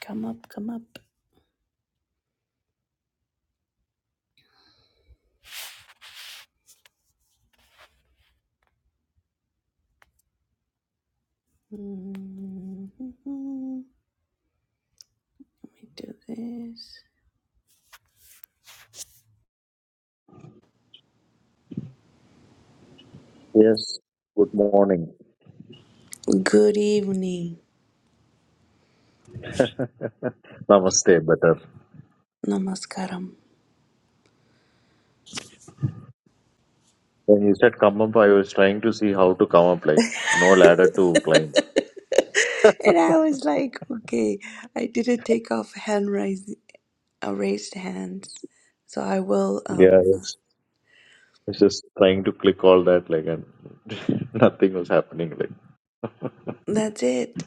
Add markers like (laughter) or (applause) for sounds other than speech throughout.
Come up, come up. Mhm. Let me do this. Yes, good morning. Good evening. (laughs) Namaste, better. Namaskaram. When you said come up, I was trying to see how to come up, like no ladder (laughs) to climb. and (laughs) I was like, okay, I didn't take off hand raise, uh, raised hands. So I will, Yeah, um, yes. I was just trying to click all that, like, and (laughs) nothing was happening. Like, that's it.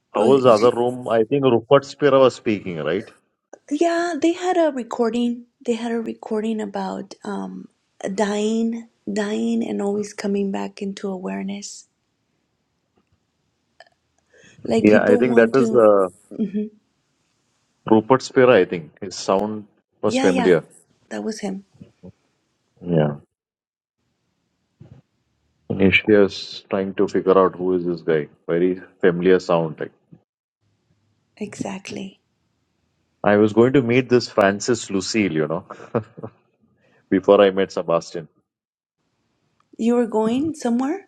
(laughs) how Oh, was the other y- room? I think Rupert Spira was speaking, right? Yeah, they had a recording. They had a recording about um, dying, dying, and always coming back into awareness. Like Yeah, I people think that want is to. uh, mm-hmm. Rupert Spira. I think his sound was Yeah, yeah, familiar. that was him. Yeah, initially I was trying to figure out who is this guy. Very familiar sound, like. Exactly. I was going to meet this Francis Lucille, you know, (laughs) before I met Sebastian. You were going somewhere?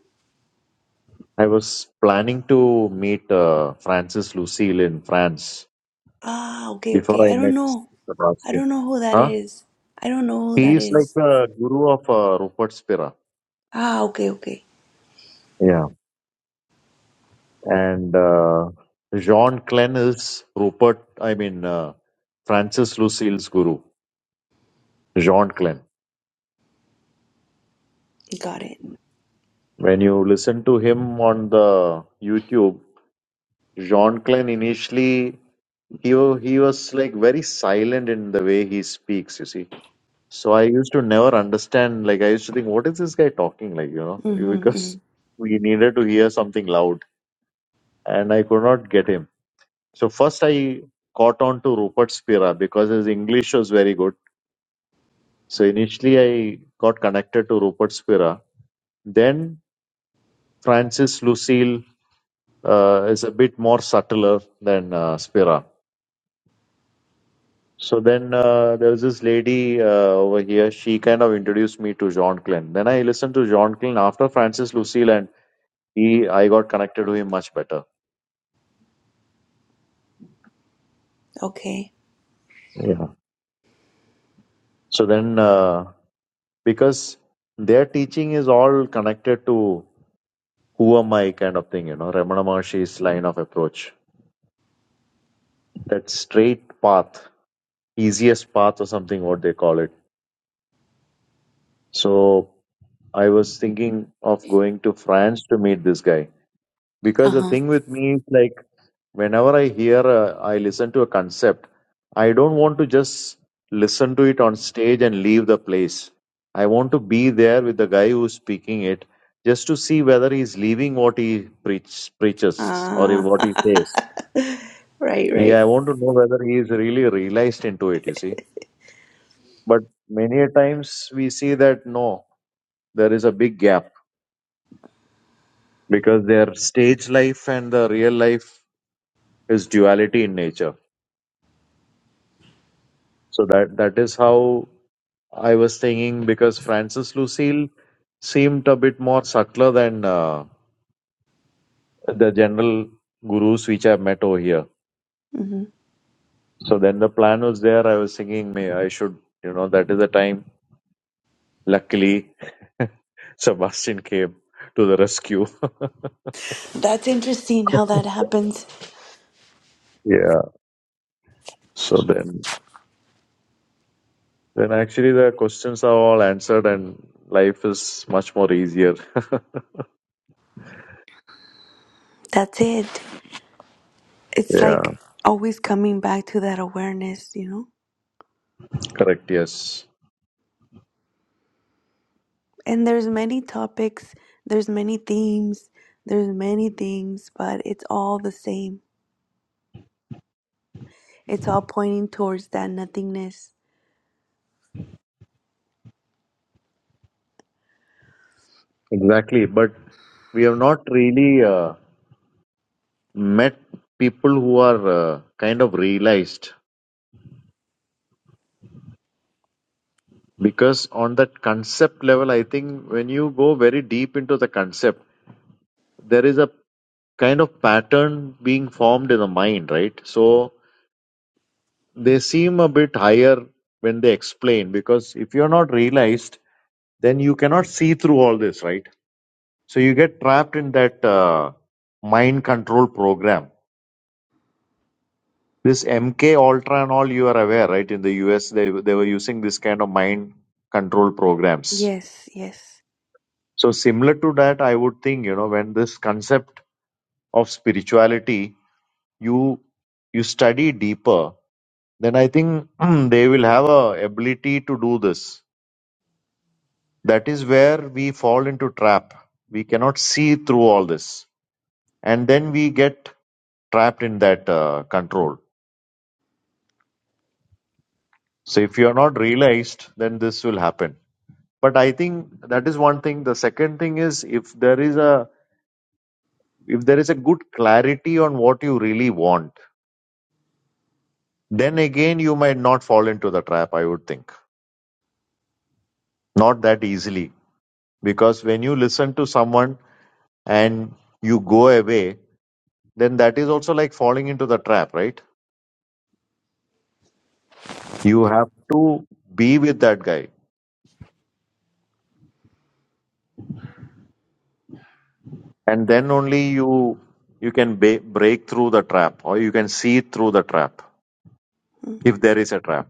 I was planning to meet uh, Francis Lucille in France Ah, okay, before okay. I I don't met know. I Sebastian. don't know who that Huh? is. I don't know who He that is like is. the guru of uh, Rupert Spira. Ah, okay, okay. Yeah. And uh, Jean Klein is Rupert, I mean, uh, Francis Lucille's guru, Jean Klein. Got it. When you listen to him on the YouTube, Jean Klein initially He wa- he was like very silent in the way he speaks. You see, so I used to never understand. Like I used to think, what is this guy talking like? You know, (laughs) Mm-hmm, mm-hmm. because we needed to hear something loud, and I could not get him. So first I caught on to Rupert Spira because his English was very good. So initially I got connected to Rupert Spira. Then Francis Lucille uh, is a bit more subtler than uh, Spira So then uh, there was this lady uh, over here. She kind of introduced me to John Glenn. Then I listened to John Glenn after Francis Lucille, and he I got connected to him much better. Okay. Yeah. So then, uh, because their teaching is all connected to who am I kind of thing, you know, Ramana Maharshi's line of approach, that straight path, easiest path or something, what they call it. So I was thinking of going to France to meet this guy because the Uh-huh. thing with me is like whenever i hear a, i listen to a concept i don't want to just listen to it on stage and leave the place i want to be there with the guy who's speaking it just to see whether he's leaving what he preach, preaches or Ah, what he (laughs) says right, yeah right. i want to know whether he is really realized into it you see but many a times we see that no there is a big gap because their stage life and the real life is duality in nature so that that is how I was thinking because Francis Lucille seemed a bit more subtler than uh, the general gurus which I've met over here. hmm So then the plan was there. I was thinking, may I should, you know, that is the time. Luckily, (laughs) Sebastian came to the rescue. (laughs) That's interesting how that happens. yeah. So then, then actually the questions are all answered and life is much more easier. (laughs) That's it. It's yeah. like always coming back to that awareness, you know? Correct. Yes. and there's many topics there's many themes there's many things but it's all the same it's all pointing towards that nothingness Exactly. But we have not really. Uh, met people who are uh, kind of realized because on that concept level i think when you go very deep into the concept there is a kind of pattern being formed in the mind right so they seem a bit higher when they explain because if you're not realized then you cannot see through all this right so you get trapped in that uh, mind control program This MK Ultra and all, you are aware, right? In the US, they they were using this kind of mind control programs. yes yes So similar to that, I would think you know when this concept of spirituality, you you study deeper, then I think (clears throat) they will have a ability to do this. That is where we fall into trap. We cannot see through all this, and then we get trapped in that uh, control. So if you are not realized, then this will happen. but i think that is one thing the second thing is if there is a if there is a good clarity on what you really want then again you might not fall into the trap i would think not that easily because when you listen to someone and you go away then that is also like falling into the trap right you have to be with that guy and then only you you can ba- break through the trap or you can see through the trap mm, if there is a trap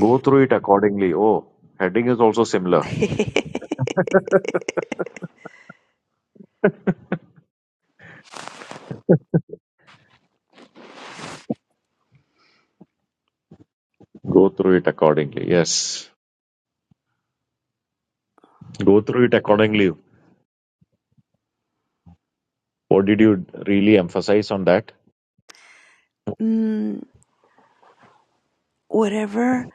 Go through it accordingly. Oh, heading is also similar. (laughs) (laughs) Go through it accordingly. Yes. Go through it accordingly. What did you really emphasize on that? mm, whatever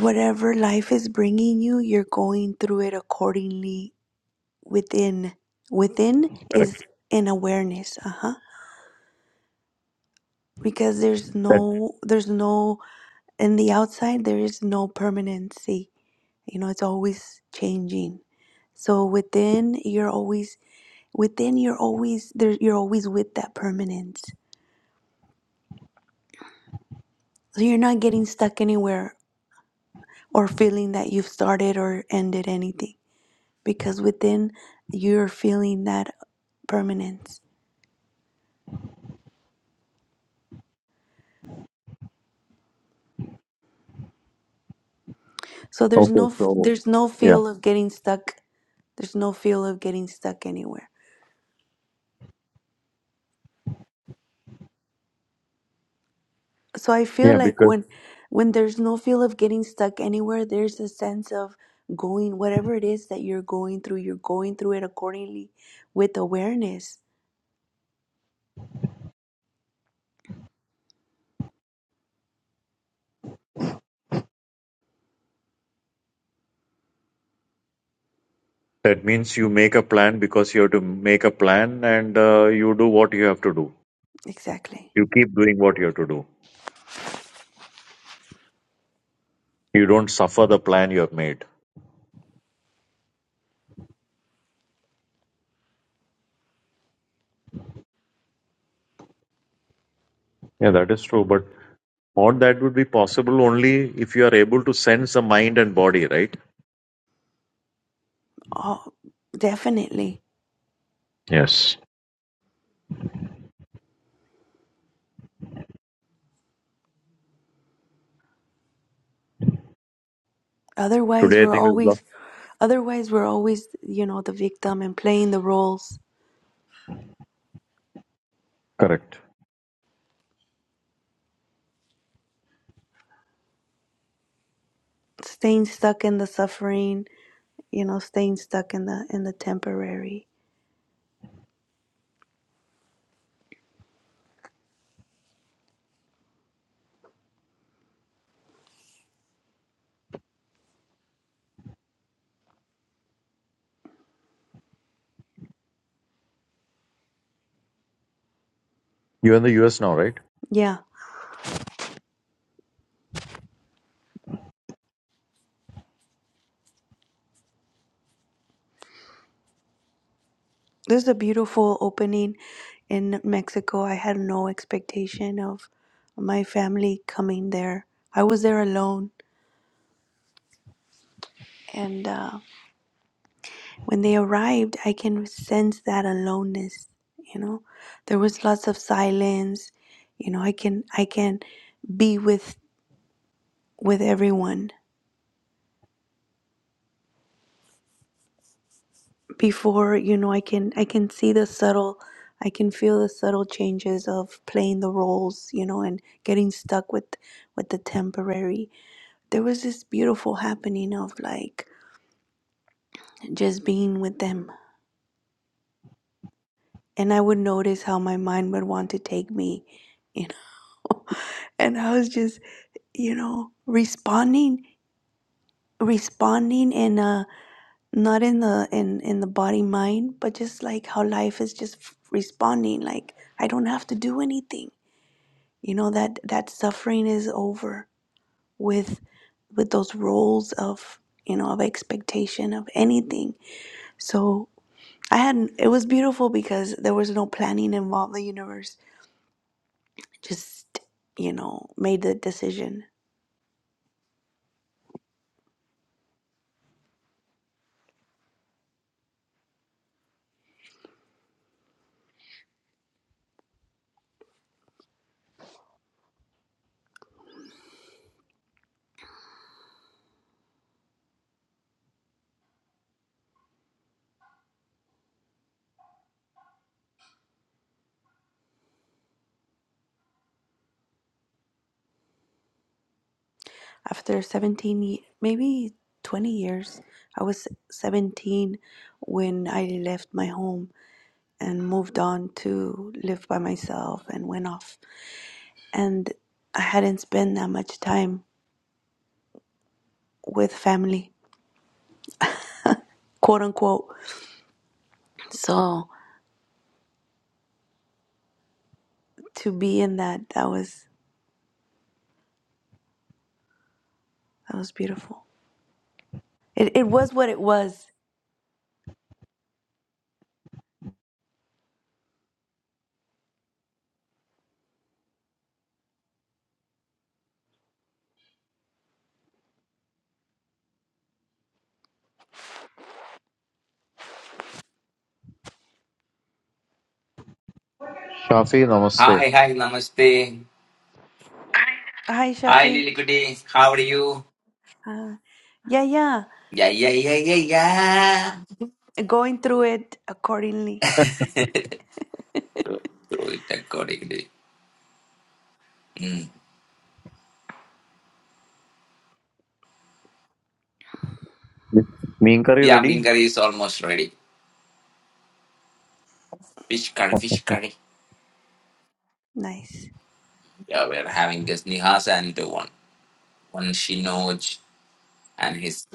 whatever life is bringing you you're going through it accordingly within within Correct. is an awareness uh-huh because there's That, no there's no in the outside there is no permanency you know it's always changing So within you're always within you're always there you're always with that permanence. So you're not getting stuck anywhere or feeling that you've started or ended anything because within you're feeling that permanence. So there's okay. no f- So, there's no yeah. feel of getting stuck. There's no feel of getting stuck anywhere. So I feel Yeah, like because when when there's no feel of getting stuck anywhere, there's a sense of going whatever it is that you're going through, you're going through it accordingly with awareness that means you make a plan because you have to make a plan and uh, you do what you have to do. Exactly. You keep doing what you have to do. You don't suffer the plan you have made. Yeah, that is true. But all that would be possible only if you are able to sense the mind and body, right? Oh, definitely. Yes. Otherwise, Today, I we're think there's a lot. always, otherwise we're always, you know, the victim and playing the roles, Correct. staying stuck in the suffering, you know, staying stuck in the in the temporary. You're in the US now, right? Yeah, there's a beautiful opening in Mexico. I had no expectation of my family coming there. I was there alone, and uh, When they arrived, I can sense that aloneness, you know. There was lots of silence. You know, I can I can be with with everyone. Before, you know, I can I can see the subtle I can feel the subtle changes of playing the roles, you know, and getting stuck with with the temporary. There was this beautiful happening of like just being with them. And I would notice how my mind would want to take me, you know. (laughs) And I was just you know responding responding in a not in the in in the body mind but just like how life is just f- responding like i don't have to do anything you know that that suffering is over with with those roles of you know of expectation of anything so i had it was beautiful because there was no planning involved the universe just you know made the decision after 17 ye- maybe 20 years i was 17 when i left my home and moved on to live by myself and went off and i hadn't spent that much time with family quote unquote so to be in that that was that was beautiful it, it was what it was Shafi, namaste. Hi, hi, namaste. hi Hi, shafi Lilikuti. How are you? uh, yeah yeah Yeah, yeah, yeah, yeah, yeah. going through it accordingly Throw throw it accordingly. Mm. Mean curry Yeah, ready? Ming curry is almost ready. Fish curry, fish curry. nice Yeah, we're having this Nihas and one, one Shinoj and his,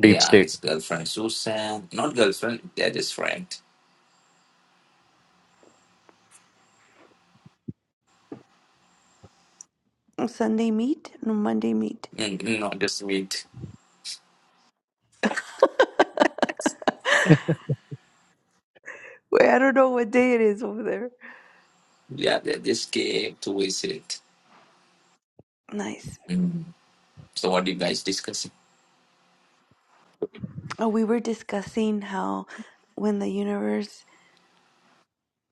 Deep yeah, state. his girlfriend Susan. Not girlfriend, they're just friend. sunday meet no monday meet Mm, not just meet. Wait, I don't know what day it is over there. Yeah, they just came to visit. Nice. Mm. So what do you guys discussing? Oh, we were discussing how when the universe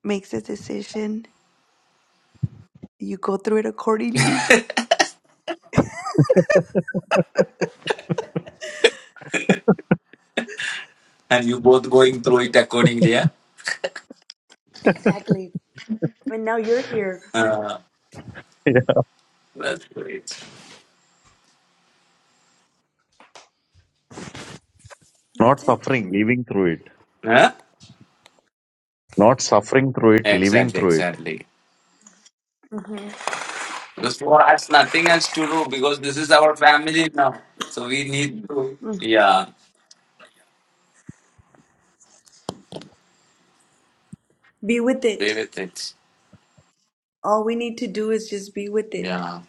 makes a decision, you go through it accordingly. And you both going through it accordingly, yeah? Exactly. And now you're here. Uh, (laughs) Yeah. that's great. Not That's it. suffering, living through it. Huh? Not suffering through it, living Exactly, through it. exactly. hmm Because for us, nothing else to do because this is our family now. So we need to, Mm. yeah, Be with play it. with it. All we need to do is just be with it. Yeah.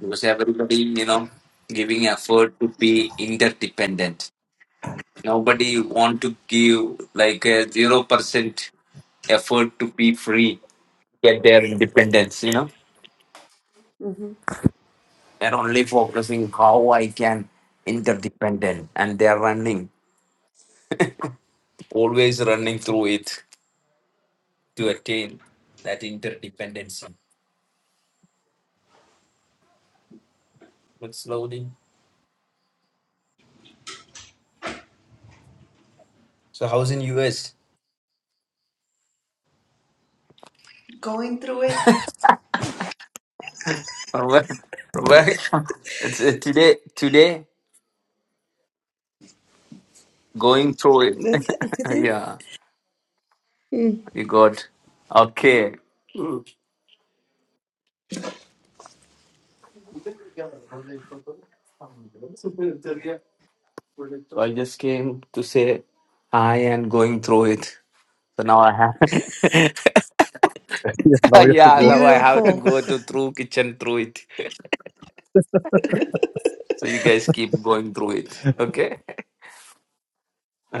Because everybody, you know, giving effort to be interdependent. Nobody want to give like a 0% effort to be free, get their independence, you know. hmm They're only focusing how I can interdependent and they're running, always running through it to attain that interdependency. But slowly. So how's in US? Going through it. (laughs) Well, welcome. It's uh, today. Today, going through it. That's it. That's (laughs) it. yeah, Mm. you got. Okay, so I just came to say hi and going through it. So now I have. (laughs) Yeah, (laughs) now you have to yeah, go. now I have to Beautiful. go to through kitchen through it. (laughs) so you guys keep going through it. (laughs) Okay.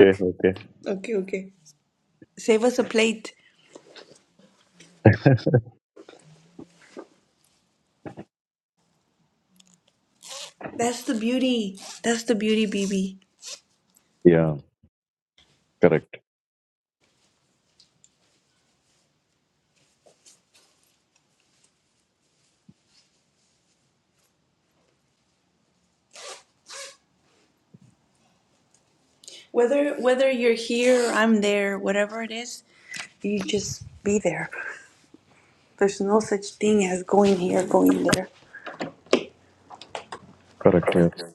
Okay, okay. Okay, okay. Save us a plate. That's the beauty. That's the beauty, BB. Yeah, correct. Whether whether you're here, or I'm there, whatever it is, you just be there. There's no such thing as going here, going there. Correct, yes. Okay.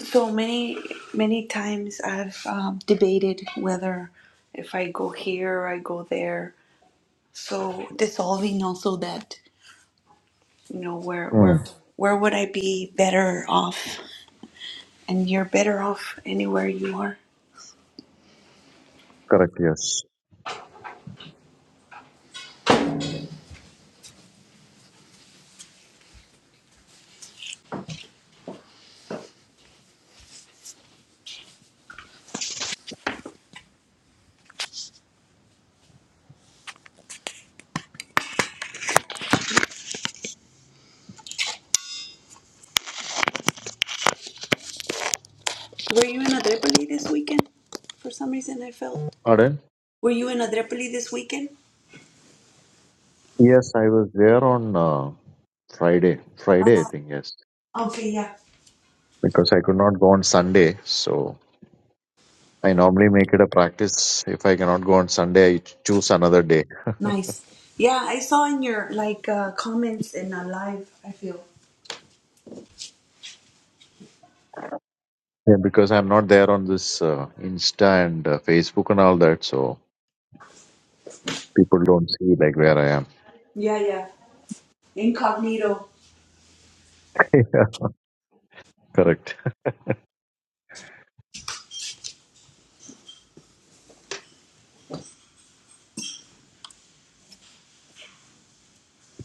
So many many times I've um, debated whether if I go here or I go there. So dissolving also that you know where Hmm, where where would I be better off? And you're better off anywhere you are. correct, yes. Were you in Adrepoli this weekend? For some reason, I felt. Pardon? Were you in Adrepoli this weekend? Yes, I was there on uh, Friday. Friday, I think, yes. Okay, yeah. Because I could not go on Sunday. So I normally make it a practice. If I cannot go on Sunday, I choose another day. Nice. Yeah, I saw in your like uh comments in a live, I feel. Yeah, because I'm not there on this uh, Insta and uh, Facebook and all that, so people don't see like where I am. Yeah, yeah. Incognito. (laughs) yeah, correct.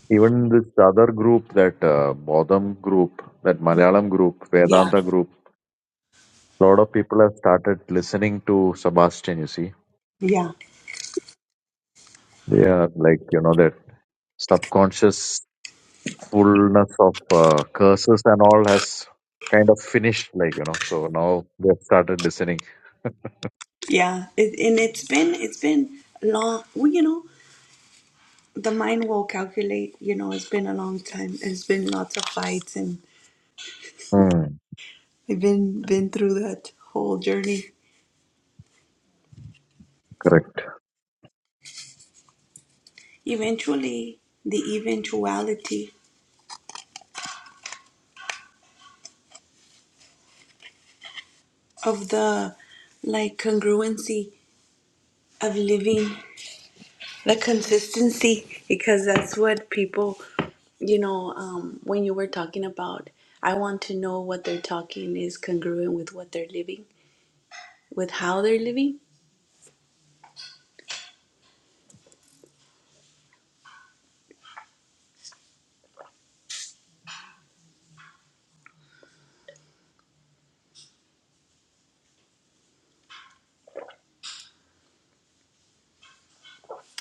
Even this other group, that uh, Bodham group, that Malayalam group, Yeah. Vedanta group, a lot of people have started listening to Sebastian. You see, Yeah. they are like you know that subconscious fullness of uh, curses and all has kind of finished, like you know. So now they've started listening. Yeah. It, and it's been it's been long, well, you know, the mind will calculate, you know, it's been a long time. It's been lots of fights and Hmm, I've been been through that whole journey. correct. Eventually, the eventuality of the like congruency of living The consistency, because that's what people, you know, um, when you were talking about, I want to know what they're talking is congruent with what they're living, with how they're living.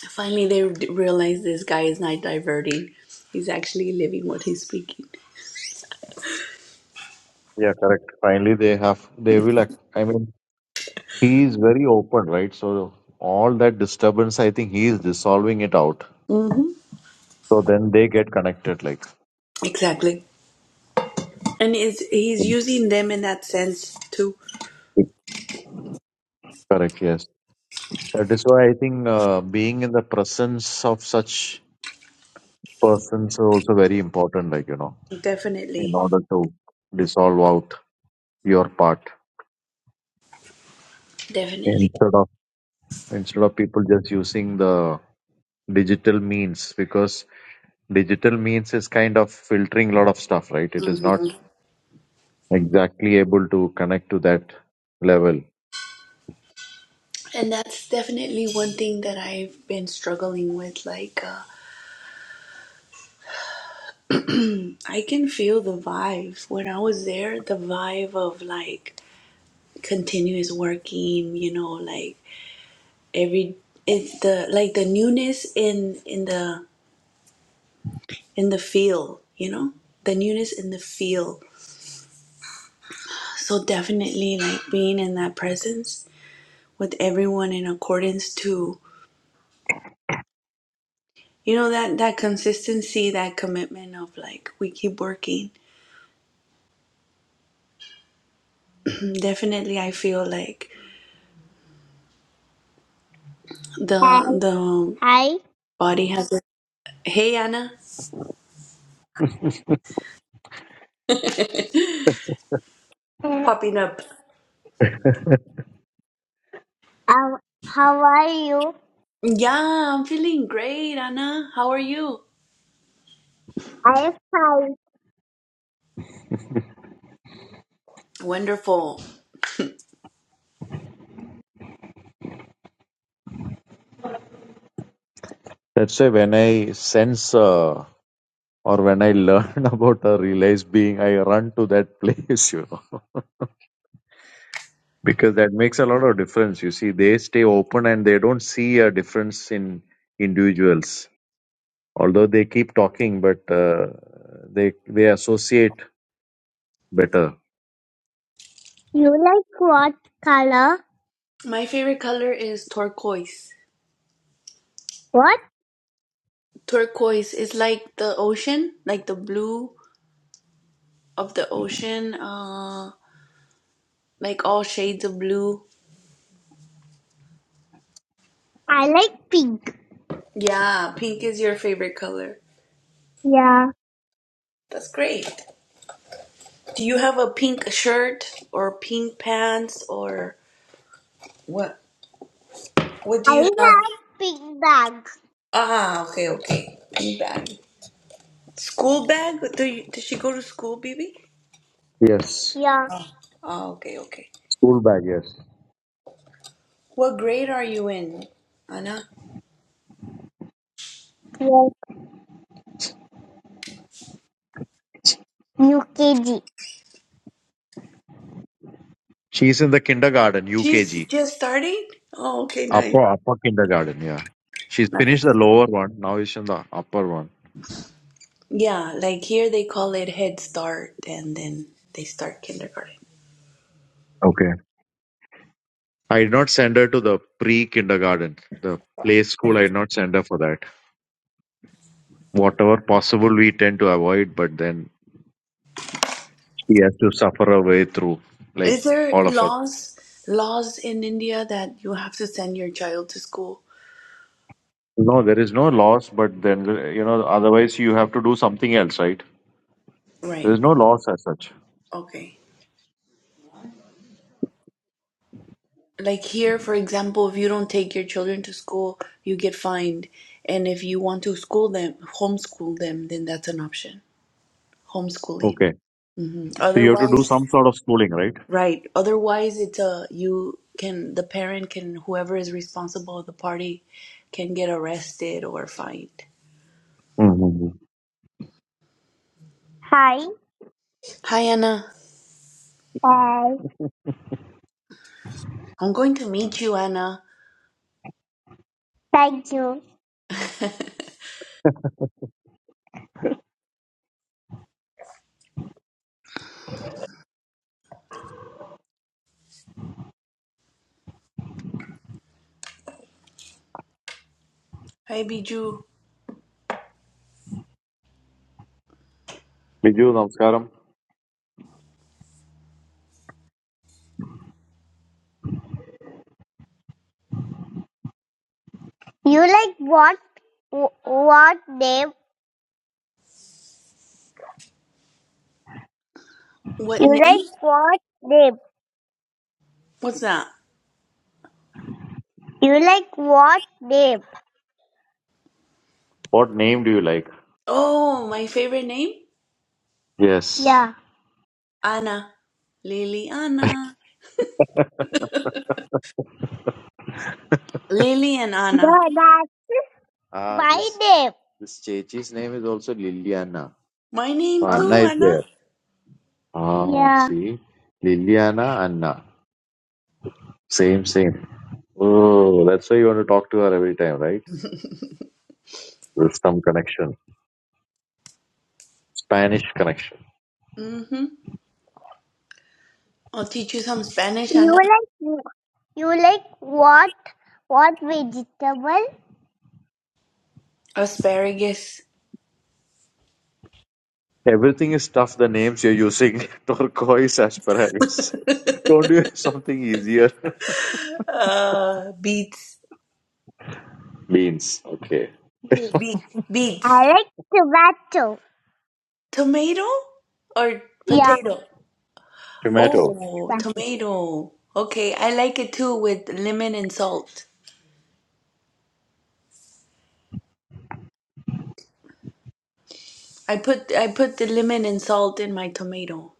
Finally, they d- realize this guy is not diverting; he's actually living what he's speaking. Yeah, correct. Finally, they have, they will, act- I mean, he is very open, right? So all that disturbance, I think he is dissolving it out. hmm So then they get connected, like. Exactly, and is he's using them in that sense too. Correct, yes. That is why I think uh, being in the presence of such persons are also very important, like, you know, in Definitely, order to dissolve out your part definitely. instead of instead of people just using the digital means because digital means is kind of filtering a lot of stuff, right? It is not hmm exactly able to connect to that level. And that's definitely one thing that I've been struggling with, like. Uh, I can feel the vibe. When I was there, the vibe of like continuous working, you know, like every it's the like the newness in in the in the feel, you know? The newness in the feel. So definitely like being in that presence with everyone in accordance to you know that that consistency, that commitment of like we keep working. (clears throat) definitely I feel like Hi. the the Hi. body has a Hey Anna Uh, popping up. how how are you? Yeah, I'm feeling great, Anna. How are you? I'm fine. Wonderful. That's why when I sense uh, or when I learn (laughs) about a realized being, I run to that place, (laughs) you know, because that makes a lot of difference. You see, they stay open and they don't see a difference in individuals, although they keep talking, but uh, they they associate better. You like what color? My favorite color is turquoise. What? Turquoise is like the ocean, like the blue of the ocean, uh, like all shades of blue. I like pink. Yeah, pink is your favorite color. Yeah. That's great. Do you have a pink shirt or pink pants or what? What do I you have? have big bag. Ah, okay, okay. Pink bag. School bag? Do you, does she go to school, baby? Yes. Yeah. Oh, oh okay, okay. School bag, yes. What grade are you in, Anna? Yes. UKG. She's in the kindergarten, She's UKG. just starting? Oh, okay, nice. Upper upper kindergarten, yeah. She's finished Nice. the lower one. Now she's in the upper one. Yeah, like here they call it Head Start and then they start kindergarten. Okay. I did not send her to the pre kindergarten. The play school I did not send her for that. Whatever possible we tend to avoid, but then she has to suffer her way through, like Is there all of us. laws laws in India that you have to send your child to school? No, there is no loss, but then you know, otherwise you have to do something else, right? There Right. is no loss as such. Okay. Like here, for example, if you don't take your children to school, you get fined. And if you want to school them, homeschool them, then that's an option. Homeschooling. Okay. hmm So you have to do Otherwise, some sort of schooling, right? Right. Otherwise, it's a you can the parent can whoever is responsible of the party can get arrested or fined. Mm-hmm. Hi. Hi, Anna. Bye. I'm going to meet you, Anna. Thank you. Hi, Biju. Biju, namaskaram. You like what? wh- What name? What You like name? what name? What's that? You like what name? What name do you like? Oh, my favorite name, Yes. Yeah. Anna. Lily, Anna. Lily and No, Anna. that's Ah, my this name. this Chechi's name is also Liliana. My So name Oh. Anna too, is Anna. there. Ah, Yeah. see, Liliana, Anna, same, same. Oh, that's why you want to talk to her every time, right? There's some connection. Spanish connection. Mm-hmm. I'll teach you some Spanish, You Anna. like you like what what vegetable? Asparagus. Everything is tough, the names you're using. (laughs) Turquoise asparagus. Don't you have something easier? Uh, beets. (laughs) Beans. Okay. Okay. Be- beets. I like tomato. Tomato or Yeah, potato? Tomato. Oh, tomato. tomato. Okay, I like it too with lemon and salt. I put I put the lemon and salt in my tomato.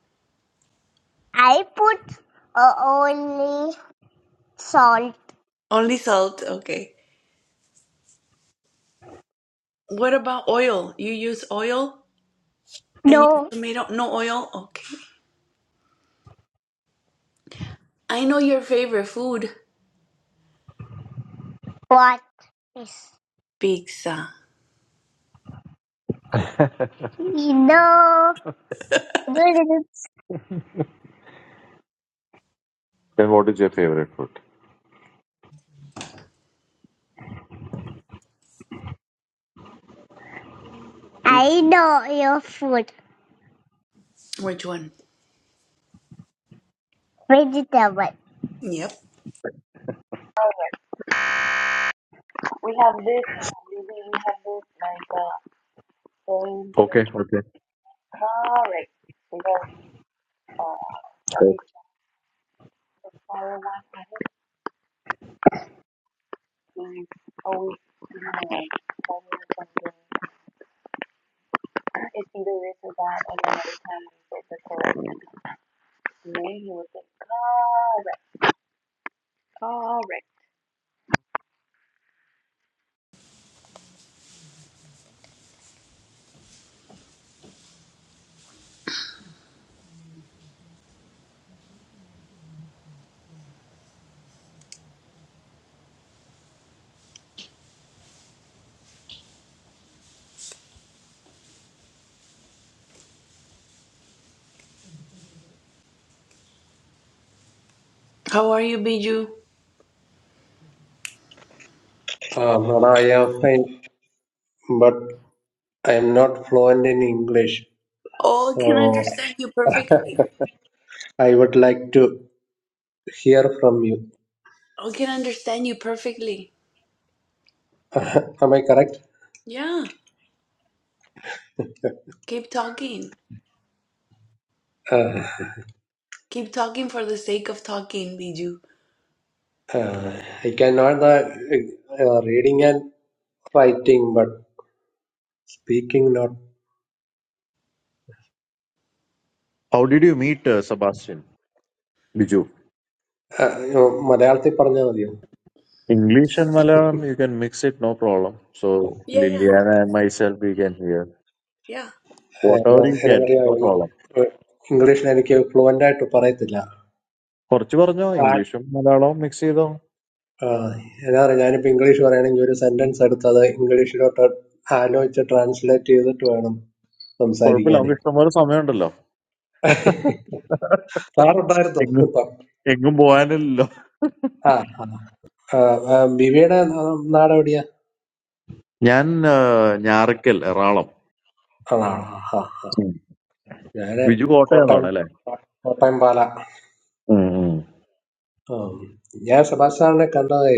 I put uh, only salt. Only salt, okay. What about oil? You use oil in your No, tomato? No oil? Okay. I know your favorite food, what is pizza. (laughs) no? Noodles. Then what is your favorite food? I know your food. Which one? Vegetable. Yep. We have this, maybe we have this like uh, point and Okay, okay. correct because uh, the okay. picture He's always, you know, something. It's either this or that, and then every time we get the correct name, he would say, correct, correct. How are you, Biju? Uh, Mona, I am fine, but I am not fluent in English, Oh, I can so understand you perfectly. I would like to hear from you. I can understand you perfectly. (laughs) Am I correct? Yeah, keep talking. Uh, Keep talking for the sake of talking, Biju. uh, I cannot uh, uh, reading and writing, but speaking not. How did you meet uh, Sebastian? Biju. Uh, you know, മലയാളത്തിൽ പറഞ്ഞാൽ മതിയോ English and Malayalam, you can mix it, no problem. So Yeah, yeah, Liliana and myself, we can hear yeah. Uh, whatever ഞാൻ- you എന്താ can, പറയാ no problem. ഇംഗ്ലീഷിൽ എനിക്ക് fluent ആയിട്ട് പറയത്തില്ല കുറച്ച് പറഞ്ഞോ ആ, ഇംഗ്ലീഷും മലയാളവും മിക്സ് ചെയ്തോ ആ, എന്നാ പറയാ ഞാനിപ്പോ ഇംഗ്ലീഷ് പറയുകയാണെങ്കിൽ ഒരു സെന്റൻസ് എടുത്തത് ഇംഗ്ലീഷിലോട്ട് ആലോചിച്ച് ട്രാൻസ്ലേറ്റ് ചെയ്തിട്ട് വേണം കുഴപ്പമില്ല സംസാരിക്കാനേ നമുക്ക് ഇഷ്ടംപോലെ സമയമുണ്ടല്ലോ (laughs) സാറുണ്ടായിരുന്നോ എങ്ങും ഇപ്പം എങ്ങും പോകാനില്ലല്ലോ ആ ആ ആ, ആ, ബിബിയുടെ നാ- നാട് എവിടെയാ ഞാൻ ആ, ഞാറക്കൽ എറണാകുളം ആണോ ആ ആ ആ. ഉം. ഞാന് ബിജു കോട്ടയം കോട്ടയം എന്നാണ് അല്ലേ കോട്ടയം പാല ആ, ഞാൻ സെബാസ്റ്റ്യൻ സാറിനെ കണ്ടതേ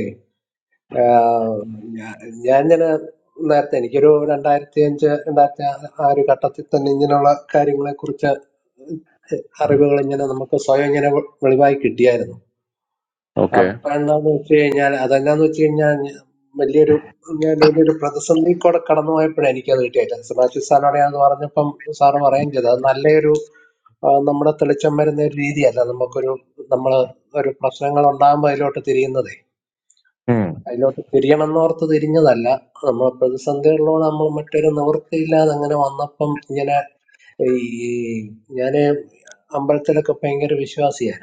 ആ, ഞാ- ഞാൻ ഇങ്ങനെ നേരത്തെ എനിക്കൊരു രണ്ടായിരത്തി അഞ്ച് രണ്ടായിരത്തി ആ ആ ഒരു ഘട്ടത്തിൽ തന്നെ ഇങ്ങനെയുള്ള കാര്യങ്ങളെ കുറിച്ച് അറിവുകൾ ഇങ്ങനെ നമുക്ക് സ്വയം ഇങ്ങനെ വെ- വെളിവായി കിട്ടിയായിരുന്നു ഓക്കെ അപ്പൊ എന്താന്ന് വെച്ച് കഴിഞ്ഞാൽ അതെന്നാന്ന് വെച്ച് കഴിഞ്ഞാൽ ഞ- വലിയൊരു ഞാൻ വലിയൊരു പ്രതിസന്ധി കൂടെ കടന്നു പോയപ്പോഴാണ് എനിക്കത് കിട്ടിയത് മാത്യു സാറിനോട് ഞാൻ പറഞ്ഞപ്പം സാറ് പറയുകയും ചെയ്തു അത് നല്ലൊരു ആ, നമ്മുടെ തെളിച്ചം വരുന്ന ഒരു രീതിയല്ല നമുക്കൊരു നമ്മൾ ഒരു പ്രശ്നങ്ങൾ ഉണ്ടാകുമ്പോൾ അതിലോട്ട് തിരിയുന്നതേ ഉം. അതിലോട്ട് തിരിയണമെന്നോർത്ത് തിരിഞ്ഞതല്ല നമ്മൾ പ്രതിസന്ധികളിലൂടെ നമ്മൾ മറ്റൊരു നിവൃത്തിയില്ലാതെ അങ്ങനെ വന്നപ്പം ഇങ്ങനെ ഈ ഞാൻ അമ്പലത്തിലൊക്കെ ഭയങ്കര വിശ്വാസിയാണ്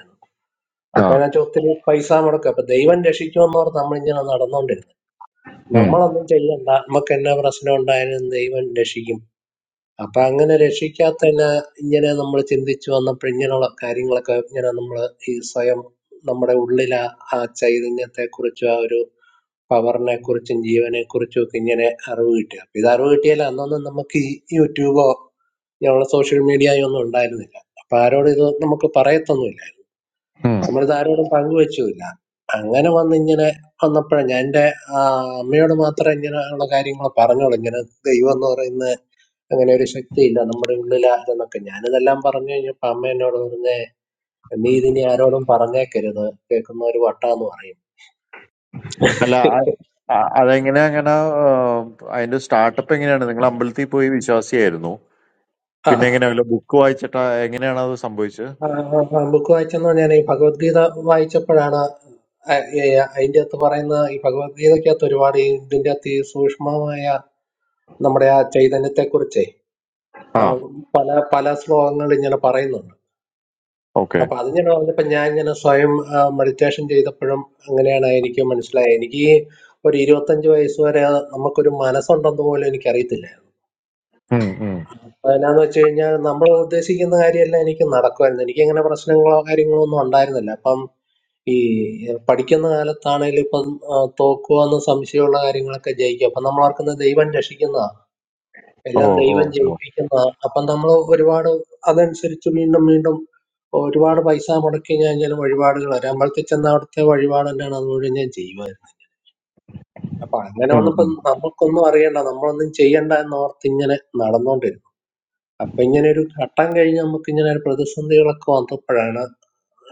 ആ. അപ്പൊ അതിനകത്ത് ഒത്തിരി പൈസ മുടക്കും അപ്പൊ ദൈവം രക്ഷിക്കുമെന്നോർത്ത് നമ്മളിങ്ങനെ നടന്നുകൊണ്ടിരുന്നത് ഉം. നമ്മളൊന്നും ചെയ്യണ്ട നമുക്ക് എന്നാ പ്രശ്നം ഉണ്ടായാലും ദൈവം രക്ഷിക്കും അപ്പൊ അങ്ങനെ രക്ഷിക്കാത്തതിന് ഇങ്ങനെ നമ്മൾ ചിന്തിച്ചു വന്നപ്പോൾ ഇങ്ങനെയുള്ള കാര്യങ്ങളൊക്കെ ഇങ്ങനെ നമ്മൾ ഈ സ്വയം നമ്മുടെ ഉള്ളിലെ ആ ചൈതന്യത്തെ കുറിച്ചും ആ ഒരു പവറിനെ കുറിച്ചും ജീവനെ കുറിച്ചും ഒക്കെ ഇങ്ങനെ അറിവ് കിട്ടി അപ്പൊ ഇത് അറിവ് കിട്ടിയാൽ അന്നൊന്നും നമുക്ക് ഈ യൂട്യൂബോ ഇങ്ങനെയുള്ള സോഷ്യൽ മീഡിയയോ ഒന്നും ഉണ്ടായിരുന്നില്ല അപ്പൊ ആരോടും ഇത് നമുക്ക് പറയത്തൊന്നുമില്ല ഉം. നമ്മളിത് ആരോടും പങ്കുവെച്ചുമില്ല അങ്ങനെ വന്ന് ഇങ്ങനെ വന്നപ്പോഴാണ് ഞാൻ എൻ്റെ ആ, അമ്മയോട് മാത്രം ഇങ്ങനെ ഉള്ള കാര്യങ്ങൾ പറഞ്ഞോളൂ ഇങ്ങനെ ദൈവം എന്ന് പറയുന്ന അങ്ങനെ ഒരു ശക്തിയില്ല നമ്മുടെ ഉള്ളിലാണെന്നൊക്കെ ഞാനിതെല്ലാം പറഞ്ഞു കഴിഞ്ഞപ്പോ അമ്മ എന്നോട് പറഞ്ഞ നീ ഇതിനി ആരോടും പറഞ്ഞേക്കരുത് കേൾക്കുന്ന ഒരു വട്ടാന്ന് പറയും അല്ല അ- അ- അതെങ്ങനെ അങ്ങനെ ആ, അതിന്റെ സ്റ്റാർട്ടപ്പ് എങ്ങനെയാണ് നിങ്ങൾ അമ്പലത്തിൽ പോയി വിശ്വാസിയായിരുന്നു ആ പിന്നെ എങ്ങനെയാ വല്ല ബുക്ക് വായിച്ചിട്ടാ എങ്ങനെയാണ് അത് സംഭവിച്ചത് ആ, ആ, ആ, ബുക്ക് വായിച്ചെന്ന് ഞാൻ ഈ ഭഗവത്ഗീത വായിച്ചപ്പോഴാണ് അതിൻ്റെ അകത്ത് പറയുന്ന ഈ ഭഗവത്ഗീതയ്ക്കകത്ത് ഒരുപാട് ഈ ഇതിൻ്റെ അകത്ത് ഈ സൂക്ഷ്മമായ നമ്മുടെ ആ ചൈതന്യത്തെ കുറിച്ച് ആ പല പല ശ്ലോകങ്ങൾ ഇങ്ങനെ പറയുന്നുണ്ട് ഓക്കെ അപ്പൊ അത് ഞാൻ പറഞ്ഞപ്പോ ഞാൻ ഇങ്ങനെ സ്വയം മെഡിറ്റേഷൻ ചെയ്തപ്പോഴും അങ്ങനെയാണ് എനിക്ക് മനസ്സിലായത് എനിക്ക് ഒരു ഇരുപത്തഞ്ച് വയസ്സ് വരെ നമുക്കൊരു മനസ്സുണ്ടെന്ന് പോലും എനിക്ക് അറിയത്തില്ലായിരുന്നു ഉം, ഉം. അപ്പൊ എന്നാന്ന് വെച്ച് കഴിഞ്ഞാൽ നമ്മൾ ഉദ്ദേശിക്കുന്ന കാര്യമെല്ലാം എനിക്ക് നടക്കുമായിരുന്നു എനിക്ക് അങ്ങനെ പ്രശ്നങ്ങളോ കാര്യങ്ങളോ ഒന്നും ഉണ്ടായിരുന്നില്ല അപ്പം ഈ പഠിക്കുന്ന കാലത്താണേലും ഇപ്പം ആ, തോക്കുവാന്ന് സംശയമുള്ള കാര്യങ്ങളൊക്കെ ജയിക്കും അപ്പൊ നമ്മൾ ഓർക്കുന്നത് ദൈവം രക്ഷിക്കുന്നതാണ് ഓ എല്ലാം ഓ ദൈവം ഓ. ജയിപ്പിക്കുന്നതാ. അപ്പം നമ്മൾ ഒരുപാട് അതനുസരിച്ച് വീണ്ടും വീണ്ടും ഒരുപാട് പൈസ മുടക്കി ഞാൻ ഞാൻ വഴിപാടുകൾ വരാം അമ്പലത്തിൽ ചെന്ന അവിടുത്തെ വഴിപാട് തന്നെയാണ് അത് മുഴുവൻ ഞാൻ ചെയ്യുമായിരുന്നത് അപ്പൊ അങ്ങനെ ഉം, വന്നപ്പം ഉം. നമുക്കൊന്നും അറിയണ്ട നമ്മളൊന്നും ചെയ്യണ്ട എന്നോർത്ത് ഇങ്ങനെ നടന്നുകൊണ്ടിരുന്നു അപ്പൊ ഇങ്ങനെ ഒരു ഘട്ടം കഴിഞ്ഞ് നമുക്ക് ഇങ്ങനെ ഒരു പ്രതിസന്ധികളൊക്കെ വന്നപ്പോഴാണ്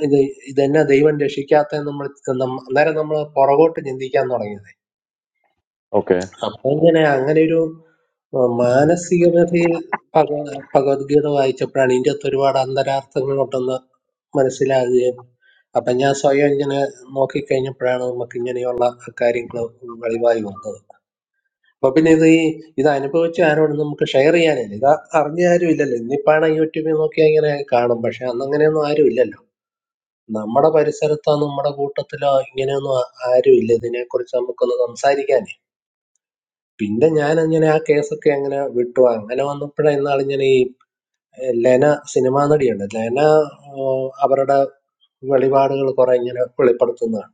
ഇത് ഇതെന്നെ ദൈവം രക്ഷിക്കാത്ത നമ്മൾ അന്നേരം നമ്മൾ പുറകോട്ട് ചിന്തിക്കാൻ തുടങ്ങിയത് ഓക്കെ അപ്പൊ ഇങ്ങനെ അങ്ങനെ ഒരു ആ, മാനസികതയിൽ ഭഗ- ഭഗവത്ഗീത വായിച്ചപ്പോഴാണ് ഇതിൻ്റെ അകത്ത് ഒരുപാട് അന്തരാർത്ഥങ്ങൾ ഉണ്ടെന്ന് മനസ്സിലാകുകയും അപ്പൊ ഞാൻ സ്വയം ഇങ്ങനെ നോക്കിക്കഴിഞ്ഞപ്പോഴാണ് നമുക്ക് ഇങ്ങനെയുള്ള കാര്യങ്ങൾ വെളിവായി വന്നത് അപ്പൊ പിന്നെ ഇത് ഈ ഇത് അനുഭവിച്ച ആരോടും നമുക്ക് ഷെയർ ചെയ്യാനില്ല ഇത് അറിഞ്ഞ ആരും ഇല്ലല്ലോ ഇന്നിപ്പാണ് യൂട്യൂബിൽ നോക്കിയാൽ ഇങ്ങനെ കാണും പക്ഷെ അന്ന് അങ്ങനെയൊന്നും ആരും ഇല്ലല്ലോ നമ്മുടെ പരിസരത്തോ നമ്മുടെ കൂട്ടത്തിലോ ഇങ്ങനെയൊന്നും ആ- ആരും ഇല്ല ഇതിനെക്കുറിച്ച് നമുക്കൊന്ന് സംസാരിക്കാനേ പിന്നെ ഞാൻ അങ്ങനെ ആ കേസൊക്കെ അങ്ങനെ വിട്ടു അങ്ങനെ വന്നപ്പോഴാണ് ഇന്നാൾ ഇങ്ങനെ ലെന സിനിമാ നടിയുണ്ട് ലെന ആ, അവരുടെ വെളിപാടുകൾ കുറെ ഇങ്ങനെ വെളിപ്പെടുത്തുന്നതാണ്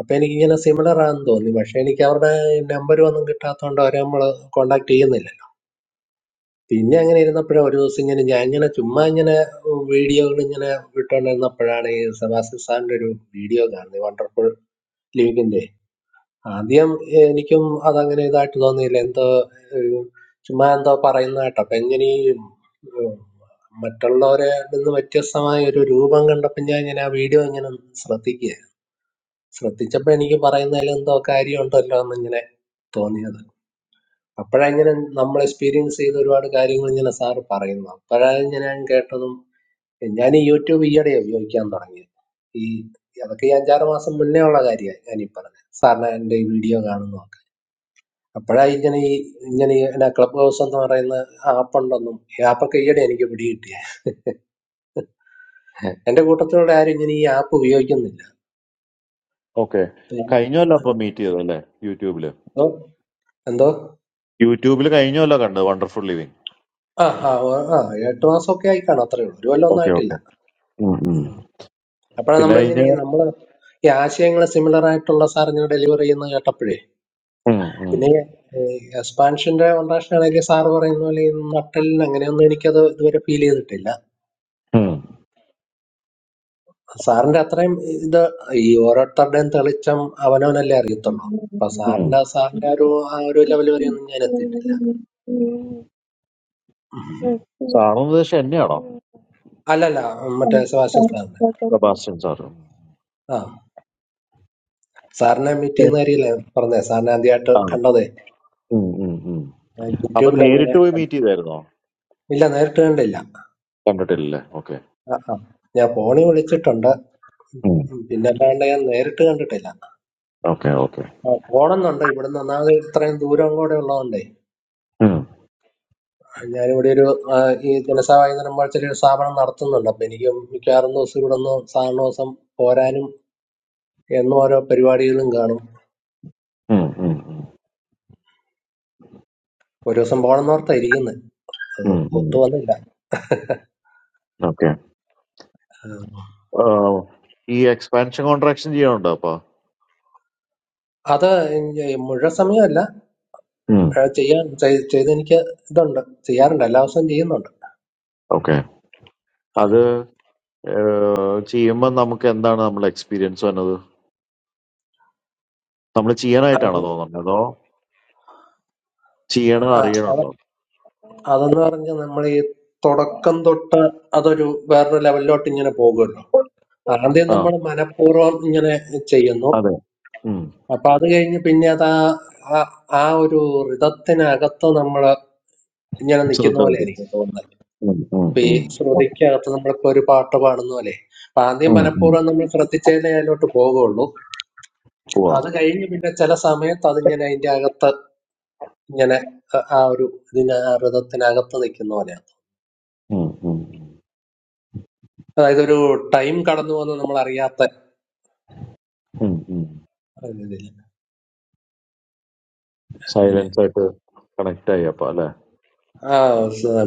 അപ്പൊ എനിക്കിങ്ങനെ സിമിലർ ആണെന്ന് തോന്നി പക്ഷെ എനിക്ക് അവരുടെ നമ്പർ ഒന്നും കിട്ടാത്തതുകൊണ്ട് അവരെ നമ്മൾ കോണ്ടാക്ട് ചെയ്യുന്നില്ല പിന്നെ അങ്ങനെ ഇരുന്നപ്പോഴാണ് ഒരു ദിവസം ഇങ്ങനെ ഞാൻ ഇങ്ങനെ ചുമ്മാ ഇങ്ങനെ വീഡിയോകൾ ഇങ്ങനെ വിട്ടുകൊണ്ടിരുന്നപ്പോഴാണ് ഈ സെബാസ്റ്റ്യൻ സാറിന്റെ ഒരു വീഡിയോ കാണുന്നത് വണ്ടർഫുൾ ലീഗിന്റെ ആദ്യം എനിക്കും അതങ്ങനെ ഇതായിട്ട് തോന്നിയില്ല എന്തോ ഏഹ്, ചുമ്മാ എന്തോ പറയുന്ന കേട്ടോ അപ്പൊ എങ്ങനെ ഈ ഏഹ്, മറ്റുള്ളവരെ നിന്ന് വ്യത്യസ്തമായ ഒരു രൂപം കണ്ടപ്പോ ഞാൻ ഇങ്ങനെ ആ വീഡിയോ ഇങ്ങനെ ശ്രദ്ധിക്കുക ശ്രദ്ധിച്ചപ്പോ എനിക്ക് പറയുന്നതിൽ എന്തോ കാര്യമുണ്ടല്ലോ എന്നിങ്ങനെ തോന്നിയത് അപ്പോഴങ്ങനെ നമ്മൾ എക്സ്പീരിയൻസ് ചെയ്ത ഒരുപാട് കാര്യങ്ങൾ ഇങ്ങനെ സാറ് പറയുന്നു അപ്പോഴാണ് ഞാൻ കേട്ടതും ഞാൻ ഈ യൂട്യൂബ് ഈയിടെ ഉപയോഗിക്കാൻ തുടങ്ങി ഈ അതൊക്കെ ഈ അഞ്ചാറ് മാസം മുന്നേ ഉള്ള കാര്യമാണ് ഞാൻ ഈ പറഞ്ഞത് സാറിന് എൻ്റെ ഈ വീഡിയോ കാണുന്നു അപ്പോഴാണ് ഇങ്ങനെ ഈ ഇങ്ങനെ ഈ എന്നാ ക്ലബ് ഹൗസ് എന്ന് പറയുന്ന ആപ്പ് ഉണ്ടെന്നും ഈ ആപ്പൊക്കെ ഈയിടെ എനിക്ക് പിടികിട്ടിയ എന്റെ കൂട്ടത്തിലുള്ള ആരും ഇങ്ങനെ ഈ ആപ്പ് ഉപയോഗിക്കുന്നില്ല ഓക്കെ കഴിഞ്ഞല്ലോ അപ്പൊ മീറ്റ് ചെയ്തല്ലേ യൂട്യൂബില് എന്തോ എന്തോ യൂട്യൂബില് കഴിഞ്ഞല്ലോ കണ്ടത് വണ്ടർഫുൾ ലിവിങ് ആ ആ ഓ, ആ എട്ട് മാസമൊക്കെ ആയി കാണും അത്രേ ഉള്ളൂ ഒരു കൊല്ലം ഒന്നും ഓക്കെ ആയിട്ടില്ല ഓക്കെ ഉം, ഉം. അപ്പോഴാണ് പിന്നെ കഴിഞ്ഞ നമ്മളിങ്ങനെ ഈ നമ്മള് ഈ ആശയങ്ങൾ സിമിലർ ആയിട്ടുള്ള സാർ ഇങ്ങനെ ഡെലിവർ ചെയ്യുന്ന കേട്ടപ്പോഴേ ഉം, ഉം, പിന്നെ എക്സ്പാൻഷന്റെ കോൺട്രാക്ഷൻ ആണെങ്കിൽ സാർ പറയുന്ന പോലെ ഈ നട്ടലിന് അങ്ങനെയൊന്നും എനിക്കത് ഇതുവരെ ഫീൽ ചെയ്തിട്ടില്ല ഉം, സാറിന്റെ അത്രയും ഇത് ഈ ഓരോരുത്തരുടെയും തെളിച്ചം അവനവനല്ലേ അറിയത്തുള്ളൂ അപ്പൊ സാറിന്റെ സാറിന്റെ ആ ഒരു ആ ഒരു ലെവൽ വരെയൊന്നും ഞാൻ എത്തിയിട്ടില്ല ഉം. സാറിന് ഉദ്ദേശം എന്നെയാണോ അല്ലല്ല മറ്റേ സെബാസ്റ്റ്യൻ സാറിന്റെ സെബാസ്റ്റ്യൻ സാറ് ആ സാറിനെ മീറ്റ് ശരി. ചെയ്യുന്ന കാര്യമില്ല പറഞ്ഞേ സാറിനെ ആദ്യമായിട്ട് ആ കണ്ടതേ ഉം, ഉം, ഉം. ഞാൻ അപ്പൊ യൂട്യൂബിൽ എങ്ങനെ നേരിട്ട് പോയി കണ്ടു മീറ്റ് ചെയ്തായിരുന്നോ ഇല്ല നേരിട്ട് കണ്ടില്ല കണ്ടിട്ടില്ലല്ലേ ഓക്കെ ആ ആ ഞാൻ ഫോണിൽ വിളിച്ചിട്ടുണ്ട് ഉം, പിന്നെ അല്ലാണ്ട് ഞാൻ നേരിട്ട് കണ്ടിട്ടില്ല ഓക്കെ ഓക്കെ ആ, പോണമെന്നുണ്ട് ഇവിടുന്ന് ഒന്നാമത് ഇത്രയും ദൂരം കൂടെ ഉള്ളതുകൊണ്ടേ ഞാനിവിടെ ഒരു ആ, ഈ ധനസഹായധനം പോലത്തെ ഒരു സ്ഥാപനം നടത്തുന്നുണ്ട് അപ്പൊ എനിക്കും മിക്കവാറും ദിവസം ഇവിടെ ഒന്ന് സാധാരണ ദിവസം പോരാനും എന്നും ഓരോ പരിപാടികളും കാണും ഒരു ദിവസം പോകണമെന്നോർത്താ ഇരിക്കുന്നത് അത് ഒത്തു വന്നില്ല ഓക്കെ ആ. ഈ എക്സ്പാൻഷൻ കോൺട്രാക്ഷൻ ചെയ്യാനുണ്ടോ അപ്പൊ അത് ഇ- മുഴുവൻ സമയമല്ല ഉം, ആ, ചെയ്യാൻ ചെയ്- ചെയ്ത് എനിക്ക് ഇതുണ്ട് ചെയ്യാറുണ്ട് എല്ലാ ദിവസവും ചെയ്യുന്നുണ്ട് ഓക്കെ ആ. അത് ഏഹ്, ചെയ്യുമ്പോ നമുക്ക് എന്താണ് നമ്മൾ എക്സ്പീരിയൻസ് വന്നത് നമ്മൾ ചെയ്യാനായിട്ടാണോ അത് തോന്നുന്നത് അതോ ചെയ്യണത് ആ- അത് അറിയണുണ്ടോ അതെന്ന് പറഞ്ഞാൽ നമ്മൾ ഈ തുടക്കം തൊട്ട് അതൊരു വേറൊരു ലെവലിലോട്ട് ഇങ്ങനെ പോകുമല്ലോ ആദ്യം ആ നമ്മൾ മനഃപൂർവ്വം ഇങ്ങനെ ചെയ്യുന്നു അതെ ഉം. അപ്പൊ അത് കഴിഞ്ഞ് പിന്നെ അത് ആ ആ ആ ഒരു ഋതത്തിനകത്ത് നമ്മൾ ഇങ്ങനെ നിൽക്കുന്ന ശ്രദ്ധ പോലെ വരും ആയിരിക്കും തോന്നുന്നത് ഉം, ഉം, ഇപ്പൊ ഈ ഉം. ശ്രുതിക്കകത്ത് നമ്മളിപ്പോ ഒരു പാട്ട് പാടുന്ന പോലെ അപ്പൊ ആദ്യം ഉം, ഉം. മനഃപൂർവ്വം നമ്മൾ ശ്രദ്ധിച്ചതിനെ അതിലോട്ട് പോകുള്ളൂ പോവാം അത് കഴിഞ്ഞ് പിന്നെ ചില സമയത്ത് അതിങ്ങനെ അതിന്റെ അകത്ത് ഇങ്ങനെ ആ ആ ഒരു ഇതിന് ആ ഋതത്തിനകത്ത് നിൽക്കുന്ന പോലെയാണ് ഉം ഉം അതായത് ഒരു ടൈം കടന്നു പോകുന്ന നമ്മൾ അറിയാത്ത ഉം ഉം. ഇതില് അങ്ങനെ സൈലൻസ് ആയിട്ട് കണക്ട് ആയി അപ്പൊ അല്ലെ ആ സ-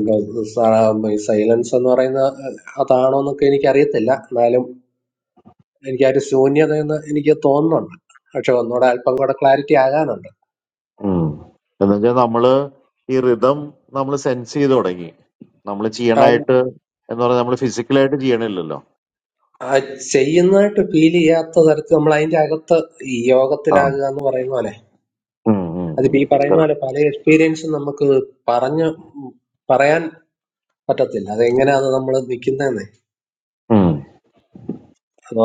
സ- ഈ സൈലൻസ് എന്ന് പറയുന്ന അതാണോ എന്നൊക്കെ എനിക്ക് അറിയത്തില്ല എന്നാലും എനിക്കൊരു ശൂന്യതയെന്ന് എനിക്ക് തോന്നുന്നുണ്ട് പക്ഷെ ഒന്നുകൂടെ അല്പം കൂടെ ക്ലാരിറ്റി ആകാനുണ്ട് എന്നുവെച്ചാൽ നമ്മള് ഈ റിതം നമ്മൾ സെൻസ് ചെയ്ത് തുടങ്ങി നമ്മൾ ആ ചെയ്യണായിട്ട് എന്ന് പറഞ്ഞാൽ നമ്മൾ ഫിസിക്കലായിട്ട് ചെയ്യണില്ലല്ലോ ആ ചെയ്യുന്നതായിട്ട് ഫീൽ ചെയ്യാത്ത തരത്തിൽ നമ്മൾ അതിന്റെ അകത്ത് ഈ ആ. യോഗത്തിലാകുക എന്ന് പറയുന്ന പോലെ ഉം ഉം അതിപ്പോ ഉം. ഈ പറയുന്ന Correct. പോലെ പല എക്സ്പീരിയൻസും നമുക്ക് പറഞ്ഞ് ഉം പറയാൻ പറ്റത്തില്ല അതെങ്ങനെയാ അത് നമ്മൾ നിൽക്കുന്നതെന്ന് ഉം അപ്പൊ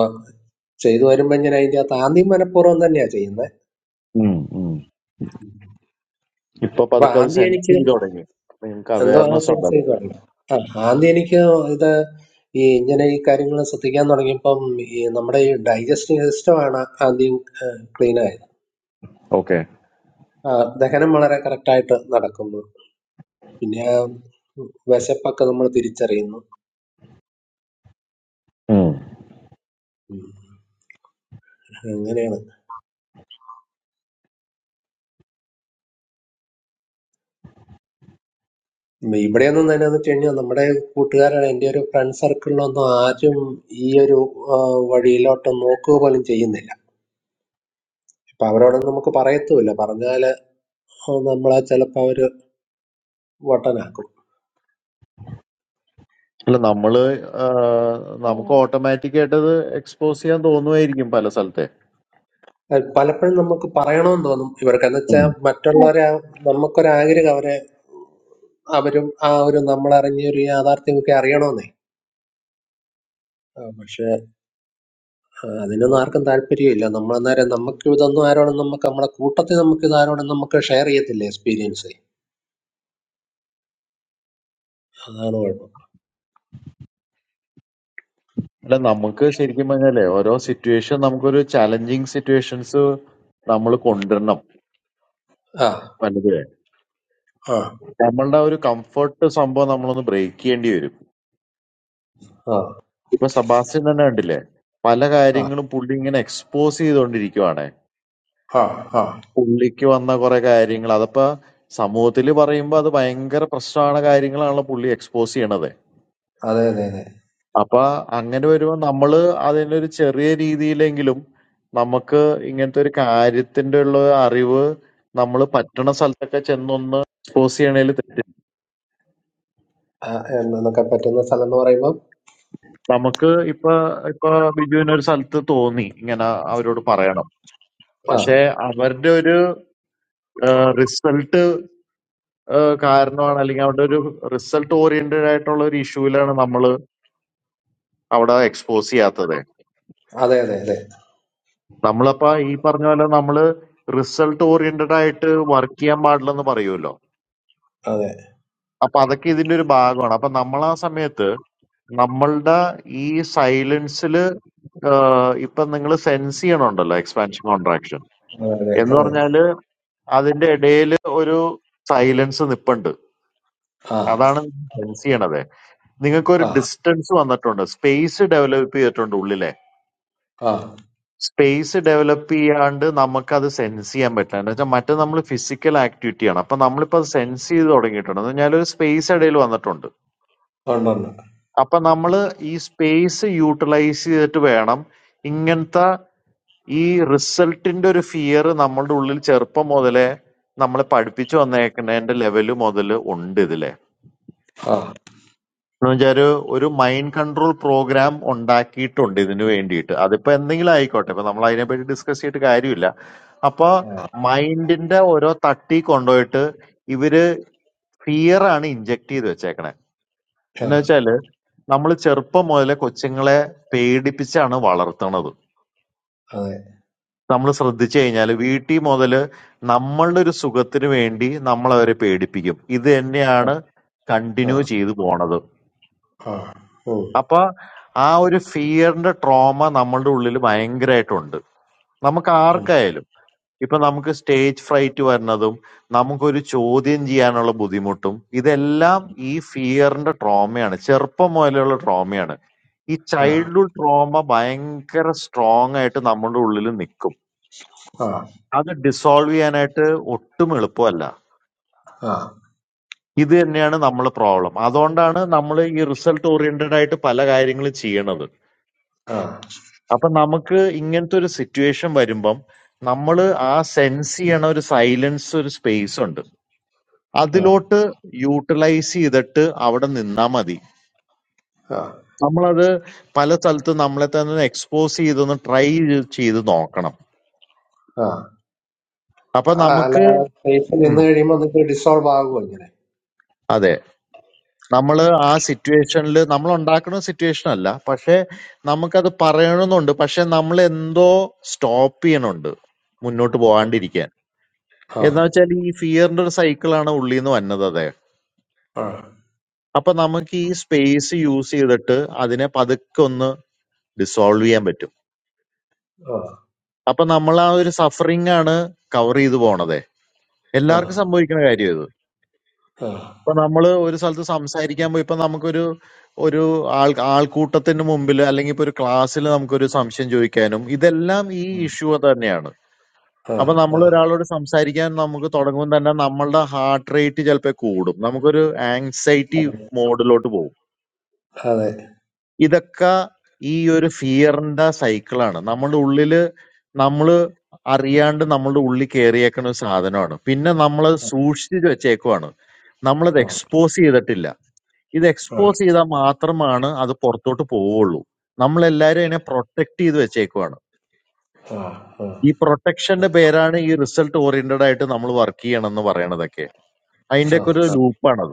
ചെയ്തു വരുമ്പോ ഞാൻ അതിന്റെ അകത്ത് ആദ്യം മനഃപൂർവ്വം തന്നെയാ ചെയ്യുന്നത് ഉം ഉം. ഇപ്പൊ അപ്പൊ പതുക്കെ അത് ആദ്യം സെൻസ് എനിക്ക് ചെയ്ത് തുടങ്ങി നിങ്ങൾക്ക് എന്തോ ആ അവയർനെസ് സെൻസ് ഉണ്ടാവില്ല ചെയ്തോളൂ ആ ആദ്യം എനിക്ക് ഇത് ഈ ഇങ്ങനെ ഈ കാര്യങ്ങൾ ശ്രദ്ധിക്കാൻ തുടങ്ങിയപ്പം ഈ നമ്മുടെ ഈ ഡൈജസ്റ്റീവ് സിസ്റ്റമാണ് ആദ്യം ക്ലീൻ ആയത് ഓക്കെ ആ, ദഹനം വളരെ correct ആയിട്ട് നടക്കുന്നു പിന്നെ ആ വിശപ്പൊക്കെ നമ്മൾ തിരിച്ചറിയുന്നു ഉം, അങ്ങനെയാണ് ഉം, ഇവിടെയൊന്നും തന്നെ എന്ന് വെച്ച് കഴിഞ്ഞാൽ നമ്മുടെ കൂട്ടുകാരാണ് എൻ്റെ ഒരു ഫ്രണ്ട് സർക്കിളിലൊന്നും ആരും ഈ ഒരു ആ, വഴിയിലോട്ട് നോക്കുക പോലും ചെയ്യുന്നില്ല അപ്പൊ അവരോടൊന്നും നമുക്ക് പറയത്തുമില്ല പറഞ്ഞാല് നമ്മൾ ചിലപ്പോൾ അവര് വട്ടനാക്കും അല്ല നമ്മള് ആ, നമുക്ക് ഓട്ടോമാറ്റിക് ആയിട്ട് അത് എക്സ്പോസ് ചെയ്യാൻ തോന്നുമായിരിക്കും പല സ്ഥലത്തെ അത് പലപ്പോഴും നമുക്ക് പറയണമെന്ന് തോന്നും ഇവർക്ക് എന്ന് വെച്ചാൽ ഉം. മറ്റുള്ളവരെ ആ- നമുക്കൊരു ആഗ്രഹം അവരെ അവരും ആ ഒരു നമ്മൾ അറിഞ്ഞ ഒരു യാഥാർത്ഥ്യമൊക്കെ അറിയണമെന്നേ ആ, പക്ഷെ ആ, അതിനൊന്നും ആർക്കും താല്പര്യമില്ല നമ്മൾ അന്നേരം നമുക്ക് ഇതൊന്നും ആരോടും നമുക്ക് നമ്മളെ കൂട്ടത്തിൽ നമുക്ക് ഇത് ആരോടും നമുക്ക് ഷെയർ ചെയ്യത്തില്ല എക്സ്പീരിയൻസ് അതാണ് കുഴപ്പം അല്ല നമുക്ക് ശരിക്കും പറഞ്ഞാലേ ഓരോ സിറ്റുവേഷൻ നമുക്കൊരു ചാലഞ്ചിങ് സിറ്റുവേഷൻസ് നമ്മൾ കൊണ്ടുവരണം ആ പലതുവേ ആ നമ്മളുടെ ആ ഒരു കംഫർട്ട് സംഭവം നമ്മളൊന്ന് ബ്രേക്ക് ചെയ്യേണ്ടി വരും ആ ഇപ്പൊ സബാസ്റ്റ്യൻ തന്നെ കണ്ടില്ലേ പല കാര്യങ്ങളും പുള്ളി ഇങ്ങനെ എക്സ്പോസ് ചെയ്തുകൊണ്ടിരിക്കുവാണ് ആ ആ ആ പുള്ളിക്ക് വന്ന കുറെ കാര്യങ്ങൾ അതപ്പോ സമൂഹത്തിൽ പറയുമ്പോൾ അത് ഭയങ്കര പ്രശ്നമാണ് കാര്യങ്ങളാണല്ലോ പുള്ളി എക്സ്പോസ് ചെയ്യണത് അതെ അതെ അതെ അപ്പൊ അങ്ങനെ വരുമ്പോ നമ്മള് അതിനൊരു ചെറിയ രീതിയിലെങ്കിലും നമുക്ക് ഇങ്ങനത്തെ ഒരു കാര്യത്തിന്റെ ഉള്ള അറിവ് നമ്മള് പറ്റണ സ്ഥലത്തൊക്കെ ചെന്നൊന്ന് എക്സ്പോസ് ചെയ്യണേൽ തെറ്റ് ആ, എന്നൊക്കെ പറ്റുന്ന സ്ഥലം എന്ന് പറയുമ്പോൾ നമുക്ക് ഇപ്പൊ ഇപ്പൊ ബിജുവിന് ഒരു സ്ഥലത്ത് തോന്നി ഇങ്ങനെ അവരോട് പറയണം ആ പക്ഷെ അവരുടെ ഒരു റിസൾട്ട് കാരണമാണ് അല്ലെങ്കിൽ അവരുടെ ഒരു റിസൾട്ട് ഓറിയന്റഡ് ആയിട്ടുള്ള ഒരു ഇഷ്യൂലാണ് നമ്മൾ അവിടെ എക്സ്പോസ് ചെയ്യാത്തത് അതെ അതെ അതെ നമ്മളപ്പോ ഈ പറഞ്ഞ പോലെ നമ്മള് റിസൾട്ട് ഓറിയന്റഡ് ആയിട്ട് വർക്ക് ചെയ്യാൻ പാടില്ലെന്ന് പറയുമല്ലോ അതെ അപ്പൊ അതൊക്കെ ഇതിന്റെ ഒരു ഭാഗമാണ് അപ്പൊ നമ്മൾ ആ സമയത്ത് നമ്മളുടെ ഈ സൈലൻസിൽ ഇപ്പൊ നിങ്ങൾ സെൻസ് ചെയ്യണുണ്ടല്ലോ എക്സ്പാൻഷൻ കോൺട്രാക്ഷൻ അതെ അതെ എന്ന് അതെ പറഞ്ഞാല് അതിന്റെ ഇടയിൽ ഒരു സൈലൻസ് നിപ്പുണ്ട് ആ അതാണ് സെൻസ് ചെയ്യണത് നിങ്ങൾക്ക് ഒരു ആ ഡിസ്റ്റൻസ് വന്നിട്ടുണ്ട് സ്പേസ് ഡെവലപ്പ് ചെയ്തിട്ടുണ്ട് ഉള്ളിലെ ആ സ്പേസ് ഡെവലപ്പ് ചെയ്യാണ്ട് നമുക്കത് സെൻസ് ചെയ്യാൻ പറ്റില്ല എന്ന് വെച്ചാൽ മറ്റേ നമ്മൾ ഫിസിക്കൽ ആക്ടിവിറ്റി ആണ് അപ്പൊ നമ്മളിപ്പോ അത് സെൻസ് ചെയ്ത് തുടങ്ങിയിട്ടുണ്ട് എന്ന് പറഞ്ഞാൽ ഒരു സ്പേസ് ഇടയിൽ വന്നിട്ടുണ്ട് ഉണ്ട് ഉണ്ട് അപ്പൊ നമ്മൾ ഈ സ്പേസ് യൂട്ടിലൈസ് ചെയ്തിട്ട് വേണം ഇങ്ങനത്തെ ഈ റിസൾട്ടിന്റെ ഒരു ഫിയർ നമ്മളുടെ ഉള്ളിൽ ചെറുപ്പം മുതലേ നമ്മളെ പഠിപ്പിച്ചു വന്നേക്കുന്നതിന്റെ ലെവല് മുതൽ ഉണ്ട് ഇതിൽ ആ എന്ന് വെച്ചാൽ ഒരു മൈൻഡ് കൺട്രോൾ പ്രോഗ്രാം ഉണ്ടാക്കിയിട്ടുണ്ട് ഇതിനു വേണ്ടിയിട്ട് അതിപ്പോ എന്തെങ്കിലും ആയിക്കോട്ടെ ഇപ്പൊ നമ്മൾ അതിനെപ്പറ്റി ഡിസ്കസ് ചെയ്തിട്ട് കാര്യമില്ല അപ്പൊ മൈൻഡിന്റെ ഓരോ തട്ടി കൊണ്ടുപോയിട്ട് ഇവര് ഫിയർ ആണ് ഇഞ്ചെക്ട് ചെയ്ത് വെച്ചേക്കണേ ആ എന്ന് വെച്ചാല് നമ്മൾ ചെറുപ്പം മുതലേ കൊച്ചുങ്ങളെ പേടിപ്പിച്ചാണ് വളർത്തണത് അതെ നമ്മൾ ശ്രദ്ധിച്ചു കഴിഞ്ഞാൽ വീട്ടിൽ മുതൽ നമ്മളുടെ ഒരു സുഖത്തിന് വേണ്ടി നമ്മൾ അവരെ പേടിപ്പിക്കും ഇത് തന്നെയാണ് ആ കണ്ടിന്യൂ ചെയ്തു പോണത് ആ ഓ അപ്പൊ ആ ഒരു ഫിയറിന്റെ ട്രോമ നമ്മളുടെ ഉള്ളിൽ ഭയങ്കരമായിട്ടുണ്ട് നമുക്ക് ഉം, ആർക്കായാലും ഇപ്പൊ നമുക്ക് സ്റ്റേജ് ഫ്രൈറ്റ് വരുന്നതും നമുക്കൊരു ചോദ്യം ചെയ്യാനുള്ള ബുദ്ധിമുട്ടും ഇതെല്ലാം ഈ ഫിയറിന്റെ ട്രോമയാണ് ചെറുപ്പം മുതലുള്ള ട്രോമയാണ് ഈ ആ ചൈൽഡ്ഹുഡ് ട്രോമ ഭയങ്കര സ്ട്രോങ് ആയിട്ട് നമ്മുടെ ഉള്ളിൽ നിൽക്കും ആ അത് ഡിസോൾവ് ചെയ്യാനായിട്ട് ഒട്ടും എളുപ്പമല്ല ആ ആ ഇത് തന്നെയാണ് നമ്മളെ പ്രോബ്ലം അതുകൊണ്ടാണ് നമ്മൾ ഈ റിസൾട്ട് ഓറിയന്റഡ് ആയിട്ട് പല കാര്യങ്ങളും ചെയ്യണത് ആ അപ്പൊ നമുക്ക് ഇങ്ങനത്തെ ഒരു സിറ്റുവേഷൻ വരുമ്പം നമ്മൾ ആ സെൻസ് ചെയ്യണ ഒരു സൈലൻസ് ഒരു സ്പേസ് ഉണ്ട് ആ അതിലോട്ട് യൂട്ടിലൈസ് ചെയ്തിട്ട് അവിടെ നിന്നാ മതി നമ്മളത് പല സ്ഥലത്ത് നമ്മളെ തന്നെ എക്സ്പോസ് ചെയ്തൊന്ന് ട്രൈ ചെയ്ത് നോക്കണം ആ അപ്പൊ ആ, അല്ല നമുക്ക് സ്പേസ് നിന്ന് ഉം, കഴിയുമ്പോൾ നിങ്ങൾക്ക് ഡിസോൾവ് ആകുമോ ഇങ്ങനെ അതെ നമ്മള് ആ സിറ്റുവേഷനിൽ നമ്മൾ ഉണ്ടാക്കുന്ന സിറ്റുവേഷൻ അല്ല പക്ഷെ നമുക്കത് പറയണമെന്നുണ്ട് പക്ഷെ നമ്മൾ എന്തോ സ്റ്റോപ്പ് ചെയ്യണുണ്ട് മുന്നോട്ട് പോകാണ്ടിരിക്കാൻ ആ എന്ന് വെച്ചാൽ ഈ ഫിയറിന്റെ ഒരു സൈക്കിളാണ് ഉള്ളിൽ നിന്ന് വന്നത് ആ ആ അപ്പൊ നമുക്ക് ഈ സ്പേസ് യൂസ് ചെയ്തിട്ട് അതിനെ പതുക്കെ ഒന്ന് ഡിസോൾവ് ചെയ്യാൻ പറ്റും അപ്പൊ നമ്മൾ ആ ഒരു സഫറിങ് ആണ് കവർ ചെയ്തു പോണത് ആ എല്ലാവർക്കും സംഭവിക്കുന്ന കാര്യം ഇത് ആ ഇപ്പൊ നമ്മൾ ഒരു സ്ഥലത്ത് സംസാരിക്കാൻ പോയി ഇപ്പൊ നമുക്കൊരു ഒരു ആൾ ആൾക്കൂട്ടത്തിന് മുമ്പിൽ അല്ലെങ്കിൽ ഇപ്പൊ ഒരു ക്ലാസ്സിൽ നമുക്കൊരു സംശയം ചോദിക്കാനും ഇതെല്ലാം ഈ ഇഷ്യൂ തന്നെയാണ് ആ അപ്പൊ നമ്മൾ ആ ഒരാളോട് സംസാരിക്കാൻ നമുക്ക് തുടങ്ങുമ്പോൾ തന്നെ നമ്മളുടെ ഹാർട്ട് റേറ്റ് ചിലപ്പോൾ കൂടും നമുക്കൊരു ആങ്സൈറ്റി മോഡിലോട്ട് പോകും അതെ ഇതൊക്കെ ഈ ഒരു ഫിയറിന്റെ സൈക്കിളാണ് നമ്മുടെ ഉള്ളില് നമ്മള് അറിയാണ്ട് നമ്മളുടെ ഉള്ളിൽ കയറിയേക്കുന്ന ഒരു സാധനമാണ് പിന്നെ നമ്മളത് സൂക്ഷിച്ചു വെച്ചേക്കുവാണ് നമ്മളത് ആ എക്സ്പോസ് ചെയ്തിട്ടില്ല ഇത് ആ എക്സ്പോസ് ചെയ്താൽ മാത്രമാണ് അത് പുറത്തോട്ട് പോവുള്ളൂ നമ്മളെല്ലാരും അതിനെ പ്രൊട്ടക്ട് ചെയ്ത് വെച്ചേക്കുവാണ് ആ ആ ഈ പ്രൊട്ടക്ഷന്റെ പേരാണ് ഈ റിസൾട്ട് ഓറിയന്റഡ് ആയിട്ട് നമ്മൾ വർക്ക് ചെയ്യണം എന്ന് പറയണതൊക്കെ ആ ആ ആ അതിന്റെ ഒക്കെ ഒരു ലൂപ്പാണത്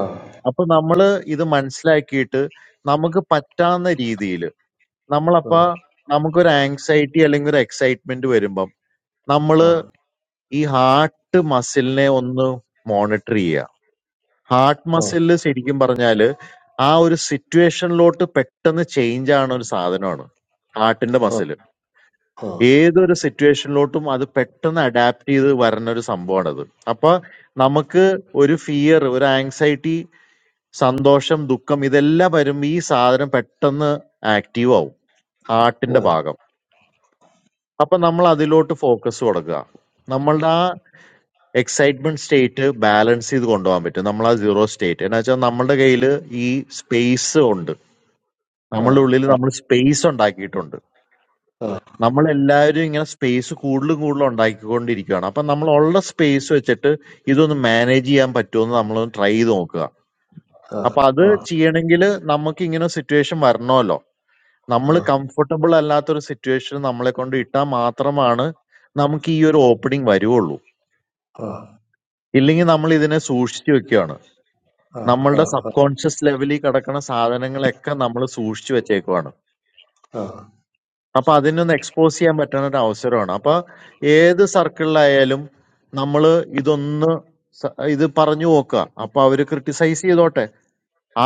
ആ ആ ആ ആ ആ ആ ആ ആ ആ ആ ആ ആ ആ ആ ആ അപ്പൊ നമ്മള് ഇത് മനസ്സിലാക്കിയിട്ട് നമുക്ക് പറ്റാവുന്ന രീതിയിൽ നമ്മളപ്പ നമുക്കൊരു ആങ്സൈറ്റി അല്ലെങ്കിൽ ഒരു എക്സൈറ്റ്മെന്റ് വരുമ്പം നമ്മള് ഈ ഹാർട്ട് മസിലിനെ ഒന്ന് മോണിറ്റർ ചെയ്യുക ഹാർട്ട് മസിലിൽ ശരിക്കും പറഞ്ഞാല് ആ ഒരു സിറ്റുവേഷനിലോട്ട് പെട്ടെന്ന് ചേഞ്ച് ആവുന്ന ഒരു സാധനമാണ് ഹാർട്ടിന്റെ മസിൽ ഏതൊരു സിറ്റുവേഷനിലോട്ടും അത് പെട്ടെന്ന് അഡാപ്റ്റ് ചെയ്ത് വരുന്ന ഒരു സംഭവമാണത് അപ്പൊ നമുക്ക് ഒരു ഫിയർ ഒരു ആങ്സൈറ്റി സന്തോഷം ദുഃഖം ഇതെല്ലാം വരുമ്പോൾ ഈ സാധനം പെട്ടെന്ന് ആക്റ്റീവ് ആവും ആ ഹാർട്ടിന്റെ ഭാഗം അപ്പൊ നമ്മൾ അതിലോട്ട് ഫോക്കസ് കൊടുക്കുക നമ്മളുടെ ആ എക്സൈറ്റ്മെന്റ് സ്റ്റേറ്റ് ബാലൻസ് ചെയ്ത് കൊണ്ടുപോകാൻ പറ്റും നമ്മൾ ആ സീറോ സ്റ്റേറ്റ് എന്ന് വെച്ചാൽ നമ്മുടെ കയ്യിൽ ഈ സ്പേസ് ഉണ്ട് നമ്മളുടെ ഉള്ളിൽ നമ്മൾ സ്പേസ് ഉണ്ടാക്കിയിട്ടുണ്ട് നമ്മൾ എല്ലാവരും ഇങ്ങനെ സ്പേസ് കൂടുതലും കൂടുതലും ഉണ്ടാക്കിക്കൊണ്ടിരിക്കുകയാണ് അപ്പൊ നമ്മൾ ഉള്ള സ്പേസ് വെച്ചിട്ട് ഇതൊന്ന് മാനേജ് ചെയ്യാൻ പറ്റുമോ എന്ന് നമ്മളൊന്ന് ട്രൈ ചെയ്ത് നോക്കുക അപ്പൊ അത് ചെയ്യണമെങ്കിൽ നമുക്ക് ഇങ്ങനെ സിറ്റുവേഷൻ വരണമല്ലോ നമ്മള് കംഫർട്ടബിൾ അല്ലാത്തൊരു സിറ്റുവേഷനിൽ നമ്മളെ കൊണ്ട് ഇട്ടാൽ മാത്രമാണ് നമുക്ക് ഈ ഒരു ഓപ്പണിംഗ് വരുവുള്ളൂ ഇല്ലെങ്കിൽ നമ്മൾ ഇതിനെ സൂക്ഷിച്ചു വെക്കുകയാണ് നമ്മളുടെ സബ് കോൺഷ്യസ് ലെവലിൽ കിടക്കുന്ന സാധനങ്ങളൊക്കെ നമ്മൾ സൂക്ഷിച്ചു വെച്ചേക്കുവാണ് അപ്പൊ അതിനൊന്ന് എക്സ്പോസ് ചെയ്യാൻ പറ്റുന്ന ഒരു അവസരമാണ് അപ്പൊ ഏത് സർക്കിളിലായാലും നമ്മൾ ഇതൊന്ന് സ- ഇത് പറഞ്ഞു നോക്കുക അപ്പൊ അവര് ക്രിട്ടിസൈസ് ചെയ്തോട്ടെ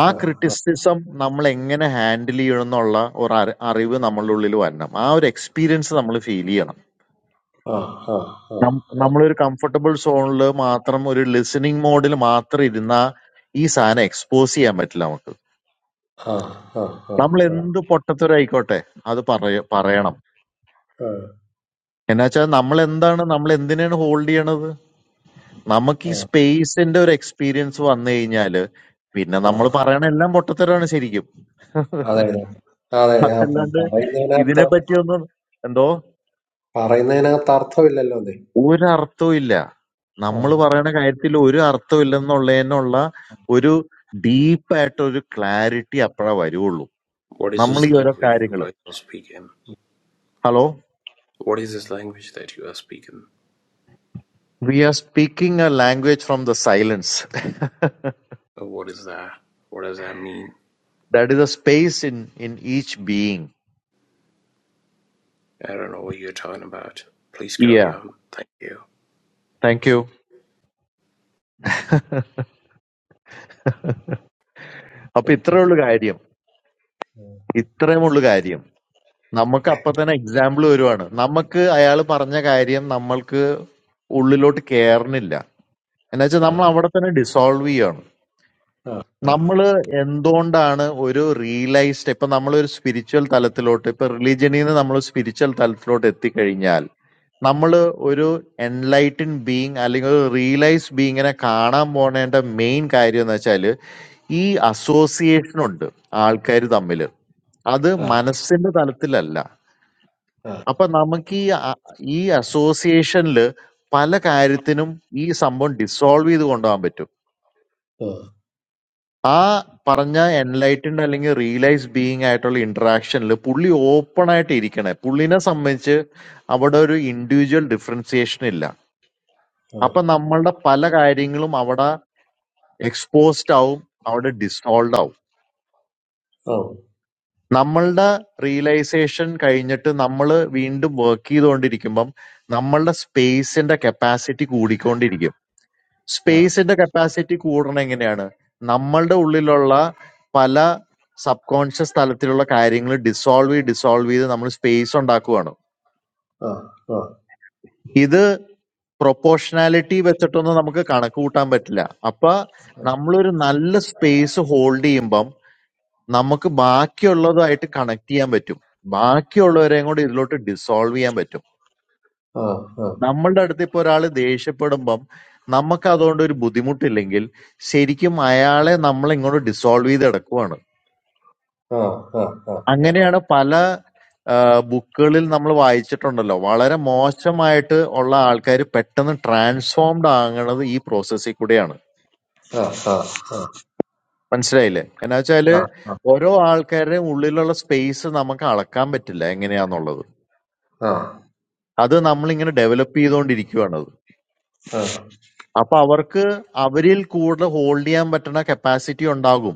ആ ക്രിട്ടിസിസം നമ്മൾ എങ്ങനെ ഹാൻഡിൽ ചെയ്യണം എന്നുള്ള ഒരു അറി- അറിവ് നമ്മളുടെ ഉള്ളിൽ വരണം ആ ഒരു എക്സ്പീരിയൻസ് നമ്മൾ ഫീൽ ചെയ്യണം ആ ആ നം- ആ നമ്മളൊരു കംഫർട്ടബിൾ സോണിൽ മാത്രം ഒരു ലിസണിങ് മോഡിൽ മാത്രം ഇരുന്നാ ഈ സാധനം എക്സ്പോസ് ചെയ്യാൻ പറ്റില്ല നമുക്ക് ആ, ആ, ആ, ആ, നമ്മൾ എന്ത് പൊട്ടത്തരായിക്കോട്ടെ അത് പറയ പറയണം ആ, എന്നുവെച്ചാൽ നമ്മൾ എന്താണ് നമ്മൾ എന്തിനാണ് ഹോൾഡ് ചെയ്യണത് നമുക്ക് ആ, ഈ സ്പേസിന്റെ ഒരു എക്സ്പീരിയൻസ് വന്നു കഴിഞ്ഞാല് പിന്നെ ആ. നമ്മൾ പറയണ എല്ലാം പൊട്ടത്തരാണ് ശരിക്കും (laughs) അതെ അതെ അതെ അതെ. ആ അതല്ലാണ്ട് പറയുന്നതിനകത്ത് ഇതിനെ പറ്റിയൊന്നും എന്തോ പറയുന്നതിനകത്ത് അർത്ഥമില്ലല്ലോ അതെ ഒരർത്ഥവും ഇല്ല. ആ നമ്മള് പറയണ കാര്യത്തിൽ ഒരു അർത്ഥവും ഇല്ലെന്നുള്ളതിനുള്ള ഒരു ഡീപ്പായിട്ടൊരു ക്ലാരിറ്റി അപ്പഴാ വരുവുള്ളൂ. What is നമ്മൾ ഉം. this ഈ ഓരോ language you കാര്യങ്ങള് guys are speaking? Hello What is this language that you are speaking? We are speaking a language from the silence Uh, What is that? What does that mean? That is a space in in each being I don't know what you're talking about. Please yeah carry on. Thank you. Thank you (laughs) അപ്പൊ ഇത്രേ ഉള്ളു കാര്യം ഇത്രയും ഉള്ളു കാര്യം നമുക്ക് അപ്പൊ തന്നെ എക്സാമ്പിൾ വരുവാണ് നമുക്ക് അയാൾ പറഞ്ഞ കാര്യം നമ്മൾക്ക് ഉള്ളിലോട്ട് കേറണില്ല എന്നുവെച്ചാൽ നമ്മൾ അവിടെ തന്നെ ഡിസോൾവ് ചെയ്യാണ് ആ, ആ, നമ്മൾ എന്തുകൊണ്ടാണ് ഒരു റിയലൈസ്ഡ് ഇപ്പൊ നമ്മൾ ഒരു സ്പിരിച്വൽ തലത്തിലോട്ട് ഇപ്പൊ റിലീജിയനിൽ നിന്ന് നമ്മൾ സ്പിരിച്വൽ തലത്തിലോട്ട് എത്തിക്കഴിഞ്ഞാൽ നമ്മൾ ഒരു എൻലൈറ്റൻ ബീങ് അല്ലെങ്കിൽ ഒരു റിയലൈസ് ബീങ്ങിനെ കാണാൻ പോണേണ്ട മെയിൻ കാര്യം എന്ന് വെച്ചാൽ ഈ അസോസിയേഷൻ ഉണ്ട് ആൾക്കാർ തമ്മിൽ അത് ആ, മനസ്സിന്റെ തലത്തിലല്ല ആ, അപ്പൊ നമുക്ക് ഈ അ- ഈ അസോസിയേഷനിൽ പല കാര്യത്തിനും ഈ സംഭവം ഡിസോൾവ് ചെയ്ത് കൊണ്ടുപോകാൻ പറ്റും ആ, ആ, ആ, ആ പറഞ്ഞ എൻലൈറ്റൻഡ് അല്ലെങ്കിൽ റിയലൈസ് ബീയിങ് ആയിട്ടുള്ള ഇന്ററാക്ഷനിൽ പുള്ളി ഓപ്പൺ ആയിട്ട് ഇരിക്കണേ പുള്ളിനെ സംബന്ധിച്ച് അവിടെ ഒരു ഇൻഡിവിജ്വൽ ഡിഫറൻസിയേഷൻ ഇല്ല അപ്പൊ നമ്മളുടെ പല കാര്യങ്ങളും അവിടെ എക്സ്പോസ്ഡ് ആവും അവിടെ ഡിസോൾവ് ആവും ആ, നമ്മളുടെ റിയലൈസേഷൻ കഴിഞ്ഞിട്ട് നമ്മൾ വീണ്ടും വർക്ക് ചെയ്തുകൊണ്ടിരിക്കുമ്പം നമ്മളുടെ സ്പേസിന്റെ കപ്പാസിറ്റി കൂടിക്കൊണ്ടിരിക്കും ആ, സ്പേസിന്റെ കപ്പാസിറ്റി കൂടണം എങ്ങനെയാണ് നമ്മളുടെ ഉള്ളിലുള്ള പല സബ് കോൺഷ്യസ് തലത്തിലുള്ള കാര്യങ്ങൾ ഡിസോൾവ് ചെയ്ത് ഡിസോൾവ് ചെയ്ത് നമ്മൾ സ്പേസ് ഉണ്ടാക്കുവാണ് ആ, ആ, ആ, ഇത് പ്രൊപ്പോർഷണാലിറ്റി വെച്ചിട്ടൊന്നും നമുക്ക് കണക്ക് കൂട്ടാൻ പറ്റില്ല അപ്പൊ നമ്മളൊരു നല്ല സ്പേസ് ഹോൾഡ് ചെയ്യുമ്പം നമുക്ക് ബാക്കിയുള്ളതുമായിട്ട് കണക്ട് ചെയ്യാൻ പറ്റും ബാക്കിയുള്ളവരെയും കൂടി ഇതിലോട്ട് ഡിസോൾവ് ചെയ്യാൻ പറ്റും ആ, ആ, ആ, ആ, ആ, ആ, ആ, ആ, ആ, ആ, ആ, നമ്മളുടെ അടുത്ത് ഇപ്പൊ ഒരാൾ ദേഷ്യപ്പെടുമ്പം നമുക്ക് അതുകൊണ്ട് ഒരു ബുദ്ധിമുട്ടില്ലെങ്കിൽ ശരിക്കും അയാളെ നമ്മൾ ഇങ്ങോട്ട് ഡിസോൾവ് ചെയ്ത് എടുക്കുവാണ് ആ, അങ്ങനെയാണ് പല ബുക്കുകളിൽ നമ്മൾ വായിച്ചിട്ടുണ്ടല്ലോ വളരെ മോശമായിട്ട് ഉള്ള ആൾക്കാർ പെട്ടെന്ന് ട്രാൻസ്ഫോംഡ് ആകണത് ഈ പ്രോസസ്സിൽ കൂടെയാണ് മനസ്സിലായില്ലേ എന്നാ വെച്ചാല് ഓരോ ആൾക്കാരുടെയും ഉള്ളിലുള്ള സ്പേസ് നമുക്ക് അളക്കാൻ പറ്റില്ല എങ്ങനെയാന്നുള്ളത് അത് നമ്മളിങ്ങനെ ഡെവലപ്പ് ചെയ്തുകൊണ്ടിരിക്കുകയാണത് ആ, അപ്പൊ അവർക്ക് അവരിൽ കൂടുതൽ ഹോൾഡ് ചെയ്യാൻ പറ്റുന്ന കപ്പാസിറ്റി ഉണ്ടാകും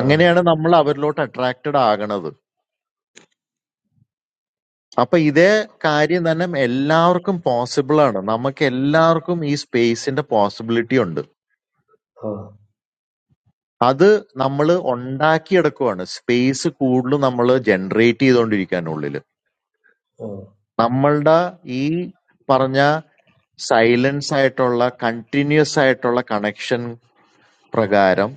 ആ, ആ നമ്മൾ അവരിലോട്ട് അട്രാക്റ്റഡ് ആകണത്. അപ്പൊ ഇതേ കാര്യം തന്നെ എല്ലാവർക്കും പോസിബിൾ ആണ്. നമുക്ക് എല്ലാവർക്കും ഈ സ്പേസിന്റെ പോസിബിലിറ്റി ഉണ്ട്. അത് നമ്മൾ ഉണ്ടാക്കിയെടുക്കുവാണ്. സ്പേസ് കൂടുതൽ നമ്മൾ ജനറേറ്റ് ചെയ്തുകൊണ്ടിരിക്കുകയാണ് ഉള്ളിൽ. നമ്മളുടെ ഈ പറഞ്ഞ സൈലൻസ് ആയിട്ടുള്ള കണ്ടിന്യൂസ് ആയിട്ടുള്ള കണക്ഷൻ പ്രകാരം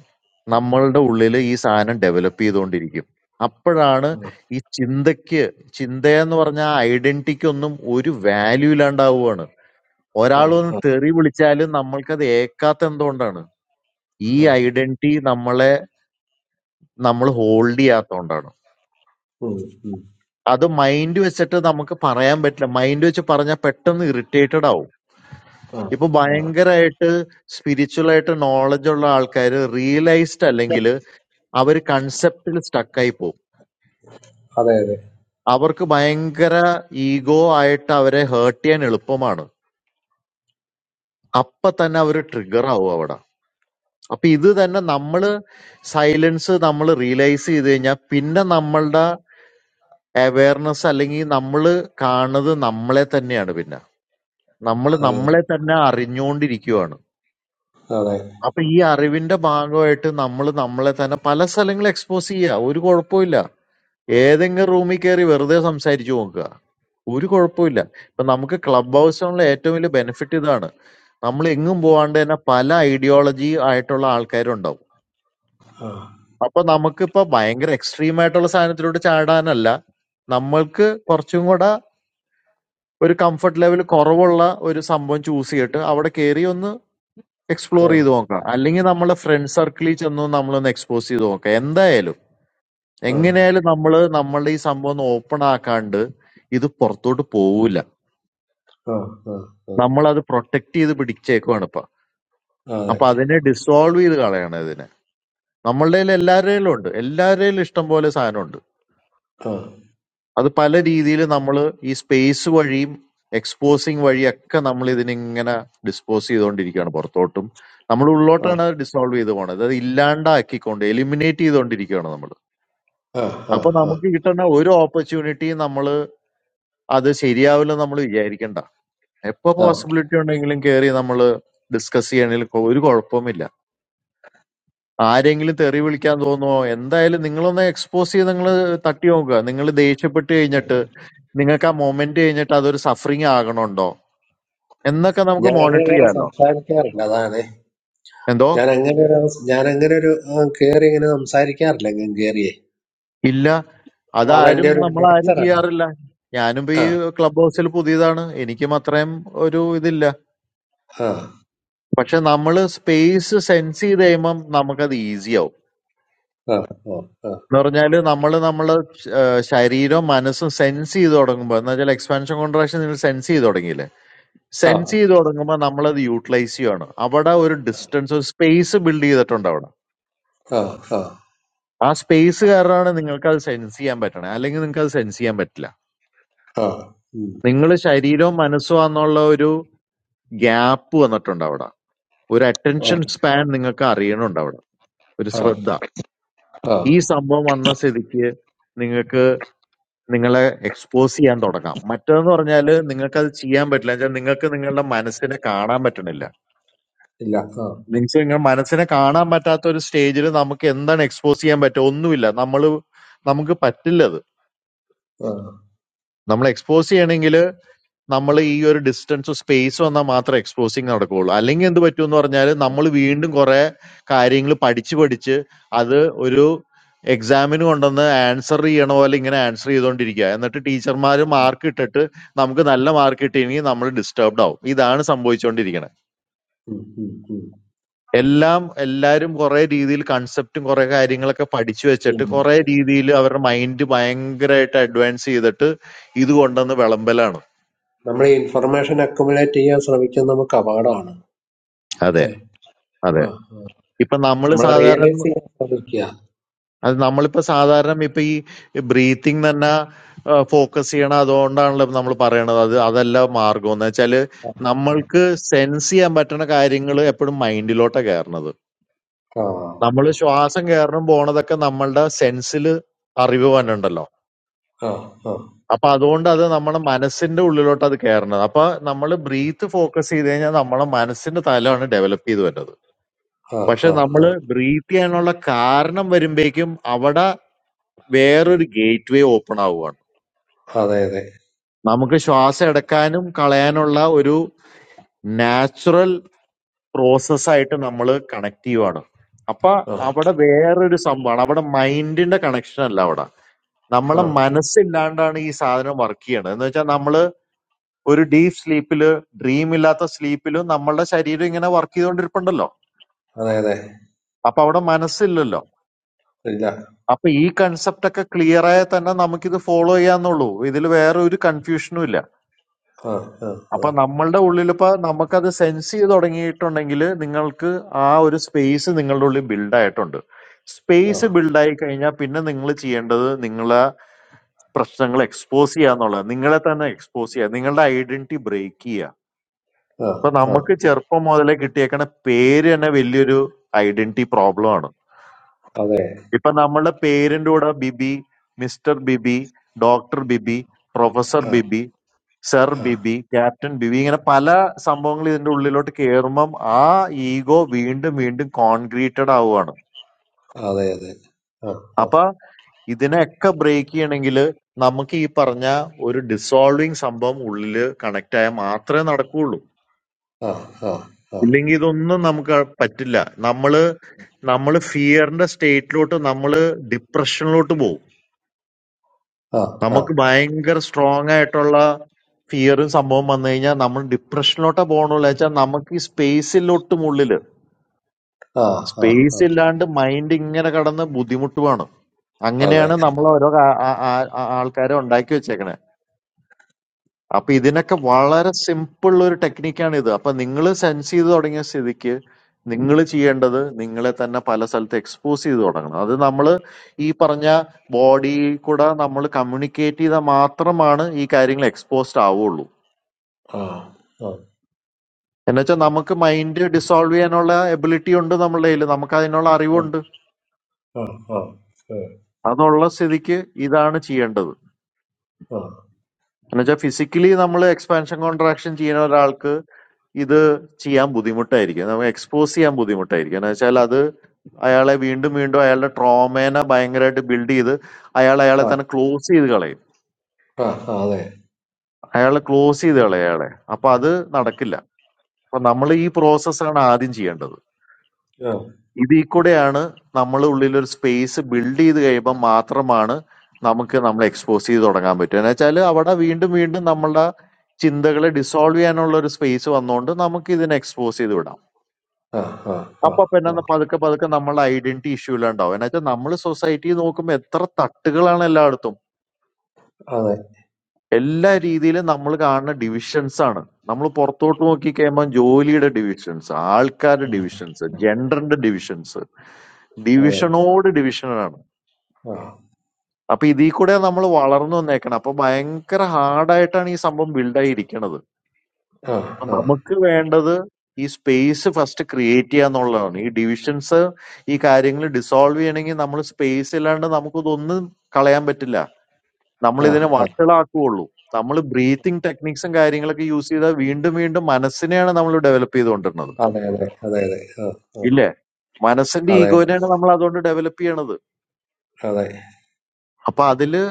നമ്മളുടെ ഉള്ളില് ഈ സാധനം ഡെവലപ്പ് ചെയ്തുകൊണ്ടിരിക്കും. അപ്പഴാണ് ഈ ചിന്തയ്ക്ക് ചിന്തയെന്ന് പറഞ്ഞ ആ ഐഡന്റിറ്റിക്ക് ഒന്നും ഒരു വാല്യൂ ഇല്ലാണ്ടാവുകയാണ്. ഒരാൾ വന്ന് തെറി വിളിച്ചാലും നമ്മൾക്കത് ഏക്കാത്ത എന്തുകൊണ്ടാണ്? ഈ ഐഡന്റിറ്റി നമ്മളെ നമ്മൾ ഹോൾഡ് ചെയ്യാത്തോണ്ടാണ്. ഉം, ഉം, അത് മൈൻഡ് വെച്ചിട്ട് നമുക്ക് പറയാൻ പറ്റില്ല. മൈൻഡ് വെച്ച് പറഞ്ഞാൽ പെട്ടെന്ന് ഇറിറ്റേറ്റഡ് ആവും. ആ, ഇപ്പൊ ആ. ഭയങ്കരായിട്ട് സ്പിരിച്വൽ ആയിട്ട് നോളജ് ഉള്ള ആൾക്കാര് റിയലൈസ്ഡ് അല്ലെങ്കില് അവര് കൺസെപ്റ്റിൽ സ്റ്റക്ക് ആയി പോകും. അതെ അതെ അവർക്ക് ഭയങ്കര ഈഗോ ആയിട്ട് അവരെ ഹേർട്ട് ചെയ്യാൻ എളുപ്പമാണ് അപ്പൊ തന്നെ അവർ ട്രിഗർ ആവും അവിടെ അപ്പൊ ഇത് തന്നെ നമ്മള് സൈലൻസ് നമ്മൾ റിയലൈസ് ചെയ്ത് കഴിഞ്ഞാൽ പിന്നെ നമ്മളുടെ അവയർനെസ് അല്ലെങ്കിൽ നമ്മൾ കാണുന്നത് നമ്മളെ തന്നെയാണ് പിന്നെ നമ്മൾ അതെ അതെ നമ്മളെ തന്നെ അറിഞ്ഞുകൊണ്ടിരിക്കുവാണ് അതെ അപ്പൊ ഈ അറിവിന്റെ ഭാഗമായിട്ട് നമ്മൾ നമ്മളെ തന്നെ പല സ്ഥലങ്ങളിൽ എക്സ്പോസ് ചെയ്യുക ഒരു കുഴപ്പമില്ല ഏതെങ്കിലും റൂമിൽ കയറി വെറുതെ സംസാരിച്ചു നോക്കുക ഒരു കുഴപ്പമില്ല ഇപ്പൊ നമുക്ക് ക്ലബ് ഹൗസിനുള്ള ഏറ്റവും വലിയ ബെനിഫിറ്റ് ഇതാണ് നമ്മൾ എങ്ങും പോവാണ്ട് തന്നെ പല ഐഡിയോളജി ആയിട്ടുള്ള ആൾക്കാരുണ്ടാവും ആ അപ്പൊ നമുക്കിപ്പോ ഭയങ്കര എക്സ്ട്രീം ആയിട്ടുള്ള സാധനത്തിലോട്ട് ചാടാനല്ല നമ്മൾക്ക് കുറച്ചും കൂടെ ഒരു കംഫർട്ട് ലെവൽ കുറവുള്ള ഒരു സംഭവം ചൂസ് ചെയ്തിട്ട് അവിടെ കയറി ഒന്ന് എക്സ്പ്ലോർ ആ ചെയ്ത് നോക്കാം അല്ലെങ്കിൽ നമ്മളെ ഫ്രണ്ട് സർക്കിളിൽ ചെന്ന് നമ്മളൊന്ന് എക്സ്പോസ് ചെയ്ത് നോക്കാം എന്തായാലും ആ എങ്ങനെയായാലും നമ്മള് നമ്മളുടെ ഈ സംഭവം ഒന്ന് ഓപ്പൺ ആക്കാണ്ട് ഇത് പുറത്തോട്ട് പോവില്ല ആ ആ ആ. നമ്മളത് പ്രൊട്ടക്ട് ചെയ്ത് പിടിച്ചേക്കുവാണ് ഇപ്പൊ അതെ അപ്പൊ അതിനെ ഡിസോൾവ് ചെയ്ത് കളയണം ഇതിനെ നമ്മളുടെ കയ്യിൽ എല്ലാവരുടെയും ഉണ്ട് എല്ലാവരുടെയും ഇഷ്ടം പോലെ സാധനമുണ്ട് ആ അത് പല രീതിയിൽ നമ്മൾ ഈ സ്പേസ് വഴിയും എക്സ്പോസിങ് വഴിയൊക്കെ നമ്മൾ ഇതിനിങ്ങനെ ഡിസ്പോസ് ചെയ്തുകൊണ്ടിരിക്കുകയാണ് പുറത്തോട്ടും നമ്മൾ ആ, ഉള്ളോട്ടാണ് അത് ഡിസോൾവ് ചെയ്ത് പോണത് അത് ഇല്ലാണ്ടാക്കിക്കൊണ്ട് എലിമിനേറ്റ് ചെയ്തുകൊണ്ടിരിക്കുകയാണ് നമ്മൾ ആ, ആ, അപ്പൊ ആ, നമുക്ക് കിട്ടുന്ന ഒരു ഓപ്പർച്യൂണിറ്റിയും നമ്മൾ അത് ശരിയാവില്ലെന്ന് നമ്മൾ വിചാരിക്കണ്ട എപ്പോ ആ. പോസിബിലിറ്റി ഉണ്ടെങ്കിലും കയറി നമ്മൾ ഡിസ്കസ് ചെയ്യണതിൽ ഒരു കുഴപ്പവുമില്ല ആരെങ്കിലും തെറി വിളിക്കാൻ തോന്നുമോ എന്തായാലും നിങ്ങളൊന്ന് എക്സ്പോസ് ചെയ്ത് നിങ്ങൾ തട്ടി നോക്കുക നിങ്ങൾ ദേഷ്യപ്പെട്ട് കഴിഞ്ഞിട്ട് നിങ്ങൾക്ക് ആ മൊമെന്റ് കഴിഞ്ഞിട്ട് അതൊരു സഫറിങ് ആകണുണ്ടോ എന്നൊക്കെ നമുക്ക് ഞാൻ അങ്ങനെ മോണിറ്റർ കയറി ചെയ്യാമല്ലോ സംസാരിക്കാറില്ല അതാണ് എന്തോ ഞാൻ അങ്ങനെ ഒരു അവസ- ഞാൻ അങ്ങനെ ഒരു കയറി ഇങ്ങനെ സംസാരിക്കാറില്ല ഇങ്ങനെ കയറിയേ ഇല്ല അതെന്റെ അതാരും ഒരു നമ്മളാരും നേച്ചറാണ് ചെയ്യാറില്ല ഞാനും ഇപ്പൊ ആ ഈ ക്ലബ് ഹൗസിൽ പുതിയതാണ് എനിക്കും അത്രയും ഒരു ഇതില്ല ആ പക്ഷെ നമ്മൾ സ്പേസ് സെൻസ് ചെയ്ത് കഴിയുമ്പം നമുക്കത് ഈസിയാവും ആ ആ എന്ന് പറഞ്ഞാല് നമ്മള് നമ്മള് ഏഹ് ശരീരവും മനസ്സും സെൻസ് ചെയ്ത് തുടങ്ങുമ്പോൾ എന്ന് വെച്ചാൽ എക്സ്പാൻഷൻ കോൺട്രാക്ഷൻ നിങ്ങൾ സെൻസ് ചെയ്ത് തുടങ്ങിയില്ലേ ആ ആ സെൻസ് ചെയ്ത് തുടങ്ങുമ്പോൾ നമ്മളത് യൂട്ടിലൈസ് ചെയ്യുവാണ് അവിടെ ഒരു ഡിസ്റ്റൻസ് ഒരു സ്പേസ് ബിൽഡ് ചെയ്തിട്ടുണ്ട് അവിടെ ആ ആ ആ സ്പേസ് കാരണമാണ് നിങ്ങൾക്ക് അത് സെൻസ് ചെയ്യാൻ പറ്റണേ അല്ലെങ്കിൽ നിങ്ങൾക്ക് അത് സെൻസ് ചെയ്യാൻ പറ്റില്ല ആ ഉം. നിങ്ങൾ ശരീരവും മനസ്സും എന്നുള്ള ഒരു ഗ്യാപ്പ് വന്നിട്ടുണ്ട് അവിടെ ഒരു ആ, അറ്റൻഷൻ സ്പാൻ നിങ്ങൾക്ക് അറിയണുണ്ട് അവിടെ ഒരു ആ, ശ്രദ്ധ ആ. ഈ സംഭവം വന്ന സ്ഥിതിക്ക് നിങ്ങൾക്ക് നിങ്ങളെ എക്സ്പോസ് ചെയ്യാൻ തുടങ്ങാം മറ്റേന്ന് പറഞ്ഞാല് നിങ്ങൾക്ക് അത് ചെയ്യാൻ പറ്റില്ല എന്നുവെച്ചാൽ നിങ്ങൾക്ക് നിങ്ങളുടെ മനസ്സിനെ കാണാൻ പറ്റണില്ല ഇല്ല ആ നിങ്ങൾക്ക് നിങ്ങളുടെ മനസ്സിനെ കാണാൻ പറ്റാത്ത ഒരു സ്റ്റേജിൽ നമുക്ക് എന്താണ് എക്സ്പോസ് ചെയ്യാൻ പറ്റുക ഒന്നുമില്ല നമ്മൾ നമുക്ക് പറ്റില്ലത് ആ നമ്മൾ എക്സ്പോസ് ചെയ്യണമെങ്കിൽ നമ്മൾ ഈ ഒരു ഡിസ്റ്റൻസും സ്പേസ് വന്നാൽ മാത്രമേ എക്സ്പോസിങ് നടക്കുകയുള്ളൂ അല്ലെങ്കിൽ എന്ത് പറ്റും എന്ന് പറഞ്ഞാൽ നമ്മൾ വീണ്ടും കുറെ കാര്യങ്ങൾ പഠിച്ച് പഠിച്ച് അത് ഒരു എക്സാമിന് കൊണ്ടുവന്ന് ആൻസർ ചെയ്യണ പോലെ ഇങ്ങനെ ആൻസർ ചെയ്തുകൊണ്ടിരിക്കുക എന്നിട്ട് ടീച്ചർമാർ മാർക്ക് ഇട്ടിട്ട് നമുക്ക് നല്ല മാർക്ക് കിട്ടിയെങ്കിൽ നമ്മൾ ഡിസ്റ്റർബ്ഡ് ആവും ഇതാണ് സംഭവിച്ചുകൊണ്ടിരിക്കുന്നത് ഉം, ഉം, ഉം, എല്ലാം എല്ലാവരും കുറെ രീതിയിൽ കൺസെപ്റ്റും കുറെ കാര്യങ്ങളൊക്കെ പഠിച്ചു ഉം. വെച്ചിട്ട് കുറെ രീതിയിൽ അവരുടെ മൈൻഡ് ഭയങ്കരമായിട്ട് അഡ്വാൻസ് ചെയ്തിട്ട് ഇത് കൊണ്ടുവന്ന് വിളമ്പലാണ് നമ്മൾ ഇൻഫർമേഷൻ അക്കുമുലേറ്റ് ചെയ്യാൻ ശ്രമിക്കുന്നത് നമുക്ക് അപകടമാണ് അതെ അല്ലേ അതെ ആ ആ ഇപ്പൊ നമ്മൾ നമ്മളെ റിയലൈസ് സാധാരണ ചെയ്യാൻ ശ്രമിക്കുക അത് നമ്മളിപ്പോ സാധാരണ ഇപ്പൊ ഈ ബ്രീത്തിങ് തന്നെ ഫോക്കസ് ചെയ്യണം അതുകൊണ്ടാണല്ലോ നമ്മൾ പറയണത് അത് അതല്ല മാർഗം എന്ന് വെച്ചാല് നമ്മൾക്ക് സെൻസ് ചെയ്യാൻ പറ്റുന്ന കാര്യങ്ങൾ എപ്പോഴും മൈൻഡിലോട്ടാ കയറണത് ആ നമ്മൾ ആ ശ്വാസം കയറണം പോണതൊക്കെ നമ്മളുടെ സെൻസിൽ അറിവ് വന്നിട്ടുണ്ടല്ലോ ആ അപ്പൊ അതുകൊണ്ട് അത് നമ്മുടെ മനസ്സിന്റെ ഉള്ളിലോട്ട് അത് കയറണത് അപ്പൊ നമ്മൾ ബ്രീത്ത് ഫോക്കസ് ചെയ്ത് കഴിഞ്ഞാൽ നമ്മളെ മനസ്സിന്റെ തലമാണ് ഡെവലപ്പ് ചെയ്ത് വരുന്നത് ആ പക്ഷെ ആ നമ്മൾ ആ ബ്രീത്ത് ചെയ്യാനുള്ള കാരണം വരുമ്പോഴേക്കും അവിടെ വേറൊരു ഗേറ്റ് വേ ഓപ്പൺ ആവുകയാണ് അതെ, അതെ. നമുക്ക് ശ്വാസം എടുക്കാനും കളയാനുള്ള ഒരു നാച്ചുറൽ പ്രോസസ് ആയിട്ട് നമ്മൾ കണക്ട് ചെയ്യുവാണ് അപ്പൊ ആ, അവിടെ വേറൊരു സംഭവമാണ് അവിടെ മൈൻഡിന്റെ കണക്ഷൻ അല്ല അവിടെ ആ. നമ്മളെ മനസ്സില്ലാണ്ടാണ് ഈ സാധനം വർക്ക് ചെയ്യണത് എന്ന് വെച്ചാൽ നമ്മള് ഒരു ഡീപ് സ്ലീപ്പില് ഡ്രീം ഇല്ലാത്ത സ്ലീപ്പിലും നമ്മളുടെ ശരീരം ഇങ്ങനെ വർക്ക് ചെയ്തുകൊണ്ടിരിപ്പുണ്ടല്ലോ അതെ, അതെ. അപ്പൊ അവിടെ മനസ്സില്ലല്ലോ ഇല്ല. അപ്പൊ ഈ കൺസെപ്റ്റ് ഒക്കെ ക്ലിയർ ആയാൽ തന്നെ നമുക്കിത് ഫോളോ ചെയ്യാന്നുള്ളൂ ഇതിൽ വേറെ ഒരു കൺഫ്യൂഷനും ഇല്ല ആ, ആ, ആ, അപ്പൊ നമ്മളുടെ ഉള്ളിലിപ്പോ നമുക്കത് സെൻസ് ചെയ്ത് തുടങ്ങിയിട്ടുണ്ടെങ്കിൽ നിങ്ങൾക്ക് ആ ഒരു സ്പേസ് നിങ്ങളുടെ ഉള്ളിൽ ബിൽഡ് ആയിട്ടുണ്ട് ആ, സ്പേസ് ബിൽഡായി കഴിഞ്ഞാൽ പിന്നെ നിങ്ങൾ ചെയ്യേണ്ടത് നിങ്ങളെ പ്രശ്നങ്ങൾ എക്സ്പോസ് ചെയ്യുക എന്നുള്ളത് നിങ്ങളെ തന്നെ എക്സ്പോസ് ചെയ്യുക നിങ്ങളുടെ ഐഡന്റിറ്റി ബ്രേക്ക് ചെയ്യുക ആ, ഇപ്പൊ ആ. നമുക്ക് ചെറുപ്പം മുതലേ കിട്ടിയേക്കണ പേര് തന്നെ വലിയൊരു ഐഡന്റിറ്റി പ്രോബ്ലം ആണ് അതെ. ഇപ്പൊ നമ്മളുടെ പേരിന്റെ കൂടെ Bibi mister Bibi doctor Bibi professor ആ, ബിബി സർ ബിബി ക്യാപ്റ്റൻ ബിബി ഇങ്ങനെ പല സംഭവങ്ങൾ ഇതിന്റെ ഉള്ളിലോട്ട് കയറുമ്പം ആ ഈഗോ വീണ്ടും വീണ്ടും കോൺക്രീറ്റഡ് ആവുകയാണ് അതെ, അതെ. ആ, ആ, അപ്പൊ ഇതിനെയൊക്കെ ബ്രേക്ക് ചെയ്യണമെങ്കിൽ നമുക്ക് ഈ പറഞ്ഞ ഒരു ഡിസോൾവിങ് സംഭവം ഉള്ളില് കണക്ട് ആയാൽ മാത്രമേ നടക്കുകയുള്ളൂ ആ, ആ, ആ, ഇല്ലെങ്കിൽ ഇതൊന്നും നമുക്ക് പറ്റില്ല നമ്മള് നമ്മള് ഫിയറിന്റെ സ്റ്റേറ്റിലോട്ട് നമ്മള് ഡിപ്രഷനിലോട്ട് പോകും ആ, നമുക്ക് ആ, ഭയങ്കര സ്ട്രോങ് ആയിട്ടുള്ള ഫിയറും സംഭവം വന്നു കഴിഞ്ഞാൽ നമ്മൾ ഡിപ്രഷനിലോട്ടാ പോകണുള്ളൂ വെച്ചാൽ നമുക്ക് ഈ സ്പേസിലോട്ടും ഉള്ളില് ആ, ആ, ആ. സ്പേസ് ഇല്ലാണ്ട് മൈൻഡ് ഇങ്ങനെ കടന്ന് ബുദ്ധിമുട്ടുവാണ് അതെ. അങ്ങനെയാണ് നമ്മൾ ഓരോ ആ- ആ- ആ- ആ- ആൾക്കാരെ ഉണ്ടാക്കി വെച്ചേക്കണേ അപ്പൊ ഇതിനൊക്കെ വളരെ സിമ്പിൾ ഒരു ടെക്നിക്കാണ് ഇത് അപ്പൊ നിങ്ങൾ സെൻസ് ചെയ്ത് തുടങ്ങിയ സ്ഥിതിക്ക് നിങ്ങൾ ചെയ്യേണ്ടത് നിങ്ങളെ തന്നെ പല സ്ഥലത്ത് എക്സ്പോസ് ചെയ്ത് തുടങ്ങണം അത് നമ്മൾ ഈ പറഞ്ഞ ബോഡി കൂടെ നമ്മൾ കമ്മ്യൂണിക്കേറ്റ് ചെയ്താൽ മാത്രമാണ് ഈ കാര്യങ്ങൾ എക്സ്പോസ്ഡ് ആവുള്ളൂ ആ, ആ, എന്നുവെച്ചാൽ നമുക്ക് മൈൻഡ് ഡിസോൾവ് ചെയ്യാനുള്ള എബിലിറ്റി ഉണ്ട് നമ്മളുടെ കയ്യിൽ നമുക്ക് അതിനുള്ള ആ, അറിവുണ്ട് ആ, ആ, ഏ, അതുള്ള സ്ഥിതിക്ക് ഇതാണ് ചെയ്യേണ്ടത് ആ, എന്നുവെച്ചാൽ ഫിസിക്കലി നമ്മൾ എക്സ്പാൻഷൻ കോൺട്രാക്ഷൻ ചെയ്യുന്ന ഒരാൾക്ക് ഇത് ചെയ്യാൻ ബുദ്ധിമുട്ടായിരിക്കും നമുക്ക് എക്സ്പോസ് ചെയ്യാൻ ബുദ്ധിമുട്ടായിരിക്കും എന്ന് വെച്ചാൽ അത് അയാളെ വീണ്ടും വീണ്ടും അയാളുടെ ട്രോമേനെ ഭയങ്കരമായിട്ട് ബിൽഡ് ചെയ്ത് അയാൾ അയാളെ ആ, തന്നെ ക്ലോസ് ചെയ്ത് കളയും ആ, ആ, അതെ. അയാൾ ക്ലോസ് ചെയ്ത് കളയും അയാളെ അപ്പൊ അത് നടക്കില്ല അപ്പൊ നമ്മൾ ഈ പ്രോസസ്സാണ് ആദ്യം ചെയ്യേണ്ടത് ആ, ഇതിൽ കൂടെയാണ് നമ്മളെ ഉള്ളിൽ ഒരു സ്പേസ് ബിൽഡ് ചെയ്ത് കഴിയുമ്പോൾ മാത്രമാണ് നമുക്ക് നമ്മൾ എക്സ്പോസ് ചെയ്ത് തുടങ്ങാൻ പറ്റുക എന്ന് വെച്ചാൽ അവിടെ വീണ്ടും വീണ്ടും നമ്മളുടെ ചിന്തകളെ ഡിസോൾവ് ചെയ്യാനുള്ള ഒരു സ്പേസ് വന്നുകൊണ്ട് നമുക്ക് ഇതിനെ എക്സ്പോസ് ചെയ്ത് വിടാം ആ, ആ, ആ, അപ്പൊ പിന്നെ ആ. ന- പതുക്കെ പതുക്കെ നമ്മളുടെ ഐഡന്റിറ്റി ഇഷ്യൂ എല്ലാം ഉണ്ടാവും എന്ന് വെച്ചാൽ നമ്മൾ സൊസൈറ്റി നോക്കുമ്പോൾ എത്ര തട്ടുകളാണ് എല്ലായിടത്തും അതെ. എല്ലാ രീതിയിലും നമ്മൾ കാണുന്ന ഡിവിഷൻസ് ആണ് നമ്മൾ പുറത്തോട്ട് നോക്കി കഴിയുമ്പോൾ ജോലിയുടെ ഡിവിഷൻസ് ആൾക്കാരുടെ ഉം. ഡിവിഷൻസ് ജെൻഡറിന്റെ ഡിവിഷൻസ് അതെ. ഡിവിഷനോട് ഡിവിഷനാണ് ആ, അപ്പൊ ഇതിൽ കൂടെ നമ്മൾ വളർന്നു വന്നേക്കണം അപ്പൊ ഭയങ്കര ഹാർഡായിട്ടാണ് ഈ സംഭവം ബിൽഡായി ഇരിക്കണത് ആ, ആ, അപ്പൊ നമുക്ക് വേണ്ടത് ഈ സ്പേസ് ഫസ്റ്റ് ക്രിയേറ്റ് ചെയ്യുക എന്നുള്ളതാണ് ഈ ഡിവിഷൻസ് ഈ കാര്യങ്ങൾ ഡിസോൾവ് ചെയ്യണമെങ്കിൽ നമ്മൾ സ്പേസ് ഇല്ലാണ്ട് നമുക്കിതൊന്നും കളയാൻ പറ്റില്ല നമ്മൾ ആ, ഇതിനെ ആ. വഷളാക്കുള്ളൂ നമ്മൾ ബ്രീത്തിങ് ടെക്നിക്സും കാര്യങ്ങളൊക്കെ യൂസ് ചെയ്താൽ വീണ്ടും വീണ്ടും മനസ്സിനെയാണ് നമ്മൾ ഡെവലപ്പ് ചെയ്തുകൊണ്ടിരുന്നത് അതെ, അതെ, അതെ, അതെ. ആ, ആ. ഇല്ലേ മനസ്സിന്റെ അതെ, അതെ. ഈഗോനെയാണ് നമ്മൾ അതുകൊണ്ട് ഡെവലപ്പ് ചെയ്യണത് അതെ. അപ്പൊ അതില്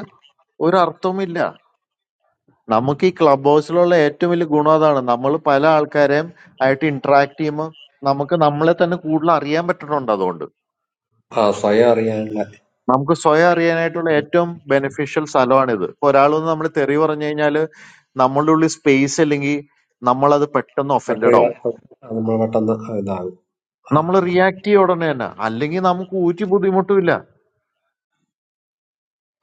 ഒരു അർത്ഥവുമില്ല നമുക്ക് ഈ ക്ലബ് ഹൗസിലുള്ള ഏറ്റവും വലിയ ഗുണം അതാണ് നമ്മൾ പല ആൾക്കാരെയും ആയിട്ട് ഇന്ററാക്ട് ചെയ്യുമ്പോൾ നമുക്ക് നമ്മളെ തന്നെ കൂടുതൽ അറിയാൻ പറ്റുന്നുണ്ട് അതുകൊണ്ട് ആ സ്വയം അറിയാനുള്ള നമുക്ക് സ്വയം അറിയാനായിട്ടുള്ള ഏറ്റവും ബെനിഫിഷ്യൽ സ്ഥലമാണിത് ഇപ്പൊ ഒരാളൊന്ന് നമ്മൾ തെറി പറഞ്ഞു കഴിഞ്ഞാൽ നമ്മളുടെ ഉള്ളിൽ സ്പേസ് അല്ലെങ്കിൽ നമ്മളത് പെട്ടെന്ന് ബാറ്ററി ഒഫൻഡഡ് ആവും നമ്മൾ പെട്ടെന്ന് ഇതാകും ആ നമ്മൾ റിയാക്ട് ചെയ്യ ഉടനെ തന്നെ അല്ലെങ്കിൽ നമുക്ക് ഊറ്റി ബുദ്ധിമുട്ടില്ല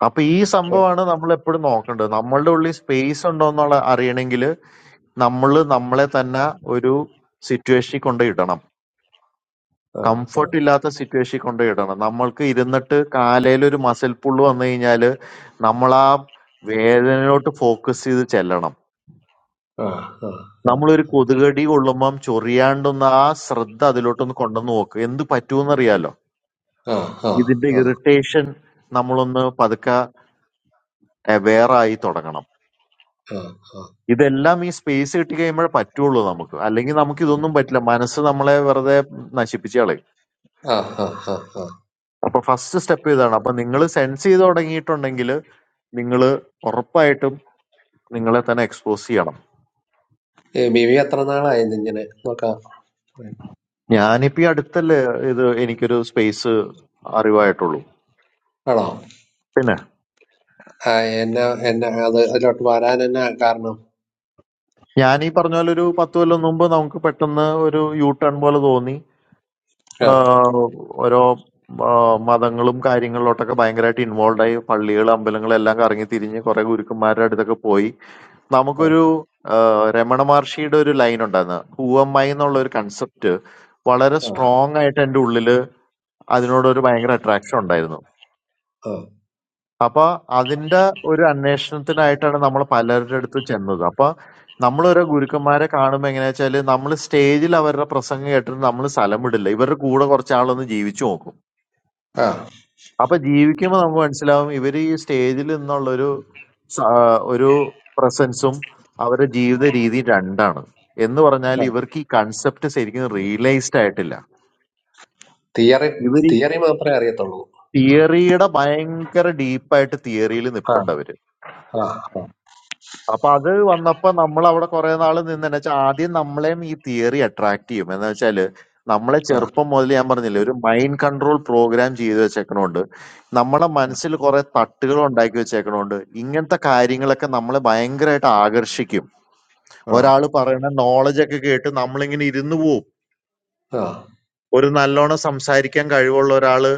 അപ്പൊ ഈ സംഭവമാണ് നമ്മൾ എപ്പോഴും നോക്കേണ്ടത് നമ്മളുടെ ഉള്ളിൽ സ്പേസ് ഉണ്ടോ എന്നുള്ള അറിയണമെങ്കിൽ നമ്മൾ നമ്മളെ തന്നെ ഒരു സിറ്റുവേഷനിൽ കൊണ്ടുപോയി ഇടണം കംഫർട്ട് ആ ഇല്ലാത്ത സിറ്റുവേഷൻ കൊണ്ട് ഇടണം നമ്മൾക്ക് ഇരുന്നിട്ട് കാലയിൽ ഒരു മസിൽ പുള്ള് വന്നു കഴിഞ്ഞാൽ നമ്മൾ ആ വേദനയിലോട്ട് ഫോക്കസ് ചെയ്ത് ചെല്ലണം ആ ആ നമ്മളൊരു കൊതുകടി കൊള്ളുമ്പം ചൊറിയാണ്ടൊന്ന് ആ ശ്രദ്ധ അതിലോട്ടൊന്ന് കൊണ്ടുവന്ന് നോക്ക് എന്ത് പറ്റൂന്നറിയാലോ ആ ആ ഇതിന്റെ ആ ആ ആ ഇറിറ്റേഷൻ നമ്മളൊന്ന് പതുക്കെ aware ആയി തുടങ്ങണം ഇതെല്ലാം ഈ സ്പേസ് കിട്ടി കഴിയുമ്പോഴേ പറ്റുള്ളൂ നമുക്ക് അല്ലെങ്കിൽ നമുക്ക് ഇതൊന്നും പറ്റില്ല മനസ്സ് നമ്മളെ വെറുതെ നശിപ്പിച്ചു കളയും ആ ആ ആ ആ അപ്പൊ ഫസ്റ്റ് സ്റ്റെപ്പ് ഇതാണ് അപ്പൊ നിങ്ങൾ സെൻസ് ചെയ്ത് തുടങ്ങിയിട്ടുണ്ടെങ്കിൽ നിങ്ങൾ ഉറപ്പായിട്ടും നിങ്ങളെ തന്നെ എക്സ്പോസ് ചെയ്യണം ഈ ബിബി എത്ര നാളായി ഇങ്ങനെ നോക്കാം ഞാനിപ്പോ ഈ അടുത്തല്ലേ ഇത് എനിക്കൊരു സ്പേസ് അറിവായിട്ടുള്ളൂ ആണോ പിന്നെ ആ എന്നെ എന്നെ അത് അതിലോട്ട് വരാൻ എന്നാ കാരണം ഞാൻ ഈ പറഞ്ഞ പോലെ ഒരു പത്ത് കൊല്ലം മുമ്പ് നമുക്ക് പെട്ടെന്ന് ഒരു യൂ ടേൺ പോലെ തോന്നി ആ ആഹ് ഓരോ ആഹ് മതങ്ങളും കാര്യങ്ങളിലോട്ടൊക്കെ ഭയങ്കരമായിട്ട് ഇൻവോൾവ് ആയി പള്ളികൾ അമ്പലങ്ങൾ എല്ലാം കറങ്ങി തിരിഞ്ഞ് കുറെ ഗുരുക്കന്മാരുടെ അടുത്തൊക്കെ പോയി ആ നമുക്കൊരു ആഹ്, രമണ മഹർഷിയുടെ ഒരു ലൈൻ ഉണ്ടായിരുന്നു ഹൂ എം ഐ എന്നുള്ള ഒരു കൺസെപ്റ്റ് വളരെ ആ സ്ട്രോങ് ആയിട്ട് എൻ്റെ ഉള്ളില് അതിനോടൊരു ഭയങ്കര അട്രാക്ഷൻ ഉണ്ടായിരുന്നു ആ അപ്പൊ അതിന്റെ ഒരു അന്വേഷണത്തിനായിട്ടാണ് നമ്മൾ പലരുടെ അടുത്ത് ചെന്നത് അപ്പൊ നമ്മൾ ഓരോ ഗുരുക്കന്മാരെ കാണുമ്പോൾ എങ്ങനെയാ വെച്ചാല് നമ്മൾ സ്റ്റേജിൽ അവരുടെ പ്രസംഗം കേട്ടിട്ട് നമ്മൾ സ്ഥലം വിടില്ല ഇവരുടെ കൂടെ കുറച്ചാളൊന്ന് ജീവിച്ചു നോക്കും ആ അപ്പൊ ജീവിക്കുമ്പോൾ നമുക്ക് മനസ്സിലാവും ഇവര് ഈ സ്റ്റേജിൽ നിന്നുള്ളൊരു സ- ഒരു പ്രസൻസും അവരുടെ ജീവിത രീതി രണ്ടാണ് എന്ന് പറഞ്ഞാൽ ആ. ഇവർക്ക് ഈ കൺസെപ്റ്റ് ശരിക്കും റിയലൈസ്ഡ് ആയിട്ടില്ല തിയറി ഇവർ ഈ തിയറി മാത്രമേ അറിയത്തുള്ളൂ തിയറിയുടെ ഭയങ്കര ഡീപ്പായിട്ട് തിയറിയിൽ ആ നിപ്പുണ്ട് അവര് ആ ആ അപ്പൊ അത് വന്നപ്പോ നമ്മൾ അവിടെ കുറെ നാൾ നിന്നെന്ന് വെച്ചാൽ ആദ്യം നമ്മളെയും ഈ തിയറി അട്രാക്ട് ചെയ്യും എന്ന് വെച്ചാല് നമ്മളെ ആ ചെറുപ്പം മുതൽ ഞാൻ പറഞ്ഞില്ലേ ഒരു മൈൻഡ് കൺട്രോൾ പ്രോഗ്രാം ചെയ്ത് വെച്ചേക്കണോണ്ട് നമ്മളെ മനസ്സിൽ കുറെ തട്ടുകൾ ഉണ്ടാക്കി വെച്ചേക്കണോണ്ട് ഇങ്ങനത്തെ കാര്യങ്ങളൊക്കെ നമ്മളെ ഭയങ്കരമായിട്ട് ആകർഷിക്കും ആ ഒരാൾ പറയുന്ന നോളജ് ഒക്കെ കേട്ട് നമ്മളിങ്ങനെ ഇരുന്നു പോവും ആ ആ ഒരു നല്ലോണം സംസാരിക്കാൻ കഴിവുള്ള ഒരാള്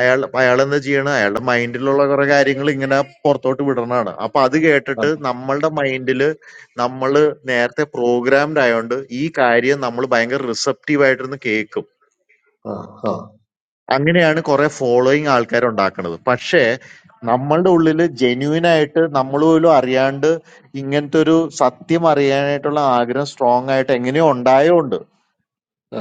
അയാൾ അയാൾ എന്താ ചെയ്യണ അയാളുടെ മൈൻഡിലുള്ള കുറെ കാര്യങ്ങൾ ഇങ്ങനെ പുറത്തോട്ട് വിടണതാണ് അപ്പൊ അത് ആ ആ കേട്ടിട്ട് നമ്മളുടെ മൈൻഡില് നമ്മൾ നേരത്തെ പ്രോഗ്രാംഡ് ആയതുകൊണ്ട് ഈ കാര്യം നമ്മൾ ഭയങ്കര റിസപ്റ്റീവ് ആയിട്ടിരുന്ന് കേൾക്കും ആ ആ ആ ആ അങ്ങനെയാണ് കുറെ ഫോളോയിങ് ആൾക്കാർ ഉണ്ടാക്കുന്നത് പക്ഷേ നമ്മളുടെ ഉള്ളിൽ ജെന്യൂൻ ആയിട്ട് നമ്മൾ പോലും അറിയാണ്ട് ഇങ്ങനത്തെ ഒരു സത്യം അറിയാനായിട്ടുള്ള ആഗ്രഹം സ്ട്രോങ് ആയിട്ട് എങ്ങനെയോ ഉണ്ടായതുകൊണ്ട്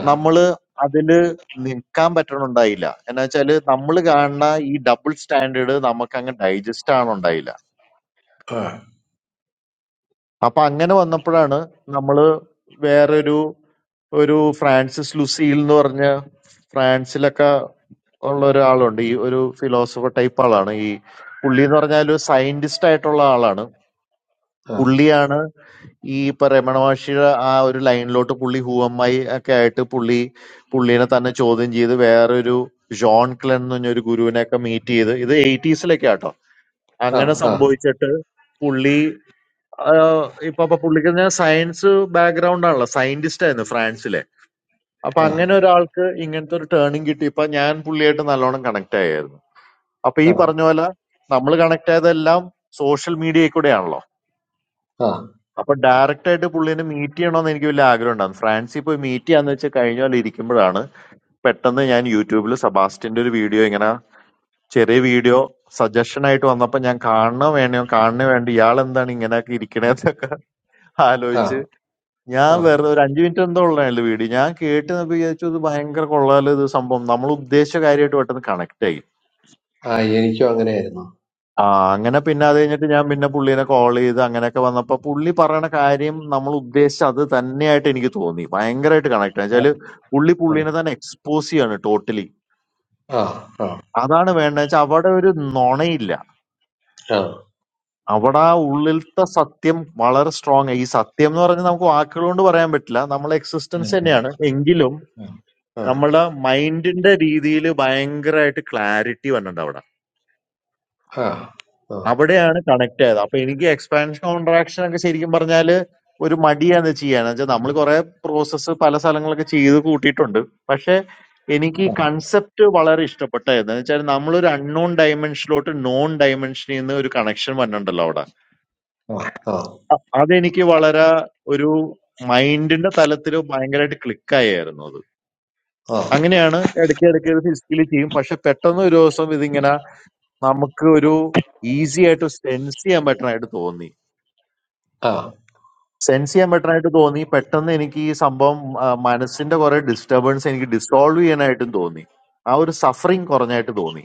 നമ്മള് അതില് നിൽക്കാൻ പറ്റണുണ്ടായില്ല. എന്നാ വെച്ചാല് നമ്മള് കാണുന്ന ഈ ഡബിൾ സ്റ്റാൻഡേർഡ് നമുക്ക് അങ്ങ് ഡൈജസ്റ്റ് ആവണുണ്ടായില്ല. അപ്പൊ അങ്ങനെ വന്നപ്പോഴാണ് നമ്മള് വേറൊരു ഒരു ഫ്രാൻസിസ് ലുസീൽ എന്ന് പറഞ്ഞ ഫ്രാൻസിലൊക്കെ ഉള്ള ഒരാളുണ്ട്. ഈ ഒരു ഫിലോസഫർ ടൈപ്പ് ആളാണ്. ഈ പുള്ളി എന്ന് പറഞ്ഞാൽ ഒരു സയന്റിസ്റ്റ് ആയിട്ടുള്ള ആളാണ്. പുള്ളിയാണ് ഈ ഇപ്പൊ രമണ മഹർഷിയുടെ ആ ഒരു ലൈനിലോട്ട് പുള്ളി ഹൂവമ്മായി ഒക്കെ ആയിട്ട് പുള്ളി പുള്ളിനെ തന്നെ ചോദ്യം ചെയ്ത് വേറൊരു ജോൺ ക്ലെൻ എന്ന് പറഞ്ഞ ഒരു ഗുരുവിനെ ഒക്കെ മീറ്റ് ചെയ്ത് ഇത് എയ്റ്റീസിലൊക്കെ ആട്ടോ അങ്ങനെ സംഭവിച്ചിട്ട് പുള്ളി ആഹ്, ഇപ്പൊ അപ്പൊ പുള്ളിക്ക് സയൻസ് ബാക്ക്ഗ്രൗണ്ട് ആണല്ലോ സയന്റിസ്റ്റ് ആയിരുന്നു ഫ്രാൻസിലെ അപ്പൊ ആ അങ്ങനെ ഒരാൾക്ക് ഇങ്ങനത്തെ ഒരു ടേണിംഗ് കിട്ടി ഇപ്പൊ ഞാൻ പുള്ളിയായിട്ട് നല്ലോണം കണക്ട് ആയായിരുന്നു അപ്പൊ ഈ പറഞ്ഞ പോലെ നമ്മൾ കണക്ട് ആയതെല്ലാം സോഷ്യൽ മീഡിയയിൽ കൂടെയാണല്ലോ ആ അപ്പൊ ഡയറക്റ്റ് ആയിട്ട് പുള്ളിനെ മീറ്റ് ചെയ്യണമെന്ന് എനിക്ക് വലിയ ആഗ്രഹം ഉണ്ടായിരുന്നു ഫ്രാൻസിൽ പോയി മീറ്റ് ചെയ്യാന്ന് വെച്ചാൽ കഴിഞ്ഞ പോലെ ഇരിക്കുമ്പോഴാണ് പെട്ടെന്ന് ഞാൻ യൂട്യൂബിൽ സെബാസ്റ്റിന്റെ ഒരു വീഡിയോ ഇങ്ങനെ ചെറിയ വീഡിയോ സജഷൻ ആയിട്ട് വന്നപ്പോ ഞാൻ കാണണോ വേണോ കാണണോ വേണ്ട ഇയാൾ എന്താണ് ഇങ്ങനെയൊക്കെ ഇരിക്കണേന്നൊക്കെ ആ ആ ആലോചിച്ച് ഞാൻ ആ വെറുതെ ഒരു അഞ്ചു മിനിറ്റ് എന്തോ ഉള്ളതാണ് വീഡിയോ ഞാൻ കേട്ട് വിചാരിച്ചു ഇത് ഭയങ്കര കൊള്ളാലോ ഇത് സംഭവം നമ്മൾ ഉദ്ദേശിച്ച കാര്യമായിട്ട് പെട്ടെന്ന് കണക്ട് ആയി ആ എനിക്കും അങ്ങനെയായിരുന്നു ആ അങ്ങനെ പിന്നെ അത് കഴിഞ്ഞിട്ട് ഞാൻ പിന്നെ പുള്ളീനെ കോൾ ചെയ്ത് അങ്ങനെയൊക്കെ വന്നപ്പോ പുള്ളി പറയണ കാര്യം നമ്മൾ ഉദ്ദേശിച്ച അത് തന്നെയായിട്ട് എനിക്ക് തോന്നി ഭയങ്കരമായിട്ട് കണക്ട് ആ വെച്ചാല് പുള്ളി പുള്ളീനെ ആ തന്നെ എക്സ്പോസ് ചെയ്യാണ് ടോട്ടലി ആ ആ അതാണ് വേണ്ടത് വെച്ചാൽ അവിടെ ഒരു നുണയില്ല ആ അവിടെ ആ ഉള്ളിലത്തെ സത്യം വളരെ സ്ട്രോങ് ഈ സത്യം എന്ന് പറഞ്ഞാൽ നമുക്ക് വാക്കുകൾ കൊണ്ട് പറയാൻ പറ്റില്ല നമ്മളെ എക്സിസ്റ്റൻസ് അങ്ങനെ. തന്നെയാണ് എങ്കിലും ആ നമ്മളുടെ മൈൻഡിന്റെ രീതിയിൽ ഭയങ്കരമായിട്ട് ക്ലാരിറ്റി വന്നിട്ടുണ്ട് അവിടെ ആ ആ അവിടെയാണ് കണക്ട് ആയത് അപ്പൊ എനിക്ക് എക്സ്പാൻഷൻ കോൺട്രാക്ഷൻ ഒക്കെ ശരിക്കും പറഞ്ഞാല് ഒരു മടിയാണ് ചെയ്യാന്ന് വെച്ചാൽ നമ്മൾ കുറെ പ്രോസസ്സ് പല സ്ഥലങ്ങളൊക്കെ ചെയ്ത് കൂട്ടിയിട്ടുണ്ട് പക്ഷെ എനിക്ക് ഈ കൺസെപ്റ്റ് വളരെ ഇഷ്ടപ്പെട്ടായിരുന്നു എന്ന് വെച്ചാൽ നമ്മളൊരു അൺനോൺ ഡയമെൻഷനിലോട്ട് നോൺ ഡയമെൻഷനിൽ നിന്ന് ഒരു കണക്ഷൻ വന്നിട്ടുണ്ടല്ലോ അവിടെ ആ ആ ആ അ- അതെനിക്ക് വളരെ ഒരു മൈൻഡിന്റെ തലത്തിൽ ഭയങ്കരമായിട്ട് ക്ലിക്കായിരുന്നു അത് അങ്ങനെയാണ് ഇടയ്ക്ക് ഇടയ്ക്ക് ഇത് ഫിസിക്കലി ചെയ്യും പക്ഷെ പെട്ടെന്ന് ഒരു ദിവസം ഇതിങ്ങനെ നമുക്ക് ഒരു ഈസി ആയിട്ട് സെൻസ് ചെയ്യാൻ പറ്റണായിട്ട് തോന്നി ആ സെൻസ് ചെയ്യാൻ പറ്റാനായിട്ട് തോന്നി പെട്ടെന്ന് എനിക്ക് ഈ സംഭവം ആ, മനസ്സിന്റെ കുറെ ഡിസ്റ്റർബൻസ് എനിക്ക് ഡിസോൾവ് ചെയ്യാനായിട്ടും തോന്നി ആ ഒരു സഫറിങ് കുറഞ്ഞായിട്ട് തോന്നി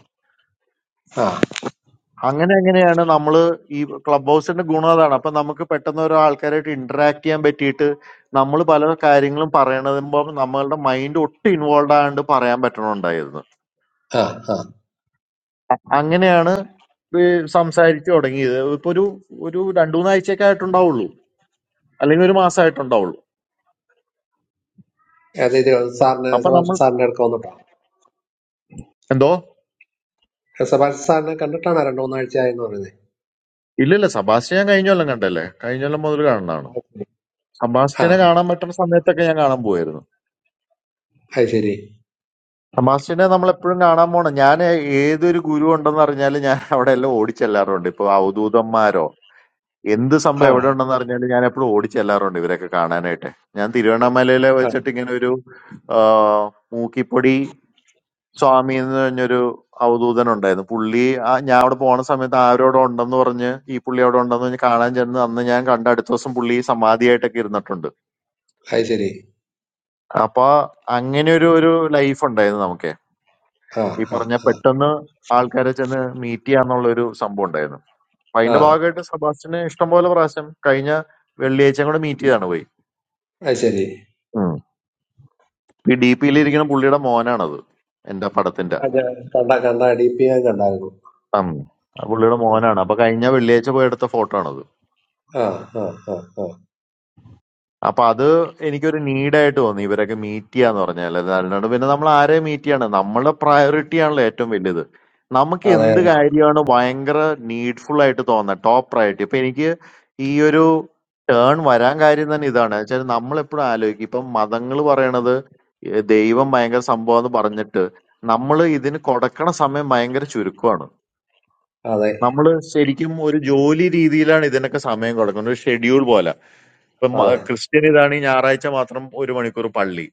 ആ ആ അങ്ങനെ അങ്ങനെയാണ് നമ്മൾ ഈ ക്ലബ് ഹൗസിന്റെ ഗുണം അതാണ് അപ്പൊ നമുക്ക് പെട്ടെന്ന് ഓരോ ആൾക്കാരായിട്ട് ഇന്ററാക്ട് ചെയ്യാൻ പറ്റിയിട്ട് നമ്മൾ പല കാര്യങ്ങളും പറയണതുമ്പോൾ നമ്മളുടെ മൈൻഡ് ഒട്ടും ഇൻവോൾവ് ആകാണ്ട് പറയാൻ പറ്റണുണ്ടായിരുന്നു ആ അ- അങ്ങനെയാണ് ഇത് സംസാരിച്ചു തുടങ്ങിയത് ഇപ്പൊ ഒരു ഒരു രണ്ടു മൂന്നാഴ്ചയൊക്കെ ആയിട്ടുണ്ടാവുള്ളൂ അല്ലെങ്കിൽ ഒരു മാസമായിട്ടുണ്ടാവുള്ളൂ അതെ ഇത് സാറിന് അപ്പൊ സെബാസ്റ്റ്യൻ നമ്മൾ സാറിന്റെ അടുക്ക വന്നിട്ടോ എന്തോ സെബാസ്റ്റ്യൻ സാറിനെ കണ്ടിട്ടാണ് രണ്ടു മൂന്നാഴ്ച ആയെന്ന് പറയുന്നത് ഇല്ലില്ല സബാസ്റ്റ്യൻ ഞാൻ കഴിഞ്ഞ കൊല്ലം കണ്ടല്ലേ കഴിഞ്ഞ കൊല്ലം മുതൽ കാണുന്നതാണ് ആ സബാസ്റ്റ്യനെ കാണാൻ പറ്റുന്ന സമയത്തൊക്കെ ഞാൻ കാണാൻ പോവായിരുന്നു അത് ശരി സബാസ്റ്റ്യനെ നമ്മൾ എപ്പോഴും കാണാൻ പോണം ഞാൻ ഏതൊരു ഗുരു ഉണ്ടെന്ന് അറിഞ്ഞാലും ഞാൻ അവിടെ എല്ലാം ഓടിച്ചെല്ലാറുണ്ട് ഇപ്പൊ അവധൂതന്മാരോ എന്ത് ആ സംഭവം എവിടെ ഉണ്ടെന്ന് അറിഞ്ഞാലും ഞാൻ എപ്പോഴും ഓടിച്ചെല്ലാറുണ്ട് ഇവരൊക്കെ കാണാനായിട്ട് ഞാൻ തിരുവണ്ണാമലയിലെ ആ വെച്ചിട്ട് ഇങ്ങനെ ഒരു ആ, മൂക്കിപ്പൊടി സ്വാമി എന്ന് പറഞ്ഞൊരു അവധൂതൻ ഉണ്ടായിരുന്നു പുള്ളി ആ ഞാൻ അവിടെ പോണ സമയത്ത് ആരോടെ ഉണ്ടെന്ന് പറഞ്ഞ് ഈ പുള്ളി അവിടെ ഉണ്ടെന്ന് പറഞ്ഞ് കാണാൻ ചെന്ന് അന്ന് ഞാൻ കണ്ട അടുത്ത ദിവസം പുള്ളി സമാധിയായിട്ടൊക്കെ ഇരുന്നിട്ടുണ്ട് അത് ശരി അപ്പൊ അങ്ങനെ ഒരു ഒരു ലൈഫ് ഉണ്ടായിരുന്നു നമുക്ക് ആ ഈ ആ പറഞ്ഞ പെട്ടെന്ന് ആൾക്കാരെ ചെന്ന് മീറ്റ് ചെയ്യാന്നുള്ള ഒരു സംഭവം ഉണ്ടായിരുന്നു അപ്പൊ ആ അതിന്റെ ഭാഗമായിട്ട് സെബാസ്റ്റിന് ഇഷ്ടംപോലെ പ്രാവശ്യം കഴിഞ്ഞ വെള്ളിയാഴ്ചയും കൂടെ മീറ്റ് ചെയ്താണ് പോയി അത് ശരി ഉം. ഈ ഡി പിയിൽ ഇരിക്കുന്ന പുള്ളിയുടെ മോനാണത് എന്റെ പടത്തിന്റെ അതെ കണ്ട കണ്ട ഡി പി ഞാൻ കണ്ടായിരുന്നു ഉം. ആ പുള്ളിയുടെ മോനാണ് അപ്പൊ കഴിഞ്ഞ വെള്ളിയാഴ്ച പോയി എടുത്ത ഫോട്ടോ ആണത് ആ ആ ആ ആ ആ അപ്പൊ അത് എനിക്കൊരു നീഡായിട്ട് തോന്നി ഇവരൊക്കെ മീറ്റ് ചെയ്യാന്ന് പറഞ്ഞാൽ അല്ലാണ്ട് പിന്നെ നമ്മൾ ആരെ മീറ്റ് ചെയ്യാണ് നമ്മളെ പ്രയോറിറ്റി ആണല്ലോ ഏറ്റവും വലുത് നമുക്ക് അതെ എന്ത് കാര്യമാണ് ഭയങ്കര നീഡ്ഫുൾ ആയിട്ട് തോന്നുന്നത് ടോപ്പ് പ്രയോറിറ്റി ഇപ്പൊ എനിക്ക് ഈ ഒരു ടേൺ വരാൻ കാര്യം തന്നെ ഇതാണ് വെച്ചാൽ നമ്മൾ എപ്പോഴും ആലോചിക്കും ഇപ്പം മതങ്ങൾ പറയണത് ഏഹ് ദൈവം ഭയങ്കര സംഭവം എന്ന് പറഞ്ഞിട്ട് നമ്മൾ ഇതിന് കൊടുക്കണ സമയം ഭയങ്കര ചുരുക്കമാണ് അതെ നമ്മൾ ശരിക്കും ഒരു ജോലി രീതിയിലാണ് ഇതിനൊക്കെ സമയം കൊടുക്കുന്നത് ഒരു ഷെഡ്യൂൾ പോലെ ഇപ്പൊ മ- അതെ ക്രിസ്ത്യൻ ഇതാണെങ്കിൽ ഞായറാഴ്ച മാത്രം ഒരു മണിക്കൂർ പള്ളി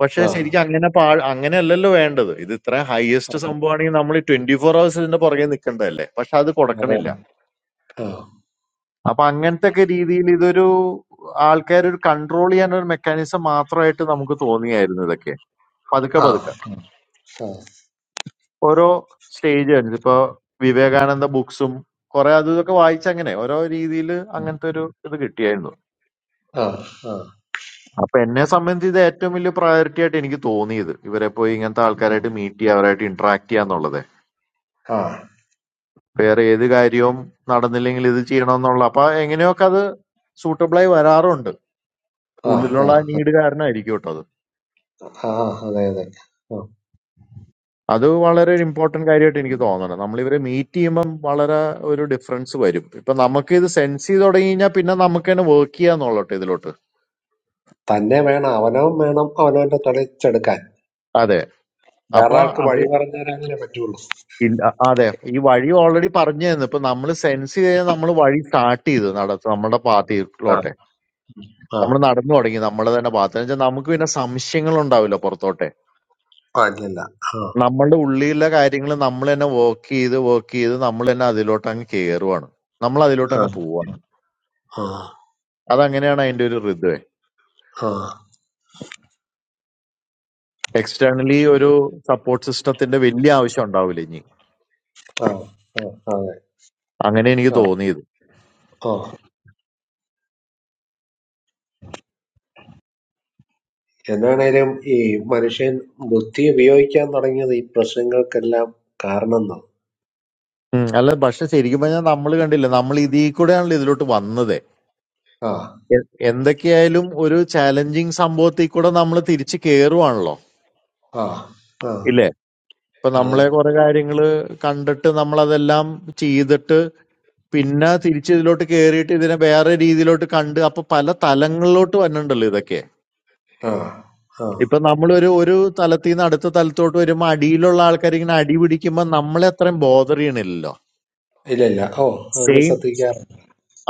പക്ഷെ ആ ശരിക്കും അങ്ങനെ പാ അങ്ങനെയല്ലല്ലോ വേണ്ടത് ഇത് ഇത്ര ഹയസ്റ്റ് സംഭവമാണെങ്കിൽ നമ്മൾ ട്വന്റി ഫോർ അവേഴ്സ് ഇതിന്റെ പുറകെ നിൽക്കേണ്ടതല്ലേ പക്ഷെ അത് അതെ. കൊടുക്കണില്ല ആ അപ്പൊ അങ്ങനത്തെ ഒക്കെ രീതിയിൽ ഇതൊരു ആൾക്കാർ ഒരു കൺട്രോൾ ചെയ്യാൻ ഒരു മെക്കാനിസം മാത്രമായിട്ട് നമുക്ക് തോന്നിയായിരുന്നു ഇതൊക്കെ പതുക്കെ ആ പതുക്കെ ആ ഓരോ സ്റ്റേജ് ആയിരുന്നു ഇപ്പൊ വിവേകാനന്ദ ബുക്സും കുറെ അത് ഇതൊക്കെ വായിച്ചങ്ങനെ ഓരോ രീതിയിൽ അങ്ങനത്തെ ഒരു ഇത് കിട്ടിയായിരുന്നു ആ അപ്പൊ എന്നെ സംബന്ധിച്ച് ഇത് ഏറ്റവും വലിയ പ്രയോറിറ്റി ആയിട്ട് എനിക്ക് തോന്നിയത് ഇവരെ പോയി ഇങ്ങനത്തെ ആൾക്കാരായിട്ട് മീറ്റ് ചെയ്യുക അവരായിട്ട് ഇന്ററാക്ട് ചെയ്യുക എന്നുള്ളത് ആ ആ വേറെ ഏത് കാര്യവും നടന്നില്ലെങ്കിൽ ഇത് ചെയ്യണമെന്നുള്ള അപ്പൊ എങ്ങനെയൊക്കെ അത് സൂട്ടബിൾ ആയി വരാറുണ്ട് ആ ഉള്ളിലുള്ള ആ ആ നീഡ് കാരണമായിരിക്കും കേട്ടോ അത് ആ ആ, അതെ അതെ ആ. അത് വളരെ ഒരു ഇമ്പോർട്ടന്റ് കാര്യമായിട്ട് എനിക്ക് തോന്നണം നമ്മൾ ഇവരെ മീറ്റ് ചെയ്യുമ്പം വളരെ ഒരു ഡിഫറൻസ് വരും ഇപ്പൊ നമുക്ക് ഇത് സെൻസ് ചെയ്ത് തുടങ്ങി കഴിഞ്ഞാൽ പിന്നെ നമുക്ക് തന്നെ വർക്ക് ചെയ്യാന്നുള്ളട്ടെ ഇതിലോട്ട് തന്നെ വേണം അവനവൻ വേണം അവനവന്റെ തെളിച്ചെടുക്കാൻ അതെ വേറെ ആൾക്ക് അപ്പൊ വഴി പറഞ്ഞാലേ അങ്ങനെ പറ്റുള്ളൂ ഇല്ല അതെ ഈ വഴി ഓൾറെഡി പറഞ്ഞു തന്നു ഇപ്പൊ നമ്മൾ സെൻസ് ചെയ്ത് നമ്മൾ വഴി സ്റ്റാർട്ട് ചെയ്തു നട നമ്മുടെ ആ പാത്തിയിലോട്ടെ ആ നമ്മൾ നടന്നു തുടങ്ങി നമ്മളെ തന്നെ പാത്ത് വെച്ചാൽ നമുക്ക് പിന്നെ സംശയങ്ങൾ ഉണ്ടാവില്ല പുറത്തോട്ടെ ആ ഇല്ലില്ല ആ നമ്മളുടെ ഉള്ളിലുള്ള കാര്യങ്ങൾ നമ്മൾ തന്നെ വർക്ക് ചെയ്ത് വർക്ക് ചെയ്ത് നമ്മൾ തന്നെ അതിലോട്ട് അങ്ങ് കയറുവാണ് നമ്മൾ അതിലോട്ട് ആ അങ്ങ് പോവാണ് ആ അതങ്ങനെയാണ് അതിന്റെ ഒരു ഋതുവേ ആ ആ എക്സ്റ്റേണലി ഒരു സപ്പോർട്ട് സിസ്റ്റത്തിന്റെ വലിയ ആവശ്യം ഉണ്ടാവില്ല ഇനി ആ, അതെ അങ്ങനെ എനിക്ക് ആ തോന്നിയത് ആ എന്നാണേലും ഈ മനുഷ്യൻ ബുദ്ധി ഉപയോഗിക്കാൻ തുടങ്ങിയത് ഈ പ്രശ്നങ്ങൾക്കെല്ലാം കാരണം എന്നാണ് ഉം, അല്ല പക്ഷെ ശരിക്കും പറഞ്ഞാൽ നമ്മൾ കണ്ടില്ല നമ്മൾ ഇതിൽ കൂടെയാണല്ലോ ഇതിലോട്ട് വന്നത് ആ എ- എന്തൊക്കെയായാലും ഒരു ചാലഞ്ചിങ് സംഭവത്തിൽ കൂടെ നമ്മൾ തിരിച്ച് കേറുവാണല്ലോ ആ ആ ഇല്ലേ ഇപ്പൊ അതെ നമ്മളെ കുറെ കാര്യങ്ങള് കണ്ടിട്ട് നമ്മൾ അതെല്ലാം ചെയ്തിട്ട് പിന്നെ തിരിച്ച് ഇതിലോട്ട് കേറിയിട്ട് ഇതിനെ വേറെ രീതിയിലോട്ട് കണ്ട് അപ്പൊ പല തലങ്ങളിലോട്ട് വന്നിട്ടുണ്ടല്ലോ ഇതൊക്കെ ആ ആ ഇപ്പൊ നമ്മളൊരു ഒരു തലത്തിൽ നിന്ന് അടുത്ത തലത്തോട്ട് വരുമ്പോ അടിയിലുള്ള ആൾക്കാർ ഇങ്ങനെ അടി പിടിക്കുമ്പോ നമ്മളെ അത്രയും ബോധർ ചെയ്യണില്ലല്ലോ ഇല്ല ഇല്ല ഓ നമ്മൾ സെയിം ശ്രദ്ധിക്കാറ്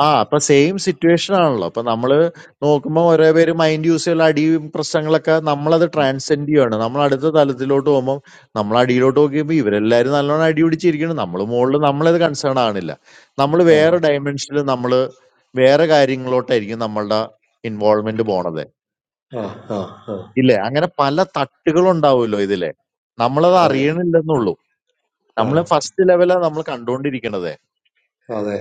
ആ അപ്പൊ സെയിം സിറ്റുവേഷൻ ആണല്ലോ അപ്പൊ നമ്മള് നോക്കുമ്പോ ഓരോ പേര് മൈൻഡ് യൂസ് ചെയ്യുന്ന അടിയും പ്രശ്നങ്ങളൊക്കെ നമ്മളത് ട്രാൻസെൻഡ് ചെയ്യാണ് നമ്മൾ അടുത്ത തലത്തിലോട്ട് പോകുമ്പോൾ നമ്മൾ അടിയിലോട്ട് നോക്കിയപ്പോൾ ഇവരെല്ലാരും നല്ലോണം അടി പിടിച്ചിരിക്കണം നമ്മൾ മുകളിൽ നമ്മളത് കൺസേൺ ആണില്ല നമ്മൾ വേറെ ഡയമെൻഷനിൽ നമ്മൾ വേറെ കാര്യങ്ങളിലോട്ടായിരിക്കും നമ്മളുടെ ഇൻവോൾവ്മെന്റ് പോണത് ആ ആ ആ ഇല്ലേ അങ്ങനെ പല തട്ടുകൾ ഉണ്ടാവുമല്ലോ ഇതിലെ നമ്മളത് അതെ അറിയണില്ലെന്നുള്ളൂ ആ നമ്മൾ ഫസ്റ്റ് ലെവലാണ് നമ്മൾ കണ്ടുകൊണ്ടിരിക്കണത് അതെ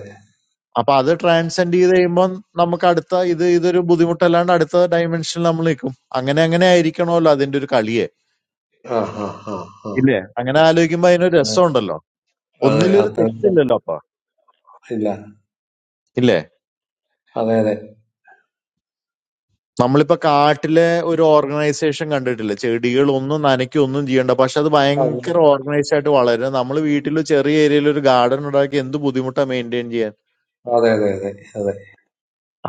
അപ്പൊ അത് ട്രാൻസെൻഡ് ചെയ്ത് കഴിയുമ്പോൾ നമുക്ക് അടുത്ത ഇത് ഇതൊരു ബുദ്ധിമുട്ടല്ലാണ്ട് അടുത്ത ഡയമെൻഷനിൽ നമ്മൾ നിൽക്കും അങ്ങനെ അങ്ങനെ ആയിരിക്കണമല്ലോ അതിന്റെ ഒരു കളിയെ ആ ആ ആ ആ ഇല്ലേ അങ്ങനെ ആലോചിക്കുമ്പോ അതിനൊരു അതെ രസമുണ്ടല്ലോ അതെ ഒന്നിലൊരു അത്രയ്ക്ക് തെറ്റില്ലല്ലോ അപ്പൊ ഇല്ല ഇല്ലേ അതെ അതെ നമ്മളിപ്പോ കാട്ടിലെ ഒരു ഓർഗനൈസേഷൻ കണ്ടിട്ടില്ല ചെടികൾ ഒന്നും നനയ്ക്കും ഒന്നും ചെയ്യണ്ട പക്ഷെ അത് അതെ ഭയങ്കര ഓർഗനൈസ്ഡ് ആയിട്ട് വളരും നമ്മൾ വീട്ടിൽ ചെറിയ ഏരിയയിൽ ഒരു ഗാർഡൻ ഉണ്ടാക്കി എന്ത് ബുദ്ധിമുട്ടാ മെയിൻറ്റെയിൻ ചെയ്യാൻ അതെ അതെ അതെ അതെ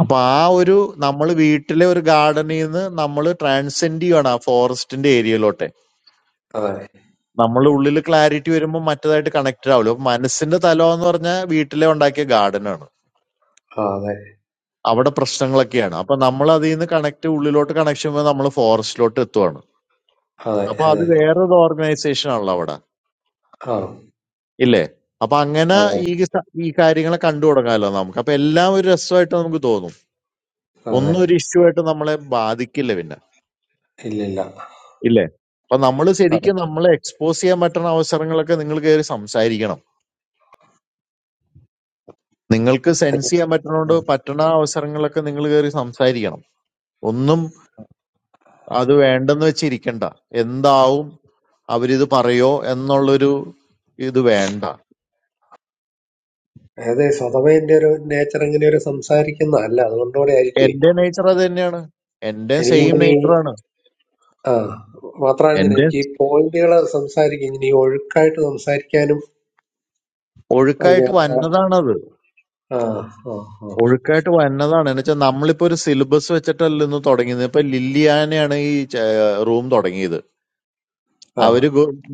അപ്പൊ ആ ഒരു നമ്മൾ വീട്ടിലെ ഒരു ഗാർഡനിൽ നിന്ന് നമ്മൾ ട്രാൻസെൻഡ് ചെയ്യണം ആ ഫോറസ്റ്റിന്റെ ഏരിയയിലോട്ട് അതെ നമ്മുടെ ഉള്ളിൽ ക്ലാരിറ്റി വരുമ്പോൾ മറ്റേതായിട്ട് കണക്റ്റഡ് ആവില്ല അപ്പൊ മനസ്സിന്റെ തലം എന്ന് പറഞ്ഞാൽ വീട്ടിലെ ഉണ്ടാക്കിയ ഗാർഡൻ ആണ് ആ, അതെ അവിടെ പ്രശ്നങ്ങളൊക്കെയാണ് അപ്പൊ നമ്മൾ അതിൽ നിന്ന് കണക്ട് ഉള്ളിലോട്ട് കണക്ഷൻ വരുമ്പോൾ നമ്മൾ ഫോറസ്റ്റിലോട്ട് എത്തുവാണ് അതെ അപ്പൊ അത് അതെ വേറൊരു ഓർഗനൈസേഷൻ ആണല്ലോ അവിടെ ആ ഇല്ലേ അപ്പൊ അങ്ങനെ അതെ ഈ സ- ഈ കാര്യങ്ങളെ കണ്ടു തുടങ്ങാമല്ലോ നമുക്ക് അപ്പൊ എല്ലാം ഒരു രസമായിട്ട് നമുക്ക് തോന്നും അതെ ഒന്നും ഒരു ഇഷ്യൂ ആയിട്ട് നമ്മളെ ബാധിക്കില്ല പിന്നെ ഇല്ല ഇല്ല ഇല്ലേ അപ്പൊ നമ്മൾ ആ ശരിക്കും നമ്മളെ എക്സ്പോസ് ചെയ്യാൻ പറ്റുന്ന അവസരങ്ങളൊക്കെ നിങ്ങൾ കയറി സംസാരിക്കണം നിങ്ങൾക്ക് അതെ സെൻസ് ചെയ്യാൻ പറ്റണോണ്ട് പറ്റണ അവസരങ്ങളൊക്കെ നിങ്ങൾ കയറി സംസാരിക്കണം ഒന്നും അത് വേണ്ടെന്ന് വെച്ചിരിക്കണ്ട എന്താവും അവരിത് പറയോ എന്നുള്ളൊരു ഇത് വേണ്ട അതെ സ്വതവേ എൻ്റെ ഒരു നേച്ചർ ഇങ്ങനെ ഒരു സംസാരിക്കുന്നതല്ല അതുകൊണ്ടുകൂടെ ആയിരിക്കുവേ എന്റെ നേച്ചർ അത് തന്നെയാണ് എന്റെ സെയിം എനിക്കിങ്ങനെ ഈ നേച്ചറാണ് ആ മാത്രമാണ് ഇങ്ങനെ എന്റെ എനിക്ക് ഈ പോയിന്റുകൾ സംസാരിക്കും ഇങ്ങനെ ഈ ഒഴുക്കായിട്ട് സംസാരിക്കാനും എനിക്ക് ഒഴുക്കായിട്ട് അത്ര വന്നതാണത് ആ ഒഴുക്കായിട്ട് വന്നതാണ് എന്ന് വെച്ചാൽ നമ്മളിപ്പോ ഒരു സിലബസ് വെച്ചിട്ടല്ല ഇന്ന് തുടങ്ങിയത് ഇപ്പൊ ലില്ലിയാനയാണ് ഈ റൂം തുടങ്ങിയത് ആ ആ അവര്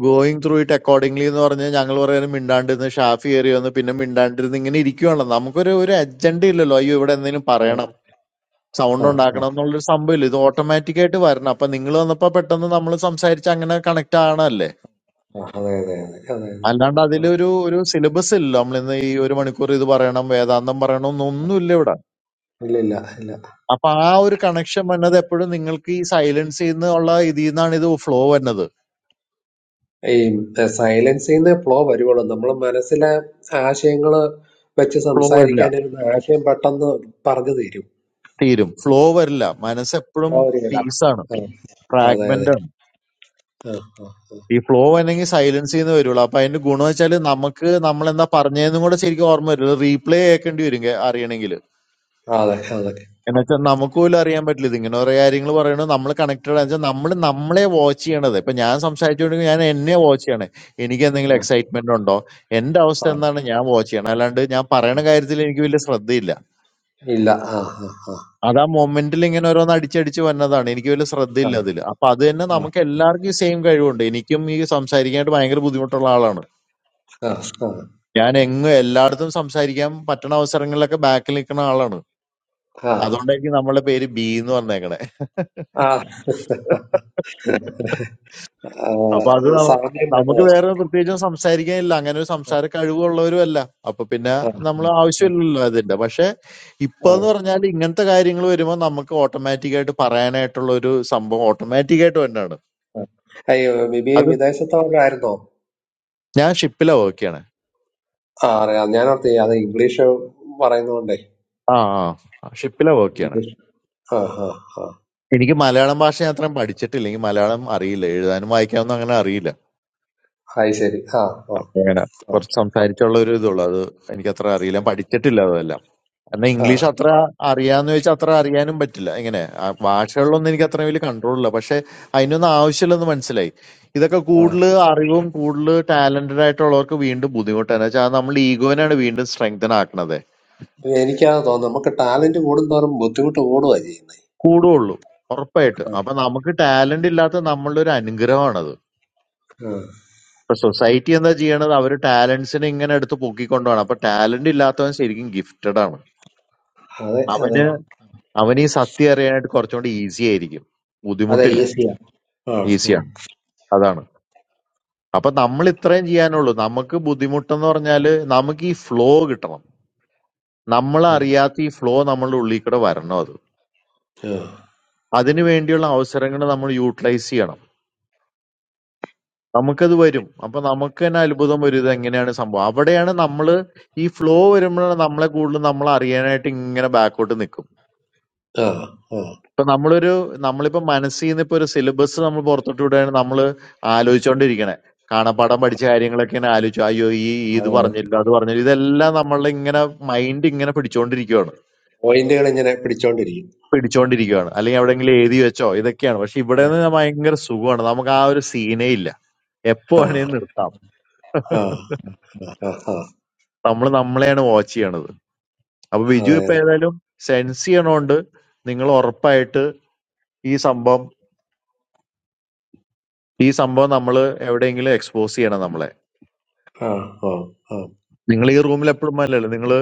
ഗോയിങ് ത്രൂ ഇറ്റ് അക്കോർഡിംഗ്ലി എന്ന് പറഞ്ഞ് ഞങ്ങൾ പറയുന്നത് മിണ്ടാണ്ടിരുന്ന് ഷാഫി കയറി വന്ന് പിന്നെ മിണ്ടാണ്ടിരുന്ന് ഇങ്ങനെ ഇരിക്കുവാണല്ലോ നമുക്കൊരു ഒരു അജണ്ട ഇല്ലല്ലോ അയ്യോ ഇവിടെ എന്തെങ്കിലും ആ പറയണം ആ സൗണ്ട് ആ ഉണ്ടാക്കണം എന്നുള്ളൊരു സംഭവമില്ല ഇത് ഓട്ടോമാറ്റിക് ആയിട്ട് വരണം അപ്പൊ നിങ്ങൾ വന്നപ്പോ പെട്ടെന്ന് നമ്മൾ സംസാരിച്ച് അങ്ങനെ കണക്ട് ആണല്ലേ ആ അതെ അതെ അതെ അതെ അതെ അല്ലാണ്ട് ആ, അതിലൊരു ഒരു സിലബസ് ഇല്ലല്ലോ നമ്മൾ ഇന്ന് ഈ ഒരു മണിക്കൂർ ഇത് പറയണം വേദാന്തം പറയണം എന്നൊന്നുമില്ല ഇവിടെ ഇല്ല ഇല്ല ഇല്ല അപ്പൊ ആ ഒരു കണക്ഷൻ വന്നത് എപ്പോഴും നിങ്ങൾക്ക് ഈ സൈലൻസിൽ നിന്നുള്ള ഇതിൽ നിന്നാണ് ഇത് ഫ്ലോ വരുന്നത് ഈ സൈലൻസിന്ന് ഫ്ലോ വരുവുള്ളൂ നമ്മൾ മനസ്സിലെ ആശയങ്ങൾ വെച്ച് ഫ്ലോ വരില്ല സംസാരിക്കാനിരുന്ന ആശയം പെട്ടെന്ന് പറഞ്ഞു തീരും തീരും ഫ്ലോ വരില്ല മനസ്സ് എപ്പോഴും ഫ്ലോ വരികയില്ല പീസാണ് ആ, അതെ ഫ്രാഗ്മെന്റ് അതെ ആണ് ആ ആ ഈ ഫ്ലോ വേണമെങ്കിൽ സൈലൻസ് ചെയ്യുന്ന വരുള്ളൂ അപ്പൊ അതിന്റെ ഗുണം വെച്ചാൽ നമുക്ക് നമ്മൾ എന്താ പറഞ്ഞതെന്നും കൂടെ ശരിക്കും ഓർമ്മ വരില്ല റീപ്ലേ കേൾക്കേണ്ടി വരും അറിയണമെങ്കിൽ ആ അതെ അതെ എന്ന് വെച്ചാൽ നമുക്ക് പോലും അറിയാൻ പറ്റില്ല ഇത് ഇങ്ങനെ കുറെ കാര്യങ്ങൾ പറയണത് നമ്മൾ കണക്റ്റഡ് വെച്ചാൽ നമ്മൾ നമ്മളെ വാച്ച് ചെയ്യണത് ഇപ്പൊ ഞാൻ സംസാരിച്ചുകൊണ്ടെങ്കിൽ ഞാൻ എന്നെ വാച്ച് ചെയ്യണേ എനിക്ക് എന്തെങ്കിലും ആ എക്സൈറ്റ്മെന്റ് ഉണ്ടോ എന്റെ അവസ്ഥ ആ എന്താണ് ഞാൻ വാച്ച് ചെയ്യണം അല്ലാണ്ട് ഞാൻ പറയണ കാര്യത്തിൽ എനിക്ക് വലിയ ശ്രദ്ധയില്ല ഇല്ല ആ ആ അത് ആ മൊമെന്റിൽ ഇങ്ങനെ ഓരോന്ന് അടിച്ചടിച്ച് വന്നതാണ് എനിക്ക് വലിയ ആ ആ ശ്രദ്ധയില്ല അതിൽ അപ്പൊ അത് തന്നെ നമുക്ക് എല്ലാവർക്കും സെയിം കഴിവുണ്ട് എനിക്കും ഈ സംസാരിക്കാനായിട്ട് ഭയങ്കര ബുദ്ധിമുട്ടുള്ള ആളാണ് ആ ഞാൻ എങ്ങും എല്ലായിടത്തും സംസാരിക്കാൻ പറ്റണ അവസരങ്ങളിലൊക്കെ ബാക്കിൽ നിൽക്കുന്ന ആളാണ് ആ ആ അതുകൊണ്ടായിരിക്കും നമ്മളെ പേര് ബി എന്ന് പറഞ്ഞേക്കണേ ആ ആ, അപ്പൊ അത് നമ്മ- സാമ്യം നമുക്ക് വന്നത് വേറെ പ്രത്യേകിച്ചും സംസാരിക്കാനില്ല അങ്ങനെ ഒരു സംസാര കഴിവുള്ളവരും അല്ല അപ്പൊ പിന്നെ ആ നമ്മൾ ആ. ആവശ്യമില്ലല്ലോ അതിന്റെ പക്ഷെ ഇപ്പൊ ആ. എന്ന് പറഞ്ഞാൽ ഇങ്ങനത്തെ കാര്യങ്ങൾ വരുമ്പോൾ നമുക്ക് ഓട്ടോമാറ്റിക് ആയിട്ട് പറയാനായിട്ടുള്ള ഒരു സംഭവം ഓട്ടോമാറ്റിക് ആയിട്ട് തന്നെയാണ് അയ്യോ ബിബി അത് വിദേശത്തോടായിരുന്നോ ഞാൻ ഷിപ്പിലാ വർക്ക് ചെയ്യണേ ആ അറിയാം ഞാൻ ഓർത്ത് അത് ഇംഗ്ലീഷ് പറയുന്നതുകൊണ്ടേ ആ ആ ഷിപ്പിലാ വർക്ക് ചെയ്യണേ ഇംഗ്ലീഷ് ആ ആ ആ എനിക്ക് മലയാളം ഭാഷ ഞാൻ അത്രയും പഠിച്ചിട്ടില്ല എനിക്ക് മലയാളം അറിയില്ല എഴുതാനും വായിക്കാനൊന്നും അങ്ങനെ അറിയില്ല അത് ശരി ആ ആ അപ്പൊ അങ്ങനെ ആ കുറച്ച് സംസാരിച്ചുള്ള ഒരു ഇതുള്ളൂ അത് എനിക്ക് അത്ര അറിയില്ല ഞാൻ പഠിച്ചിട്ടില്ല അതെല്ലാം എന്നാ ആ ഇംഗ്ലീഷ് അത്ര അറിയാന്ന് ചോദിച്ചാൽ അത്ര അറിയാനും പറ്റില്ല എങ്ങനെ ആ ഭാഷകളിലൊന്നും എനിക്ക് അത്ര വലിയ കൺട്രോൾ ഇല്ല പക്ഷെ അതിനൊന്നും ആവശ്യമില്ലെന്ന് മനസ്സിലായി ഇതൊക്കെ ആ. കൂടുതൽ അറിവും കൂടുതൽ ടാലന്റഡ് ആയിട്ടുള്ളവർക്ക് വീണ്ടും ബുദ്ധിമുട്ടാണ് വെച്ചാൽ നമ്മൾ ഈഗോനാണ് വീണ്ടും സ്ട്രെങ്തൻ ആക്കണത് എനിക്കത് തോന്നുന്നു നമുക്ക് ടാലന്റ് കൂടുന്തോറും ബുദ്ധിമുട്ട് കൂടുകയാണ് ചെയ്യുന്നത് കൂടുള്ളൂ ഉറപ്പായിട്ടും ആ, അപ്പൊ നമുക്ക് ടാലന്റ് ഇല്ലാത്ത നമ്മളുടെ ഒരു അനുഗ്രഹമാണത് ആ. ഇപ്പൊ സൊസൈറ്റി എന്താ ചെയ്യണത് അവര് ടാലന്റ്സിനെ ഇങ്ങനെ എടുത്ത് പൊക്കിക്കൊണ്ടുപോകണം അപ്പൊ ടാലന്റ് ഇല്ലാത്തവൻ ശരിക്കും ഗിഫ്റ്റഡ് ആണ് അതെ അതെ അവന് അവന് ഈ സത്യം അറിയാനായിട്ട് കുറച്ചുകൂടി ഈസി ആയിരിക്കും അതെ ബുദ്ധിമുട്ടില്ല ഈസിയാ ആ ഉം, ഈസിയാണ് അതാണ് അപ്പൊ നമ്മൾ ഇത്രയും ചെയ്യാനുള്ളൂ നമുക്ക് ബുദ്ധിമുട്ടെന്ന് പറഞ്ഞാല് നമുക്ക് ഈ ഫ്ലോ കിട്ടണം നമ്മൾ ഉം, അറിയാത്ത ഈ ഫ്ലോ നമ്മളുടെ ഉള്ളിൽ കൂടെ വരണം അത് ആ അതിനു വേണ്ടിയുള്ള അവസരങ്ങൾ നമ്മൾ യൂട്ടിലൈസ് ചെയ്യണം നമുക്കത് വരും അപ്പൊ നമുക്ക് തന്നെ അത്ഭുതം വരും ഇത് എങ്ങനെയാണ് സംഭവം അവിടെയാണ് നമ്മൾ ഈ ഫ്ലോ വരുമ്പോഴാണ് നമ്മളെ കൂടുതൽ നമ്മൾ അറിയാനായിട്ട് ഇങ്ങനെ ബാക്കോട്ട് നിൽക്കും ആ ആ ഇപ്പൊ നമ്മളൊരു നമ്മളിപ്പോ മനസ്സിൽ നിന്ന് ഇപ്പൊ ഒരു സിലബസ് നമ്മൾ പുറത്തോട്ട് വിടുകയാണ് നമ്മൾ ആലോചിച്ചുകൊണ്ടിരിക്കണേ കാണാപ്പാഠം പഠിച്ച കാര്യങ്ങളൊക്കെ ഇങ്ങനെ ആലോചിച്ചു അയ്യോ ഈ ഈ ഇത് അതെ അതെ പറഞ്ഞില്ല അത് പറഞ്ഞില്ല ഇതെല്ലാം നമ്മളുടെ ഇങ്ങനെ മൈൻഡ് ഇങ്ങനെ പിടിച്ചോണ്ടിരിക്കുകയാണ് പോയിന്റുകൾ ഇങ്ങനെ പിടിച്ചോണ്ടിരിക്കും പിടിച്ചോണ്ടിരിക്കുകയാണ് അല്ലെങ്കിൽ എവിടെയെങ്കിലും എഴുതി വെച്ചോ ഇതൊക്കെയാണ് പക്ഷെ ഇവിടെ നിന്ന് ഭയങ്കര സുഖമാണ് നമുക്ക് ആ ഒരു സീനേ ഇല്ല എപ്പോ ആ വേണേലും നിർത്താം ആ ആ ആ ആ നമ്മൾ നമ്മളെയാണ് വാച്ച് ചെയ്യണത് അപ്പൊ ബിജു അതെ ഇപ്പൊ അതെ ഏതായാലും സെൻസ് ചെയ്യണോണ്ട് നിങ്ങൾ ഉറപ്പായിട്ട് ഈ സംഭവം ഈ സംഭവം നമ്മൾ എവിടെയെങ്കിലും എക്സ്പോസ് ചെയ്യണം നമ്മളെ ആ ആ നിങ്ങൾ ഈ റൂമിൽ എപ്പോഴും അല്ലല്ലോ നിങ്ങൾ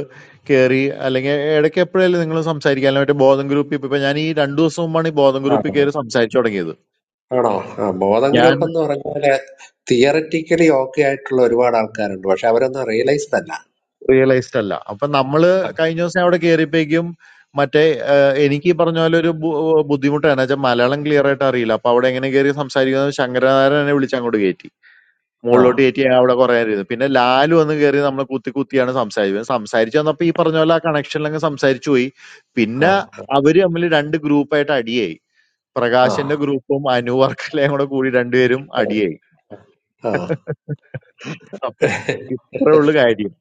കയറി അല്ലെങ്കിൽ ഇടയ്ക്ക് എപ്പോഴല്ലേ നിങ്ങൾ സംസാരിക്കാൻ മറ്റേ ബോധം ഗ്രൂപ്പിൽ ഇപ്പൊ ഞാൻ ഈ രണ്ടു ദിവസം മുമ്പാണ് ഈ ബോധം ആ ഗ്രൂപ്പിൽ ആ കയറി സംസാരിച്ചു തുടങ്ങിയത് ആണോ ആ ബോധം ഞാൻ ഗ്രൂപ്പ് എന്ന് പറഞ്ഞാല് തിയററ്റിക്കലി ഓക്കെ ആയിട്ടുള്ള ഒരുപാട് ആൾക്കാരുണ്ട് പക്ഷെ അവരൊന്നും റിയലൈസ്ഡ് അല്ല റിയലൈസ്ഡ് അല്ല അപ്പൊ നമ്മള് കഴിഞ്ഞ ദിവസം അവിടെ കയറിയപ്പോഴേക്കും മറ്റേ ആ, എനിക്ക് ഈ പറഞ്ഞ പോലെ ഒരു ബു- ബുദ്ധിമുട്ടാണ് എന്ന് വെച്ചാൽ മലയാളം ക്ലിയർ ആയിട്ട് അറിയില്ല അപ്പൊ അവിടെ എങ്ങനെ കയറി സംസാരിക്കുന്നത് ശങ്കരനാരായണനെ എന്നെ വിളിച്ച് അങ്ങോട്ട് കയറ്റി ആ ആ മുകളിലോട്ട് കയറ്റി ഞാൻ അവിടെ കുറെ നേരം ഇരുന്നു പിന്നെ ലാലു വന്ന് കയറി നമ്മൾ കുത്തി കുത്തിയാണ് സംസാരിക്കുന്നത് സംസാരിച്ചു വന്നപ്പോ ഈ പറഞ്ഞ പോലെ ആ കണക്ഷനിൽ അങ്ങ് സംസാരിച്ചു പോയി ആ പിന്നെ അവര് തമ്മിൽ രണ്ട് ഗ്രൂപ്പായിട്ട് അടിയായി ആ പ്രകാശിന്റെ ഗ്രൂപ്പും അനു വർക്കലയും കൂടെ കൂടി രണ്ടുപേരും അടിയായി ആ അപ്പൊ ഇത്രേ ഉള്ളു കാര്യം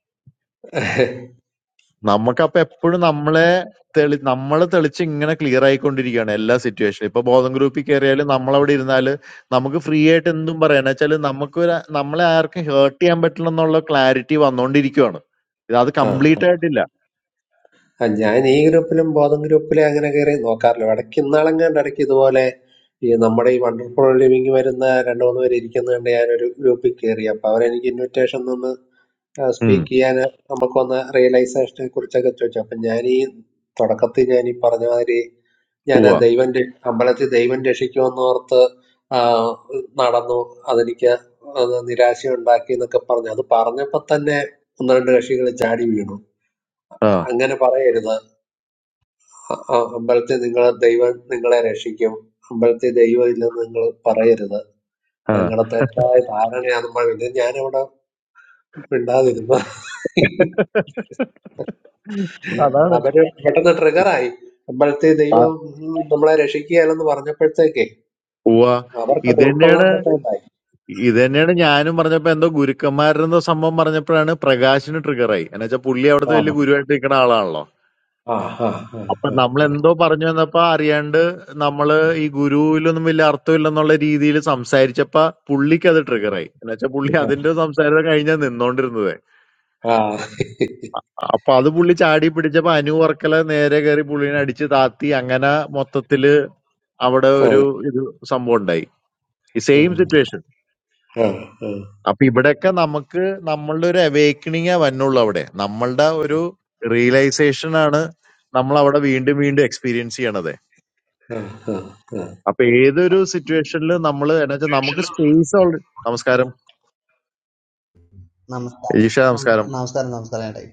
നമുക്കപ്പൊ എപ്പോഴും നമ്മളെ തെളി നമ്മളെ തെളിച്ച് ഇങ്ങനെ ക്ലിയർ ആയിക്കൊണ്ടിരിക്കുകയാണ് എല്ലാ സിറ്റുവേഷനും ഇപ്പൊ ബോധം ഗ്രൂപ്പിൽ കയറിയാലും നമ്മളവിടെ ഇരുന്നാല് നമുക്ക് ഫ്രീ ആയിട്ട് എന്തും പറയാന്ന് വെച്ചാല് നമുക്ക് ഒരു നമ്മളെ ആർക്കും ഹേർട്ട് ചെയ്യാൻ പറ്റില്ല എന്നുള്ള ക്ലാരിറ്റി വന്നോണ്ടിരിക്കുവാണ് ഇത് അത് ആ. കംപ്ലീറ്റ് ആയിട്ടില്ല ആ, ഞാൻ ഈ ഗ്രൂപ്പിലും ബോധം ഗ്രൂപ്പിലും അങ്ങനെ കയറി നോക്കാറില്ല ഇടയ്ക്ക് ഇന്നാളെങ്ങാണ്ട് ഇടയ്ക്ക് ഇതുപോലെ ഈ നമ്മുടെ ഈ വണ്ടർഫുൾ ലിവിങ് വരുന്ന രണ്ട് മൂന്ന് പേര് ഇരിക്കുന്ന കണ്ട് ഞാനൊരു ഗ്രൂപ്പിൽ കയറി അപ്പൊ അവരെനിക്ക് ഇൻവിറ്റേഷൻ തന്നു ഉം സ്പീക്ക് ചെയ്യാൻ നമുക്ക് വന്ന റിയലൈസേഷനെ കുറിച്ചൊക്കെ ചോദിച്ചു അപ്പം ഞാൻ ഈ തുടക്കത്തിൽ ഞാൻ ഈ പറഞ്ഞ മാതിരി ഞാൻ ഉവ്വ. ദൈവം രക്ഷ- അമ്പലത്തിൽ ദൈവം രക്ഷിക്കുമെന്ന് ഓർത്ത് ആ, നടന്നു അതെനിക്ക് അത് നിരാശയുണ്ടാക്കി എന്നൊക്കെ പറഞ്ഞു അത് പറഞ്ഞപ്പോൾ തന്നെ ഒന്ന് രണ്ട് കക്ഷികൾ ചാടി വീണു ആ അങ്ങനെ പറയരുത് അ- അ- അമ്പലത്തിൽ നിങ്ങൾ ദൈവം നിങ്ങളെ രക്ഷിക്കും അമ്പലത്തിൽ ദൈവം ഇല്ലെന്ന് നിങ്ങൾ പറയരുത് ആ അത് നിങ്ങളുടെ തെറ്റായ ധാരണയാണ് നമ്മൾ ഇത് ഞാനിവിടെ മിണ്ടാതിരുന്നു അതാണ് അവര് പെട്ടെന്ന് ട്രിഗറായി അപ്പോഴത്തെ ആ, ദൈവം നമ്മളെ രക്ഷിക്കുകയല്ലെന്ന് പറഞ്ഞപ്പോഴത്തേക്കേ ഉവ്വ. അവർക്കത് ഇത് തന്നെയാണ് ഉൾക്കൊള്ളാൻ പറ്റാതായി ഇത് തന്നെയാണ് ഞാനും പറഞ്ഞപ്പോ എന്തോ ഗുരുക്കന്മാരെന്തോ സംഭവം പറഞ്ഞപ്പോഴാണ് പ്രകാശിന് ട്രിഗറായി എന്നുവെച്ചാൽ പുള്ളി ആ അവിടുത്തെ വലിയ ഗുരുവായിട്ട് നിൽക്കുന്ന ആളാണല്ലോ ആ ആ ആ അപ്പൊ ആ നമ്മൾ എന്തോ പറഞ്ഞു വന്നപ്പോ അറിയാണ്ട് നമ്മള് ഈ ഗുരുവിലൊന്നും വലിയ അർത്ഥമില്ലെന്നുള്ള രീതിയിൽ സംസാരിച്ചപ്പോ പുള്ളിക്ക് അത് ട്രിഗറായി എന്നുവെച്ചാൽ പുള്ളി ആ. അതിന്റെ സംസാരം കഴിഞ്ഞാൽ നിന്നോണ്ടിരുന്നത് ആ, അപ്പൊ അത് പുള്ളി ചാടി പിടിച്ചപ്പോ അനു വർക്കല നേരെ കയറി പുള്ളിനെ അടിച്ച് താത്തി അങ്ങനെ മൊത്തത്തില് അവിടെ ഒരു ഇത് സംഭവം ഉണ്ടായി ഉം, സെയിം സിറ്റുവേഷൻ ഉം, ഉം, ഉം, അപ്പൊ ഇവിടെയൊക്കെ നമുക്ക് നമ്മളുടെ ഒരു അവേക്കണിങ്ങേ വന്നുള്ളൂ അവിടെ നമ്മളുടെ ഒരു റിയലൈസേഷൻ ആണ് നമ്മൾ അവിടെ വീണ്ടും വീണ്ടും എക്സ്പീരിയൻസ് ചെയ്യണത് ഉം, ഉം, അപ്പൊ ഏതൊരു സിറ്റുവേഷനിൽ നമ്മൾ എന്നാ വെച്ചാൽ നമുക്ക് ഷെല്ലു, സ്പേസ് ഓൾറെഡി. നമസ്കാരം നമസ്കാരം ഈഷ നം- നമസ്കാരം നമസ്കാരം നമസ്കാരം ഏട്ടായി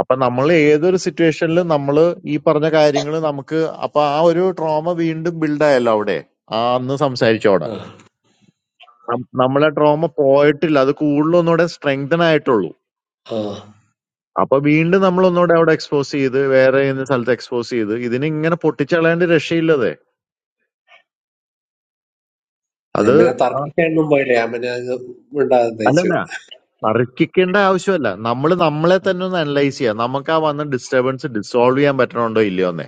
അപ്പൊ നമ്മൾ ഏതൊരു സിറ്റുവേഷനിൽ നമ്മൾ ഈ പറഞ്ഞ കാര്യങ്ങൾ നമുക്ക് അപ്പൊ ആ ഒരു ട്രോമ വീണ്ടും ബിൽഡ് ആയല്ലോ അവിടെ ആ അന്ന് സംസാരിച്ചോടെ ഉം, നം- നമ്മളെ ട്രോമ പോയിട്ടില്ല അത് കൂടുതലൊന്നുകൂടെ സ്ട്രെങ്തൻ ആയിട്ടുള്ളൂ ഉം. അപ്പൊ വീണ്ടും നമ്മൾ ഒന്നുകൂടെ അവിടെ എക്സ്പോസ് ചെയ്ത് വേറെ ഏതെങ്കിലും സ്ഥലത്ത് എക്സ്പോസ് ചെയ്ത് ഇതിനെ ഇങ്ങനെ പൊട്ടിച്ചളയേണ്ട രക്ഷയില്ലതെ ഞാൻ അത് പിന്നെ ആ- തർക്കിക്കാനൊന്നും പോയില്ല ഞാൻ പിന്നെ അങ്ങ് മിണ്ടാതെ തയ്ച്ചു അല്ലല്ല തർക്കിക്കേണ്ട ആവശ്യമല്ല നമ്മൾ നമ്മളെ തന്നെ ഒന്ന് അനലൈസ് ചെയ്യുക നമുക്ക് ആ വന്ന ഡിസ്റ്റർബൻസ് ഡിസോൾവ് ചെയ്യാൻ പറ്റണുണ്ടോ ഇല്ലയോ എന്നേ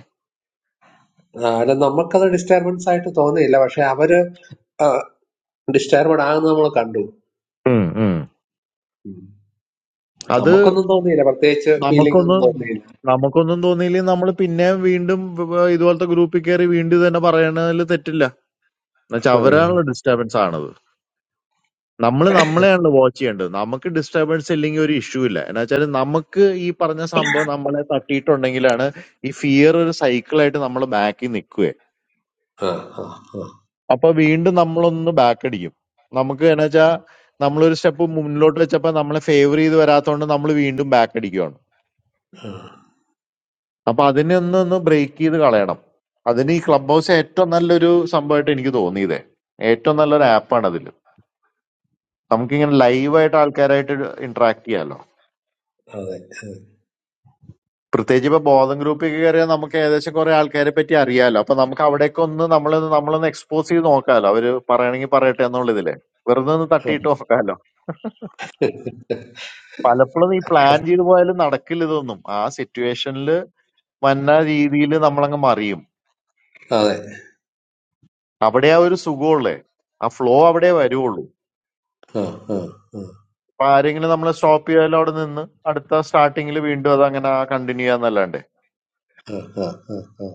അല്ല നമുക്കത് ഡിസ്റ്റർബൻസ് ആയിട്ട് തോന്നിയില്ല പക്ഷെ അവര് ഡിസ്റ്റർബഡ് ആകുന്നത് നമ്മൾ കണ്ടു ഉം, ഉം. ഉം. അത് നമുക്കൊന്നും തോന്നിയില്ല പ്രത്യേകിച്ച് ഫീലിംഗ് നമുക്കൊന്ന് ഒന്നും തോന്നിയില്ല നമുക്കൊന്നും തോന്നിയില്ലെങ്കിൽ നമ്മൾ പിന്നെ വീണ്ടും ഇതുപോലത്തെ ഗ്രൂപ്പിൽ കയറി വീണ്ടും ഇത് തന്നെ പറയണതിൽ തെറ്റില്ല എന്നുവെച്ചാൽ ഉം. അവരാണല്ലോ ഡിസ്റ്റർബൻസ് ആണത് നമ്മള് നമ്മളെയാണല്ലോ വാച്ച് ചെയ്യേണ്ടത്. നമുക്ക് ഡിസ്റ്റർബൻസ് ഇല്ലെങ്കിൽ ഒരു ഇഷ്യൂ ഇല്ല. എന്ന് വെച്ചാല് നമുക്ക് ഈ പറഞ്ഞ സംഭവം നമ്മളെ തട്ടിയിട്ടുണ്ടെങ്കിലാണ് ഈ ഫിയർ ഒരു സൈക്കിളായിട്ട് നമ്മളെ ബാക്കിൽ നിൽക്കുവേ. ആ, ആ, ആ. അപ്പൊ വീണ്ടും നമ്മളൊന്ന് ബാക്ക് അടിക്കും. നമുക്ക് എന്ന് വെച്ചാ നമ്മളൊരു സ്റ്റെപ്പ് മുന്നിലോട്ട് വെച്ചപ്പോ നമ്മളെ ഫേവർ ചെയ്ത് വരാത്തോണ്ട് നമ്മള് വീണ്ടും ബാക്ക് അടിക്കുവാണ്. അപ്പൊ അതിനെ ഒന്ന് ഒന്ന് ബ്രേക്ക് ചെയ്ത് കളയണം. അതിന് ഈ ക്ലബ് ഹൗസ് ഏറ്റവും നല്ലൊരു സംഭവമായിട്ട് എനിക്ക് തോന്നിയതേ. ഏറ്റവും നല്ലൊരു ആപ്പാണ് അതില്. നമുക്കിങ്ങനെ ലൈവായിട്ട് ആൾക്കാരായിട്ട് ഇന്ററാക്ട് ചെയ്യാലോ. അതെ അതെ പ്രത്യേകിച്ച് ഇപ്പൊ ബോധം ഗ്രൂപ്പിൽ കയറിയാൽ നമുക്ക് ഏകദേശം കുറെ ആൾക്കാരെ പറ്റി അറിയാലോ അപ്പൊ നമുക്ക് അവിടേക്ക് ഒന്ന് നമ്മൾ നമ്മളൊന്ന് എക്സ്പോസ് ചെയ്ത് നോക്കാലോ അവര് പറയണെങ്കിൽ പറയട്ടെ എന്നുള്ളതില് വെറുതെ ഒന്ന് തട്ടിയിട്ട് നോക്കാലോ പലപ്പോഴും ഈ പ്ലാൻ ചെയ്ത് പോയാലും നടക്കില്ല ഇതൊന്നും ആ സിറ്റുവേഷനിൽ വന്ന രീതിയിൽ നമ്മളങ്ങ് മറിയും അതെ. അവിടെ ആ ഒരു സുഖമുള്ളേ ആ ഫ്ലോ അവിടെ വരുവുള്ളൂ ആ, ആ, ആ, അപ്പൊ ആരെങ്കിലും നമ്മളെ സ്റ്റോപ്പ് ചെയ്യാലോ അവിടെ നിന്ന് അടുത്ത സ്റ്റാർട്ടിങ്ങിൽ വീണ്ടും അത് അങ്ങനെ കണ്ടിന്യൂ ചെയ്യാന്നല്ലാണ്ട് ആ, ആ, ആ, ആ.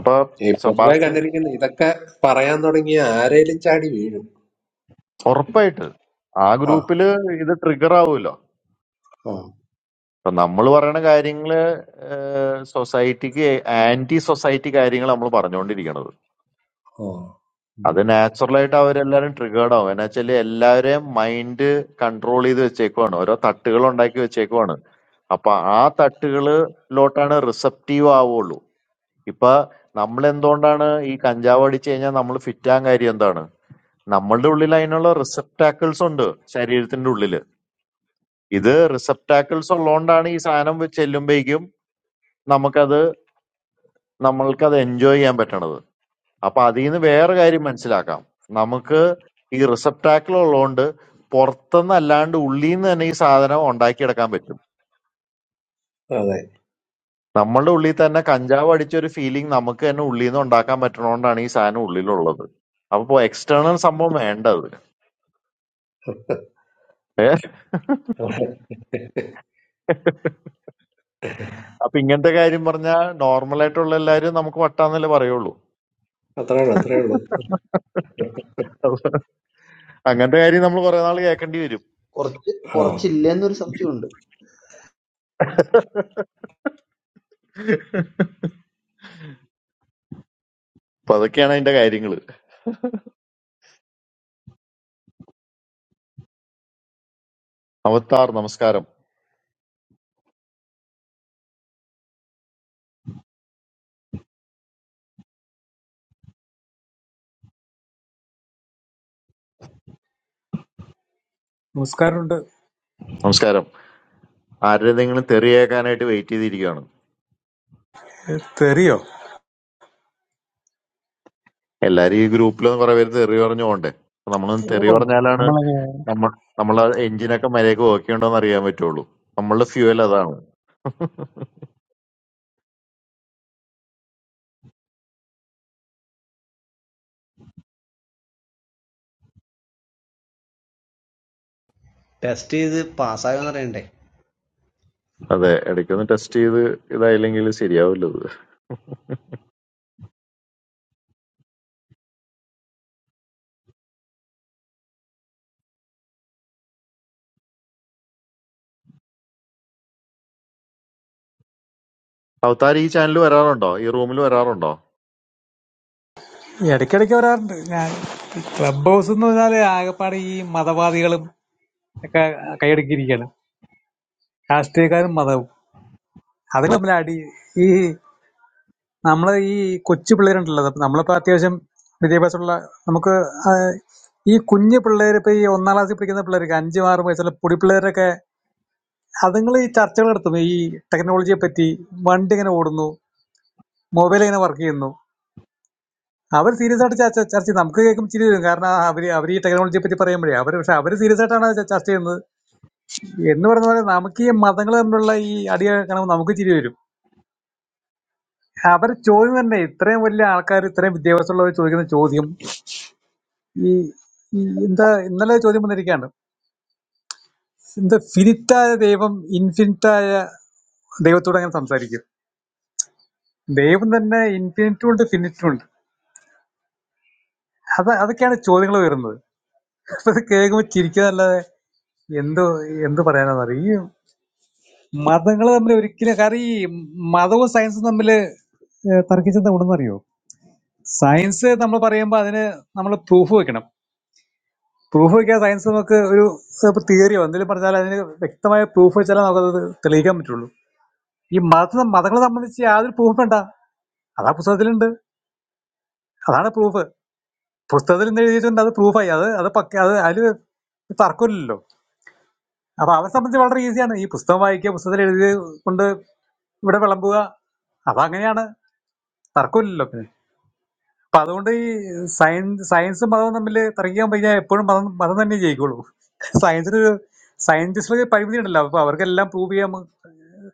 അപ്പൊ ഈ പൊതുവെ സബാസ്റ്റ്യൻ കണ്ടിരിക്കുന്ന ഇതൊക്കെ പറയാൻ തുടങ്ങിയ ആരേലും ചാടി വീഴും ഉറപ്പായിട്ട് ആ ആ ഗ്രൂപ്പില് ഇത് ട്രിഗർ ആവുമല്ലോ ആ അപ്പൊ നമ്മൾ പറയണ കാര്യങ്ങള് സൊസൈറ്റിക്ക് ആന്റി സൊസൈറ്റി കാര്യങ്ങൾ നമ്മൾ പറഞ്ഞുകൊണ്ടിരിക്കണത് ആ ഉം. അത് നാച്ചുറലായിട്ട് അവരെല്ലാരും ട്രിഗേർഡ് ആവും എന്നാ വെച്ചാല് എല്ലാവരെയും മൈൻഡ് കൺട്രോൾ ചെയ്ത് വെച്ചേക്കുവാണ് ഓരോ തട്ടുകൾ ഉണ്ടാക്കി വെച്ചേക്കുവാണ് അപ്പൊ ആ തട്ടുകളിലോട്ടാണ് റിസപ്റ്റീവ് ആവുള്ളൂ ഇപ്പൊ നമ്മൾ എന്തുകൊണ്ടാണ് ഈ കഞ്ചാവ് അടിച്ചു കഴിഞ്ഞാൽ നമ്മൾ ഫിറ്റാൻ കാര്യം എന്താണ് നമ്മളുടെ ഉള്ളിൽ അതിനുള്ള റിസപ്റ്റാക്കിൾസ് ഉണ്ട് ശരീരത്തിന്റെ ഉള്ളില് ഇത് റിസപ്റ്റാക്കിൾസ് ഉള്ളതുകൊണ്ടാണ് ഈ സാധനം ചെല്ലുമ്പോഴേക്കും നമുക്കത് നമ്മൾക്ക് അത് എൻജോയ് ചെയ്യാൻ പറ്റണത് അപ്പൊ അതിൽ നിന്ന് വേറെ കാര്യം മനസ്സിലാക്കാം നമുക്ക് ഈ റിസപ്റ്റാക്കിൾ ഉള്ളതുകൊണ്ട് പുറത്തുനിന്ന് അല്ലാണ്ട് ഉള്ളിൽ നിന്ന് തന്നെ ഈ സാധനം ഉണ്ടാക്കിയെടുക്കാൻ പറ്റും അതെ നമ്മളുടെ ഉള്ളിൽ തന്നെ കഞ്ചാവ് അടിച്ച ഒരു ഫീലിംഗ് നമുക്ക് തന്നെ ഉള്ളിൽ നിന്ന് ഉണ്ടാക്കാൻ പറ്റണോണ്ടാണ് ഈ സാധനം ഉള്ളിലുള്ളത് അപ്പൊ എക്സ്റ്റേണൽ സംഭവം വേണ്ടത് ഏ അപ്പൊ ഇങ്ങനത്തെ കാര്യം പറഞ്ഞാൽ നോർമൽ ആയിട്ടുള്ള എല്ലാരും നമുക്ക് വട്ടാന്നല്ലേ പറയുള്ളൂ അത്രേ ഉള്ളൂ അത്രേ ഉള്ളൂ അപ്പൊ അങ്ങനത്തെ കാര്യം നമ്മൾ കുറെ നാൾ കേൾക്കേണ്ടി വരും കുറച്ച് ആ കുറച്ചില്ലെന്നൊരു സംശയമുണ്ട് അപ്പൊ അതൊക്കെയാണ് അതിന്റെ കാര്യങ്ങള് അവത്താർ നമസ്കാരം നമസ്കാരമുണ്ട് നമസ്കാരം ആരുടെതെങ്കിലും തെറിയേക്കാനായിട്ട് വെയിറ്റ് ചെയ്തിരിക്കുകയാണ് ഏ, തെറിയോ എല്ലാരും ഈ ഗ്രൂപ്പിലൊന്നും കുറെ പേര് തെറി പറഞ്ഞു പോണ്ടേ അപ്പൊ നമ്മളൊന്ന് തെറി ഓ, പറഞ്ഞാലാണ് നമ്മളിങ്ങനെ നമ്മൾ നമ്മളെ എഞ്ചിനൊക്കെ മര്യാദക്ക് വർക്ക് ഉണ്ടോന്ന് അറിയാൻ പറ്റുള്ളൂ നമ്മളുടെ ഫ്യൂവൽ അതാണ് ടെസ്റ്റ് ചെയ്ത് പാസ്സായോന്ന് അറിയണ്ടേ അതെ ഇടയ്ക്കൊന്ന് ടെസ്റ്റ് ചെയ്ത് ഇതായില്ലെങ്കിൽ ശരിയാവില്ല ഇത് അവതാർ ഈ ചാനൽ വരാറുണ്ടോ ഈ റൂമിൽ വരാറുണ്ടോ ഈ ഇടയ്ക്കിടയ്ക്ക് വരാറുണ്ട് ഞാൻ ഈ ക്ലബ് ഹൗസ് എന്ന് പറഞ്ഞാല് ആകെപ്പാടെ ഈ മതവാദികളും ഒക്കെ കൈയടക്കിയിരിക്കുകയാണ് രാഷ്ട്രീയക്കാരും മതവും അത് തമ്മിൽ അടി ഈ നമ്മളെ ഈ കൊച്ചു പിള്ളേരുണ്ടല്ലോ അപ്പൊ നമ്മളിപ്പോ അത്യാവശ്യം വിദ്യാഭ്യാസമുള്ള നമുക്ക് ആ, ഈ കുഞ്ഞു പിള്ളേർ ഇപ്പൊ ഈ ഒന്നാം ക്ലാസ്സിൽ പഠിക്കുന്ന പിള്ളേർക്ക് അഞ്ചും ആറും വയസ്സുള്ള പൊടി പിള്ളേരൊക്കെ അതുങ്ങൾ ഈ ചർച്ചകൾ നടത്തും ഈ ടെക്നോളജിയെ പറ്റി വണ്ടി എങ്ങനെ ഓടുന്നു മൊബൈൽ എങ്ങനെ വർക്ക് ചെയ്യുന്നു അവർ സീരിയസ് ആയിട്ട് ചർച്ച ചർച്ച ചെയ്യും നമുക്ക് കേൾക്കുമ്പോൾ ചിരി വരും കാരണം അവര് അവർ ഈ ടെക്നോളജിയെ പറ്റി പറയുമ്പോഴേ അവർ പക്ഷെ അവർ സീരിയസ് ആയിട്ടാണ് അത് ചർച്ച ചെയ്യുന്നത് എന്ന് പറഞ്ഞ പോലെ നമുക്ക് ഈ മതങ്ങൾ തമ്മിലുള്ള ഈ അടി കാണുമ്പോൾ നമുക്ക് ചിരി വരും അവർ ചോദ്യം തന്നെ ഇത്രയും വലിയ ആൾക്കാർ ഇത്രയും വിദ്യാഭ്യാസമുള്ളവർ ചോദിക്കുന്ന ചോദ്യം ഈ ഈ എന്താ ഇന്നലെ ചോദ്യം വന്നിരിക്കുകയാണ് എന്താ ഫിനിറ്റായ ദൈവം ഇൻഫിനിറ്റായ ദൈവത്തോട് അങ്ങനെ സംസാരിക്കും ദൈവം തന്നെ ഇൻഫിനിറ്റും ഉണ്ട് ഫിനിറ്റും ഉണ്ട് അത് അതൊക്കെയാണ് ചോദ്യങ്ങൾ വരുന്നത് അപ്പൊ അത് കേൾക്കുമ്പോൾ ചിരിക്കാന്നല്ലാതെ എന്തോ എന്ത് പറയാനാണെന്ന് അറിയാം മതങ്ങൾ തമ്മിൽ ഒരിക്കലും കാരണം ഈ മതവും സയൻസും തമ്മിൽ തർക്കിച്ചെന്താ ഉണ്ടെന്നറിയോ സയൻസ് നമ്മൾ പറയുമ്പോൾ അതിന് നമ്മൾ പ്രൂഫ് വെക്കണം പ്രൂഫ് വെക്കാൻ സയൻസ് നമുക്ക് ഒരു തിയറിയോ എന്തെങ്കിലും പറഞ്ഞാൽ അതിന് വ്യക്തമായ പ്രൂഫ് വെച്ചാലേ നമുക്കത് തെളിയിക്കാൻ പറ്റുള്ളൂ ഈ മത മതങ്ങളെ സംബന്ധിച്ച് യാതൊരു പ്രൂഫ് വേണ്ട അതാ പുസ്തകത്തിലുണ്ട് അതാണ് പ്രൂഫ് പുസ്തകത്തിൽ നിന്ന് എഴുതിയിട്ടുണ്ട് അത് പ്രൂഫായി അത് അത് പക്ക അത് അതിൽ തർക്കമില്ലല്ലോ അപ്പൊ അവരെ സംബന്ധിച്ച് വളരെ ഈസിയാണ് ഈ പുസ്തകം വായിക്കുക പുസ്തകത്തിൽ എഴുതി കൊണ്ട് ഇവിടെ വിളമ്പുക അതങ്ങനെയാണ് തർക്കമില്ലല്ലോ പിന്നെ അപ്പൊ അതുകൊണ്ട് ഈ സയൻസ് സയൻസും മതവും തമ്മിൽ തർക്കിക്കാൻ പറ്റിയാൽ എപ്പോഴും മതം മതം തന്നെ ജയിക്കുള്ളൂ സയൻസിന് സയന്റിസ്റ്റുകൾക്ക് പരിമിതി ഉണ്ടല്ലോ അപ്പൊ അവർക്കെല്ലാം പ്രൂവ് ചെയ്യാൻ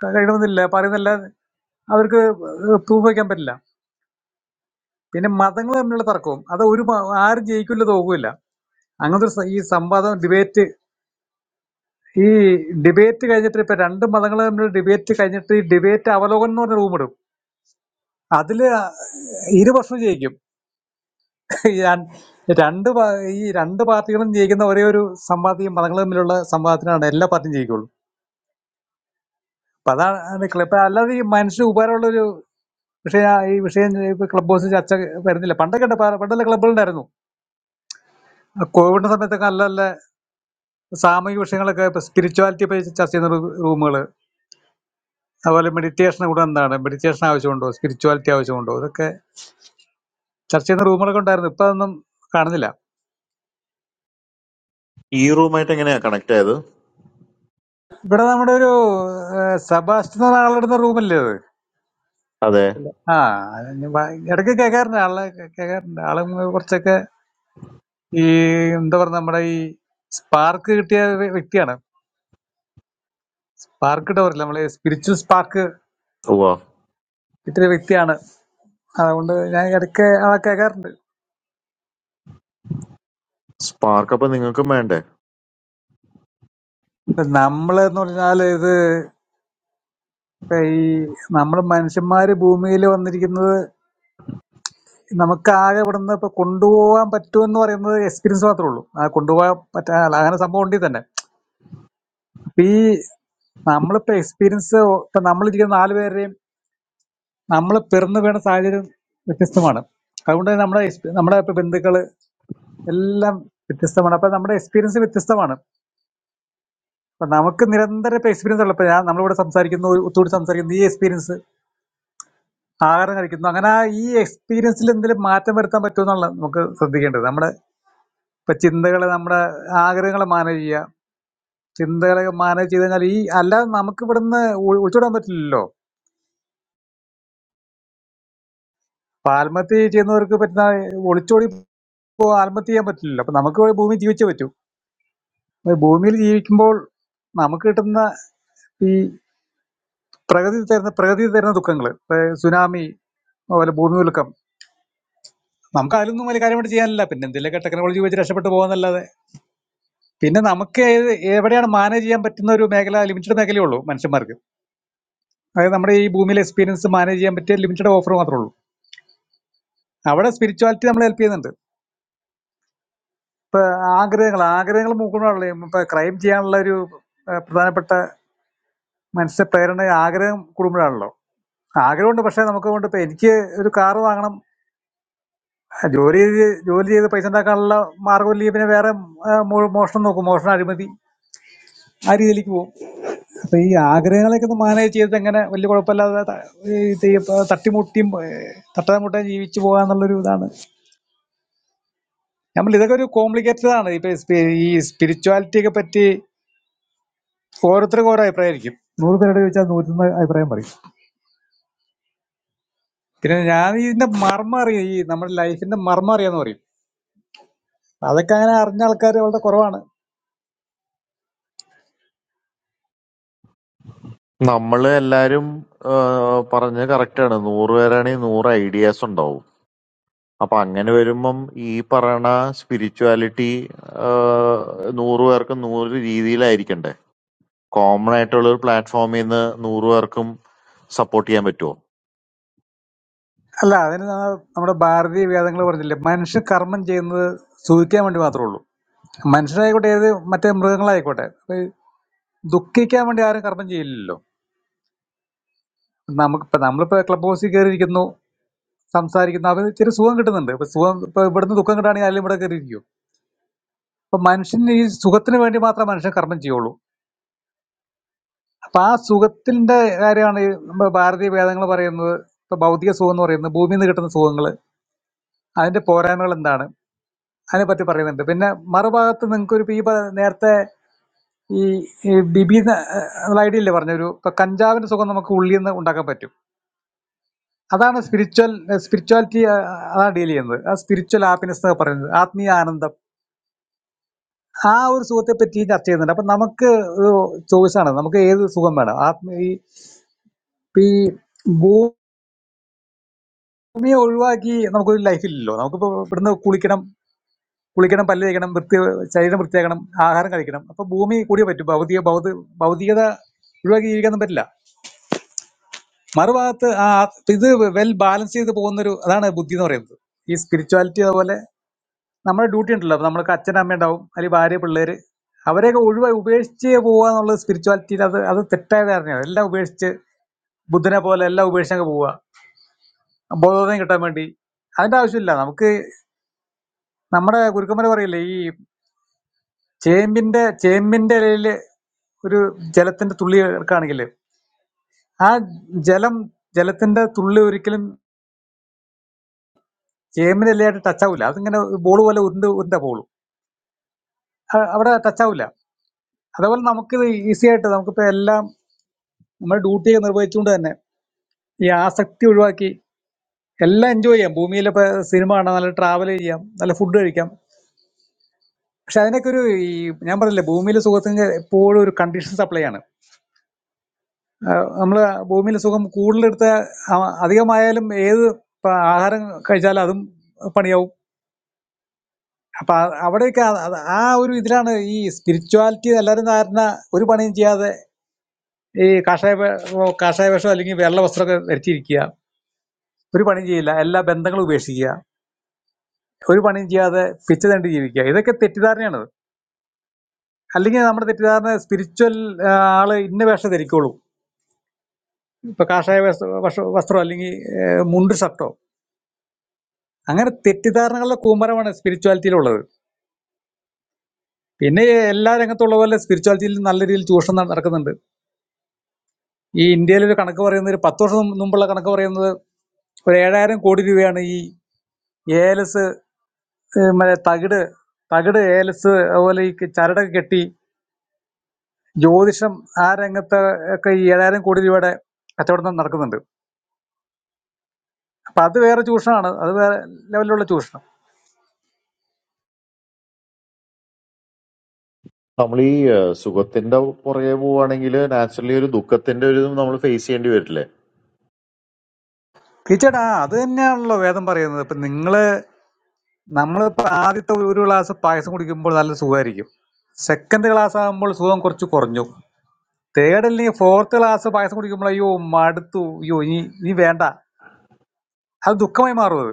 കഴിയണമെന്നില്ല പറയുന്നില്ല അവർക്ക് പ്രൂവ് വയ്ക്കാൻ പറ്റില്ല പിന്നെ മതങ്ങൾ തമ്മിലുള്ള തർക്കവും അത് ഒരു മ- ആരും ജയിക്കില്ല തോക്കില്ല അങ്ങനത്തെ ഒരു സ- ഈ സംവാദം ഡിബേറ്റ് ഈ ഡിബേറ്റ് കഴിഞ്ഞിട്ട് ഇപ്പൊ രണ്ട് മതങ്ങൾ തമ്മിലുള്ള ഡിബേറ്റ് കഴിഞ്ഞിട്ട് ഈ ഡിബേറ്റ് അവലോകനം എന്ന് പറഞ്ഞ റൂം ഇടും അതില് ഇരു വർഷവും ജയിക്കും ഈ രൺ- രണ്ട് പാ- ഈ രണ്ട് പാർട്ടികളും ജയിക്കുന്ന ഒരേ ഒരു സംവാദം ഈ മതങ്ങൾ തമ്മിലുള്ള സംവാദത്തിനാണ് എല്ലാ പാർട്ടിയും ജയിക്കുള്ളൂ അപ്പൊ അതാണ് ക്ലബ് ഇപ്പൊ അല്ലാതെ ഈ മനുഷ്യന് ഉപകാരമുള്ള ഒരു വിഷയ ഈ വിഷയം ഇപ്പൊ ക്ലബ് ഹൗസ് ചർച്ച വരുന്നില്ല പണ്ടൊക്കെ ഉണ്ട്. പ- പണ്ടുള്ള ക്ലബ്ബുകളുണ്ടായിരുന്നു ആ കോവിഡിന്റെ സമയത്തൊക്കെ നല്ല നല്ല സാമൂഹിക വിഷയങ്ങളൊക്കെ ഇപ്പൊ സ്പിരിച്വാലിറ്റി ഇപ്പൊ ചർച്ച ചെയ്യുന്ന റൂമുകൾ അതുപോലെ മെഡിറ്റേഷൻ കൂടെ എന്താണ് മെഡിറ്റേഷൻ ആവശ്യമുണ്ടോ സ്പിരിച്വാലിറ്റി ആവശ്യമുണ്ടോ ഇതൊക്കെ ചർച്ച ചെയ്യുന്ന റൂമുകളൊക്കെ ഉണ്ടായിരുന്നു ഇപ്പൊ അതൊന്നും കാണുന്നില്ല ഈ റൂമായിട്ട് എങ്ങനെയാ കണക്ട് ആയത് ഇവിടെ നമ്മുടെ ഒരു ഏഹ്, സെബാസ്റ്റ്യൻ എന്ന ആളുടെ റൂമല്ലേ അത് അതെ ഇല്ല. ആ അത് ഞാൻ വാ- ഇടയ്ക്ക് കേൾക്കാറുണ്ട് ആളെ കേ- കേൾക്കാറുണ്ട് ആളെ മ് കുറച്ചൊക്കെ ഈ എന്താ പറയുക നമ്മുടെ ഈ സ്പാർക്ക് കിട്ടിയ വ്യ- വ്യക്തിയാണ് സ്പാർക്ക് ഇട്ട് പറയില്ല നമ്മള് സ്പിരിച്വൽ സ്പാർക്ക് ഉവ്വ കിട്ടിയ വ്യക്തിയാണ് അതുകൊണ്ട് ഞാൻ ഇടയ്ക്ക് ആളെ കേൾക്കാറുണ്ട് സ്പാർക്ക് അപ്പൊ നിങ്ങൾക്കും വേണ്ടേ ഇപ്പൊ നമ്മള് എന്ന് പറഞ്ഞാല് ഇത് ഇപ്പൊ ഈ നമ്മള് മനുഷ്യന്മാര് ഭൂമിയിൽ വന്നിരിക്കുന്നത് നമുക്ക് ആകെ ഇവിടുന്ന് ഇപ്പൊ കൊണ്ടുപോകാൻ പറ്റുമെന്ന് പറയുന്നത് എക്സ്പീരിയൻസ് മാത്രമേ ഉള്ളൂ ആ കൊണ്ടുപോകാൻ പറ്റാ അല്ല, അങ്ങനെ സംഭവം ഉണ്ടെങ്കിൽ തന്നെ അപ്പൊ ഈ നമ്മളിപ്പോ എക്സ്പീരിയൻസ് ഇപ്പൊ നമ്മളിരിക്കുന്ന നാല് പേരുടെയും നമ്മൾ പിറന്നു വീണ സാഹചര്യം വ്യത്യസ്തമാണ് അതുകൊണ്ട് തന്നെ നമ്മുടെ എക്സ്പീ- നമ്മുടെ ഇപ്പൊ ബന്ധുക്കള് എല്ലാം വ്യത്യസ്തമാണ് അപ്പൊ നമ്മുടെ എക്സ്പീരിയൻസ് വ്യത്യസ്തമാണ് അപ്പൊ നമുക്ക് നിരന്തരം ഇപ്പൊ എക്സ്പീരിയൻസ് ഉള്ളപ്പോൾ ഞാൻ നമ്മളിവിടെ സംസാരിക്കുന്നു ഒത്തുകൂടി സംസാരിക്കുന്നു ഈ എക്സ്പീരിയൻസ് ആഹാരം കഴിക്കുന്നു അങ്ങനെ ആ ഈ എക്സ്പീരിയൻസിൽ എന്തെങ്കിലും മാറ്റം വരുത്താൻ പറ്റുമെന്നുള്ള നമുക്ക് ശ്രദ്ധിക്കേണ്ടത് നമ്മുടെ ഇപ്പൊ ചിന്തകളെ നമ്മുടെ ആഗ്രഹങ്ങളെ മാനേജ് ചെയ്യുക ചിന്തകളെ മാനേജ് ചെയ്ത് കഴിഞ്ഞാൽ ഈ അല്ലാതെ നമുക്ക് ഇവിടുന്ന് ഒ- ഒളിച്ചോടാൻ പറ്റില്ലല്ലോ അപ്പൊ ആത്മഹത്യ ചെയ്യുന്നവർക്ക് പറ്റുന്ന ഒളിച്ചോടി ഇപ്പോ ആത്മഹത്യ ചെയ്യാൻ പറ്റില്ലല്ലോ അപ്പൊ നമുക്ക് ഭൂമി ജീവിച്ചേ പറ്റൂ ഈ ഭൂമിയിൽ ജീവിക്കുമ്പോൾ നമുക്ക് കിട്ടുന്ന ഈ പ്രകൃതി തരുന്ന പ്രകൃതി തരുന്ന ദുഃഖങ്ങൾ സുനാമി അതുപോലെ ഭൂമികുലുക്കം നമുക്ക് അതിലൊന്നും വലിയ കാര്യമായിട്ട് ചെയ്യാനില്ല പിന്നെ എന്തെങ്കിലുമൊക്കെ ടെക്നോളജി വെച്ച് രക്ഷപ്പെട്ടു പോകാന്നല്ലാതെ പിന്നെ നമുക്ക് ഏത് എവിടെയാണ് മാനേജ് ചെയ്യാൻ പറ്റുന്ന ഒരു മേഖല ലിമിറ്റഡ് മേഖലയേ ഉള്ളൂ മനുഷ്യന്മാർക്ക് അതായത് നമ്മുടെ ഈ ഭൂമിയിലെ എക്സ്പീരിയൻസ് മാനേജ് ചെയ്യാൻ പറ്റിയ ലിമിറ്റഡ് ഓഫർ മാത്രമേ ഉള്ളൂ അവിടെ സ്പിരിച്വാലിറ്റി നമ്മൾ ഹെൽപ്പ് ചെയ്യുന്നുണ്ട് ഇപ്പൊ ആഗ്രഹങ്ങൾ ആഗ്രഹങ്ങൾ മൂക്കുമ്പോഴാണല്ലോ ഇപ്പൊ ക്രൈം ചെയ്യാനുള്ള ഒരു ആ, പ്രധാനപ്പെട്ട മനുഷ്യ പ്രേരണ ആഗ്രഹം കൂടുമ്പോഴാണല്ലോ ആഗ്രഹമുണ്ട് പക്ഷെ നമുക്ക് കൊണ്ട് ഇപ്പൊ എനിക്ക് ഒരു കാർ വാങ്ങണം ജോലി ചെയ്ത് ജോലി ചെയ്ത് പൈസ ഉണ്ടാക്കാനുള്ള മാർഗം ഇല്ലെങ്കിൽ പിന്നെ വേറെ ആ, മോ- മോഷണം നോക്കും മോഷണം അഴിമതി ആ രീതിയിലേക്ക് പോകും അപ്പൊ ഈ ആഗ്രഹങ്ങളൊക്കെ ഒന്ന് മാനേജ് ചെയ്തിട്ട് എങ്ങനെ വലിയ കുഴപ്പമില്ലാതെ ത- ഈ ത- തട്ടിമുട്ടിയും തട്ടാമുട്ടയും ജീവിച്ചു പോകാന്നുള്ളൊരു ഇതാണ് നമ്മൾ ഇതൊക്കെ ഒരു കോംപ്ലിക്കേറ്റഡ് ആണ് ഇപ്പൊ സ്പി- ഈ സ്പിരിച്വാലിറ്റി ഒക്കെ പറ്റി ഓരോരുത്തർക്കും ഓരോ അഭിപ്രായമായിരിക്കും നൂറ് പേരോട് ചോദിച്ചാൽ നൂറ്റൊന്ന് അഭിപ്രായം പറയും പിന്നെ ഞാൻ ഇതിന്റെ മർമ്മം അറിയും ഈ നമ്മുടെ ലൈഫിന്റെ മർമ്മം അറിയാന്ന് പറയും അതൊക്കെ അങ്ങനെ അറിഞ്ഞ ആൾക്കാർ വളരെ കുറവാണ് നമ്മള് എല്ലാരും ഏഹ് പറഞ്ഞത് കറക്റ്റാണ്. നൂറ് പേരാണെങ്കിൽ നൂറ് ഐഡിയാസ് ഉണ്ടാവും. അപ്പൊ അങ്ങനെ വരുമ്പം ഈ പറയണ സ്പിരിച്വാലിറ്റി നൂറ് പേർക്കും നൂറ് രീതിയിലായിരിക്കണ്ടേ? കോമൺ ആയിട്ടുള്ള ഒരു പ്ലാറ്റ്ഫോമിൽ നിന്ന് നൂറ് പേർക്കും സപ്പോർട്ട് ചെയ്യാൻ പറ്റുമോ? അല്ല അതിന് നമ്മ- നമ്മുടെ ഭാരതീയ വേദങ്ങൾ പറഞ്ഞില്ലേ മനുഷ്യ കർമ്മം ചെയ്യുന്നത് സൂചിക്കാൻ വേണ്ടി മാത്രമേ ഉള്ളൂ മനുഷ്യരായിക്കോട്ടെ ഏത് മറ്റേ മൃഗങ്ങളായിക്കോട്ടെ അപ്പൊ ഈ ദുഃഖിക്കാൻ വേണ്ടി ആരും കർമ്മം ചെയ്യില്ലല്ലോ നമുക്കിപ്പോ നമ്മളിപ്പോ ക്ലബ് ഹൗസിൽ കയറിയിരിക്കുന്നു സംസാരിക്കുന്നു അവർ ഇച്ചിരി സുഖം കിട്ടുന്നുണ്ട് ഇപ്പൊ സുഖം ഇപ്പൊ ഇവിടുന്ന് ദുഃഖം കിട്ടുകയാണെങ്കിൽ അതിലും ഇവിടെ കയറിയിരിക്കും അപ്പൊ മനുഷ്യന് ഈ സുഖത്തിന് വേണ്ടി മാത്രമേ മനുഷ്യൻ കർമ്മം ചെയ്യുള്ളൂ അപ്പൊ ആ സുഖത്തിന്റെ കാര്യമാണ് ഈ നമ്മുടെ ഭാരതീയ വേദങ്ങൾ പറയുന്നത് ഇപ്പൊ ഭൗതിക സുഖം എന്ന് പറയുന്നത് ഭൂമിയിൽ നിന്ന് കിട്ടുന്ന സുഖങ്ങൾ അതിന്റെ പോരായ്മകൾ എന്താണ് അതിനെ പറ്റി പറയുന്നുണ്ട് പിന്നെ മറുഭാഗത്ത് നിങ്ങൾക്കൊരു ഈ പ- നേരത്തെ ഈ ഈ ബിബി എന്നുള്ള ഐഡിയ ഇല്ലേ പറഞ്ഞൊരു ഇപ്പൊ കഞ്ചാവിന്റെ സുഖം നമുക്ക് ഉള്ളിൽ നിന്ന് ഉണ്ടാക്കാൻ പറ്റും അതാണ് സ്പിരിച്വൽ സ്പിരിച്വാലിറ്റി അതാണ് ഡീൽ ചെയ്യുന്നത് ആ സ്പിരിച്വൽ ഹാപ്പിനെസ് എന്നൊക്കെ പറയുന്നത് ആത്മീയ ആനന്ദം ആ ഒരു സുഖത്തെ പറ്റി ചർച്ച ചെയ്യുന്നുണ്ട് അപ്പൊ നമുക്ക് ഒരു ചോയ്സ് ആണ് നമുക്ക് ഏത് സുഖം വേണം ആത്മീയ ഈ ഇപ്പൊ ഈ ഭൂമിയെ ഒഴിവാക്കി നമുക്കൊരു ലൈഫില്ലല്ലോ നമുക്കിപ്പോ ഇവിടുന്ന് കുളിക്കണം കുളിക്കണം പല്ല് തേക്കണം വൃത്തി ശരീരം വൃത്തിയാക്കണം ആഹാരം കഴിക്കണം അപ്പൊ ഭൂമി കൂടിയേ പറ്റും ഭൗതിക ഭൗതി ഭൗതികത ഒഴിവാക്കി ജീവിക്കാനൊന്നും പറ്റില്ല മറുഭാഗത്ത് ആ ഇത് വെൽ ബാലൻസ് ചെയ്ത് പോകുന്നൊരു അതാണ് ബുദ്ധി എന്ന് പറയുന്നത് ഈ സ്പിരിച്വാലിറ്റി അതുപോലെ നമ്മുടെ ഡ്യൂട്ടി ഉണ്ടല്ലോ അപ്പൊ നമ്മൾക്ക് അച്ഛൻ അമ്മ ഉണ്ടാവും അല്ലെങ്കിൽ ഭാര്യ പിള്ളേര് അവരെയൊക്കെ ഒഴിവായി ഉപേക്ഷിച്ച് പോവുക എന്നുള്ളത് സ്പിരിച്വാലിറ്റിയിൽ അത് അത് തെറ്റായ ധാരണയാണ് എല്ലാം ഉപേക്ഷിച്ച് ബുദ്ധനെ പോലെ എല്ലാം ഉപേക്ഷിച്ചങ്ങ് പോവുക ബോധോദയം കിട്ടാൻ വേണ്ടി അതിന്റെ ആവശ്യമില്ല നമുക്ക് നമ്മുടെ ഗുരുക്കന്മാർ പറയില്ലേ ഈ ചേമ്പിന്റെ ചേമ്പിന്റെ ഇലയില് ഒരു ജലത്തിന്റെ തുള്ളി എടുക്കുകയാണെങ്കിൽ ആ ജലം ജലത്തിന്റെ തുള്ളി ഒരിക്കലും ചേമ്പിന്റെ ഇലയായിട്ട് ടച്ച് ആവില്ല അതിങ്ങനെ ബോൾ പോലെ ഉരുണ്ട് ഉരുണ്ട ബോളും അവിടെ ടച്ച് ആവില്ല അതേപോലെ നമുക്കിത് ഈസി ആയിട്ട് നമുക്കിപ്പോൾ എല്ലാം നമ്മുടെ ഡ്യൂട്ടിയൊക്കെ നിർവഹിച്ചുകൊണ്ട് തന്നെ ഈ ആസക്തി ഒഴിവാക്കി എല്ലാം എൻജോയ് ചെയ്യാം ഭൂമിയിലിപ്പോൾ സിനിമ കാണാം നല്ല ട്രാവൽ ചെയ്യാം നല്ല ഫുഡ് കഴിക്കാം പക്ഷെ അതിനൊക്കെ ഒരു ഈ ഞാൻ പറഞ്ഞില്ലേ ഭൂമിയിലെ സുഖത്തിന് എപ്പോഴും ഒരു കണ്ടീഷൻ സപ്ലൈ ആണ് നമ്മൾ ഭൂമിയിലെ സുഖം കൂടുതലെടുത്ത് അ- അധികമായാലും ഏത് പ- ആഹാരം കഴിച്ചാലും അതും പണിയാവും അപ്പൊ ആ- അവിടെയൊക്കെ ആ അത് ആ ഒരു ഇതിലാണ് ഈ സ്പിരിച്വാലിറ്റി എല്ലാവരും ധാരണ ഒരു പണിയും ചെയ്യാതെ ഈ കാഷായ വേ- ഓ, കാഷായ വേഷം അല്ലെങ്കിൽ വെള്ള വസ്ത്രമൊക്കെ ധരിച്ചിരിക്കുക ഒരു പണിയും ചെയ്യില്ല എല്ലാ ബന്ധങ്ങളും ഉപേക്ഷിക്കുക ഒരു പണിയും ചെയ്യാതെ പിച്ച തണ്ടി ജീവിക്കുക ഇതൊക്കെ തെറ്റിദ്ധാരണയാണ് അല്ലെങ്കിൽ നമ്മുടെ തെറ്റിദ്ധാരണ സ്പിരിച്വൽ ആള് ഇന്ന വേഷം ധരിക്കുള്ളൂ ഇപ്പൊ കാഷായ വസ്ത്ര വസ്ത്ര- വസ്ത്രം അല്ലെങ്കിൽ ഏഹ്, മുണ്ട് ഷർട്ടോ അങ്ങനെ തെറ്റിദ്ധാരണകളുടെ കൂമ്പാരമാണ് സ്പിരിച്വാലിറ്റിയിലുള്ളത് പിന്നെ എല്ലാ രംഗത്തുള്ള പോലെ സ്പിരിച്വാലിറ്റിയിൽ നല്ല രീതിയിൽ ചൂഷണം നട- നടക്കുന്നുണ്ട് ഈ ഇന്ത്യയിൽ ഒരു കണക്ക് പറയുന്നത് ഒരു പത്ത് വർഷം മുമ്പ് മുമ്പുള്ള കണക്ക് പറയുന്നത് ഒരു ഏഴായിരം കോടി രൂപയാണ് ഈ ഏലസ് മറ്റേ തകിട് തകിട് ഏലസ് അതുപോലെ ഈ ചരടൊക്കെ കെട്ടി ജ്യോതിഷം ആ രംഗത്ത് ഒക്കെ ഈ ഏഴായിരം കോടി രൂപയുടെ കച്ചവടം നടക്കുന്നുണ്ട് അപ്പൊ അത് വേറെ ചൂഷണമാണ് അത് വേറെ ലെവലിലുള്ള ചൂഷണം നമ്മൾ ഈ ഏഹ്, സുഖത്തിന്റെ പുറകെ പോവുകയാണെങ്കിൽ നാച്ചുറലി ഒരു ദുഃഖത്തിന്റെ ഒരു ഇതും നമ്മൾ ഫേസ് ചെയ്യേണ്ടി വരില്ലേ? തീർച്ചയായിട്ടും ആ അത് തന്നെയാണല്ലോ വേദം പറയുന്നത് ഇപ്പൊ നിങ്ങള് നമ്മളിപ്പോ ആദ്യത്തെ ഒരു ഗ്ലാസ് പായസം കുടിക്കുമ്പോൾ നല്ല സുഖമായിരിക്കും സെക്കൻഡ് ഗ്ലാസ് ആകുമ്പോൾ സുഖം കുറച്ച് കുറഞ്ഞു തേർഡ് അല്ലെങ്കിൽ ഫോർത്ത് ഗ്ലാസ് പായസം കുടിക്കുമ്പോൾ അയ്യോ മടുത്തു അയ്യോ ഇനി ഇനി വേണ്ട അത് ദുഃഖമായി മാറും അത്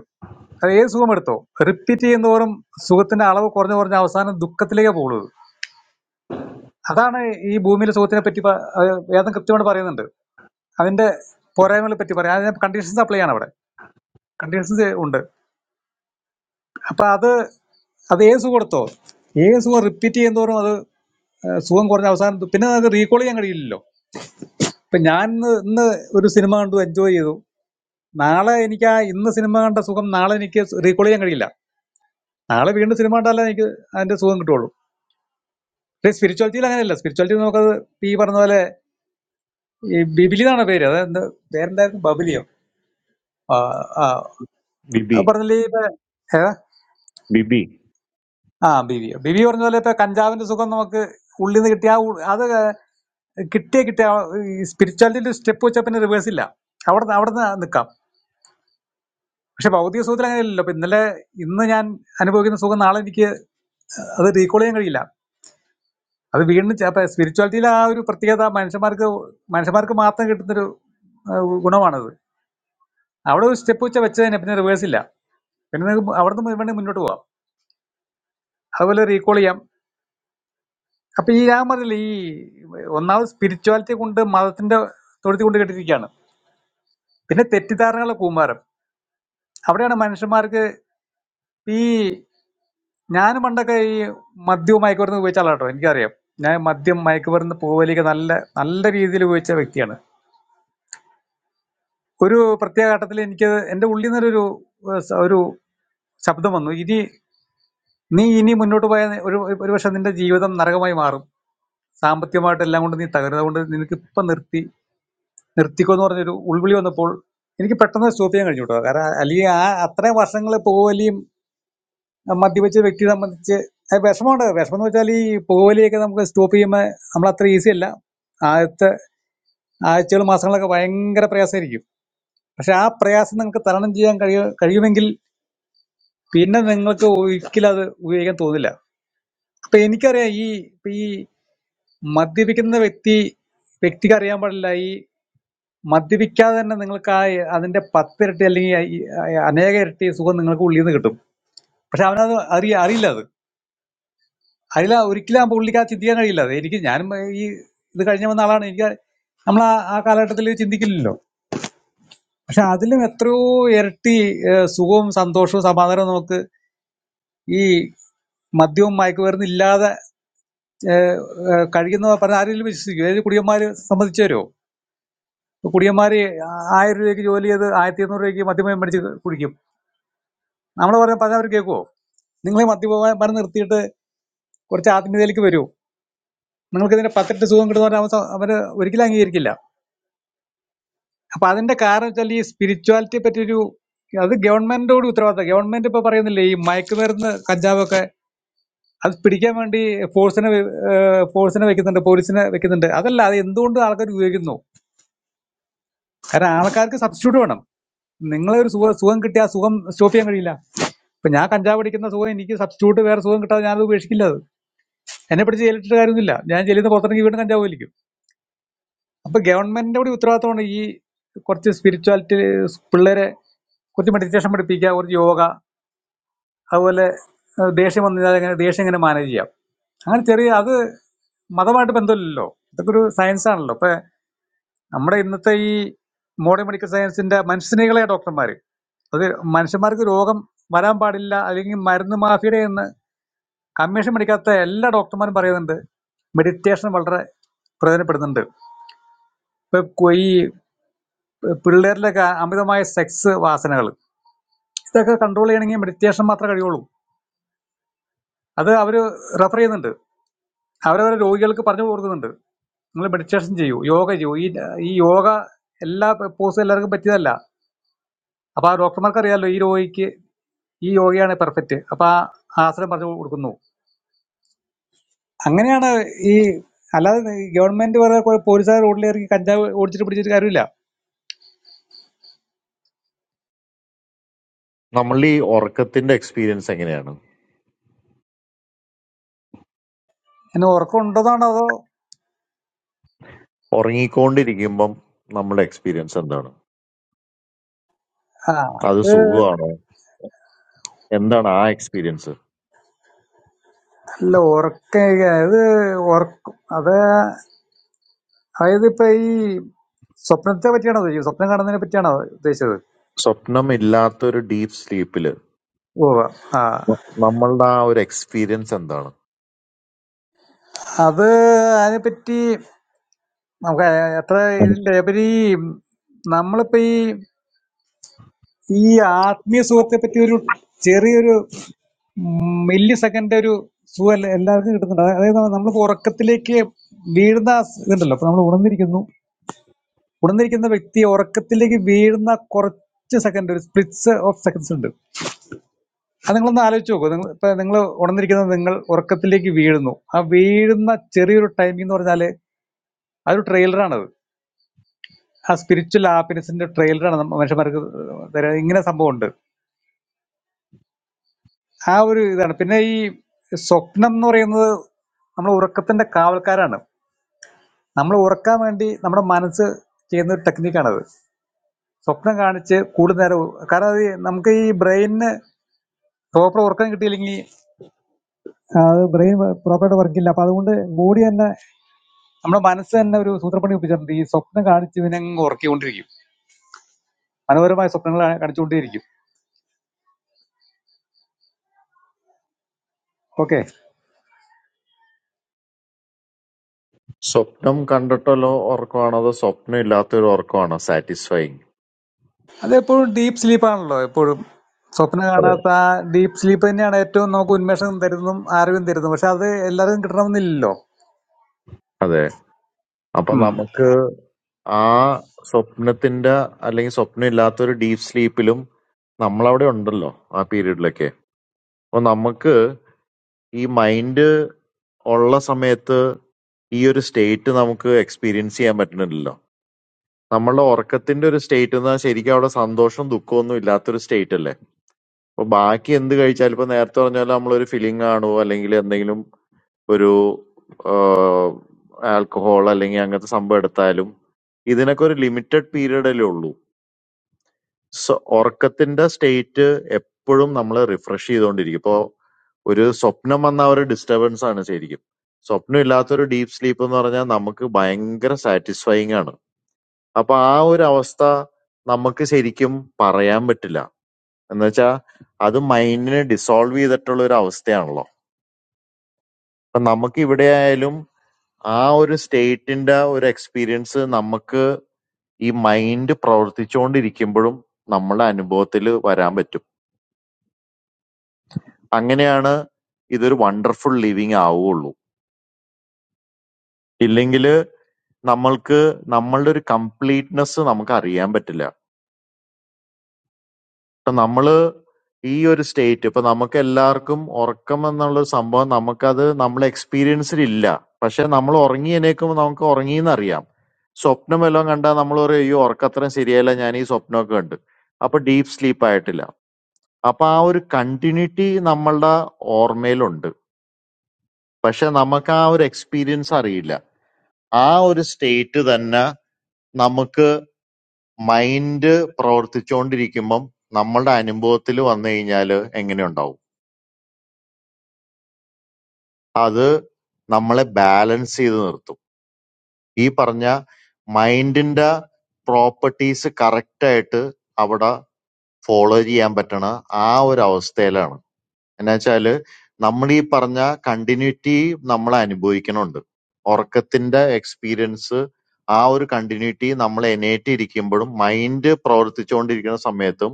അത് ഏത് സുഖം എടുത്തോ റിപ്പീറ്റ് ചെയ്യുന്നതോറും സുഖത്തിന്റെ അളവ് കുറഞ്ഞു കുറഞ്ഞ അവസാനം ദുഃഖത്തിലേക്ക് പോകുന്നത് അതാണ് ഈ ഭൂമിയിലെ സുഖത്തിനെ പറ്റി പ- ഏഹ് വേദം കൃത്യമായിട്ട് പറയുന്നുണ്ട് അതിന്റെ പോരായ്മകളെ പറ്റി പറയാം അതിന് കണ്ടീഷൻസ് അപ്ലൈ ചെയ്യാണ് അവിടെ കണ്ടീഷൻസ് ഉണ്ട് അപ്പൊ അത് അത് യേസു കൊടുത്തോ യേസു റിപ്പീറ്റ് ചെയ്യുന്നതോറും അത് ഏഹ് സുഖം കുറഞ്ഞ അവസാനം തു- പിന്നെ അത് റീകോൾ ചെയ്യാൻ കഴിയില്ലല്ലോ ഇപ്പൊ ഞാൻ ഇന്ന് ഇന്ന് ഒരു സിനിമ കണ്ടു എൻജോയ് ചെയ്തു നാളെ എനിക്ക് ആ ഇന്ന് സിനിമ കണ്ട സുഖം നാളെ എനിക്ക് റീകോൾ ചെയ്യാൻ കഴിയില്ല നാളെ വീണ്ടും സിനിമ കണ്ടാലേ എനിക്ക് അതിന്റെ സുഖം കിട്ടുള്ളൂ സ്പിരിച്വാലിറ്റിയിൽ അങ്ങനെയല്ല സ്പിരിച്വാലിറ്റി നമുക്കത് ഈ പറഞ്ഞ പോലെ ഈ ബിബിലി എന്നാണ് പേര് അതെന്ത് പേരെന്തായിരുന്നു ബബിലിയോ ആ ആ ബിബി അത് പറഞ്ഞില്ലേ ഇപ്പൊ ഏതാ ബിബി ആ ബിബിയോ ബിബി പറഞ്ഞ പോലെ ഇപ്പൊ കഞ്ചാവിന്റെ സുഖം നമുക്ക് ഉള്ളിൽ നിന്ന് കിട്ടിയ ആ ഉ- അത് കിട്ടിയ കിട്ടിയ സ്പിരിച്വാലിറ്റിയിൽ സ്റ്റെപ്പ് വെച്ചാൽ പിന്നെ റിവേഴ്സ് ഇല്ല അവിടെ അവിടെ നിൽക്കാം പക്ഷെ ഭൗതിക സുഖത്തിൽ അങ്ങനെയല്ലല്ലോ അപ്പൊ ഇന്നലെ ഇന്ന് ഞാൻ അനുഭവിക്കുന്ന സുഖം നാളെ എനിക്ക് അത് റീകോൾ ചെയ്യാൻ കഴിയില്ല അത് വീണ്ടും ചെ- അപ്പൊ സ്പിരിച്വാലിറ്റിയിലെ ആ ഒരു പ്രത്യേകത മനുഷ്യന്മാർക്ക് മനുഷ്യന്മാർക്ക് മാത്രം കിട്ടുന്നൊരു ആ, ഗുണമാണത് അവിടെ ഒരു സ്റ്റെപ്പ് വെച്ചാൽ വെച്ച് തന്നെ പിന്നെ റിവേഴ്സ് ഇല്ല പിന്നെ നിങ്ങൾക്ക് അവിടെ നിന്ന് വേണ്ടി മുന്നോട്ട് പോവാം അതുപോലെ റീകോൾ ചെയ്യാം അപ്പൊ ഈ ഞാൻ പറഞ്ഞില്ല ഈ ഒന്നാമത് സ്പിരിച്വാലിറ്റി കൊണ്ട് മതത്തിന്റെ തൊഴുത്തി കൊണ്ട് കെട്ടിരിക്കുകയാണ് പിന്നെ തെറ്റിദ്ധാരണകളുടെ കൂമ്പാരം അവിടെയാണ് മനുഷ്യന്മാർക്ക് ഈ ഞാൻ പണ്ടൊക്കെ ഈ മദ്യവും മയക്കുമരുന്ന് ഉപയോഗിച്ച ആളാട്ടോ എനിക്കറിയാം ഞാൻ മദ്യം മയക്കുമരുന്ന് പുകവലിയൊക്കെ നല്ല നല്ല രീതിയിൽ ഉപയോഗിച്ച വ്യക്തിയാണ് ഒരു പ്രത്യേക ഘട്ടത്തിൽ എനിക്ക് എൻ്റെ ഉള്ളിൽ നിന്നൊരു ഏഹ്, സ- ഒരു ശബ്ദം വന്നു ഇനി നീ ഇനി മുന്നോട്ട് പോയാൽ ഒരു ഒരു പക്ഷെ നിന്റെ ജീവിതം നരകമായി മാറും സാമ്പത്തികമായിട്ട് എല്ലാം കൊണ്ട് നീ തകരുന്നത് കൊണ്ട് നിനക്ക് ഇപ്പം നിർത്തി നിർത്തിക്കോ എന്ന് പറഞ്ഞൊരു ഉൾവിളി വന്നപ്പോൾ എനിക്ക് പെട്ടെന്ന് സ്റ്റോപ്പ് ചെയ്യാൻ കഴിഞ്ഞു കേട്ടോ കാരണം അല്ലെങ്കിൽ ആ അത്രയും വർഷങ്ങൾ പുകവലിയും മദ്യപിച്ച വ്യക്തിയെ സംബന്ധിച്ച് അത് വിഷമമുണ്ട് വിഷമം എന്ന് വെച്ചാൽ ഈ പോവലിയൊക്കെ നമുക്ക് സ്റ്റോപ്പ് ചെയ്യുമ്പോൾ നമ്മൾ അത്ര ഈസി അല്ല ആദ്യത്തെ ആഴ്ചകൾ മാസങ്ങളൊക്കെ ഭയങ്കര പ്രയാസമായിരിക്കും പക്ഷെ ആ പ്രയാസം നിങ്ങൾക്ക് തരണം ചെയ്യാൻ കഴിയ കഴിയുമെങ്കിൽ പിന്നെ നിങ്ങൾക്ക് ഒരിക്കലും അത് ഉപയോഗിക്കാൻ തോന്നില്ല അപ്പൊ എനിക്കറിയാം ഈ ഇപ്പൊ ഈ മദ്യപിക്കുന്ന വ്യക്തി വ്യക്തിക്ക് അറിയാൻ പാടില്ല ഈ മദ്യപിക്കാതെ തന്നെ നിങ്ങൾക്ക് ആ അതിന്റെ പത്തിരട്ടി അല്ലെങ്കിൽ ഈ അനേക ഇരട്ടി സുഖം നിങ്ങൾക്ക് ഉള്ളിൽ നിന്ന് കിട്ടും പക്ഷെ അവനത് അറിയ അറിയില്ല അത് അതിൽ ഒരിക്കലും ആ പുള്ളിക്ക് ആ ചിന്തിക്കാൻ കഴിയില്ല അത് എനിക്ക് ഞാനും ഈ ഇത് കഴിഞ്ഞ് വന്ന ആളാണ് എനിക്ക് നമ്മൾ ആ ആ കാലഘട്ടത്തിൽ ചിന്തിക്കില്ലല്ലോ പക്ഷെ അതിലും എത്രയോ ഇരട്ടി ഏഹ്, സുഖവും സന്തോഷവും സമാധാനവും നമുക്ക് ഈ മദ്യവും മയക്കുമരുന്നും ഇല്ലാതെ ഏഹ്, കഴിക്കുന്ന പറഞ്ഞ ആരെങ്കിലും വിശ്വസിക്കും ഏത് കുടിയന്മാര് സംബന്ധിച്ചു വരുമോ കുടിയന്മാര് ആയിരം രൂപയ്ക്ക് ജോലി ചെയ്ത് ആയിരത്തി ഇരുന്നൂറ് രൂപയ്ക്ക് മദ്യമയം മേടിച്ച് കുടിക്കും നമ്മൾ പറഞ്ഞ പറഞ്ഞാൽ അവർ കേൾക്കുമോ നിങ്ങൾ മദ്യപാനം നിർത്തിയിട്ട് കുറച്ച് ആത്മീയതയിലേക്ക് വരൂ നിങ്ങൾക്ക് ഇതിന്റെ പത്തിരട്ടി സുഖം കിട്ടുന്ന അവര് ഒരിക്കലും അംഗീകരിക്കില്ല അപ്പൊ അതിന്റെ കാരണം വെച്ചാൽ ഈ സ്പിരിച്വാലിറ്റിയെ പറ്റിയൊരു അത് ഗവൺമെന്റിനോട് ഉത്തരവാദിത്തം ഗവൺമെന്റ് ഇപ്പൊ പറയുന്നില്ലേ ഈ മയക്കുമരുന്ന് കഞ്ചാവൊക്കെ അത് പിടിക്കാൻ വേണ്ടി ഫോഴ്സിനെ ഫോഴ്സിനെ വെക്കുന്നുണ്ട് പോലീസിനെ വെക്കുന്നുണ്ട് അതല്ല അത് എന്തുകൊണ്ട് ആൾക്കാർ ഉപയോഗിക്കുന്നു കാരണം ആൾക്കാർക്ക് സബ്സ്റ്റിറ്റ്യൂട്ട് വേണം നിങ്ങളെ ഒരു സുഖം സുഖം കിട്ടിയ ആ സുഖം സ്റ്റോപ്പ് ചെയ്യാൻ കഴിയില്ല ഇപ്പൊ ഞാൻ കഞ്ചാവ് അടിക്കുന്ന സുഖം എനിക്ക് സബ്സ്റ്റിറ്റ്യൂട്ട് വേറെ സുഖം കിട്ടാതെ ഞാനത് ഉപേക്ഷിക്കില്ല അത് എന്നെ പിടിച്ച് ജയിലിട്ട് കാര്യമൊന്നുമില്ല ഞാൻ ജയിലിൽ നിന്ന് പുറത്തിറങ്ങി വീണ്ടും കഞ്ചാവ് വലിക്കും അപ്പൊ ഗവൺമെന്റിന്റെ കൂടി ഉത്തരവാദിത്തമാണ് ഈ കുറച്ച് സ്പിരിച്വാലിറ്റി പിള്ളേരെ കുറച്ച് മെഡിറ്റേഷൻ പഠിപ്പിക്കുക കുറച്ച് യോഗ അതുപോലെ ഏഹ് ദേഷ്യം വന്നു കഴിഞ്ഞാൽ എങ്ങനെ ദേഷ്യം എങ്ങനെ മാനേജ് ചെയ്യാം അങ്ങനെ ചെറിയ അത് മതമായിട്ട് ബന്ധമില്ലല്ലോ ഇതൊക്കെ ഒരു സയൻസ് ആണല്ലോ ഇപ്പൊ നമ്മുടെ ഇന്നത്തെ ഈ മോഡേൺ മെഡിക്കൽ സയൻസിന്റെ മനുഷ്യനികളെ ഡോക്ടർമാർ അത് മനുഷ്യന്മാർക്ക് രോഗം വരാൻ പാടില്ല അല്ലെങ്കിൽ മരുന്ന് മാഫിയുടെ എന്ന് കമ്മീഷൻ മേടിക്കാത്ത എല്ലാ ഡോക്ടർമാരും പറയുന്നുണ്ട് മെഡിറ്റേഷൻ വളരെ പ്രയോജനപ്പെടുന്നുണ്ട് ഇപ്പൊ കൊ- ഈ പിള്ളേരിലൊക്കെ അമിതമായ സെക്സ് വാസനകൾ ഇതൊക്കെ കൺട്രോൾ ചെയ്യണമെങ്കിൽ മെഡിറ്റേഷൻ മാത്രമേ കഴിയുള്ളൂ അത് അവർ റെഫർ ചെയ്യുന്നുണ്ട് അവരവരെ രോഗികൾക്ക് പറഞ്ഞു കൊടുക്കുന്നുണ്ട് നിങ്ങൾ മെഡിറ്റേഷൻ ചെയ്യൂ യോഗ ചെയ്യൂ ഈ ഈ യോഗ എല്ലാ പോസും എല്ലാവർക്കും പറ്റിയതല്ല അപ്പൊ ആ ഡോക്ടർമാർക്ക് അറിയാലോ ഈ രോഗിക്ക് ഈ യോഗയാണ് പെർഫെക്റ്റ് അപ്പൊ ആ ആശ്രയം പറഞ്ഞു കൊടുക്കുന്നു അങ്ങനെയാണ് ഈ അല്ലാതെ ഗവൺമെന്റ് വേറെ പോലീസുകാർ റോഡിലിറങ്ങി കഞ്ചാവ് ഓടിച്ചിട്ട് പിടിച്ചിട്ട് കാര്യമില്ല നമ്മളുടെ ഈ ഉറക്കത്തിന്റെ എക്സ്പീരിയൻസ് എങ്ങനെയാണ്? എന്നെ ഉറക്കം ഉണ്ടോന്നാണോ അതോ ഉറങ്ങിക്കൊണ്ടിരിക്കുമ്പം നമ്മുടെ എക്സ്പീരിയൻസ് എന്താണ്? ആ, അത് സുഖമാണ് എന്താണ് ആ എക്സ്പീരിയൻസ് അല്ല ഉറക്ക അത് ഉറക്കം അത് അതായത് ഇപ്പൊ ഈ സ്വപ്നത്തെ പറ്റിയാണോ ഉദ്ദേശിച്ചത് സ്വപ്നം കാണുന്നതിനെ പറ്റിയാണോ ഉദ്ദേശിച്ചത് സ്വപ്നം ഇല്ലാത്തൊരു ഡീപ്പ് സ്ലീപ്പില് ഓ ആ നമ്മളുടെ ആ ഒരു എക്സ്പീരിയൻസ് എന്താണ് അത് അതിനെപ്പറ്റി നമുക്ക് എത്ര ഉം. ഇതിന്റെ ഉപരി നമ്മളിപ്പോ ഈ ഈ ആത്മീയ സുഹൃത്തെ പറ്റി ഒരു ചെറിയൊരു മില്ലി സെക്കൻഡ് ഒരു സുഖം എല്ലാ- എല്ലാവർക്കും കിട്ടുന്നുണ്ട് അതാ- അതായത് നമ്മളിപ്പോ ഉറക്കത്തിലേക്ക് വീഴുന്ന ആ സ് ഇതുണ്ടല്ലോ അപ്പൊ നമ്മൾ ഉണർന്നിരിക്കുന്നു ഉണർന്നിരിക്കുന്ന വ്യക്തി ഉറക്കത്തിലേക്ക് വീഴുന്ന കുറച്ച് സെക്കൻഡ് ഒരു സ്പ്ലിറ്റ്സ് ഓഫ് സെക്കൻഡ്സ് ഉണ്ട് അത് നിങ്ങളൊന്ന് ആലോചിച്ച് നോക്കൂ നിങ്ങൾ ഇപ്പൊ നിങ്ങൾ ഉണർന്നിരിക്കുന്നത് നിങ്ങൾ ഉറക്കത്തിലേക്ക് വീഴുന്നു ആ വീഴുന്ന ചെറിയൊരു ടൈമിംഗ് എന്ന് പറഞ്ഞാല് അതൊരു ട്രെയിലറാണ് ആ സ്പിരിച്വൽ ഹാപ്പിനെസിന്റെ ട്രെയിലറാണ് മനുഷ്യന്മാർക്ക് തരുന്നത്. ഇങ്ങനെ സംഭവമുണ്ട് ആ ഒരു ഇതാണ് പിന്നെ ഈ സ്വപ്നം എന്ന് പറയുന്നത് നമ്മൾ ഉറക്കത്തിന്റെ കാവൽക്കാരാണ് നമ്മൾ ഉറക്കാൻ വേണ്ടി നമ്മുടെ മനസ്സ് ചെയ്യുന്ന ഒരു ടെക്നിക്കാണത് സ്വപ്നം കാണിച്ച് കൂടുതൽ നേരം ഉ- കാരണം അത് നമുക്ക് ഈ ബ്രെയിനിന് പ്രോപ്പർ ഉറക്കം കിട്ടിയില്ലെങ്കിൽ ആ, അത് ബ്രെയിൻ പ്രോപ്പറായിട്ട് വർക്കില്ല അപ്പൊ അതുകൊണ്ട് ബോഡി തന്നെ നമ്മുടെ മനസ്സ് തന്നെ ഒരു സൂത്രപ്പണി ഒപ്പിച്ചിട്ടുണ്ട് ഈ സ്വപ്നം കാണിച്ച് ഇവനെ അങ്ങ് ഉറക്കിക്കൊണ്ടിരിക്കും മനോഹരമായ സ്വപ്നങ്ങൾ കാണിച്ചുകൊണ്ടേയിരിക്കും ഓക്കെ സ്വപ്നം കണ്ടിട്ടുള്ള ഉറക്കമാണോ അതോ സ്വപ്നം ഇല്ലാത്തൊരു ഉറക്കമാണോ സാറ്റിസ്ഫൈങ് അതെപ്പോഴും ഡീപ്പ് സ്ലീപ്പാണല്ലോ എപ്പോഴും സ്വപ്നം അതെ കാണാത്ത ആ ഡീപ്പ് സ്ലീപ്പ് തന്നെയാണ് ഏറ്റവും നമുക്ക് ഉന്മേഷം തരുന്നതും ആരോഗ്യം തരുന്നതും പക്ഷെ അത് എല്ലാവരും കിട്ടണമെന്നില്ലല്ലോ അതെ അപ്പൊ ഉം. നമുക്ക് ആ സ്വപ്നത്തിന്റെ അല്ലെങ്കിൽ സ്വപ്നം ഇല്ലാത്തൊരു ഡീപ്പ് സ്ലീപ്പിലും നമ്മളവിടെ ഉണ്ടല്ലോ ആ പീരീഡിലൊക്കെ അപ്പൊ നമുക്ക് ഈ മൈൻഡ് ഉള്ള സമയത്ത് ഈ ഒരു സ്റ്റേറ്റ് നമുക്ക് എക്സ്പീരിയൻസ് ചെയ്യാൻ പറ്റുന്നില്ല നമ്മളുടെ ഉറക്കത്തിന്റെ ഒരു സ്റ്റേറ്റ് എന്ന് പറഞ്ഞാൽ ശരിക്കും അവിടെ സന്തോഷവും ദുഃഖവും ഒന്നും ഇല്ലാത്തൊരു സ്റ്റേറ്റ് അല്ലേ അപ്പൊ ബാക്കി എന്ത് കഴിച്ചാലും ഇപ്പൊ നേരത്തെ പറഞ്ഞ പോലെ നമ്മളൊരു ഫിലിംഗ് ആണോ അല്ലെങ്കിൽ എന്തെങ്കിലും ഒരു ആൽക്കഹോൾ അല്ലെങ്കിൽ അങ്ങനത്തെ സംഭവം എടുത്താലും ഇതിനൊക്കെ ഒരു ലിമിറ്റഡ് പീരീഡ് അല്ലേ ഉള്ളൂ സോ ഉറക്കത്തിന്റെ സ്റ്റേറ്റ് എപ്പോഴും നമ്മൾ റിഫ്രഷ് ചെയ്തുകൊണ്ടിരിക്കും ഇപ്പോൾ ഒരു സ്വപ്നം വന്ന ആ ഒരു ഡിസ്റ്റർബൻസ് ആണ് ശരിക്കും സ്വപ്നം ഇല്ലാത്തൊരു ഡീപ്പ് സ്ലീപ്പ് എന്ന് പറഞ്ഞാൽ നമുക്ക് ഭയങ്കര സാറ്റിസ്ഫൈങ് ആണ് അപ്പൊ ആ ഒരു അവസ്ഥ നമുക്ക് ശരിക്കും പറയാൻ പറ്റില്ല. എന്ന് വെച്ചാ അത് മൈൻഡിനെ ഡിസോൾവ് ചെയ്തിട്ടുള്ള ഒരു അവസ്ഥയാണല്ലോ. അപ്പൊ നമുക്ക് ഇവിടെ ആയാലും ആ ഒരു സ്റ്റേറ്റിന്റെ ഒരു എക്സ്പീരിയൻസ് നമുക്ക് ഈ മൈൻഡ് പ്രവർത്തിച്ചുകൊണ്ടിരിക്കുമ്പോഴും നമ്മുടെ അനുഭവത്തിൽ വരാൻ പറ്റും. അങ്ങനെയാണ് ഇതൊരു വണ്ടർഫുൾ ലിവിങ് ആവുകയുള്ളൂ. ഇല്ലെങ്കിൽ നമ്മൾക്ക് നമ്മളുടെ ഒരു കംപ്ലീറ്റ്നെസ് നമുക്ക് അറിയാൻ പറ്റില്ല. ഇപ്പൊ നമ്മള് ഈ ഒരു സ്റ്റേറ്റ് ഇപ്പൊ നമുക്ക് എല്ലാവർക്കും ഉറക്കം എന്നുള്ള ഒരു സംഭവം നമുക്കത് നമ്മളെ എക്സ്പീരിയൻസിൽ ഇല്ല പക്ഷെ നമ്മൾ ഉറങ്ങി എണീക്കുമ്പോൾ നമുക്ക് ഉറങ്ങിയെന്ന് അറിയാം സ്വപ്നം എല്ലാം കണ്ടാൽ നമ്മൾ പറയും അയ്യോ ഉറക്കത്രയും ശരിയല്ല ഞാൻ ഈ സ്വപ്നമൊക്കെ ഉണ്ട് അപ്പൊ ഡീപ്പ് സ്ലീപ്പ് ആയിട്ടില്ല അപ്പൊ ആ ഒരു കണ്ടിന്യൂറ്റി നമ്മളുടെ ഓർമ്മയിലുണ്ട് പക്ഷെ നമുക്ക് ആ ഒരു എക്സ്പീരിയൻസ് അറിയില്ല ആ ഒരു സ്റ്റേറ്റ് തന്നെ നമുക്ക് മൈൻഡ് പ്രവർത്തിച്ചുകൊണ്ടിരിക്കുമ്പം നമ്മളുടെ അനുഭവത്തിൽ വന്നു കഴിഞ്ഞാൽ എങ്ങനെയുണ്ടാവും അത് നമ്മളെ ബാലൻസ് ചെയ്ത് നിർത്തും. ഈ പറഞ്ഞ മൈൻഡിന്റെ പ്രോപ്പർട്ടീസ് കറക്റ്റ് ആയിട്ട് അവിടെ ഫോളോ ചെയ്യാൻ പറ്റണ ആ ഒരു അവസ്ഥയിലാണ്. എന്നുവെച്ചാല് നമ്മളീ പറഞ്ഞ കണ്ടിന്യൂറ്റി നമ്മൾ അനുഭവിക്കണുണ്ട്. ഉറക്കത്തിന്റെ എക്സ്പീരിയൻസ് ആ ഒരു കണ്ടിന്യൂറ്റി നമ്മൾ എനേറ്റിരിക്കുമ്പോഴും മൈൻഡ് പ്രവർത്തിച്ചുകൊണ്ടിരിക്കുന്ന സമയത്തും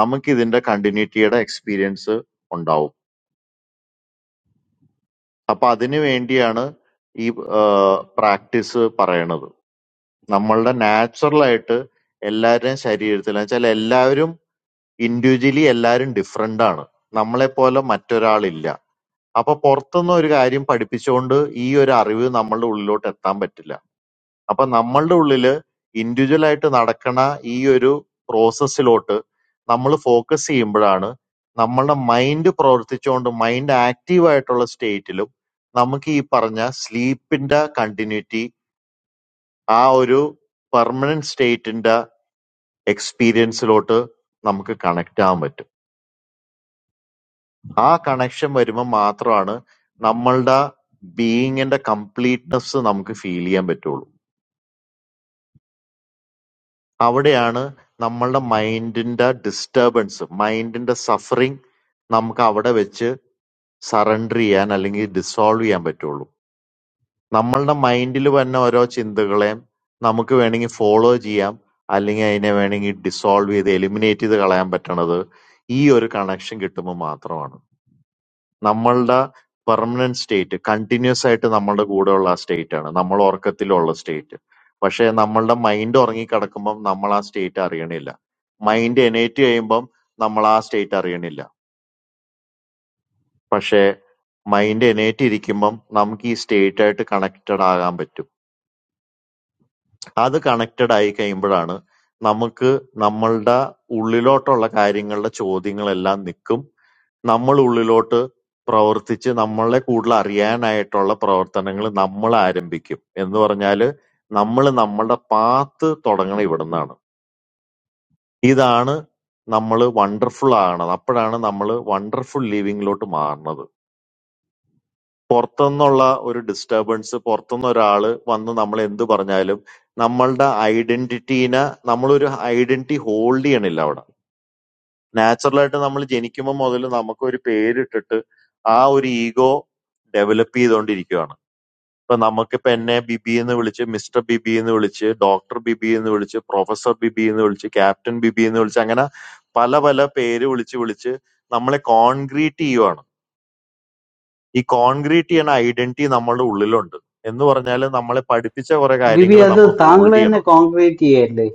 നമുക്ക് ഇതിന്റെ കണ്ടിന്യൂറ്റിയുടെ എക്സ്പീരിയൻസ് ഉണ്ടാവും. അപ്പൊ അതിനു വേണ്ടിയാണ് ഈ പ്രാക്ടീസ് പറയണത് നമ്മളുടെ നാച്ചുറൽ ആയിട്ട് എല്ലാവരുടെയും ശരീരത്തിൽ എന്ന് വെച്ചാൽ എല്ലാവരും ഇൻഡിവിജ്വലി എല്ലാവരും ഡിഫറെന്റ് ആണ് നമ്മളെ പോലെ മറ്റൊരാളില്ല അപ്പൊ പുറത്തുനിന്ന് ഒരു കാര്യം പഠിപ്പിച്ചുകൊണ്ട് ഈ ഒരു അറിവ് നമ്മളുടെ ഉള്ളിലോട്ട് എത്താൻ പറ്റില്ല അപ്പൊ നമ്മളുടെ ഉള്ളില് ഇൻഡിവിജ്വൽ ആയിട്ട് നടക്കണ ഈ ഒരു പ്രോസസ്സിലോട്ട് നമ്മൾ ഫോക്കസ് ചെയ്യുമ്പോഴാണ് നമ്മളുടെ മൈൻഡ് പ്രവർത്തിച്ചുകൊണ്ട് മൈൻഡ് ആക്റ്റീവ് ആയിട്ടുള്ള സ്റ്റേറ്റിലും നമുക്ക് ഈ പറഞ്ഞ സ്ലീപ്പിന്റെ കണ്ടിന്യൂറ്റി ആ ഒരു പെർമനന്റ് സ്റ്റേറ്റിന്റെ എക്സ്പീരിയൻസിലോട്ട് നമുക്ക് കണക്ട് ആവാൻ പറ്റും ആ കണക്ഷൻ വരുമ്പോൾ മാത്രമാണ് നമ്മളുടെ ബീയിങ്ങിന്റെ കംപ്ലീറ്റ്നെസ് നമുക്ക് ഫീൽ ചെയ്യാൻ പറ്റുള്ളൂ അവിടെയാണ് നമ്മളുടെ മൈൻഡിന്റെ ഡിസ്റ്റർബൻസ്, മൈൻഡിന്റെ സഫറിങ് നമുക്ക് അവിടെ വെച്ച് സറണ്ടർ ചെയ്യാൻ അല്ലെങ്കിൽ ഡിസോൾവ് ചെയ്യാൻ പറ്റുള്ളൂ. നമ്മളുടെ മൈൻഡിൽ വരുന്ന ഓരോ ചിന്തകളെയും നമുക്ക് വേണമെങ്കിൽ ഫോളോ ചെയ്യാം, അല്ലെങ്കിൽ അതിനെ വേണമെങ്കിൽ ഡിസോൾവ് ചെയ്ത് എലിമിനേറ്റ് ചെയ്ത് കളയാൻ പറ്റണത് ഈ ഒരു കണക്ഷൻ കിട്ടുമ്പോൾ മാത്രമാണ്. നമ്മളുടെ പെർമനന്റ് സ്റ്റേറ്റ് കണ്ടിന്യൂസ് ആയിട്ട് നമ്മളുടെ കൂടെയുള്ള ആ സ്റ്റേറ്റ് ആണ് നമ്മൾ ഉറക്കത്തിലുള്ള സ്റ്റേറ്റ് പക്ഷെ നമ്മളുടെ മൈൻഡ് ഉറങ്ങിക്കിടക്കുമ്പം നമ്മൾ ആ സ്റ്റേറ്റ് അറിയണില്ല മൈൻഡ് എനേറ്റ് ചെയ്യുമ്പം നമ്മൾ ആ സ്റ്റേറ്റ് അറിയണില്ല പക്ഷെ മൈൻഡ് എനേറ്റ് ഇരിക്കുമ്പം നമുക്ക് ഈ സ്റ്റേറ്റ് ആയിട്ട് കണക്റ്റഡ് ആകാൻ പറ്റും അത് കണക്റ്റഡ് ആയി കഴിയുമ്പോഴാണ് നമുക്ക് നമ്മളുടെ ഉള്ളിലോട്ടുള്ള കാര്യങ്ങളുടെ ചോദ്യങ്ങളെല്ലാം നിൽക്കും നമ്മൾ ഉള്ളിലോട്ട് പ്രവർത്തിച്ച് നമ്മളെ കൂടുതൽ അറിയാനായിട്ടുള്ള പ്രവർത്തനങ്ങൾ നമ്മൾ ആരംഭിക്കും എന്ന് പറഞ്ഞാല് നമ്മൾ നമ്മളുടെ പാത്ത് തുടങ്ങണം ഇവിടുന്നാണ് ഇതാണ് നമ്മൾ വണ്ടർഫുൾ ആകണം അപ്പോഴാണ് നമ്മൾ വണ്ടർഫുൾ ലിവിങ്ങിലോട്ട് മാറുന്നത് പുറത്തുനിന്നുള്ള ഒരു ഡിസ്റ്റർബൻസ് പുറത്തുനിന്ന് ഒരാള് വന്ന് നമ്മൾ എന്ത് പറഞ്ഞാലും നമ്മളുടെ ഐഡന്റിറ്റീനെ നമ്മളൊരു ഐഡന്റിറ്റി ഹോൾഡ് ചെയ്യണില്ല അവിടെ നാച്ചുറലായിട്ട് നമ്മൾ ജനിക്കുമ്പോൾ മുതൽ നമുക്ക് ഒരു പേരിട്ടിട്ട് ആ ഒരു ഈഗോ ഡെവലപ്പ് ചെയ്തുകൊണ്ടിരിക്കുകയാണ് ഇപ്പൊ നമുക്കിപ്പോ എന്നെ ബിബി എന്ന് വിളിച്ച് മിസ്റ്റർ ബിബി എന്ന് വിളിച്ച് ഡോക്ടർ ബിബി എന്ന് വിളിച്ച് പ്രൊഫസർ ബിബി എന്ന് വിളിച്ച് ക്യാപ്റ്റൻ ബിബി എന്ന് വിളിച്ച് അങ്ങനെ പല പല പേര് വിളിച്ച് വിളിച്ച് നമ്മളെ കോൺക്രീറ്റ് ചെയ്യുവാണ് ഈ കോൺക്രീറ്റ് ചെയ്യണ ഐഡന്റിറ്റി നമ്മളുടെ ഉള്ളിലുണ്ട് എന്ന് പറഞ്ഞാൽ നമ്മളെ പഠിപ്പിച്ച കുറെ ബിബി കാര്യങ്ങൾ അത് നമ്മൾ താങ്കൾ ഹോൾഡ് തന്നെ ചെയ്യണുണ്ട് കോൺക്രീറ്റ് ചെയ്യല്ലേ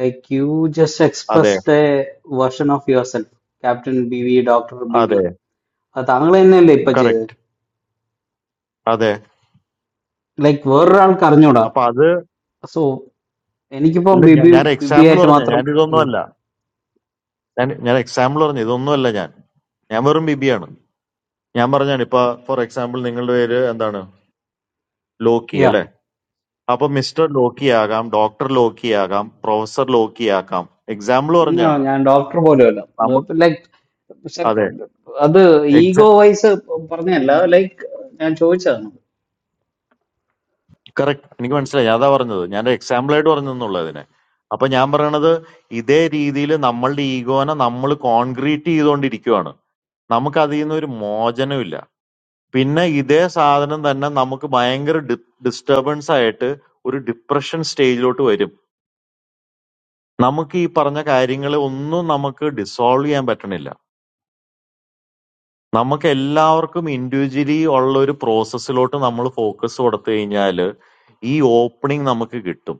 ലൈക്ക് യു ജസ്റ്റ് അതെ expressed a version of yourself captain B V doctor B V അതെ അത് താങ്കൾ തന്നെയല്ലേ ഇപ്പൊ ചെയ്തത് കറക്റ്റ് അതെ ലൈക്ക് വേറൊരാൾക്ക് അറിഞ്ഞൂടാ അപ്പൊ അത് സോ എനിക്കിപ്പോ ഇല്ല ഞാൻ ബിബി ഞാൻ ബിബി എക്സാമ്പിൾ ആയിട്ട് പറഞ്ഞ മാത്രം ഞാൻ ഇതൊന്നും അല്ല ഞാൻ ഞാൻ എക്സാമ്പിൾ പറഞ്ഞു ഇതൊന്നും അല്ല ഞാൻ ഞാൻ വെറും ബിബിയാണ് ഞാൻ പറഞ്ഞാണ് ഇപ്പൊ ഫോർ എക്സാമ്പിൾ നിങ്ങളുടെ പേര് എന്താണ് ലോക്കി യാ അല്ലെ അപ്പൊ മിസ്റ്റർ ലോക്കി ആകാം ഡോക്ടർ ലോക്കി ആകാം പ്രൊഫസർ ലോക്കി ആകാം എക്സാമ്പിൾ പറഞ്ഞാണ് ഞാൻ ഡോക്ടർ പോലും അല്ല നമ്മ ലൈക്ക് അത് അതെ ഈഗോ വൈസ് പറഞ്ഞല്ല ലൈക്ക് ഞാൻ ചോദിച്ചതാണ് കറക്റ്റ് എനിക്ക് മനസ്സിലായി അതാ പറഞ്ഞത് ഞാൻ എക്സാമ്പിൾ ആയിട്ട് പറഞ്ഞു എന്നുള്ളതിനെ അപ്പൊ ഞാൻ പറയണത് ഇതേ രീതിയിൽ നമ്മളുടെ ഈഗോനെ നമ്മൾ കോൺക്രീറ്റ് ചെയ്തുകൊണ്ടിരിക്കുവാണ് നമുക്ക് അതിൽ നിന്ന് ഒരു മോചനമില്ല പിന്നെ ഇതേ സാധനം തന്നെ നമുക്ക് ഭയങ്കര ഡിസ്റ്റർബൻസ് ആയിട്ട് ഒരു ഡിപ്രഷൻ സ്റ്റേജിലോട്ട് വരും നമുക്ക് ഈ പറഞ്ഞ കാര്യങ്ങൾ ഒന്നും നമുക്ക് ഡിസോൾവ് ചെയ്യാൻ പറ്റണില്ല നമുക്ക് എല്ലാവർക്കും ഇൻഡിവിജ്വലി ഉള്ള ഒരു പ്രോസസ്സിലോട്ട് നമ്മൾ ഫോക്കസ് കൊടുത്തു കഴിഞ്ഞാൽ ഈ ഓപ്പണിംഗ് നമുക്ക് കിട്ടും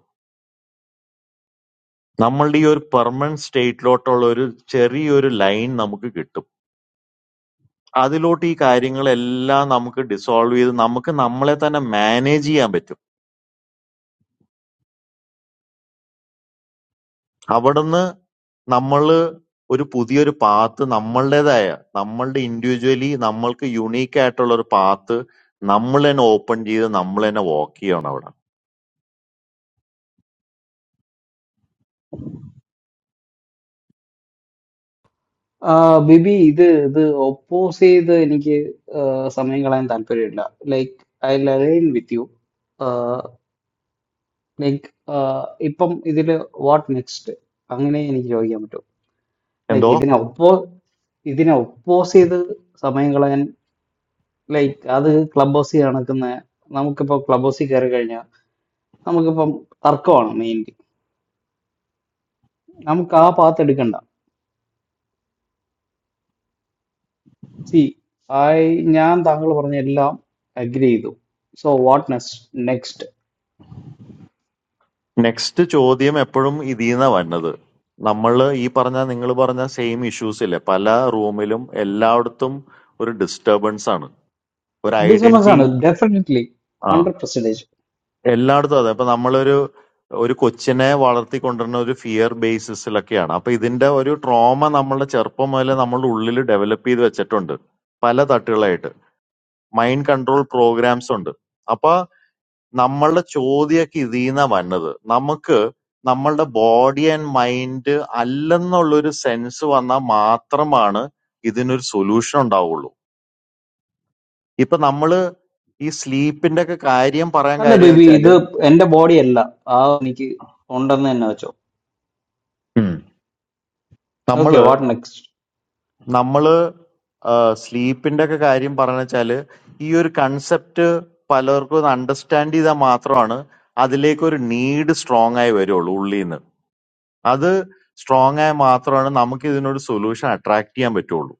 നമ്മളുടെ ഈ ഒരു പെർമനന്റ് സ്റ്റേറ്റിലോട്ടുള്ള ഒരു ചെറിയൊരു ലൈൻ നമുക്ക് കിട്ടും അതിലോട്ട് ഈ കാര്യങ്ങളെല്ലാം നമുക്ക് ഡിസോൾവ് ചെയ്ത് നമുക്ക് നമ്മളെ തന്നെ മാനേജ് ചെയ്യാൻ പറ്റും അവിടുന്ന് നമ്മൾ ഒരു പുതിയൊരു പാത്ത് നമ്മളുടേതായ നമ്മളുടെ ഇൻഡിവിജ്വലി നമ്മൾക്ക് യുണീക്ക് ആയിട്ടുള്ള ഒരു പാത്ത് നമ്മൾ തന്നെ ഓപ്പൺ ചെയ്ത് നമ്മൾ തന്നെ വാക്ക് ചെയ്യണം അവിടെ ആ, ബിബി ഇത് ഇത് ഒപ്പോസ് ചെയ്ത് എനിക്ക് ആ, സമയം കളയാൻ താല്പര്യമില്ല like I line with you like ഇപ്പം ഇതിൽ വാട്ട് നെക്സ്റ്റ് അങ്ങനെ എനിക്ക് ചോദിക്കാൻ പറ്റും ലൈക്ക് എന്തോ ഇതിനെ ഒപ്പോ ഇതിനെ ഒപ്പോസ് ചെയ്ത് സമയം കളയാൻ ലൈക്ക് അത് ക്ലബ് ഹൗസിൽ നടക്കുന്ന നമുക്കിപ്പോൾ ക്ലബ് ഹൗസിൽ കയറി കഴിഞ്ഞാൽ നമുക്കിപ്പം തർക്കമാണ് മെയിൻലി നമുക്ക് ആ പാത്ത് എടുക്കണ്ട സി ഐ ഞാൻ താങ്കൾ പറഞ്ഞ എല്ലാം അഗ്രി ചെയ്തു സോ വാട്ട് നെക്സ്റ്റ് നെക്സ്റ്റ് ചോദ്യം എപ്പോഴും ഇതീന്നാ വരണത്. നമ്മള് ഈ പറഞ്ഞ നിങ്ങള് പറഞ്ഞ സെയിം ഇഷ്യൂസ് ഇല്ലേ? പല റൂമിലും എല്ലായിടത്തും ഒരു ഡിസ്റ്റർബൻസ് ആണ്. ഒരു ഡിസ്റ്റർബൻസ് ഐഡന്റിറ്റി ആണ് ഡെഫിനറ്റ്ലി ആ ഹൺഡ്രഡ് പെർസെന്റേജ് എല്ലായിടത്തും അതെ. അപ്പൊ നമ്മളൊരു ഒരു കൊച്ചിനെ വളർത്തിക്കൊണ്ടുവരുന്ന ഒരു ഫിയർ ബേസിസിലൊക്കെയാണ്. അപ്പൊ ഇതിന്റെ ഒരു ട്രോമ നമ്മളുടെ ചെറുപ്പം മുതലേ നമ്മളുടെ ഉള്ളിൽ ഡെവലപ്പ് ചെയ്ത് വെച്ചിട്ടുണ്ട്. പല തട്ടുകളായിട്ട്. മൈൻഡ് കൺട്രോൾ പ്രോഗ്രാംസ് ഉണ്ട്. അപ്പൊ നമ്മളുടെ ചോദ്യമൊക്കെ ഇതീന്നാ വന്നത്. നമുക്ക് നമ്മളുടെ ബോഡി ആൻഡ് മൈൻഡ് അല്ലെന്നുള്ളൊരു സെൻസ് വന്നാൽ മാത്രമാണ് ഇതിനൊരു സൊല്യൂഷൻ ഉണ്ടാവുള്ളൂ. ഇപ്പൊ നമ്മള് ഈ സ്ലീപ്പിന്റെ ഒക്കെ കാര്യം പറയാൻ അല്ല കാര്യം എന്ന് ബേബി വെച്ചാല് ഇത് എന്റെ ബോഡി അല്ല ആ എനിക്ക് ഉണ്ടെന്ന് തന്നെ വെച്ചോ ഉം. ഓക്കെ നമ്മള് വാട്ട് നെക്സ്റ്റ് നമ്മള് സ്ലീപ്പിന്റെ ഒക്കെ കാര്യം പറഞ്ഞ വെച്ചാല് ഈ ഒരു കൺസെപ്റ്റ് പലർക്കും അണ്ടർസ്റ്റാൻഡ് ചെയ്താൽ മാത്രമാണ് അതിലേക്ക് ഒരു നീഡ് സ്ട്രോങ് ആയി വരുള്ളൂ ഉള്ളിൽ നിന്ന്. അത് സ്ട്രോങ് ആയ മാത്രമാണ് നമുക്ക് ഇതിനൊരു സൊല്യൂഷൻ അട്രാക്ട് ചെയ്യാൻ പറ്റുള്ളൂ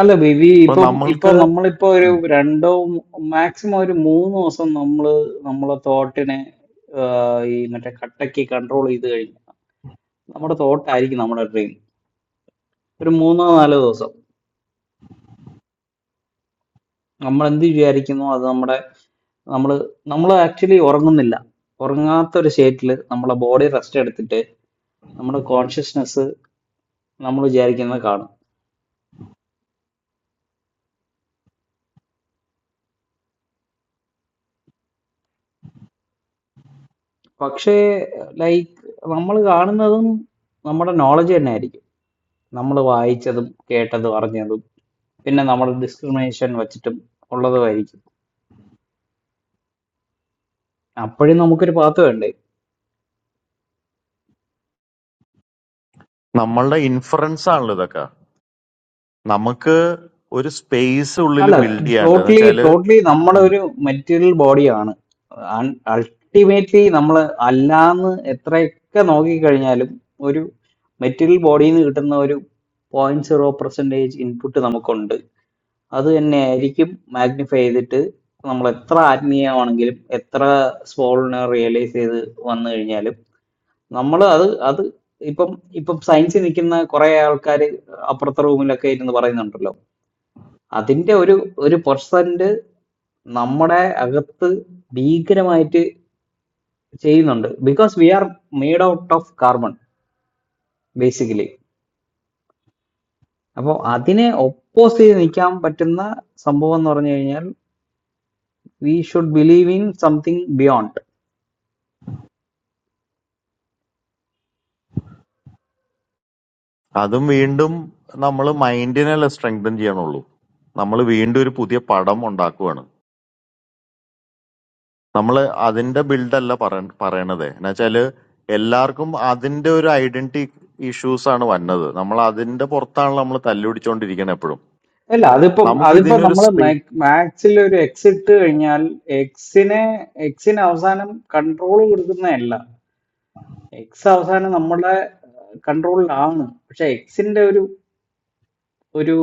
അല്ല ബേബി അപ്പൊ ഇപ്പം ഇപ്പൊ നമ്മൾക്ക് നമ്മളിപ്പോ ഒരു ഉം. രണ്ടോ മാക്സിമം ഒരു മൂന്ന് ദിവസം നമ്മള് നമ്മളെ തോട്ടിനെ ഈ മറ്റേ കട്ടക്ക് കൺട്രോൾ ചെയ്ത് കഴിഞ്ഞു നമ്മുടെ തോട്ടായിരിക്കും നമ്മുടെ ഡ്രീം ഒരു മൂന്നോ നാലോ ദിവസം നമ്മൾ എന്ത് വിചാരിക്കുന്നു അത് നമ്മുടെ നമ്മൾ നമ്മൾ ആക്ച്വലി ഉറങ്ങുന്നില്ല ഉറങ്ങാത്ത ഒരു സ്റ്റേറ്റിൽ നമ്മളെ ബോഡി റെസ്റ്റ് എടുത്തിട്ട് നമ്മുടെ കോൺഷ്യസ്നെസ് നമ്മൾ വിചാരിക്കുന്നത് കാണും പക്ഷേ ലൈക്ക് നമ്മൾ കാണുന്നതും നമ്മുടെ നോളജ് തന്നെ ആയിരിക്കും നമ്മൾ വായിച്ചതും കേട്ടതും അറിഞ്ഞതും പിന്നെ നമ്മുടെ ഡിസ്ക്രിമിനേഷൻ വെച്ചിട്ടും ഉള്ളതുമായിരിക്കും അപ്പോഴും നമുക്കൊരു പാത്ത് വേണ്ടേ നമ്മളുടെ ഇൻഫറൻസ് ആണല്ലോ ഇതൊക്കെ നമുക്ക് ഒരു സ്പേസ് ഉള്ളിൽ അല്ല ബിൽഡ് ചെയ്യാണ്ട് എന്ന് ടോട്ടലി വെച്ചാല് ടോട്ടലി നമ്മുടെ ഉം. ഒരു മെറ്റീരിയൽ ബോഡിയാണ് അൾട്ടിമേറ്റ്ലി നമ്മൾ അല്ലാന്ന് എത്രയൊക്കെ നോക്കിക്കഴിഞ്ഞാലും ഒരു മെറ്റീരിയൽ ബോഡിയിൽ നിന്ന് കിട്ടുന്ന ഒരു പോയിന്റ് സീറോ പെർസെൻറ്റേജ് ഇൻപുട്ട് നമുക്കുണ്ട് അത് തന്നെയായിരിക്കും മാഗ്നിഫൈ ചെയ്തിട്ട് നമ്മൾ എത്ര ആത്മീയമാണെങ്കിലും എത്ര സോളിനെ റിയലൈസ് ചെയ്ത് വന്നു കഴിഞ്ഞാലും നമ്മൾ അത് അത് ഇപ്പം ഇപ്പം സയൻസിൽ നിൽക്കുന്ന കുറെ ആൾക്കാർ അപ്പുറത്തെ റൂമിലൊക്കെ ഇരുന്ന് പറയുന്നുണ്ടല്ലോ അതിന്റെ ഒരു ഒരു പെർസെന്റ് നമ്മുടെ അകത്ത് ഭീകരമായിട്ട് ചെയ്യുന്നുണ്ട് because we are made out of carbon basically അപ്പോൾ അതിനെ ഒപ്പോസ് ചെയ്ത് നിൽക്കാൻ പറ്റുന്ന സംഭവം എന്ന് പറഞ്ഞു കഴിഞ്ഞാൽ we should believe in something beyond അതും വീണ്ടും നമ്മൾ മൈൻഡിനെല്ലാം സ്ട്രെങ്തൻ ചെയ്യണുള്ളൂ നമ്മൾ വീണ്ടും ഒരു പുതിയ പടം ഉണ്ടാക്കുവാണ് നമ്മൾ അതിന്റെ ബിൽഡല്ല പറയണത് എന്ന് വെച്ചാല് എല്ലാവർക്കും അതിന്റെ ഒരു ഐഡന്റിറ്റി ഇഷ്യൂസ് ആണ് വന്നത് നമ്മൾ അതിന്റെ പുറത്താണ് നമ്മൾ തല്ലുപിടിച്ചോണ്ടിരിക്കുന്നത് എപ്പോഴും അല്ല അതിപ്പം നമുക്ക് അതിപ്പം ഇതിനൊരു നമ്മൾ മാക്സിൽ ഒരു എക്സ് ഇട്ട് കഴിഞ്ഞാൽ എക്സിനെ എക്സിന് അവസാനം കൺട്രോൾ കൊടുക്കുന്നതല്ല എക്സ് അവസാനം നമ്മുടെ കൺട്രോളിലാണ് പക്ഷെ എക്സിന്റെ ഒരു ഒരു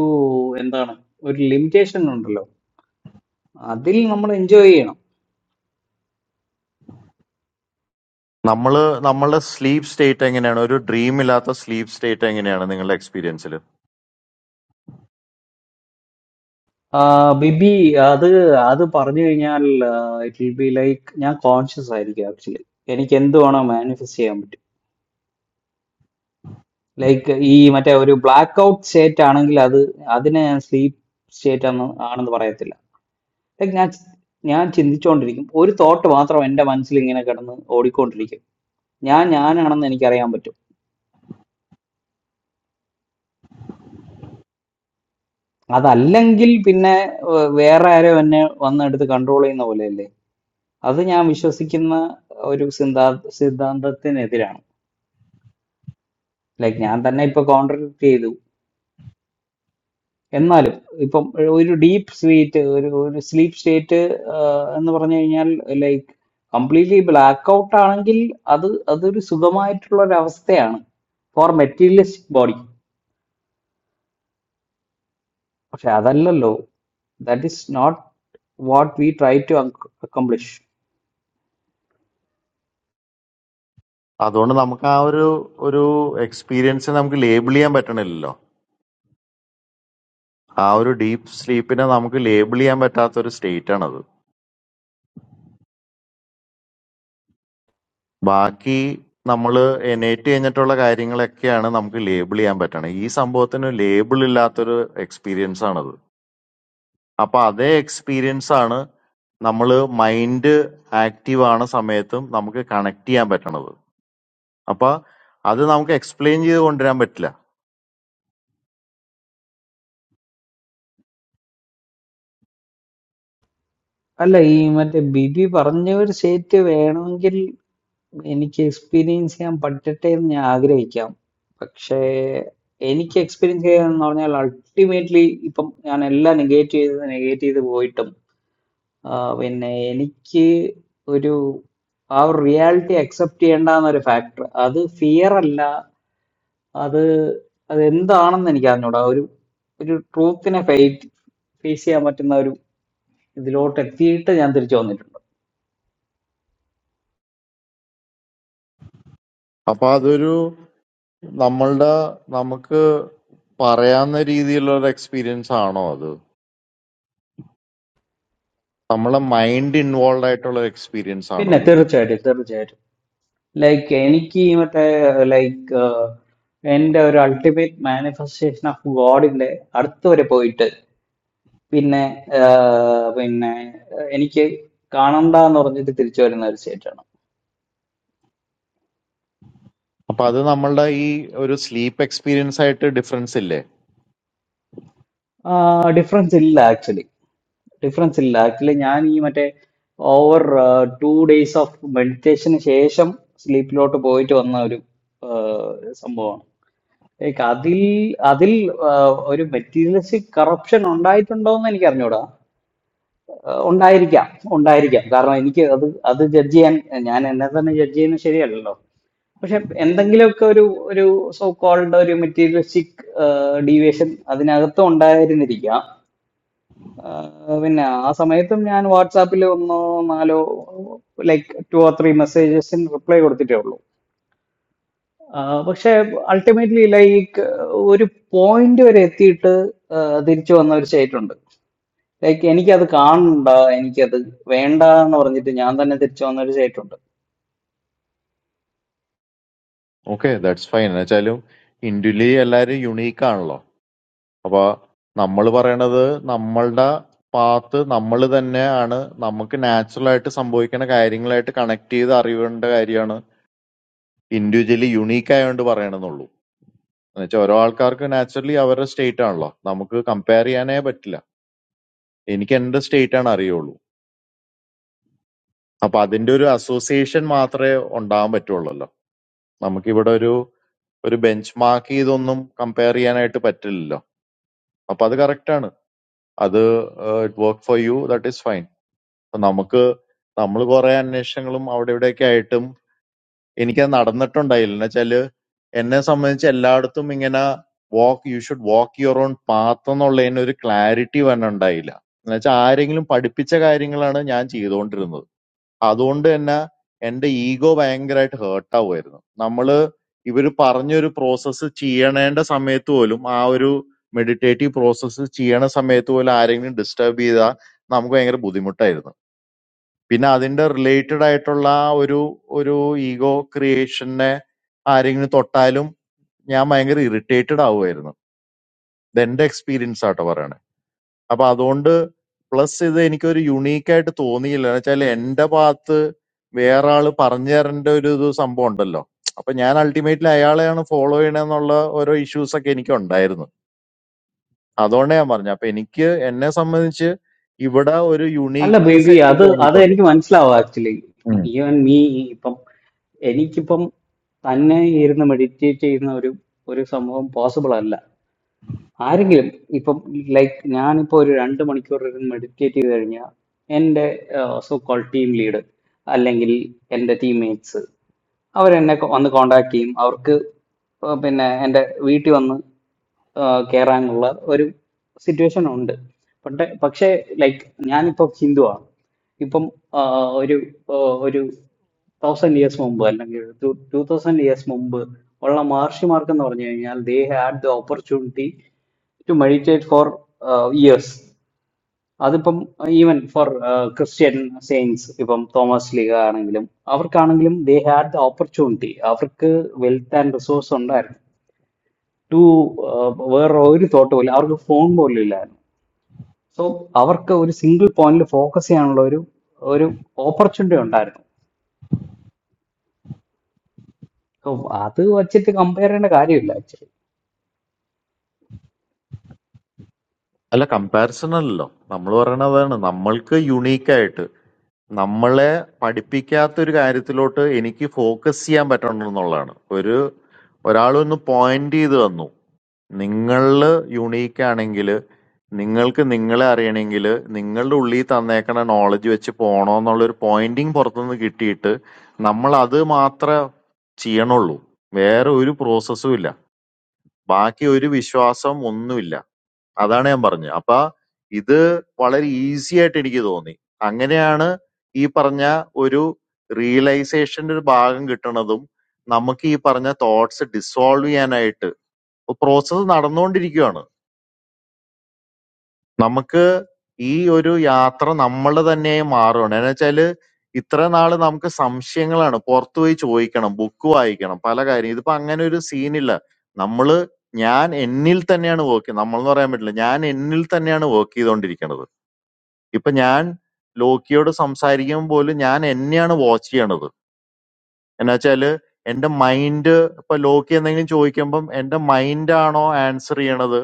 എന്താണ് ഒരു ലിമിറ്റേഷൻ ഉണ്ടല്ലോ അതിൽ നമ്മൾ എൻജോയ് ചെയ്യണം നമ്മള് നമ്മളുടെ സ്ലീപ്പ് സ്റ്റേറ്റ് എങ്ങനെയാണ് ഒരു ഡ്രീം ഇല്ലാത്ത സ്ലീപ്പ് സ്റ്റേറ്റ് എങ്ങനെയാണ് നിങ്ങളുടെ എക്സ്പീരിയൻസിൽ ആ, ബിബി അത് അത് പറഞ്ഞു കഴിഞ്ഞാൽ ഇറ്റ് വിൽ ബി ലൈക്ക് ഞാൻ കോൺഷ്യസ് ആയിരിക്കും ആക്ച്വലി എനിക്ക് എന്ത് വേണോ മാനിഫെസ്റ്റ് ചെയ്യാൻ പറ്റും ലൈക്ക് ഈ മറ്റേ ഒരു ബ്ലാക്ക് ഔട്ട് സ്റ്റേറ്റ് ആണെങ്കിൽ അത് അതിനെ ഞാൻ സ്ലീപ്പ് സ്റ്റേറ്റ് ആണ് ആണെന്ന് പറയത്തില്ല ലൈക്ക് ഞാൻ ഞാൻ ചിന്തിച്ചുകൊണ്ടിരിക്കും ഒരു തോട്ട് മാത്രം എൻ്റെ മനസ്സിൽ ഇങ്ങനെ കിടന്ന് ഓടിക്കൊണ്ടിരിക്കും ഞാൻ ഞാനാണെന്ന് എനിക്കറിയാൻ പറ്റും അതല്ലെങ്കിൽ പിന്നെ ഏർ വേറെ ആരോ എന്നെ വന്നെടുത്ത് കൺട്രോൾ ചെയ്യുന്ന പോലെയല്ലേ അത് ഞാൻ വിശ്വസിക്കുന്ന ഒരു സിദ്ധാ സിദ്ധാന്തത്തിനെതിരാണ് ലൈക്ക് ഞാൻ തന്നെ ഇപ്പൊ കോൺട്രഡിക്ട് ചെയ്തു എന്നാലും ഇപ്പം ഒരു ഡീപ്പ് സ്വീറ്റ് ഒരു ഒരു സ്ലീപ്പ് സ്റ്റേറ്റ് എന്ന് പറഞ്ഞു കഴിഞ്ഞാൽ ലൈക്ക് കംപ്ലീറ്റ്ലി ബ്ലാക്ക് ഔട്ട് ആണെങ്കിൽ അത് അതൊരു സുഖമായിട്ടുള്ള ഒരു അവസ്ഥയാണ് ഫോർ മെറ്റീരിയലിസ്റ്റിക് ബോഡി പക്ഷെ അതല്ലല്ലോ that is not what we try to accomplish അതുകൊണ്ട് നമുക്ക് ആ ഒരു ഒരു എക്സ്പീരിയൻസ് നമുക്ക് ലേബിൾ ചെയ്യാൻ പറ്റണില്ലല്ലോ ആ ഒരു ഡീപ്പ് സ്ലീപ്പിനെ നമുക്ക് ലേബിൾ ചെയ്യാൻ പറ്റാത്ത ഒരു സ്റ്റേറ്റ് ആണത് ബാക്കി നമ്മൾ എനേറ്റ് കഴിഞ്ഞിട്ടുള്ള കാര്യങ്ങളൊക്കെയാണ് നമുക്ക് ലേബിൾ ചെയ്യാൻ പറ്റണത് ഈ സംഭവത്തിന് ലേബിൾ ഇല്ലാത്തൊരു എക്സ്പീരിയൻസ് ആണത് അപ്പൊ അതേ എക്സ്പീരിയൻസ് ആണ് നമ്മൾ മൈൻഡ് ആക്റ്റീവ് ആണ സമയത്തും നമുക്ക് കണക്ട് ചെയ്യാൻ പറ്റണത് അപ്പൊ അത് നമുക്ക് എക്സ്പ്ലെയിൻ ചെയ്ത് കൊണ്ടുവരാൻ പറ്റില്ല അല്ല ഈ മറ്റേ ബിബി പറഞ്ഞ ഒരു സ്റ്റേറ്റ് വേണമെങ്കിൽ എനിക്ക് എക്സ്പീരിയൻസ് ചെയ്യാൻ പറ്റട്ടെ എന്ന് ഞാൻ ആഗ്രഹിക്കാം പക്ഷേ എനിക്ക് എക്സ്പീരിയൻസ് ചെയ്യാന്ന് പറഞ്ഞാൽ അൾട്ടിമേറ്റ്ലി ഇപ്പം ഞാൻ എല്ലാം നെഗേറ്റ് ചെയ്ത് നെഗേറ്റ് ചെയ്ത് പോയിട്ടും ആ, പിന്നെ എനിക്ക് ഒരു ആ ഒരു റിയാലിറ്റി അക്സെപ്റ്റ് ചെയ്യേണ്ടെന്ന ഒരു ഫാക്ടർ അത് ഫിയർ അല്ല അത് അത് എന്താണെന്ന് എനിക്ക് അറിഞ്ഞൂടാ ഒരു ഒരു ട്രൂത്തിനെ ഫേസ് ചെയ്യാൻ പറ്റുന്ന ഒരു ഇതിലോട്ട് എത്തിയിട്ട് ഞാൻ തിരിച്ചു വന്നിട്ടുണ്ട് അപ്പൊ അതൊരു നമ്മളുടെ നമുക്ക് പറയാവുന്ന രീതിയിലുള്ള ഒരു എക്സ്പീരിയൻസ് ആണോ അത് നമ്മളെ മൈൻഡ് ഇൻവോൾവ് ആയിട്ടുള്ള ഒരു എക്സ്പീരിയൻസ് ആണോ പിന്നെ അത് തീർച്ചയായിട്ടും തീർച്ചയായിട്ടും ലൈക്ക് എനിക്ക് മറ്റേ ലൈക്ക് എൻ്റെ ഒരു അൾട്ടിമേറ്റ് മാനിഫെസ്റ്റേഷൻ ഓഫ് ഗോഡിന്റെ അടുത്ത് വരെ പോയിട്ട് പിന്നെ ആഹ് പിന്നെ ആഹ് എനിക്ക് കാണണ്ട എന്ന് പറഞ്ഞിട്ട് തിരിച്ചു വരുന്ന ഒരു സ്റ്റേറ്റാണ് അപ്പൊ അത് നമ്മളുടെ ഈ ഒരു സ്ലീപ്പ് എക്സ്പീരിയൻസ് ആയിട്ട് ഡിഫറൻസ് ഇല്ലേ ഡിഫറൻസ് ഇല്ല ആക്ച്വലി ഡിഫറൻസ് ഇല്ല ആക്ച്വലി ഞാൻ ഈ മറ്റേ ഓവർ ടു ഡേയ്സ് ഓഫ് മെഡിറ്റേഷന് ശേഷം സ്ലീപ്പിലോട്ട് പോയിട്ട് വന്ന ഒരു ആഹ്, സംഭവമാണ് ലൈക്ക് അതിൽ അതിൽ ആഹ്, ഒരു മെറ്റീരിയലിസ്റ്റിക് കറപ്ഷൻ ഉണ്ടായിട്ടുണ്ടോ എന്ന് എനിക്ക് അറിഞ്ഞൂടാ ഏഹ് ഉണ്ടായിരിക്കാം ഉണ്ടായിരിക്കാം കാരണം എനിക്ക് അത് അത് ജഡ്ജ് ചെയ്യാൻ ഞാൻ എന്നെ തന്നെ ജഡ്ജ് ചെയ്യുന്നത് ശരിയല്ലല്ലോ പക്ഷെ എന്തെങ്കിലുമൊക്കെ ഒരു ഒരു സോ കോൾഡ് ഒരു മെറ്റീരിയലിസ്റ്റിക് ഡീവിയേഷൻ അതിനകത്തും ഉണ്ടായിരുന്നിരിക്കാം ഏഹ് പിന്നെ ആ സമയത്തും ഞാൻ വാട്സാപ്പിൽ ഒന്നോ നാലോ ലൈക്ക് ടു ഓർ ത്രീ മെസ്സേജസിന് റിപ്ലൈ കൊടുത്തിട്ടേ ഉള്ളൂ ആഹ് പക്ഷെ അൾട്ടിമേറ്റ്ലി ലൈക്ക് ഒരു പോയിന്റ് വരെ എത്തിയിട്ട് ആഹ് തിരിച്ചു വന്ന ഒരു സ്റ്റേറ്റ് ഉണ്ട് ലൈക്ക് എനിക്കത് കാണണ്ട എനിക്കത് വേണ്ട എന്ന് പറഞ്ഞിട്ട് ഞാൻ തന്നെ തിരിച്ചു വന്നൊരു ചേട്ടുണ്ട് ഓക്കെ ദാറ്റ്സ് ഫൈൻ എന്നുവെച്ചാലും ഇൻഡ്വിജ്വലി എല്ലാവരും യുണീക്ക് ആണല്ലോ അപ്പൊ നമ്മൾ പറയണത് നമ്മളുടെ പാത്ത് നമ്മൾ തന്നെയാണ് നമുക്ക് നാച്ചുറൽ ആയിട്ട് സംഭവിക്കുന്ന കാര്യങ്ങളായിട്ട് കണക്ട് ചെയ്ത് അറിയേണ്ട കാര്യമാണ് ഇൻഡിവിജ്വലി യുണീക്ക് ആയതുകൊണ്ട് പറയണമെന്നുള്ളൂ എന്നുവെച്ചാൽ ഓരോ ആൾക്കാർക്ക് നാച്ചുറലി അവരുടെ സ്റ്റേറ്റ് ആണല്ലോ നമുക്ക് കമ്പയർ ചെയ്യാനേ പറ്റില്ല എനിക്ക് എന്റെ സ്റ്റേറ്റ് ആണ് അറിയുള്ളൂ അപ്പൊ അതിന്റെ ഒരു അസോസിയേഷൻ മാത്രമേ ഉണ്ടാവാൻ പറ്റുള്ളല്ലോ നമുക്കിവിടെ ഒരു ഒരു ബെഞ്ച് മാർക്ക് ചെയ്തൊന്നും കമ്പയർ ചെയ്യാനായിട്ട് പറ്റില്ലല്ലോ അപ്പൊ അത് correct ആണ് അത് it work for you that is fine നമുക്ക് നമ്മൾ കുറെ അന്വേഷണങ്ങളും അവിടെ ഇവിടെയൊക്കെ ആയിട്ടും എനിക്കത് നടന്നിട്ടുണ്ടായില്ല എന്നുവെച്ചാല് എന്നെ സംബന്ധിച്ച് എല്ലായിടത്തും ഇങ്ങനെ walk you should walk your own path എന്നുള്ളതിന് ഒരു ക്ലാരിറ്റി തന്നെ ഉണ്ടായില്ല എന്നുവെച്ചാൽ ആരെങ്കിലും പഠിപ്പിച്ച കാര്യങ്ങളാണ് ഞാൻ ചെയ്തുകൊണ്ടിരുന്നത് അതുകൊണ്ട് തന്നെ എന്റെ ഈഗോ ഭയങ്കരമായിട്ട് ഹേർട്ടാവുമായിരുന്നു നമ്മള് ഇവര് പറഞ്ഞൊരു പ്രോസസ്സ് ചെയ്യണേണ്ട സമയത്ത് പോലും ആ ഒരു മെഡിറ്റേറ്റീവ് പ്രോസസ്സ് ചെയ്യണ സമയത്ത് പോലും ആരെങ്കിലും ഡിസ്റ്റർബ് ചെയ്താൽ നമുക്ക് ഭയങ്കര ബുദ്ധിമുട്ടായിരുന്നു പിന്നെ അതിന്റെ റിലേറ്റഡ് ആയിട്ടുള്ള ആ ഒരു ഒരു ഈഗോ ക്രിയേഷനെ ആരെങ്കിലും തൊട്ടാലും ഞാൻ ഭയങ്കര ഇറിറ്റേറ്റഡ് ആവുമായിരുന്നു ഇത് എന്റെ എക്സ്പീരിയൻസ് ആട്ടോ പറയണേ അപ്പൊ അതുകൊണ്ട് പ്ലസ് ഇത് എനിക്കൊരു യുണീക്ക് ആയിട്ട് തോന്നിയില്ല എന്ന് വെച്ചാൽ എന്റെ ഭാഗത്ത് വേറെ ആള് പറഞ്ഞു തരേണ്ട ഒരു ഇത് സംഭവം ഉണ്ടല്ലോ അപ്പൊ ഞാൻ അൾട്ടിമേറ്റ്ലി അയാളെയാണ് ഫോളോ ചെയ്യണമെന്നുള്ള ഓരോ ഇഷ്യൂസ് ഒക്കെ എനിക്ക് ഉണ്ടായിരുന്നു അതുകൊണ്ട് ഞാൻ പറഞ്ഞു അപ്പൊ എനിക്ക് എന്നെ സംബന്ധിച്ച് ഇവിടെ ഒരു അല്ല യുണീക്നെസ് ബേബി എനിക്ക് അത് അത് എനിക്ക് തോന്നിയിട്ടുണ്ട് മനസ്സിലാവും ആക്ച്വലി ഈവൻ മീ ഇപ്പം എനിക്കിപ്പം തന്നെ ഇരുന്ന് മെഡിറ്റേറ്റ് ചെയ്യുന്ന ഒരു ഒരു സംഭവം പോസിബിൾ അല്ല ആരെങ്കിലും ഇപ്പം ലൈക്ക് ഞാനിപ്പോ ഒരു രണ്ട് മണിക്കൂർ ഇരുന്ന് മെഡിറ്റേറ്റ് ചെയ്ത് കഴിഞ്ഞാൽ എൻ്റെ സോ കോൾ ടീം ലീഡ് അല്ലെങ്കിൽ എൻ്റെ ടീംമേറ്റ്സ് അവരെന്നെ കൊ- വന്ന് കോണ്ടാക്ട് ചെയ്യും അവർക്ക് ഇപ്പൊ പിന്നെ എൻ്റെ വീട്ടിൽ വന്ന് കയറാനുള്ള ഒരു സിറ്റുവേഷൻ ഉണ്ട് പണ്ട് പക്ഷേ ലൈക്ക് ഞാനിപ്പോ ഹിന്ദുവാണ് ഇപ്പം ആ, ഒരു ആ, ഒരു തൗസൻഡ് ഇയേഴ്സ് മുമ്പ് അല്ലെങ്കിൽ ടു തൗസൻഡ് ഇയേഴ്സ് മുമ്പ് ഉള്ള മഹർഷിമാർക്ക് എന്ന് പറഞ്ഞു കഴിഞ്ഞാൽ they had the opportunity to meditate for years അതിപ്പം ഈവൻ ഫോർ ക്രിസ്ത്യൻ സെയിൻസ് ഇപ്പം തോമസ് ലീഗ ആണെങ്കിലും അവർക്കാണെങ്കിലും ദേ ഹാഡ് ദ ഓപ്പർച്യൂണിറ്റി അവർക്ക് വെൽത്ത് ആൻഡ് റിസോഴ്സ് ഉണ്ടായിരുന്നു ടു വേറെ ഒരു തോട്ട് പോലും അവർക്ക് ഫോൺ പോലും ഇല്ലായിരുന്നു സോ അവർക്ക് ഒരു സിംഗിൾ പോയിന്റിൽ ഫോക്കസ് ചെയ്യാനുള്ള ഒരു ഒരു ഓപ്പർച്യൂണിറ്റി ഉണ്ടായിരുന്നു സോ അത് വച്ചിട്ട് കമ്പയർ ചെയ്യേണ്ട കാര്യമില്ല അല്ല കമ്പാരിസൺ അല്ലല്ലോ. നമ്മള് പറയണത് അതാണ്. നമ്മൾക്ക് യുണീക്ക് ആയിട്ട് നമ്മളെ പഠിപ്പിക്കാത്ത ഒരു കാര്യത്തിലോട്ട് എനിക്ക് ഫോക്കസ് ചെയ്യാൻ പറ്റണം എന്നുള്ളതാണ്. ഒരു ഒരാളൊന്ന് പോയിന്റ് ചെയ്ത് തന്നു. നിങ്ങള് യുണീക്ക് ആണെങ്കില് നിങ്ങൾക്ക് നിങ്ങളെ അറിയണമെങ്കില് നിങ്ങളുടെ ഉള്ളിൽ തന്നേക്കണ നോളജ് വെച്ച് പോണോന്നുള്ളൊരു പോയിന്റിങ് പുറത്തുനിന്ന് കിട്ടിയിട്ട് നമ്മൾ അത് മാത്രമേ ചെയ്യണുള്ളൂ. വേറെ ഒരു പ്രോസസ്സും ഇല്ല. ബാക്കി ഒരു വിശ്വാസം ഒന്നുമില്ല. അതാണ് ഞാൻ പറഞ്ഞത്. അപ്പൊ ഇത് വളരെ ഈസി ആയിട്ട് എനിക്ക് തോന്നി. അങ്ങനെയാണ് ഈ പറഞ്ഞ ഒരു റിയലൈസേഷന്റെ ഒരു ഭാഗം കിട്ടണതും നമുക്ക് ഈ പറഞ്ഞ തോട്ട്സ് ഡിസോൾവ് ചെയ്യാനായിട്ട് പ്രോസസ്സ് നടന്നുകൊണ്ടിരിക്കുകയാണ്. നമുക്ക് ഈ ഒരു യാത്ര നമ്മള് തന്നെയായി മാറുകയാണ്. എന്ന് വെച്ചാല് ഇത്ര നാള് നമുക്ക് സംശയങ്ങളാണ് പുറത്തു പോയി ചോദിക്കണം, ബുക്ക് വായിക്കണം, പല കാര്യം. ഇതിപ്പോ അങ്ങനെ ഒരു സീനില്ല. നമ്മള് ഞാൻ എന്നിൽ തന്നെയാണ് വർക്ക് നമ്മൾ എന്ന് പറയാൻ പറ്റില്ല. ഞാൻ എന്നിൽ തന്നെയാണ് വർക്ക് ചെയ്തുകൊണ്ടിരിക്കുന്നത്. ഇപ്പൊ ഞാൻ ലോക്കിയോട് സംസാരിക്കുമ്പോൾ പോലും ഞാൻ എന്നെയാണ് വാച്ച് ചെയ്യണത് എന്നുവെച്ചാല് എന്റെ മൈൻഡ് ഇപ്പൊ ലോക്കി എന്തെങ്കിലും ചോദിക്കുമ്പം എന്റെ മൈൻഡാണോ ആൻസർ ചെയ്യണത്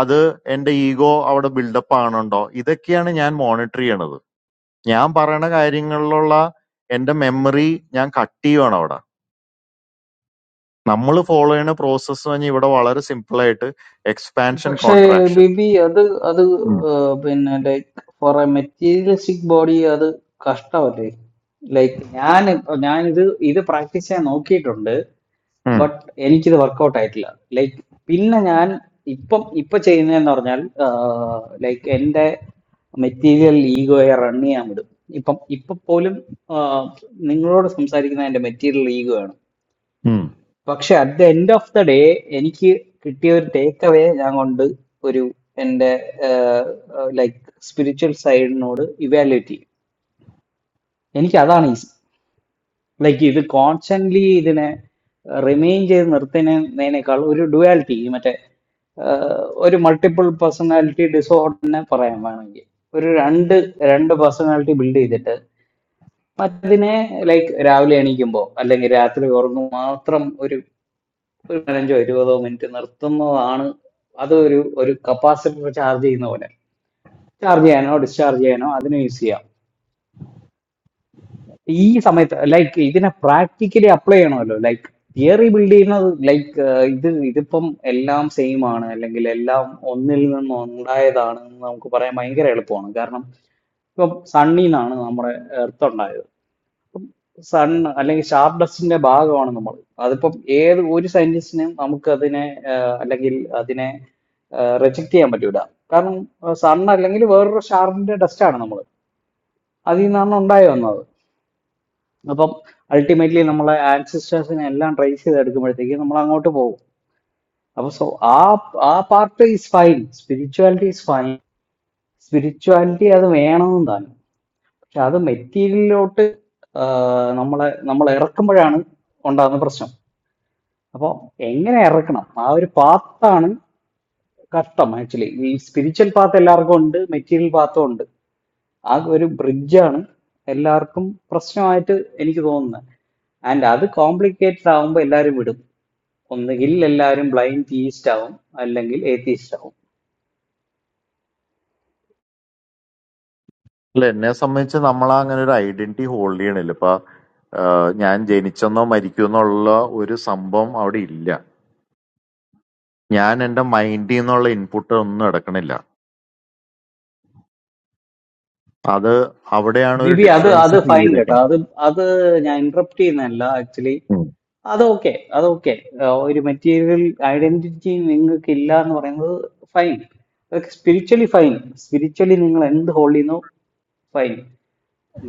അത് എന്റെ ഈഗോ അവിടെ ബിൽഡപ്പ് ആണുണ്ടോ ഇതൊക്കെയാണ് ഞാൻ മോണിറ്റർ ചെയ്യണത് ഞാൻ പറയണ കാര്യങ്ങളിലുള്ള എന്റെ മെമ്മറി ഞാൻ കട്ട് ചെയ്യുവാണ് അവിടെ നമ്മൾ ഫോളോ ചെയ്യുന്ന പ്രോസസ്സ് പറഞ്ഞാൽ ഇവിടെ വളരെ സിമ്പിൾ ആയിട്ട് എക്സ്പാൻഷൻ പക്ഷേ കോൺട്രാക്ഷൻ ബിബി അത് അത് ഏർ പിന്നെ like for a materialistic body അത് കഷ്ടമല്ലേ ലൈക്ക് ഞാൻ ഞാൻ ഇത് ഇത് പ്രാക്ടീസ് ചെയ്യാൻ നോക്കിയിട്ടുണ്ട് ബട്ട് എനിക്കിത് വർക്കൗട്ട് ആയിട്ടില്ല ലൈക്ക് പിന്നെ ഞാൻ ഇപ്പം ഇപ്പൊ ചെയ്യുന്നതെന്ന് പറഞ്ഞാൽ ലൈക്ക് എൻ്റെ മെറ്റീരിയൽ ഈഗോയെ റൺ ചെയ്യാൻ വിടും ഇപ്പം ഇപ്പൊ പോലും ആഹ് നിങ്ങളോട് സംസാരിക്കുന്ന എൻ്റെ മെറ്റീരിയൽ ഈഗോ ആണ് പക്ഷെ at the end of the day എനിക്ക് കിട്ടിയ ഒരു ടേക്ക് അവേ ഞാൻ കൊണ്ട് ഒരു എൻ്റെ ലൈക്ക് സ്പിരിച്വൽ സൈഡിനോട് ഇവാലുവേറ്റ് ചെയ്യും എനിക്ക് അതാണ് ഈസി ലൈക്ക് ഇത് കോൺസ്റ്റന്റ്ലി ഇതിനെ റിമെയിൻ ചെയ്ത് നിർത്തുന്നതിനേക്കാൾ ഒരു ഡുവാലിറ്റി മറ്റേ ആഹ് ഒരു മൾട്ടിപ്പിൾ പേഴ്സണാലിറ്റി ഡിസോർഡറിനെ പറയാൻ വേണമെങ്കിൽ ഒരു രണ്ട് രണ്ട് പേഴ്സണാലിറ്റി ബിൽഡ് ചെയ്തിട്ട് മറ്റതിനെ ലൈക്ക് രാവിലെ എണീക്കുമ്പോൾ അല്ലെങ്കിൽ രാത്രി ഉറങ്ങുമ്പോൾ മാത്രം ഒരു ഒരു പതിനഞ്ചോ ഇരുപതോ മിനിറ്റ് നിർത്തുന്നതാണ് അത് ഒരു ഒരു കപ്പാസിറ്റർ ചാർജ് ചെയ്യുന്ന പോലെ ചാർജ് ചെയ്യാനോ ഡിസ്ചാർജ് ചെയ്യാനോ അതിന് യൂസ് ചെയ്യാം ഈ സമയത്ത് ലൈക്ക് ഇതിനെ പ്രാക്ടിക്കലി അപ്ലൈ ചെയ്യണമല്ലോ ലൈക്ക് തിയറി ബിൽഡ് ചെയ്യുന്നത് ലൈക്ക് ഇത് ഇതിപ്പം എല്ലാം സെയിം ആണ് അല്ലെങ്കിൽ എല്ലാം ഒന്നിൽ നിന്ന് ഉണ്ടായതാണ് എന്ന് നമുക്ക് പറയാൻ ഭയങ്കര എളുപ്പമാണ് കാരണം ഇപ്പം സണ്ണിന്നാണ് നമ്മുടെ എർത്ത് ഉണ്ടായത് സൺ അല്ലെങ്കിൽ ഷാർപ്പ് ഡസ്റ്റിന്റെ ഭാഗമാണ് നമ്മൾ അതിപ്പം ഏത് ഒരു സയന്റിസ്റ്റിനും നമുക്ക് അതിനെ അല്ലെങ്കിൽ അതിനെ റിജക്റ്റ് ചെയ്യാൻ പറ്റൂല കാരണം സൺ അല്ലെങ്കിൽ വേറൊരു ഷാർപ്പിന്റെ ഡസ്റ്റ് ആണ് നമ്മൾ അതിൽ നിന്നാണ് ഉണ്ടായി വന്നത് അപ്പം അൾട്ടിമേറ്റ്ലി നമ്മളെ ആൻസിസ്റ്റേഴ്സിനെ എല്ലാം ട്രേസ് ചെയ്തെടുക്കുമ്പോഴത്തേക്ക് നമ്മൾ അങ്ങോട്ട് പോകും അപ്പൊ സോ ആ ആ part is fine spirituality is fine spirituality അത് വേണമെന്ന് താനും പക്ഷെ അത് മെറ്റീരിയലിലോട്ട് നമ്മളെ നമ്മൾ ഇറക്കുമ്പോഴാണ് ഉണ്ടാകുന്ന പ്രശ്നം അപ്പോൾ എങ്ങനെ ഇറക്കണം ആ ഒരു പാത്താണ് കഷ്ടം ആക്ച്വലി ഈ സ്പിരിച്വൽ പാത്ത് എല്ലാവർക്കും ഉണ്ട് മെറ്റീരിയൽ പാത്തും ഉണ്ട് ആ ഒരു ബ്രിഡ്ജാണ് എല്ലാവർക്കും പ്രശ്നമായിട്ട് എനിക്ക് തോന്നുന്നത് ആൻഡ് അത് കോംപ്ലിക്കേറ്റഡ് ആവുമ്പോൾ എല്ലാവരും വിടും ഒന്നുകിൽ എല്ലാവരും ബ്ലൈൻഡ് തീയിസ്റ്റ് ആവും അല്ലെങ്കിൽ ഏത്തീസ്റ്റ് ആവും അല്ല എന്നെ സംബന്ധിച്ച് നമ്മൾ അങ്ങനെ ഒരു ഐഡന്റിറ്റി ഹോൾഡ് ചെയ്യണില്ല ഇപ്പൊ ആ, ഞാൻ ജനിച്ചെന്നോ മരിക്കുമെന്നോ ഉള്ള ഒരു സംഭവം അവിടെ ഇല്ല ഞാൻ എന്റെ മൈൻഡിൽ നിന്നുള്ള ഇൻപുട്ട് ഒന്നും എടുക്കണില്ല അത് അവിടെയാണ് ഒരു ബിബി അത് ഡിഫറൻസ് അത് ഫീൽ ഫൈൻ കേട്ടോ ചെയ്തേക്കുന്നത് അത് അത് ഞാൻ ഇന്ററപ്റ്റ് ചെയ്യുന്നതല്ല ആക്ച്വലി അതൊക്കെ അതൊക്കെ ആഹ് ഒരു മെറ്റീരിയൽ ഐഡന്റിറ്റി നിങ്ങൾക്ക് ഇല്ല എന്ന് പറയുന്നത് ഫൈൻ അതൊക്കെ സ്പിരിച്വലി ഫൈൻ സ്പിരിച്വലി നിങ്ങൾ എന്ത് ഹോൾഡ് ചെയ്യുന്നു ഫൈൻ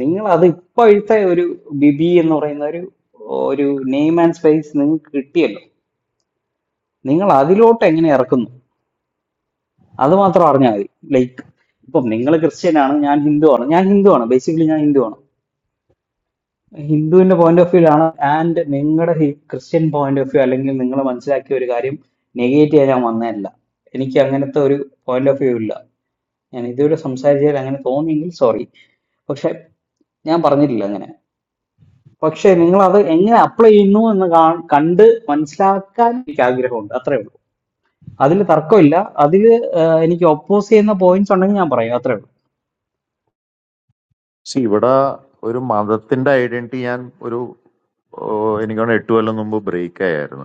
നിങ്ങൾ അത് ഇപ്പോഴത്തെ ഒരു ബിബി എന്ന് പറയുന്ന ഒരു ഒരു നെയിം ആൻഡ് സ്പേസ് നിങ്ങൾക്ക് കിട്ടിയല്ലോ നിങ്ങൾ അതിലോട്ട് എങ്ങനെ ഇറക്കുന്നു അത് മാത്രം അറിഞ്ഞാൽ മതി ലൈക്ക് ഇപ്പം നിങ്ങൾ ക്രിസ്ത്യൻ ആണ് ഞാൻ ഹിന്ദു ആണ് ഞാൻ ഹിന്ദു ആണ് ബേസിക്കലി ഞാൻ ഹിന്ദു ആണ് ഹിന്ദുവിന്റെ പോയിന്റ് ഓഫ് വ്യൂലാണ് ആൻഡ് നിങ്ങളുടെ ക്രിസ്ത്യൻ പോയിന്റ് ഓഫ് വ്യൂ അല്ലെങ്കിൽ നിങ്ങൾ മനസ്സിലാക്കിയ ഒരു കാര്യം നെഗേറ്റ് ചെയ്യാൻ ഞാൻ വന്നതല്ല എനിക്ക് അങ്ങനത്തെ ഒരു പോയിന്റ് ഓഫ് വ്യൂ ഇല്ല ഞാൻ ഇതുവരെ സംസാരിച്ചാൽ അങ്ങനെ തോന്നിയെങ്കിൽ സോറി പക്ഷെ ഞാൻ പറഞ്ഞിട്ടില്ല അങ്ങനെ പക്ഷെ നിങ്ങൾ അത് എങ്ങനെ അപ്ലൈ ചെയ്യുന്നു എന്ന് കാ- കണ്ട് മനസ്സിലാക്കാൻ എനിക്ക് ആഗ്രഹമുണ്ട് അത്രേ ഉള്ളൂ അതിൽ തർക്കമില്ല അതിൽ എനിക്ക് ഒപ്പോസ് ചെയ്യുന്ന പോയിന്റ്സ് ഉണ്ടെങ്കിൽ ഞാൻ പറയും അത്രേ ഉള്ളൂ പക്ഷെ ഇവിടെ ഒരു മതത്തിന്റെ ഐഡന്റിറ്റി ഞാൻ ഒരു ഓ, എനിക്ക് തോന്നുന്നു എട്ട് കൊല്ലം മുമ്പ് ബ്രേക്ക് ആയായിരുന്നു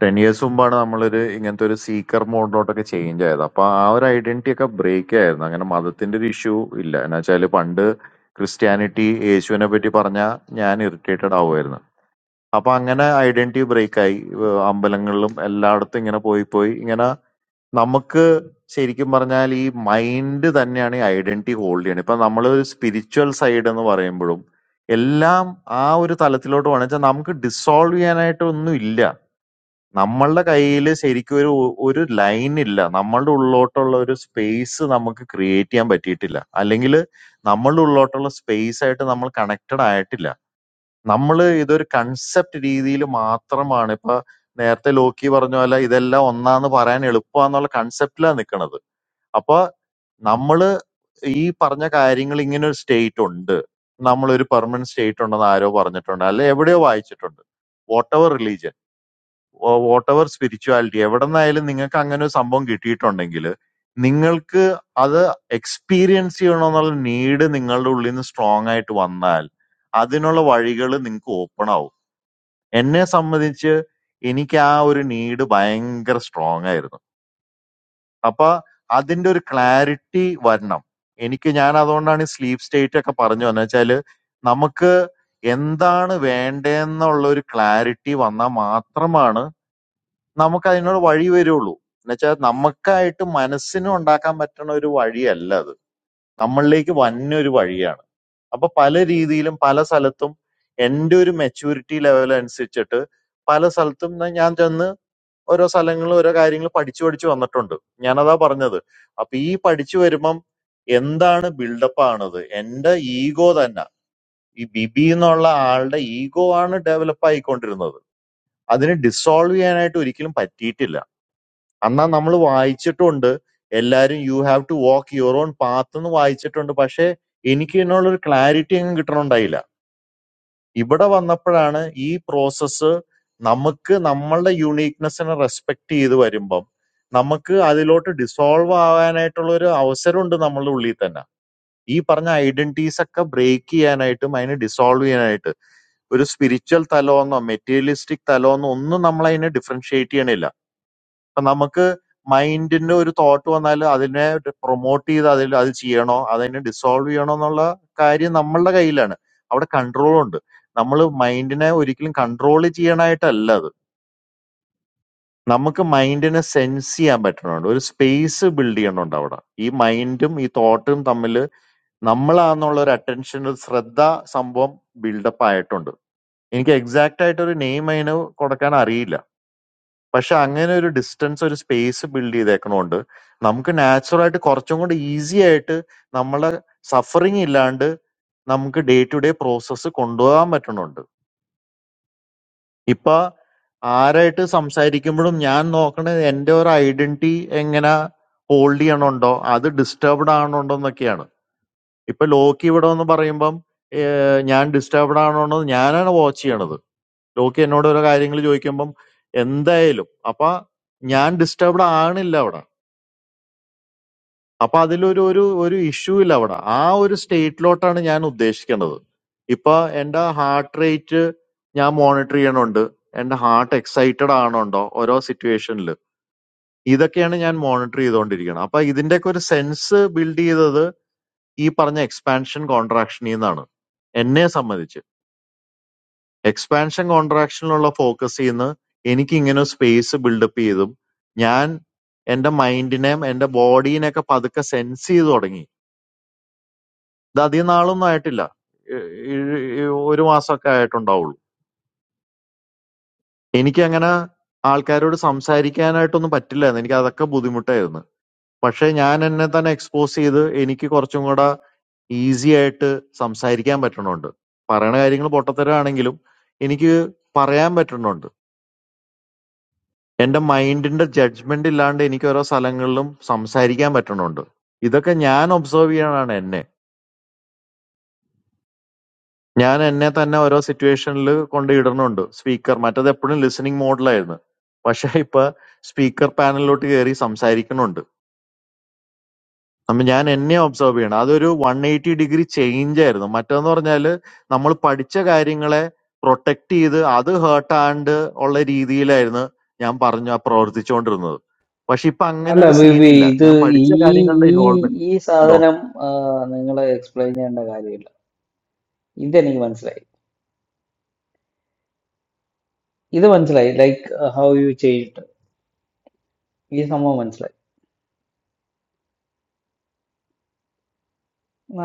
ടെൻ ഇയേഴ്സ് മുമ്പാണ് നമ്മളൊരു ഇങ്ങനത്തെ ഒരു സീക്കർ മോഡിലോട്ടൊക്കെ ചേഞ്ച് ആയത് അപ്പൊ ആ ഒരു ഐഡന്റിറ്റി ഒക്കെ ബ്രേക്ക് ആയിരുന്നു അങ്ങനെ മതത്തിന്റെ ഒരു ഇഷ്യൂ ഇല്ല എന്ന് വെച്ചാല് പണ്ട് ക്രിസ്ത്യാനിറ്റി യേശുവിനെ പറ്റി പറഞ്ഞാൽ ഞാൻ ഇറിറ്റേറ്റഡ് ആവുമായിരുന്നു അപ്പൊ അങ്ങനെ ഐഡന്റിറ്റി ബ്രേക്ക് ആയി ഏഹ് അമ്പലങ്ങളിലും എല്ലായിടത്തും ഇങ്ങനെ പോയി പോയി ഇങ്ങനെ നമുക്ക് ശരിക്കും പറഞ്ഞാൽ ഈ മൈൻഡ് തന്നെയാണ് ഈ ഐഡന്റിറ്റി ഹോൾഡ് ചെയ്യണത് ഇപ്പൊ നമ്മൾ സ്പിരിച്വൽ സൈഡ് എന്ന് പറയുമ്പോഴും എല്ലാം ആ ഒരു തലത്തിലോട്ട് വേണമെന്ന് വെച്ചാൽ നമുക്ക് ഡിസോൾവ് ചെയ്യാനായിട്ട് ഒന്നും ഇല്ല നമ്മളുടെ കയ്യിൽ ശരിക്കും ഒരു ഒരു ലൈൻ ഇല്ല നമ്മളുടെ ഉള്ളോട്ടുള്ള ഒരു സ്പേസ് നമുക്ക് ക്രിയേറ്റ് ചെയ്യാൻ പറ്റിയിട്ടില്ല അല്ലെങ്കിൽ നമ്മളുടെ ഉള്ളോട്ടുള്ള സ്പേസ് ആയിട്ട് നമ്മൾ കണക്റ്റഡ് ആയിട്ടില്ല നമ്മൾ ഇതൊരു കൺസെപ്റ്റ് രീതിയിൽ മാത്രമാണ് ഇപ്പൊ നേരത്തെ ലോക്കി പറഞ്ഞ പോലെ ഇതെല്ലാം ഒന്നാന്ന് പറയാൻ എളുപ്പമാന്നുള്ള കൺസെപ്റ്റിലാണ് നിൽക്കുന്നത് അപ്പൊ നമ്മള് ഈ പറഞ്ഞ കാര്യങ്ങൾ ഇങ്ങനെ ഒരു സ്റ്റേറ്റ് ഉണ്ട് നമ്മളൊരു പെർമനന്റ് സ്റ്റേറ്റ് ഉണ്ടെന്ന് ആരോ പറഞ്ഞിട്ടുണ്ട് അല്ലെ എവിടെയോ വായിച്ചിട്ടുണ്ട് whatever religion whatever spirituality എവിടെ നിന്നായാലും നിങ്ങൾക്ക് അങ്ങനെ ഒരു സംഭവം കിട്ടിയിട്ടുണ്ടെങ്കിൽ നിങ്ങൾക്ക് അത് എക്സ്പീരിയൻസ് ചെയ്യണമെന്നുള്ള നീഡ് നിങ്ങളുടെ ഉള്ളിൽ നിന്ന് സ്ട്രോങ് ആയിട്ട് വന്നാൽ അതിനുള്ള വഴികൾ നിങ്ങൾക്ക് ഓപ്പൺ ആവും എന്നെ സംബന്ധിച്ച് എനിക്ക് ആ ഒരു നീഡ് ഭയങ്കര സ്ട്രോങ് ആയിരുന്നു അപ്പൊ അതിന്റെ ഒരു ക്ലാരിറ്റി വരണം എനിക്ക് ഞാൻ അതുകൊണ്ടാണ് ഈ സ്ലീപ്പ് സ്റ്റേറ്റ് ഒക്കെ പറഞ്ഞു വന്നത് വെച്ചാല് നമുക്ക് എന്താണ് വേണ്ടതെന്നുള്ള ഒരു ക്ലാരിറ്റി വന്നാൽ മാത്രമാണ് നമുക്ക് അതിനൊരു വഴി വരുള്ളൂ എന്നുവെച്ചാൽ നമുക്കായിട്ട് മനസ്സിനും ഉണ്ടാക്കാൻ പറ്റുന്ന ഒരു വഴിയല്ല അത് നമ്മളിലേക്ക് വന്നൊരു വഴിയാണ് അപ്പൊ പല രീതിയിലും പല സ്ഥലത്തും എൻ്റെ ഒരു മെച്യൂരിറ്റി ലെവൽ അനുസരിച്ചിട്ട് പല സ്ഥലത്തും ന- ഞാൻ ചെന്ന് ഓരോ സ്ഥലങ്ങളിൽ ഓരോ കാര്യങ്ങൾ പഠിച്ചു പഠിച്ചു വന്നിട്ടുണ്ട് ഞാനതാ പറഞ്ഞത് അപ്പൊ ഈ പഠിച്ചു വരുമ്പം എന്താണ് ബിൽഡപ്പ് ആണത് എൻ്റെ ഈഗോ തന്നെ ഈ ബിബി എന്നുള്ള ആളുടെ ഈഗോ ആണ് ഡെവലപ്പ് ആയിക്കൊണ്ടിരുന്നത് അതിനെ ഡിസോൾവ് ചെയ്യാനായിട്ട് ഒരിക്കലും പറ്റിയിട്ടില്ല അന്നാ നമ്മൾ വായിച്ചിട്ടുണ്ട് എല്ലാരും you have to walk your own path എന്ന് വായിച്ചിട്ടുണ്ട് പക്ഷേ എനിക്ക് ഇതിനുള്ളൊരു ക്ലാരിറ്റി അങ്ങ് കിട്ടണുണ്ടായില്ല ഇവിടെ വന്നപ്പോഴാണ് ഈ പ്രോസസ്സ് നമുക്ക് നമ്മളുടെ യുണീക്നെസ്സിനെ റെസ്പെക്ട് ചെയ്ത് വരുമ്പം നമുക്ക് അതിലോട്ട് ഡിസോൾവ് ആവാനായിട്ടുള്ള ഒരു അവസരമുണ്ട് നമ്മളുടെ ഉള്ളിൽ തന്നെ ഈ പറഞ്ഞ ഐഡന്റിറ്റീസ് ഒക്കെ ബ്രേക്ക് ചെയ്യാനായിട്ടും അതിനെ ഡിസോൾവ് ചെയ്യാനായിട്ട് ഒരു സ്പിരിച്വൽ തലമെന്നോ മെറ്റീരിയലിസ്റ്റിക് തലമെന്നോ ഒന്നും നമ്മൾ അതിനെ ഡിഫറൻഷിയേറ്റ് ചെയ്യണില്ല അപ്പൊ നമുക്ക് മൈൻഡിന്റെ ഒരു തോട്ട് വന്നാൽ അതിനെ പ്രൊമോട്ട് ചെയ്ത് അതിൽ അത് ചെയ്യണോ അതിനെ ഡിസോൾവ് ചെയ്യണോ എന്നുള്ള കാര്യം നമ്മളുടെ കയ്യിലാണ് അവിടെ കൺട്രോൾ ഉണ്ട് നമ്മൾ മൈൻഡിനെ ഒരിക്കലും കൺട്രോൾ ചെയ്യണായിട്ടല്ല അത് നമുക്ക് മൈൻഡിനെ സെൻസ് ചെയ്യാൻ പറ്റണുണ്ട് ഒരു സ്പേസ് ബിൽഡ് ചെയ്യണുണ്ട് അവിടെ ഈ മൈൻഡും ഈ തോട്ടും തമ്മിൽ നമ്മളാന്നുള്ള ഒരു അറ്റൻഷൻ ഒരു ശ്രദ്ധ സംഭവം ബിൽഡപ്പ് ആയിട്ടുണ്ട് എനിക്ക് എക്സാക്ട് ആയിട്ട് ഒരു നെയിം അതിന് കൊടുക്കാൻ അറിയില്ല പക്ഷെ അങ്ങനെ ഒരു ഡിസ്റ്റൻസ് ഒരു സ്പേസ് ബിൽഡ് ചെയ്തേക്കണോണ്ട് നമുക്ക് നാച്ചുറൽ ആയിട്ട് കുറച്ചും കൂടി ഈസി ആയിട്ട് നമ്മളെ സഫറിങ് ഇല്ലാണ്ട് നമുക്ക് ഡേ ടു ഡേ പ്രോസസ്സ് കൊണ്ടുപോകാൻ പറ്റണുണ്ട് ഇപ്പൊ ആരായിട്ട് സംസാരിക്കുമ്പോഴും ഞാൻ നോക്കണത് എന്റെ ഒരു ഐഡന്റിറ്റി എങ്ങനെ ഹോൾഡ് ചെയ്യണുണ്ടോ അത് ഡിസ്റ്റർബ്ഡ് ആണുണ്ടോ എന്നൊക്കെയാണ് ഇപ്പൊ ലോക്ക് ഇവിടെ എന്ന് പറയുമ്പം ഏഹ്, ഞാൻ ഡിസ്റ്റർബ്ഡ് ആണോന്ന് ഞാനാണ് വാച്ച് ചെയ്യണത് ലോക്കി എന്നോട് ഓരോ കാര്യങ്ങൾ ചോദിക്കുമ്പം എന്തായാലും അപ്പൊ ഞാൻ ഡിസ്റ്റർബ്ഡ് ആണില്ല അവിടെ അപ്പൊ അതിലൊരു ഒരു ഒരു ഇഷ്യൂ ഇല്ല അവിടെ ആ ഒരു സ്റ്റേറ്റിലോട്ടാണ് ഞാൻ ഉദ്ദേശിക്കുന്നത് ഇപ്പൊ എന്റെ ഹാർട്ട് റേറ്റ് ഞാൻ മോണിറ്റർ ചെയ്യണുണ്ട് എന്റെ ഹാർട്ട് എക്സൈറ്റഡ് ആണുണ്ടോ ഓരോ സിറ്റുവേഷനിൽ ഇതൊക്കെയാണ് ഞാൻ മോണിറ്റർ ചെയ്തുകൊണ്ടിരിക്കുന്നത് അപ്പൊ ഇതിന്റെയൊക്കെ ഒരു സെൻസ് ബിൽഡ് ചെയ്തത് ഈ പറഞ്ഞ എക്സ്പാൻഷൻ കോൺട്രാക്ഷനിൽ നിന്നാണ് എന്നെ സംബന്ധിച്ച് എക്സ്പാൻഷൻ കോൺട്രാക്ഷനിലുള്ള ഫോക്കസീന്ന് എനിക്കിങ്ങനെ സ്പേസ് ബിൽഡപ്പ് ചെയ്തും ഞാൻ എന്റെ മൈൻഡിനെയും എന്റെ ബോഡീനെയൊക്കെ പതുക്കെ സെൻസ് ചെയ്ത് തുടങ്ങി ഇത് അധികം നാളൊന്നും ആയിട്ടില്ല ഏഹ് ഏഹ് ഏഹ് ഒരു മാസമൊക്കെ ആയിട്ടുണ്ടാവുള്ളൂ എനിക്കങ്ങനെ ആൾക്കാരോട് സംസാരിക്കാനായിട്ടൊന്നും പറ്റില്ലായിരുന്നു എനിക്ക് അതൊക്കെ ബുദ്ധിമുട്ടായിരുന്നു പക്ഷെ ഞാൻ എന്നെ തന്നെ എക്സ്പോസ് ചെയ്ത് എനിക്ക് കുറച്ചും കൂടെ ഈസി ആയിട്ട് സംസാരിക്കാൻ പറ്റണുണ്ട് പറയണ കാര്യങ്ങൾ പൊട്ടത്തരാണെങ്കിലും എനിക്ക് പറയാൻ പറ്റുന്നുണ്ട് എന്റെ മൈൻഡിന്റെ ജഡ്ജ്മെന്റ് ഇല്ലാണ്ട് എനിക്ക് ഓരോ സ്ഥലങ്ങളിലും സംസാരിക്കാൻ പറ്റണുണ്ട്. ഇതൊക്കെ ഞാൻ ഒബ്സർവ് ചെയ്യണതാണ് എന്നെ. ഞാൻ എന്നെ തന്നെ ഓരോ സിറ്റുവേഷനിൽ കൊണ്ട് ഇടണുണ്ട്. സ്പീക്കർ മറ്റത് എപ്പോഴും ലിസണിങ് മോഡിലായിരുന്നു. പക്ഷെ ഇപ്പൊ സ്പീക്കർ പാനലിലോട്ട് കയറി സംസാരിക്കണുണ്ട്. അപ്പൊ ഞാൻ എന്നെ ഒബ്സർവ് ചെയ്യണം അതൊരു വൺ എയ്റ്റി ഡിഗ്രി ചേഞ്ച് ആയിരുന്നു മറ്റേന്ന് പറഞ്ഞാല് നമ്മൾ പഠിച്ച കാര്യങ്ങളെ പ്രൊട്ടക്ട് ചെയ്ത് അത് ഹേർട്ടാണ്ട് ഉള്ള രീതിയിലായിരുന്നു ഞാൻ പറഞ്ഞു ആ പ്രവർത്തിച്ചുകൊണ്ടിരുന്നത് പക്ഷെ ഇപ്പൊ അങ്ങനെ അല്ല ഒരു ബേബി സീനില്ല ഇത് ഞാൻ ഈ പഠിച്ച കാര്യങ്ങളുടെ ഈ ഇൻവോൾവ്മെന്റ് ഈ ഉണ്ടോ സാധനം നിങ്ങൾ എക്സ്പ്ലെയിൻ ചെയ്യേണ്ട കാര്യമില്ല ഇതെനിക്ക് മനസ്സിലായി ഇത് മനസ്സിലായി ലൈക്ക് ഹൗ യു ചെയ്ഡ് ഈ സംഭവം മനസ്സിലായി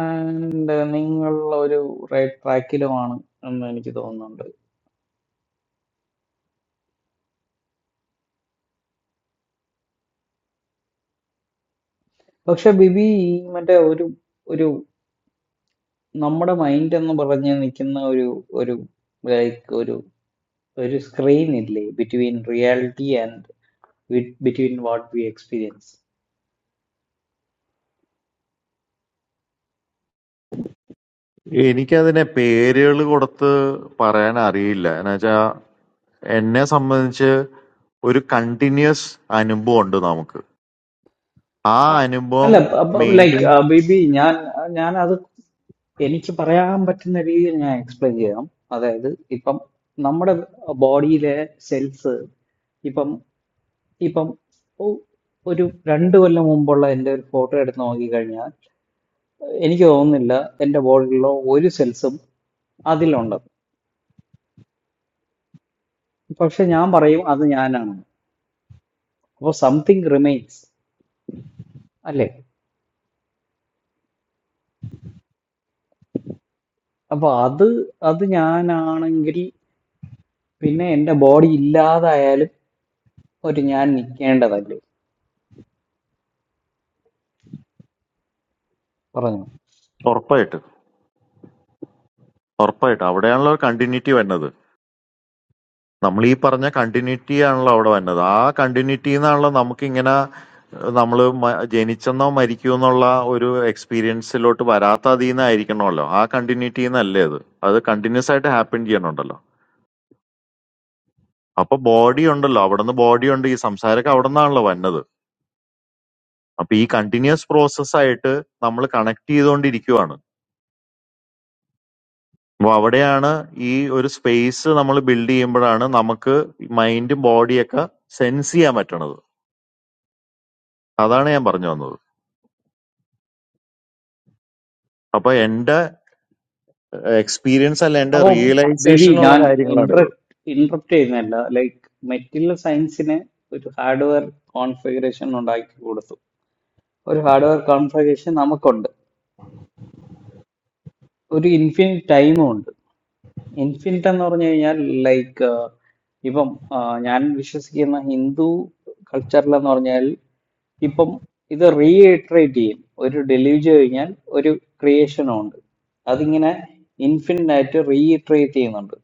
ആൻഡ് നിങ്ങൾ ഒരു റൈറ്റ് ട്രാക്കിലുമാണ് എന്ന് എനിക്ക് തോന്നുന്നുണ്ട് പക്ഷെ ബിബി ഈ മറ്റേ ഒരു ഒരു നമ്മുടെ മൈൻഡ് എന്ന് പറഞ്ഞ് നിൽക്കുന്ന ഒരു ഒരു ലൈക്ക് ഒരു ഒരു സ്ക്രീൻ ഇല്ലേ between reality and between what we experience എനിക്കതിനെ പേരുകൾ കൊടുത്ത് പറയാൻ അറിയില്ല എന്നുവെച്ചാ എന്നെ സംബന്ധിച്ച് ഒരു കണ്ടിന്യൂസ് അനുഭവം ഉണ്ട് നമുക്ക് ആ അ- അനുഭവം അല്ല ലൈക്ക് മെയിൻറ്റെയിൻ ബേബി ഞാൻ ഞാൻ അത് എനിക്ക് പറയാൻ പറ്റുന്ന രീതിയിൽ ഞാൻ എക്സ്പ്ലെയിൻ ചെയ്യാം അതായത് ഇപ്പം നമ്മുടെ ബോഡിയിലെ സെൽസ് ഇപ്പം ഇപ്പം ഒ- ഒരു രണ്ട് കൊല്ലം മുമ്പുള്ള എൻ്റെ ഒരു ഫോട്ടോ എടുത്ത് നോക്കിക്കഴിഞ്ഞാൽ എനിക്ക് തോന്നുന്നില്ല എൻ്റെ ബോഡിയിലുള്ള ഒരു സെൽസും അതിലുണ്ടെന്ന് പക്ഷെ ഞാൻ പറയും അത് ഞാനാണെന്ന് അപ്പോൾ സംതിങ് റിമെയിൻസ് അല്ലേ അപ്പോൾ അത് അത് ഞാനാണെങ്കിൽ പിന്നെ എൻ്റെ ബോഡി ഇല്ലാതായാലും ഒരു ഞാൻ നിൽക്കേണ്ടതല്ലേ പറഞ്ഞു ഉറപ്പായിട്ട് ഉറപ്പായിട്ട് അവിടെയാണല്ലോ കണ്ടിന്യൂറ്റി വരുന്നത് നമ്മൾ ഈ പറഞ്ഞ കണ്ടിന്യൂറ്റി ആണല്ലോ അവിടെ വരുന്നത് ആ കണ്ടിന്യൂറ്റിന്നാണല്ലോ നമുക്കിങ്ങനെ നമ്മൾ ജനിച്ചെന്നോ മരിക്കുമെന്നുള്ള ഒരു എക്സ്പീരിയൻസിലോട്ട് വരാത്ത അതിൽ നിന്നായിരിക്കണമല്ലോ ആ കണ്ടിന്യൂറ്റി എന്നല്ലേ അത് അത് കണ്ടിന്യൂസ് ആയിട്ട് ഹാപ്പൻ ചെയ്യണുണ്ടല്ലോ അപ്പൊ ബോഡി ഉണ്ടല്ലോ അവിടുന്ന് ബോഡി ഉണ്ട് ഈ സംസാരമൊക്കെ അവിടെ നിന്നാണല്ലോ വന്നത് അപ്പൊ ഈ കണ്ടിന്യൂസ് പ്രോസസ് ആയിട്ട് നമ്മൾ കണക്ട് ചെയ്തുകൊണ്ടിരിക്കുവാണ് അപ്പൊ അവിടെയാണ് ഈ ഒരു സ്പേസ് നമ്മൾ ബിൽഡ് ചെയ്യുമ്പോഴാണ് നമുക്ക് മൈൻഡും ബോഡിയൊക്കെ സെൻസ് ചെയ്യാൻ പറ്റണത് അതാണ് ഞാൻ പറഞ്ഞു വന്നത് അപ്പൊ എന്റെ എക്സ്പീരിയൻസ് അല്ല എന്റെ അപ്പോൾ ബിബി റിയലൈസേഷനിലുള്ള ഞാൻ കാര്യങ്ങളാണിത് ഇന്ററപ്റ്റ് ഇന്ററപ്റ്റ് ചെയ്യുന്നില്ല ലൈക്ക് മെറ്റീരിയൽ സയൻസിന് ഒരു ഹാർഡ്വെയർ കോൺഫിഗറേഷൻ ഉണ്ടാക്കി കൊടുത്തു ഒരു ഹാർഡ്വെയർ കോൺഫിഗറേഷൻ നമുക്കുണ്ട് ഒരു ഇൻഫിനിറ്റ് ടൈമും ഉണ്ട് ഇൻഫിനിറ്റ് എന്ന് പറഞ്ഞു കഴിഞ്ഞാൽ ലൈക്ക് ഇപ്പം ആ, ഞാൻ വിശ്വസിക്കുന്ന ഹിന്ദു കൾച്ചറിൽ എന്ന് പറഞ്ഞാൽ ഇപ്പം ഇത് റീഇറ്ററേറ്റ് ചെയ്യും ഒരു ഡെലിവറി കഴിഞ്ഞാൽ ഒരു ക്രിയേഷനും ഉണ്ട് അതിങ്ങനെ ഇൻഫിനിറ്റ് ആയിട്ട് റീഇറ്ററേറ്റ് ചെയ്യുന്നുണ്ട്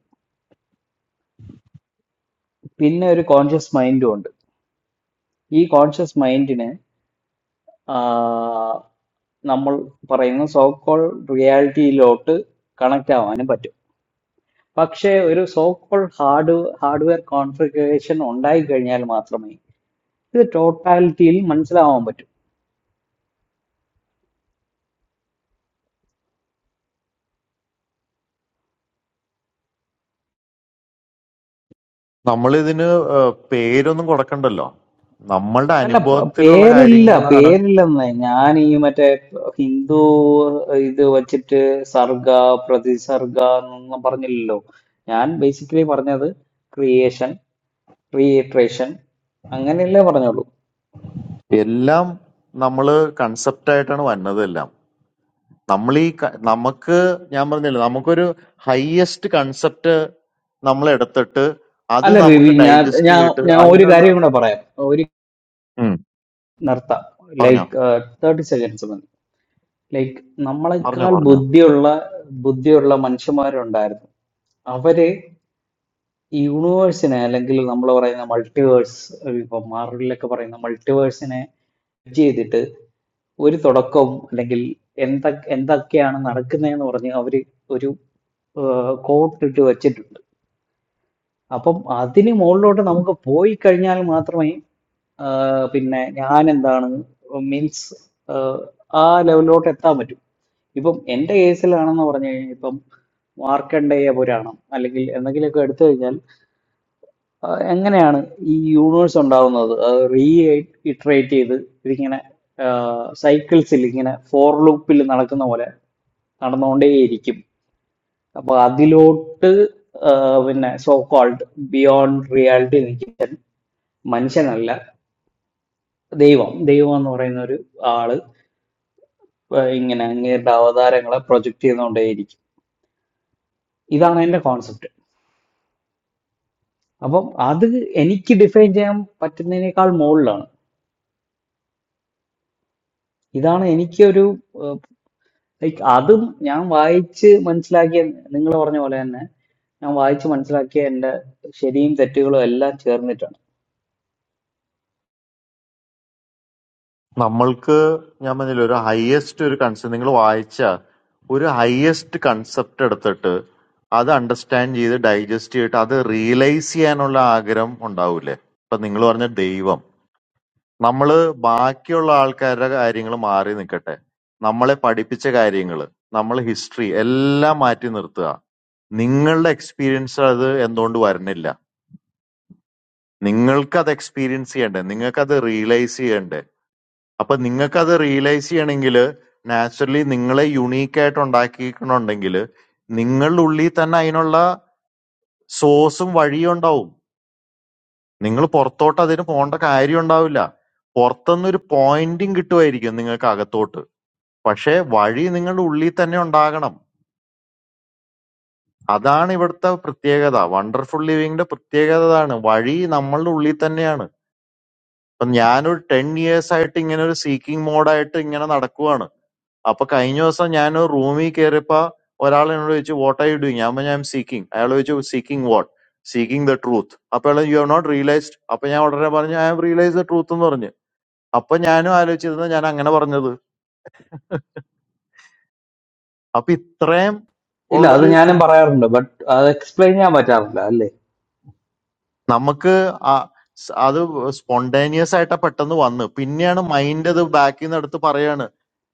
പിന്നെ ഒരു കോൺഷ്യസ് മൈൻഡും ഉണ്ട് ഈ കോൺഷ്യസ് മൈൻഡിനെ നമ്മൾ പറയുന്ന സോ കോൾ റിയാലിറ്റിയിലോട്ട് കണക്ട് ആവാനും പറ്റും പക്ഷേ ഒരു so called hard hardware configuration ഉണ്ടായി കഴിഞ്ഞാൽ മാത്രമേ ഇത് ടോട്ടാലിറ്റിയിൽ മനസ്സിലാവാൻ പറ്റൂ നമ്മളിതിന് ഏഹ്, പേരൊന്നും കൊടുക്കണ്ടല്ലോ നമ്മളുടെ അല്ല പ- അനുഭവത്തിലുള്ള പേരില്ല കാര്യങ്ങളാണ് പേരില്ലെന്ന് ഞാൻ ഈ മറ്റേ ഹിന്ദു ഇത് വച്ചിട്ട് സർഗ പ്രതിസർഗ എന്നൊന്നും പറഞ്ഞില്ലല്ലോ ഞാൻ ബേസിക്കലി പറഞ്ഞത് ക്രിയേഷൻ ക്രിയേട്രേഷൻ അങ്ങനെയല്ലേ പറഞ്ഞോളൂ എല്ലാം നമ്മൾ കൺസെപ്റ്റായിട്ടാണ് വന്നത് എല്ലാം നമ്മൾ ഈ ക- നമുക്ക് ഞാൻ പറഞ്ഞില്ല നമുക്കൊരു ഹൈയസ്റ്റ് കൺസെപ്റ്റ് നമ്മൾ എടുത്തിട്ട് അത് അല്ല ബേബി നമുക്ക് ഞാൻ ഡൈജസ്റ്റ് ഞാൻ ചെയ്തിട്ട് ഞാൻ ഒരു അതിനുള്ള കാര്യം കൂടെ പറയാം ഒരു ഉം, നിർത്താം പറഞ്ഞോ ലൈക്ക് തേർട്ടി സെക്കൻഡ്സ് മതി ലൈക്ക് പറഞ്ഞോ നമ്മളെക്കാൾ പറഞ്ഞോ ബുദ്ധിയുള്ള ബുദ്ധിയുള്ള മനുഷ്യന്മാരുണ്ടായിരുന്നു അവര് ഈ യൂണിവേഴ്സിനെ അല്ലെങ്കിൽ നമ്മൾ പറയുന്ന മൾട്ടിവേഴ്സ് ഇപ്പൊ മാർവലിലൊക്കെ പറയുന്ന മൾട്ടിവേഴ്സിനെ ചെയ്തിട്ട് ഒരു തുടക്കവും അല്ലെങ്കിൽ എന്തൊക്കെ എന്തൊക്കെയാണ് നടക്കുന്നതെന്ന് പറഞ്ഞ് അവര് ഒരു കോട്ടിട്ട് വെച്ചിട്ടുണ്ട് അപ്പം അതിന് മുകളിലോട്ട് നമുക്ക് പോയി കഴിഞ്ഞാൽ മാത്രമേ ആ, പിന്നെ ഞാൻ എന്താണ് മീൻസ് ആ ലെവലിലോട്ട് എത്താൻ പറ്റും ഇപ്പം എൻ്റെ കേസിലാണെന്ന് പറഞ്ഞു കഴിഞ്ഞാൽ ഇപ്പം മാർക്കണ്ഡേയ പുരാണം അല്ലെങ്കിൽ എന്തെങ്കിലുമൊക്കെ എടുത്തു കഴിഞ്ഞാൽ ആ, എങ്ങനെയാണ് ഈ യൂണിവേഴ്സ് ഉണ്ടാവുന്നത് അത് റീ ഇറ്ററേറ്റ് ചെയ്ത് ഇതിങ്ങനെ സൈക്കിൾസിൽ ഇങ്ങനെ ഫോർ ലൂപ്പിൽ നടക്കുന്ന പോലെ നടന്നുകൊണ്ടേയിരിക്കും അപ്പൊ അതിലോട്ട് ആ, പിന്നെ സോ കോൾഡ് ബിയോണ്ട് റിയാലിറ്റി നിൽക്കാൻ മനുഷ്യനല്ല ദൈവം ദൈവം എന്ന് പറയുന്ന ഒരു ആള് ആ, ഇങ്ങനെ അങ്ങേരുടെ അവതാരങ്ങളെ പ്രൊജക്റ്റ് ചെയ്തുകൊണ്ടേയിരിക്കും ഇതാണ് എന്റെ കോൺസെപ്റ്റ് അപ്പം അത് എനിക്ക് ഡിഫൈൻ ചെയ്യാൻ പറ്റുന്നതിനേക്കാൾ മുകളിലാണ് ഇതാണ് എനിക്ക് ഒരു ലൈക്ക് അതും ഞാൻ വായിച്ച് മനസ്സിലാക്കിയ നിങ്ങൾ പറഞ്ഞ പോലെ തന്നെ ഞാൻ വായിച്ച് മനസ്സിലാക്കിയ എന്റെ ശരിയും തെറ്റുകളും എല്ലാം ചേർന്നിട്ടാണ് നമ്മൾക്ക് ഞാൻ പറഞ്ഞില്ല ഒരു ഹയസ്റ്റ് ഒരു കൺസെപ്റ്റ് നിങ്ങൾ വായിച്ച ഒരു ഹയസ്റ്റ് കൺസെപ്റ്റ് എടുത്തിട്ട് അത് അണ്ടർസ്റ്റാൻഡ് ചെയ്ത് ഡൈജസ്റ്റ് ചെയ്തിട്ട് അത് റിയലൈസ് ചെയ്യാനുള്ള ആഗ്രഹം ഉണ്ടാവൂലേ ഇപ്പൊ നിങ്ങൾ പറഞ്ഞ ദൈവം നമ്മള് ബാക്കിയുള്ള ആൾക്കാരുടെ കാര്യങ്ങൾ മാറി നിൽക്കട്ടെ നമ്മളെ പഠിപ്പിച്ച കാര്യങ്ങൾ നമ്മളെ ഹിസ്റ്ററി എല്ലാം മാറ്റി നിർത്തുക നിങ്ങളുടെ എക്സ്പീരിയൻസ് അത് എന്തുകൊണ്ട് വരണില്ല നിങ്ങൾക്ക് അത് എക്സ്പീരിയൻസ് ചെയ്യണ്ടേ നിങ്ങൾക്ക് അത് റിയലൈസ് ചെയ്യണ്ടേ അപ്പൊ നിങ്ങൾക്കത് റിയലൈസ് ചെയ്യണമെങ്കിൽ നാച്ചുറലി നിങ്ങളെ യുണീക്ക് ആയിട്ട് ഉണ്ടാക്കിയിട്ടുണ്ടെങ്കിൽ നിങ്ങളുടെ ഉള്ളിൽ തന്നെ അതിനുള്ള സോഴ്സും വഴിയും ഉണ്ടാവും നിങ്ങൾ പുറത്തോട്ട് അതിന് പോകേണ്ട കാര്യം ഉണ്ടാവില്ല പുറത്തുനിന്നൊരു പോയിന്റും കിട്ടുമായിരിക്കും നിങ്ങൾക്ക് അകത്തോട്ട് പക്ഷേ വഴി നിങ്ങളുടെ ഉള്ളിൽ തന്നെ ഉണ്ടാകണം അതാണ് ഇവിടുത്തെ പ്രത്യേകത വണ്ടർഫുൾ ലിവിങ്ങിന്റെ പ്രത്യേകത അതാണ് വഴി നമ്മളുടെ ഉള്ളിൽ തന്നെയാണ് ഇപ്പൊ ഞാനൊരു ടെൻ ഇയേഴ്സ് ആയിട്ട് ഇങ്ങനെ ഒരു സീക്കിംഗ് മോഡായിട്ട് ഇങ്ങനെ നടക്കുവാണ് അപ്പൊ കഴിഞ്ഞ ദിവസം ഞാൻ റൂമിൽ കയറിയപ്പോ ഒരാൾ എന്നോട് ചോദിച്ചു വാട്ട് ആർ യു ഡൂയിങ് ഞാൻ പറഞ്ഞു ഐ എം സീക്കിങ് അയാൾ ചോദിച്ചു seeking what seeking the truth അപ്പൊ അയാൾ യു ഹവ് നോട്ട് റിയലൈസ്ഡ് അപ്പൊ ഞാൻ ഉടനെ പറഞ്ഞു I have realise the truth എന്ന് പറഞ്ഞു അപ്പൊ ഞാനും ആലോചിച്ചിരുന്നു ഞാൻ അങ്ങനെ പറഞ്ഞത് അപ്പൊ ഇത്രയും ഇല്ല അത് ഉള്ളൊരു ഞാനും പറയാറുണ്ട് ബട്ട് അത് എക്സ്പ്ലെയിൻ ചെയ്യാൻ പറ്റാറില്ല അല്ലേ നമുക്ക് ആ- സ് അത് സ്പോണ്ടേനിയസ് ആയിട്ടാ പെട്ടെന്ന് വന്ന് പിന്നെയാണ് മൈൻഡ് അത് ബാക്കിൽ നിന്ന് എടുത്ത് പറയാണ്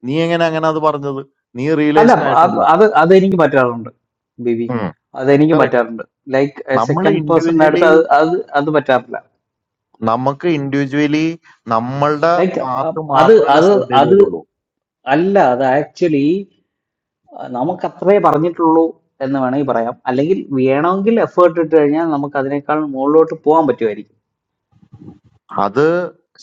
നീ എങ്ങനെ അങ്ങനെ അത് പറഞ്ഞത് നീ അല്ല റിയലൈസ്ഡ് അത് ആയിട്ടുണ്ടോ അത് അതെനിക്ക് പറ്റാറുണ്ട് ബിബി അതെനിക്ക് കറക്റ്റ് പറ്റാറുണ്ട് ലൈക്ക് നമ്മൾ സെക്കൻഡ് പേഴ്സണിന്റെ അടുത്ത് ഇൻഡിവിജ്വലി അത് അത് അത് പറ്റാറില്ല നമുക്ക് ഇൻഡിവിജ്വലി നമ്മളുടെ ലൈക്ക് പാത്ത് അത് മാത്രമല്ല അത് ശ്രദ്ധയിൽ അത് വരുള്ളൂ അല്ല അത് ആക്ച്വലി നമുക്ക് അത്രേ പറഞ്ഞിട്ടുള്ളൂ എന്ന് വേണമെങ്കിൽ പറയാം അല്ലെങ്കിൽ വേണമെങ്കിൽ എഫേർട്ട് ഇട്ട് കഴിഞ്ഞാൽ നമുക്ക് അതിനേക്കാൾ മുകളിലോട്ട് പോകാൻ പറ്റുമായിരിക്കും അത്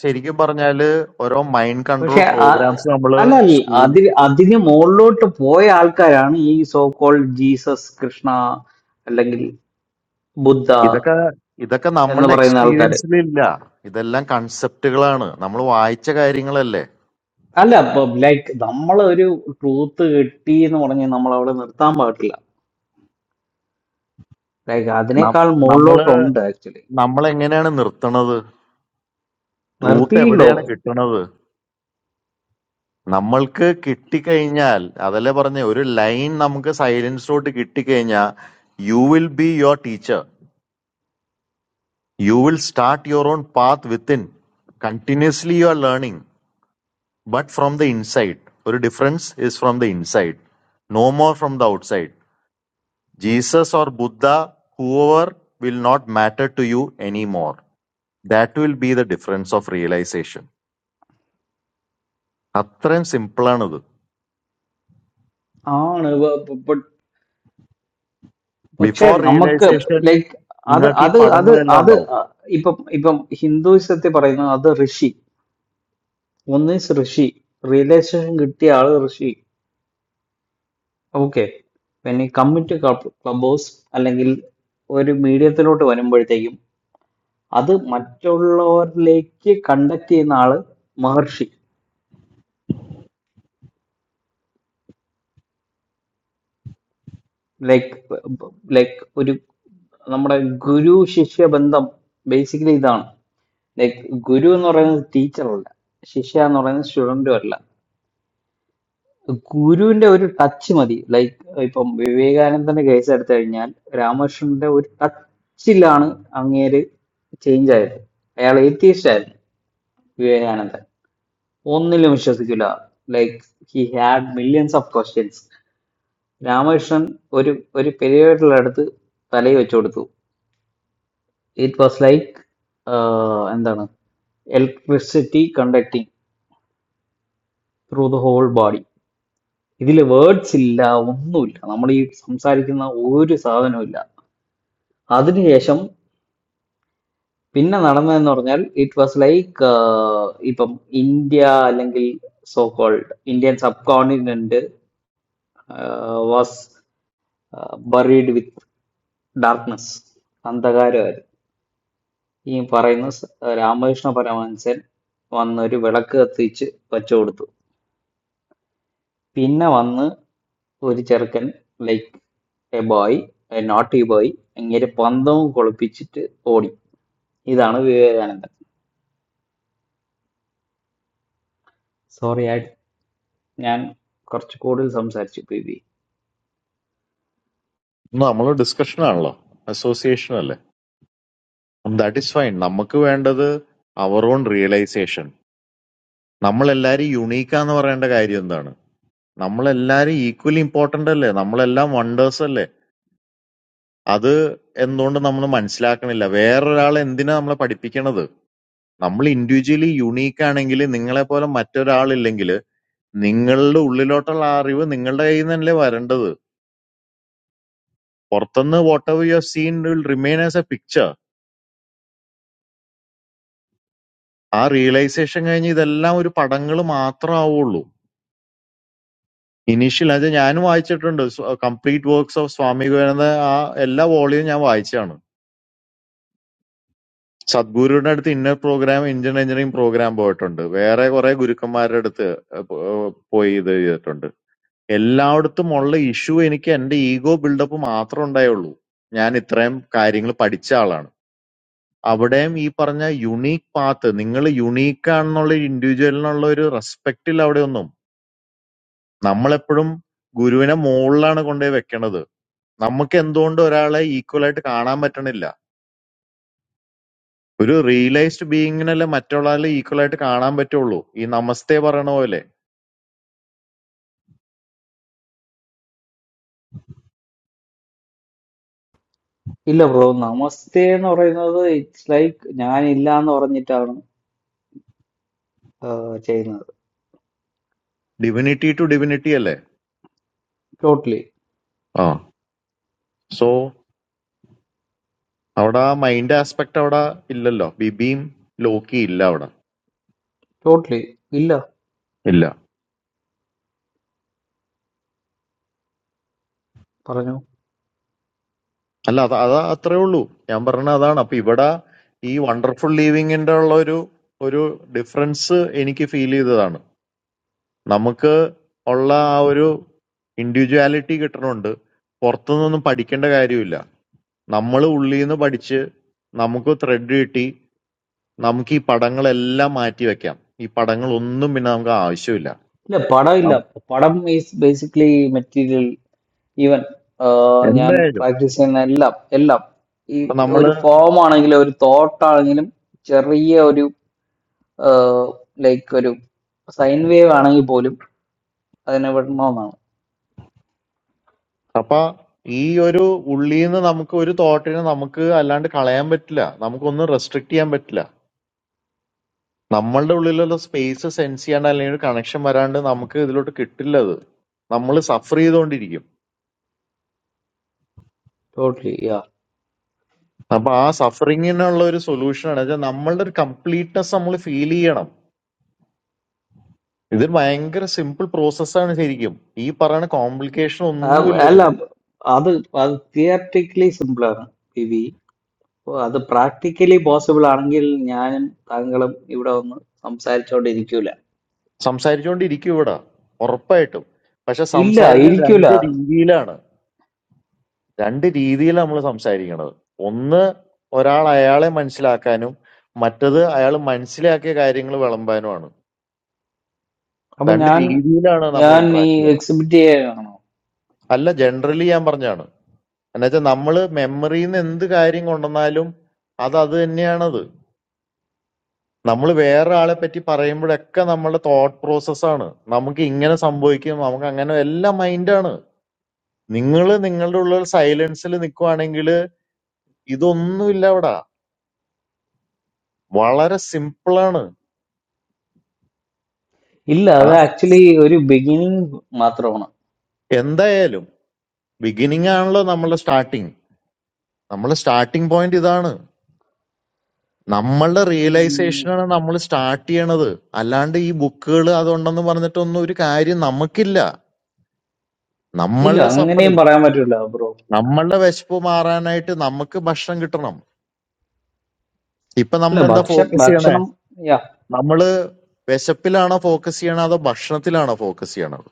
ശരിക്കും പറഞ്ഞാല് ഓരോ മൈൻഡ് കൺട്രോൾ പക്ഷെ ആ- പ്രോഗ്രാംസ് നമ്മള് അല്ല അല്ല സ്കൂളിൽ അതിന് അതിന് മുകളിലോട്ട് പോയ ആൾക്കാരാണ് ഈ സോ കോൾഡ് ജീസസ് കൃഷ്ണ അല്ലെങ്കിൽ ബുദ്ധ ഇതൊക്കെ ഇതൊക്കെ എന്ന് നമ്മളുടെ പറയുന്ന ആൾക്കാര് എക്സ്പീരിയൻസിലില്ല ഇതെല്ലാം കൺസെപ്റ്റുകളാണ് നമ്മൾ വായിച്ച കാര്യങ്ങളല്ലേ അല്ല ലൈക്ക് നമ്മൾ ഒരു ട്രൂത്ത് കിട്ടി എന്ന് പറഞ്ഞ് നമ്മൾ അവിടെ നിർത്താൻ പാടില്ല ലൈക്ക് നം- അതിനേക്കാൾ നമ്മള് മുകളിലോട്ടുണ്ട് ആക്ച്വലി നമ്മൾ എങ്ങനെയാണ് നിർത്തണത് ട്രൂത്ത് നിർത്തിയില്ലോ എവിടെയാണ് കിട്ടണത് നമ്മൾക്ക് കിട്ടിക്കഴിഞ്ഞാൽ അതല്ലേ പറഞ്ഞ ഒരു ലൈൻ നമുക്ക് സൈലൻസിലോട്ട് കിട്ടിക്കഴിഞ്ഞാൽ you will be your teacher You will start your own path within. Continuously you are learning, but from the inside. ഒരു difference is from the inside. No more from the outside. Jesus or Buddha, whoever, will not matter to you anymore. That will be the difference of realization. അത്രയും simple ആണിത്. ആണ് ബ- ബ- ബ- പക്ഷെ Before നമുക്ക് realization, like അത് നിങ്ങൾക്ക് ഈ അത് അത് പടങ്ങളെല്ലാം അത് ഉണ്ടാവും. ഇപ്പം ഇപ്പം ഹിന്ദുസത്തിൽ പറയുന്നത് അത് ഋഷി ഒന്നിസ് ഋഷി റിയലൈസേഷൻ കിട്ടിയ ആള് ഋഷി ഓക്കെ പിന്നെ കമ്മിറ്റ് ക്ലബ് ഹൗസ് അല്ലെങ്കിൽ ഒരു മീഡിയത്തിലോട്ട് വരുമ്പോഴത്തേക്കും അത് മറ്റുള്ളവരിലേക്ക് കണ്ടക്ട് ചെയ്യുന്ന ആള് മഹർഷി ലൈക്ക് ലൈക്ക് ഒരു നമ്മുടെ ഗുരു ശിഷ്യ ബന്ധം ബേസിക്കലി ഇതാണ് ലൈക്ക് ഗുരു എന്ന് പറയുന്നത് ടീച്ചറല്ല ശിഷ്യ എന്ന് പറയുന്നത് സ്റ്റുഡന്റും അല്ല ഗുരുവിന്റെ ഒരു ടച്ച് മതി ലൈക്ക് ഇപ്പം വിവേകാനന്ദന്റെ കേസ് എടുത്തു കഴിഞ്ഞാൽ രാമകൃഷ്ണന്റെ ഒരു ടച്ചിലാണ് അങ്ങേര് ചേഞ്ച് ആയത് അയാൾ ഏത്തിയസ്റ്റ് ആയിരുന്നു വിവേകാനന്ദൻ ഒന്നിലും വിശ്വസിക്കില്ല like he had millions of questions രാമകൃഷ്ണൻ ഒരു ഒരു പെരിയോയുടെ അടുത്ത് തലയിൽ വെച്ചു കൊടുത്തു ഇറ്റ് വാസ് ലൈക്ക് എന്താണ് electricity conducting through the whole body ഇതിൽ വേർഡ്സ് ഇല്ല ഒന്നുമില്ല നമ്മൾ ഈ സംസാരിക്കുന്ന ഒരു സാധനവും ഇല്ല അതിനുശേഷം പിന്നെ നടന്നതെന്ന് പറഞ്ഞാൽ ഇറ്റ് വാസ് ലൈക്ക് ഇപ്പം ഇന്ത്യ അല്ലെങ്കിൽ so called Indian subcontinent was buried with darkness അന്ധകാരം. ഈ പറയുന്ന സ- രാമകൃഷ്ണ പരമഹംസൻ വന്ന് ഒരു വിളക്ക് കത്തിച്ച് വച്ചു കൊടുത്തു പിന്നെ വന്ന് ഒരു ചെറുക്കൻ like a boy a not ഈ ബോയ് ഇങ്ങനെ പന്തവും കൊളുപ്പിച്ചിട്ട് ഓടി ഇതാണ് വിവേകാനന്ദൻ സോറി ആയി ഞാൻ കുറച്ച് കൂടുതൽ സംസാരിച്ചു പി ബി നമ്മൾ ഡിസ്കഷൻ ആണല്ലോ അസോസിയേഷൻ അല്ലേ ദാറ്റ് ഈസ് ഫൈൻ നമുക്ക് വേണ്ടത് അവർ ഓൺ റിയലൈസേഷൻ നമ്മളെല്ലാരും യുണീക്കാന്ന് പറയേണ്ട കാര്യം എന്താണ്? നമ്മളെല്ലാരും ഈക്വലി ഇമ്പോർട്ടന്റ് അല്ലേ? നമ്മളെല്ലാം വണ്ടേഴ്സ് അല്ലേ? അത് എന്തുകൊണ്ട് നമ്മൾ മനസ്സിലാക്കണില്ല? വേറൊരാൾ എന്തിനാ നമ്മളെ പഠിപ്പിക്കണത്? നമ്മൾ ഇൻഡിവിജ്വലി യുണീക്ക് ആണെങ്കിൽ നിങ്ങളെ പോലെ മറ്റൊരാളില്ലെങ്കിൽ നിങ്ങളുടെ ഉള്ളിലോട്ടുള്ള ആ അറിവ് നിങ്ങളുടെ കയ്യിൽ നിന്നല്ലേ വരേണ്ടത്. പുറത്തുനിന്ന് whatever you have seen will remain as a picture. ആ റിയലൈസേഷൻ കഴിഞ്ഞ് ഇതെല്ലാം ഒരു പടങ്ങൾ മാത്രമാവുള്ളൂ. ഇനീഷ്യൽ അത് ഞാനും വായിച്ചിട്ടുണ്ട് complete works of Swami Vivekananda ആ എല്ലാ വോളിയും ഞാൻ വായിച്ചതാണ് സദ്ഗുരുവിന്റെ അടുത്ത് inner programme Indian engineering programme പോയിട്ടുണ്ട് വേറെ കുറെ ഗുരുക്കന്മാരുടെ അടുത്ത് ഏഹ്, പോ- ഏഹ് പോയി ഇത് ചെയ്തിട്ടുണ്ട് എല്ലായിടത്തും ഉള്ള ഇഷ്യൂ എനിക്ക് എന്റെ ഈഗോ ബിൽഡപ്പ് മാത്രമേ ഉണ്ടായുള്ളൂ ഞാൻ ഇത്രയും കാര്യങ്ങൾ പഠിച്ച ആളാണ് അവിടെയും ഈ പറഞ്ഞ യുണീക്ക് പാത്ത് നിങ്ങൾ യുണീക്ക് ആണെന്നുള്ള ഇൻഡിവിജ്വലിനുള്ള ഒരു റെസ്പെക്ട് ഇല്ല അവിടെ ഒന്നും നമ്മളെപ്പോഴും ഗുരുവിനെ മുകളിലാണ് കൊണ്ടുപോയി വെക്കണത് നമുക്ക് എന്തുകൊണ്ട് ഒരാളെ ഈക്വൽ ആയിട്ട് കാണാൻ പറ്റണില്ല ഒരു റിയലൈസ്ഡ് ബീയിങ്ങിനല്ലേ മറ്റുള്ള ആളെ ഈക്വൽ ആയിട്ട് കാണാൻ പറ്റുള്ളൂ ഈ നമസ്തേ പറയണ പോലെ ഇല്ല ബ്രോ നമസ്തേ എന്ന് പറയുന്നത് ഇറ്റ്സ് ലൈക്ക് ഞാൻ ഇല്ല എന്ന് പറഞ്ഞിട്ടാണ് ആഹ്, ചെയ്യുന്നത് ഡിവിനിറ്റി ടു ഡിവിനിറ്റി അല്ലേ ടോട്ടലി ആ സോ അവിടെ ആ മൈൻഡ് ആസ്പെക്ട് അവിടെ ഇല്ലല്ലോ ബിബിയും ലോക്കി ഇല്ല അവിടെ ടോട്ടലി ഇല്ല ഇല്ല പറഞ്ഞു അല്ല അത് അതാ അത്രേ ഉള്ളൂ ഞാൻ പറഞ്ഞ അതാണ് അപ്പൊ ഇവിടെ ഈ വണ്ടർഫുൾ ലീവിങ്ങിന്റെ ഉള്ള ഒരു ഒരു ഡിഫറൻസ് എനിക്ക് ഫീൽ ചെയ്തതാണ് നമുക്ക് ഉള്ള ആ ഒരു ഇൻഡിവിജ്വാലിറ്റി കിട്ടണുണ്ട് പുറത്തുനിന്നൊന്നും പഠിക്കേണ്ട കാര്യമില്ല നമ്മള് ഉള്ളീന്ന് പഠിച്ച് നമുക്ക് ത്രെഡ് കിട്ടി നമുക്ക് ഈ പടങ്ങളെല്ലാം മാറ്റി വെക്കാം ഈ പടങ്ങളൊന്നും പിന്നെ നമുക്ക് ആവശ്യമില്ല ഇല്ല പടം ഇല്ല നം- പടം ഈസ് ബേസിക്കലി മെറ്റീരിയൽ ഈവൻ ഞാൻ എന്തായാലും പ്രാക്ടീസ് ചെയ്യുന്ന എല്ലാം എല്ലാം ഈ ഇപ്പൊ ഒരു നമ്മള് ഫോം ആണെങ്കിലും ഒരു തോട്ട് ആണെങ്കിലും ചെറിയ ഒരു ലൈക്ക് ഒരു സൈൻ വേവ് ആണെങ്കിൽ പോലും അതിനെ വിടണമെന്നാണ് അപ്പൊ ഈ ഒരു ഉള്ളീന്ന് നമുക്ക് ഒരു തോട്ടിനെ നമുക്ക് അല്ലാണ്ട് കളയാൻ പറ്റില്ല നമുക്കൊന്നും റെസ്ട്രിക്ട് ചെയ്യാൻ പറ്റില്ല നമ്മളുടെ ഉള്ളിലുള്ള സ്പേസ് സെൻസ് ചെയ്യാണ്ട് അല്ലെങ്കിൽ ഒരു കണക്ഷൻ വരാണ്ട് നമുക്ക് ഇതിലോട്ട് കിട്ടില്ല അത് നമ്മൾ സഫർ ചെയ്തുകൊണ്ടിരിക്കും ടോട്ടലി യാ അപ്പൊ ആ സഫറിങ്ങിനുള്ള ഒരു സൊല്യൂഷൻ ആണ് വെച്ചാൽ നമ്മളുടെ ഒരു കംപ്ലീറ്റ്നെസ് നമ്മൾ ഫീൽ ചെയ്യണം ഇത് ഭയങ്കര സിമ്പിൾ പ്രോസസ്സാണ് ശരിക്കും ഈ പറയുന്ന കോംപ്ലിക്കേഷൻ ഒന്നുമില്ല അല്ല ഇതിന് അത് അത് തിയററ്റിക്കലി സിമ്പിളാണ് ബിബി അത് പ്രാക്ടിക്കലി പോസിബിൾ ആണെങ്കിൽ ഞാനും താങ്കളും ഇവിടെ ഒന്ന് സംസാരിച്ചോണ്ടിരിക്കൂല സംസാരിച്ചുകൊണ്ടിരിക്കും ഇവിടെ ഉറപ്പായിട്ടും പക്ഷെ ഇല്ല സംസാരിക്കാൻ ഇരിക്കൂല രണ്ട് രീതിയിലാണ് രണ്ട് രീതിയിലാണ് നമ്മൾ സംസാരിക്കണത് ഒന്ന് ഒരാൾ അയാളെ മനസ്സിലാക്കാനും മറ്റത് അയാൾ മനസ്സിലാക്കിയ കാര്യങ്ങൾ വിളമ്പാനുമാണ് അപ്പൊ രണ്ട് ഞാൻ രീതിയിലാണ് നമ്മൾ ഞാൻ ഈ ഇന്ററാക്ട് ചെയ്യുന്നത് എക്സിബിറ്റ് ചെയ്യണം അല്ല ജനറലി ഞാൻ പറഞ്ഞാണ് എന്നുവെച്ചാൽ നമ്മൾ മെമ്മറിയിൽ നിന്ന് എന്ത് കാര്യം കൊണ്ടുവന്നാലും അത് അത് തന്നെയാണത് നമ്മൾ വേറെ ആളെ പറ്റി പറയുമ്പോഴൊക്കെ നമ്മുടെ തോട്ട് പ്രോസസ്സാണ് നമുക്ക് ഇങ്ങനെ സംഭവിക്കും നമുക്ക് അങ്ങനെ എല്ലാം മൈൻഡാണ് നിങ്ങൾ നിങ്ങളുടെ ഉള്ളിൽ സൈലൻസിൽ നിൽക്കുവാണെങ്കിൽ ഇതൊന്നുമില്ല അവിടെ വളരെ സിമ്പിളാണ് ഇല്ല ആ അത് സ്- ആക്ച്വലി ഒരു ബിഗിനിങ് മാത്രമാണ് എന്തായാലും ബിഗിനിങ് ആണല്ലോ നമ്മളെ സ്റ്റാർട്ടിങ് നമ്മളെ സ്റ്റാർട്ടിങ് പോയിന്റ് ഇതാണ് നമ്മളുടെ ഉം, റിയലൈസേഷനാണ് നമ്മൾ സ്റ്റാർട്ട് ചെയ്യണത് അല്ലാണ്ട് ഈ ബുക്കുകൾ അതുണ്ടെന്ന് പറഞ്ഞിട്ടൊന്നും ഒരു കാര്യം നമുക്കില്ല ഇല്ല നമ്മളുടെ അങ്ങനെയും സഫറിങ് പറയാൻ പറ്റില്ല ബ്രോ നമ്മളുടെ വിശപ്പ് മാറാനായിട്ട് നമുക്ക് ഭക്ഷണം കിട്ടണം ഇപ്പൊ ഇല്ല നമ്മൾ എന്താ ഭക്ഷ ഫോക്കസ് ചെയ്യണേ ഭക്ഷണം യാ നമ്മള് വിശപ്പിലാണോ ഫോക്കസ് ചെയ്യണത് അതോ ഭക്ഷണത്തിലാണോ ഫോക്കസ് ചെയ്യണത്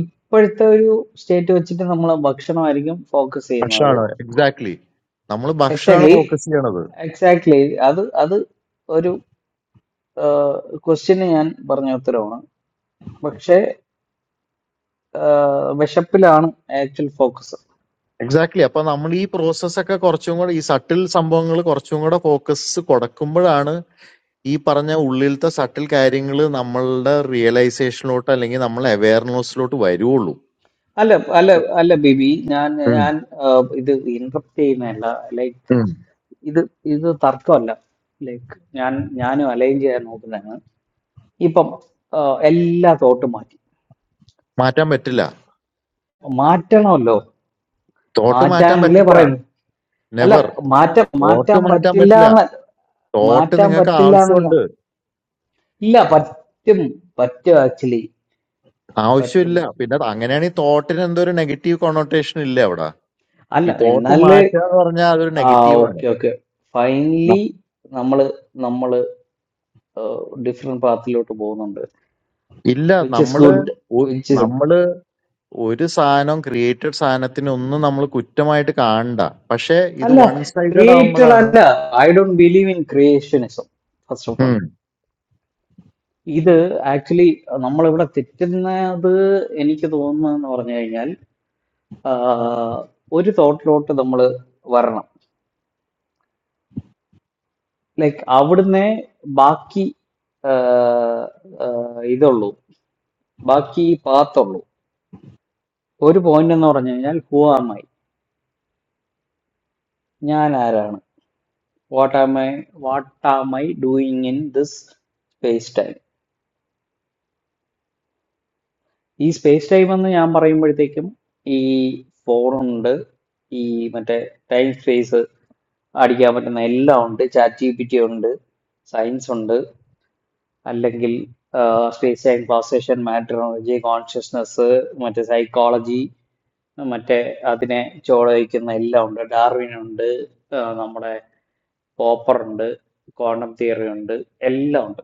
ഇപ്പോഴത്തെ ഒരു സ്റ്റേറ്റ് വെച്ചിട്ട് നമ്മൾ ഭക്ഷണമായിരിക്കും ഫോക്കസ് ചെയ്യുന്നത് ഭക്ഷണമാണ് എക്സാക്ട്ലി നമ്മൾ ഭക്ഷണമാണ് എക്സാക്ട്ലി ഫോക്കസ് ചെയ്യണത് എക്സാക്ട്ലി അത് അത് ഒരു ക്വസ്റ്റ്യന് ഞാൻ പറഞ്ഞ ഉത്തരവാണ് പക്ഷേ ആ, വിശപ്പിലാണ് ആക്ച്വൽ ഫോക്കസ് എക്സാക്ട്ലി അപ്പൊ നമ്മൾ ഈ പ്രോസസ് ഒക്കെ കുറച്ചും കൂടെ ഈ സട്ടിൽ സംഭവങ്ങൾ കുറച്ചും കൂടെ ഫോക്കസ് കൊടുക്കുമ്പോഴാണ് ഈ പറഞ്ഞ ഉള്ളിലത്തെ സട്ടിൽ കാര്യങ്ങൾ നമ്മളുടെ റിയലൈസേഷനിലോട്ട് അല്ലെങ്കിൽ നമ്മളെ അവയർനെസ്സിലോട്ട് വരുവുള്ളൂ അല്ല അല്ല അല്ല ബിബി ഞാൻ ഉം, ഞാൻ ആ, ഇത് ഇന്ററപ്റ്റ് ചെയ്യുന്നതല്ല ലൈക്ക് ഉം. ഇത് ഇത് തർക്കമല്ല ലൈക്ക് ഞാൻ ഞാനും അലൈൻ ചെയ്യാൻ നോക്കുന്നതാണ് ഇപ്പം ആ, എല്ലാ തോട്ടും മാറ്റി മാറ്റാൻ പറ്റില്ല മാറ്റണമല്ലോ തോട്ട് മാറ്റാൻ മാറ്റാനല്ലേ പറ്റില്ല പറയുന്നു അല്ല നെവർ മാറ്റാൻ തോട്ട് മാറ്റാൻ മാറ്റാൻ പറ്റില്ല പറ്റില്ല എന്ന് തോട്ട് മാറ്റാൻ നിങ്ങൾക്ക് പറ്റില്ല എന്നല്ല ആവശ്യമുണ്ട് ഇല്ല പറ്റും പറ്റും ആക്ച്വലി പറ്റും ആവശ്യമില്ല. പിന്നെ അങ്ങനെയാണെ തോട്ടിന് എന്തോ ഒരു നെഗറ്റീവ് കൊണോട്ടേഷൻ ഇല്ലേ അവിടെ? അല്ല ഈ തോട്ട് എന്നാലേ മാറ്റുക എന്ന് പറഞ്ഞാൽ അതൊരു ആ നെഗറ്റീവാണ്. ഓക്കെ ഓക്കെ ഫൈനലി ന- നമ്മള് നമ്മള് ഡിഫറെന്റ് പാത്തിലോട്ട് പോകുന്നുണ്ട് ഇല്ല വിച്ച് ഇസ് നമ്മള് ഗുഡ് ഒ- വിച്ച് ഇസ് നമ്മള് ഒരു സാധനം ക്രിയേറ്റഡ് സാധനത്തിനെ ഒന്നും നമ്മൾ കുറ്റമായിട്ട് കാണണ്ട. പക്ഷെ ഇത് അല്ല വൺ സൈഡഡ് ക്രിയേറ്റഡ് ആവുമ്പോഴാണ് അല്ല I don't believe in creationism first of all ഉം. ഇത് ആക്ച്വലി നമ്മളിവിടെ തെറ്റുന്നത് എനിക്ക് തോന്നുന്നതെന്ന് പറഞ്ഞു കഴിഞ്ഞാൽ ആഹ്, ഒരു തോട്ടിലോട്ട് നമ്മൾ വരണം ലൈക്ക് അവിടുന്ന് ബാക്കി ആഹ്, ആഹ്, ഇതുള്ളൂ ബാക്കി പാത്തുള്ളൂ ഒരു പോയിന്റ് എന്ന് പറഞ്ഞു കഴിഞ്ഞാൽ ഹൂ ആം ഐ ഞാൻ ആരാണ് what am I what am I doing in this space time. ഈ സ്പേസ് ടൈം എന്ന് ഞാൻ പറയുമ്പോഴത്തേക്കും ഈ ഫോണുണ്ട് ഈ മറ്റേ ടൈം സ്പേസ് അടിക്കാൻ പറ്റുന്ന എല്ലാം ഉണ്ട് ചാറ്റ് ജി പി ടി ഉണ്ട് സയൻസ് ഉണ്ട് അല്ലെങ്കിൽ സ്പേസ് ടൈം ക്ലാസേഷൻ മാറ്ററോളജി കോൺഷ്യസ്നസ് മറ്റേ സൈക്കോളജി മറ്റേ അതിനെ ചോദിക്കുന്ന എല്ലാം ഉണ്ട് ഡാർവിൻ ഉണ്ട് ആ, നമ്മുടെ പോപ്പർ ഉണ്ട് ക്വാണ്ടം തിയറി ഉണ്ട് എല്ലാം ഉണ്ട്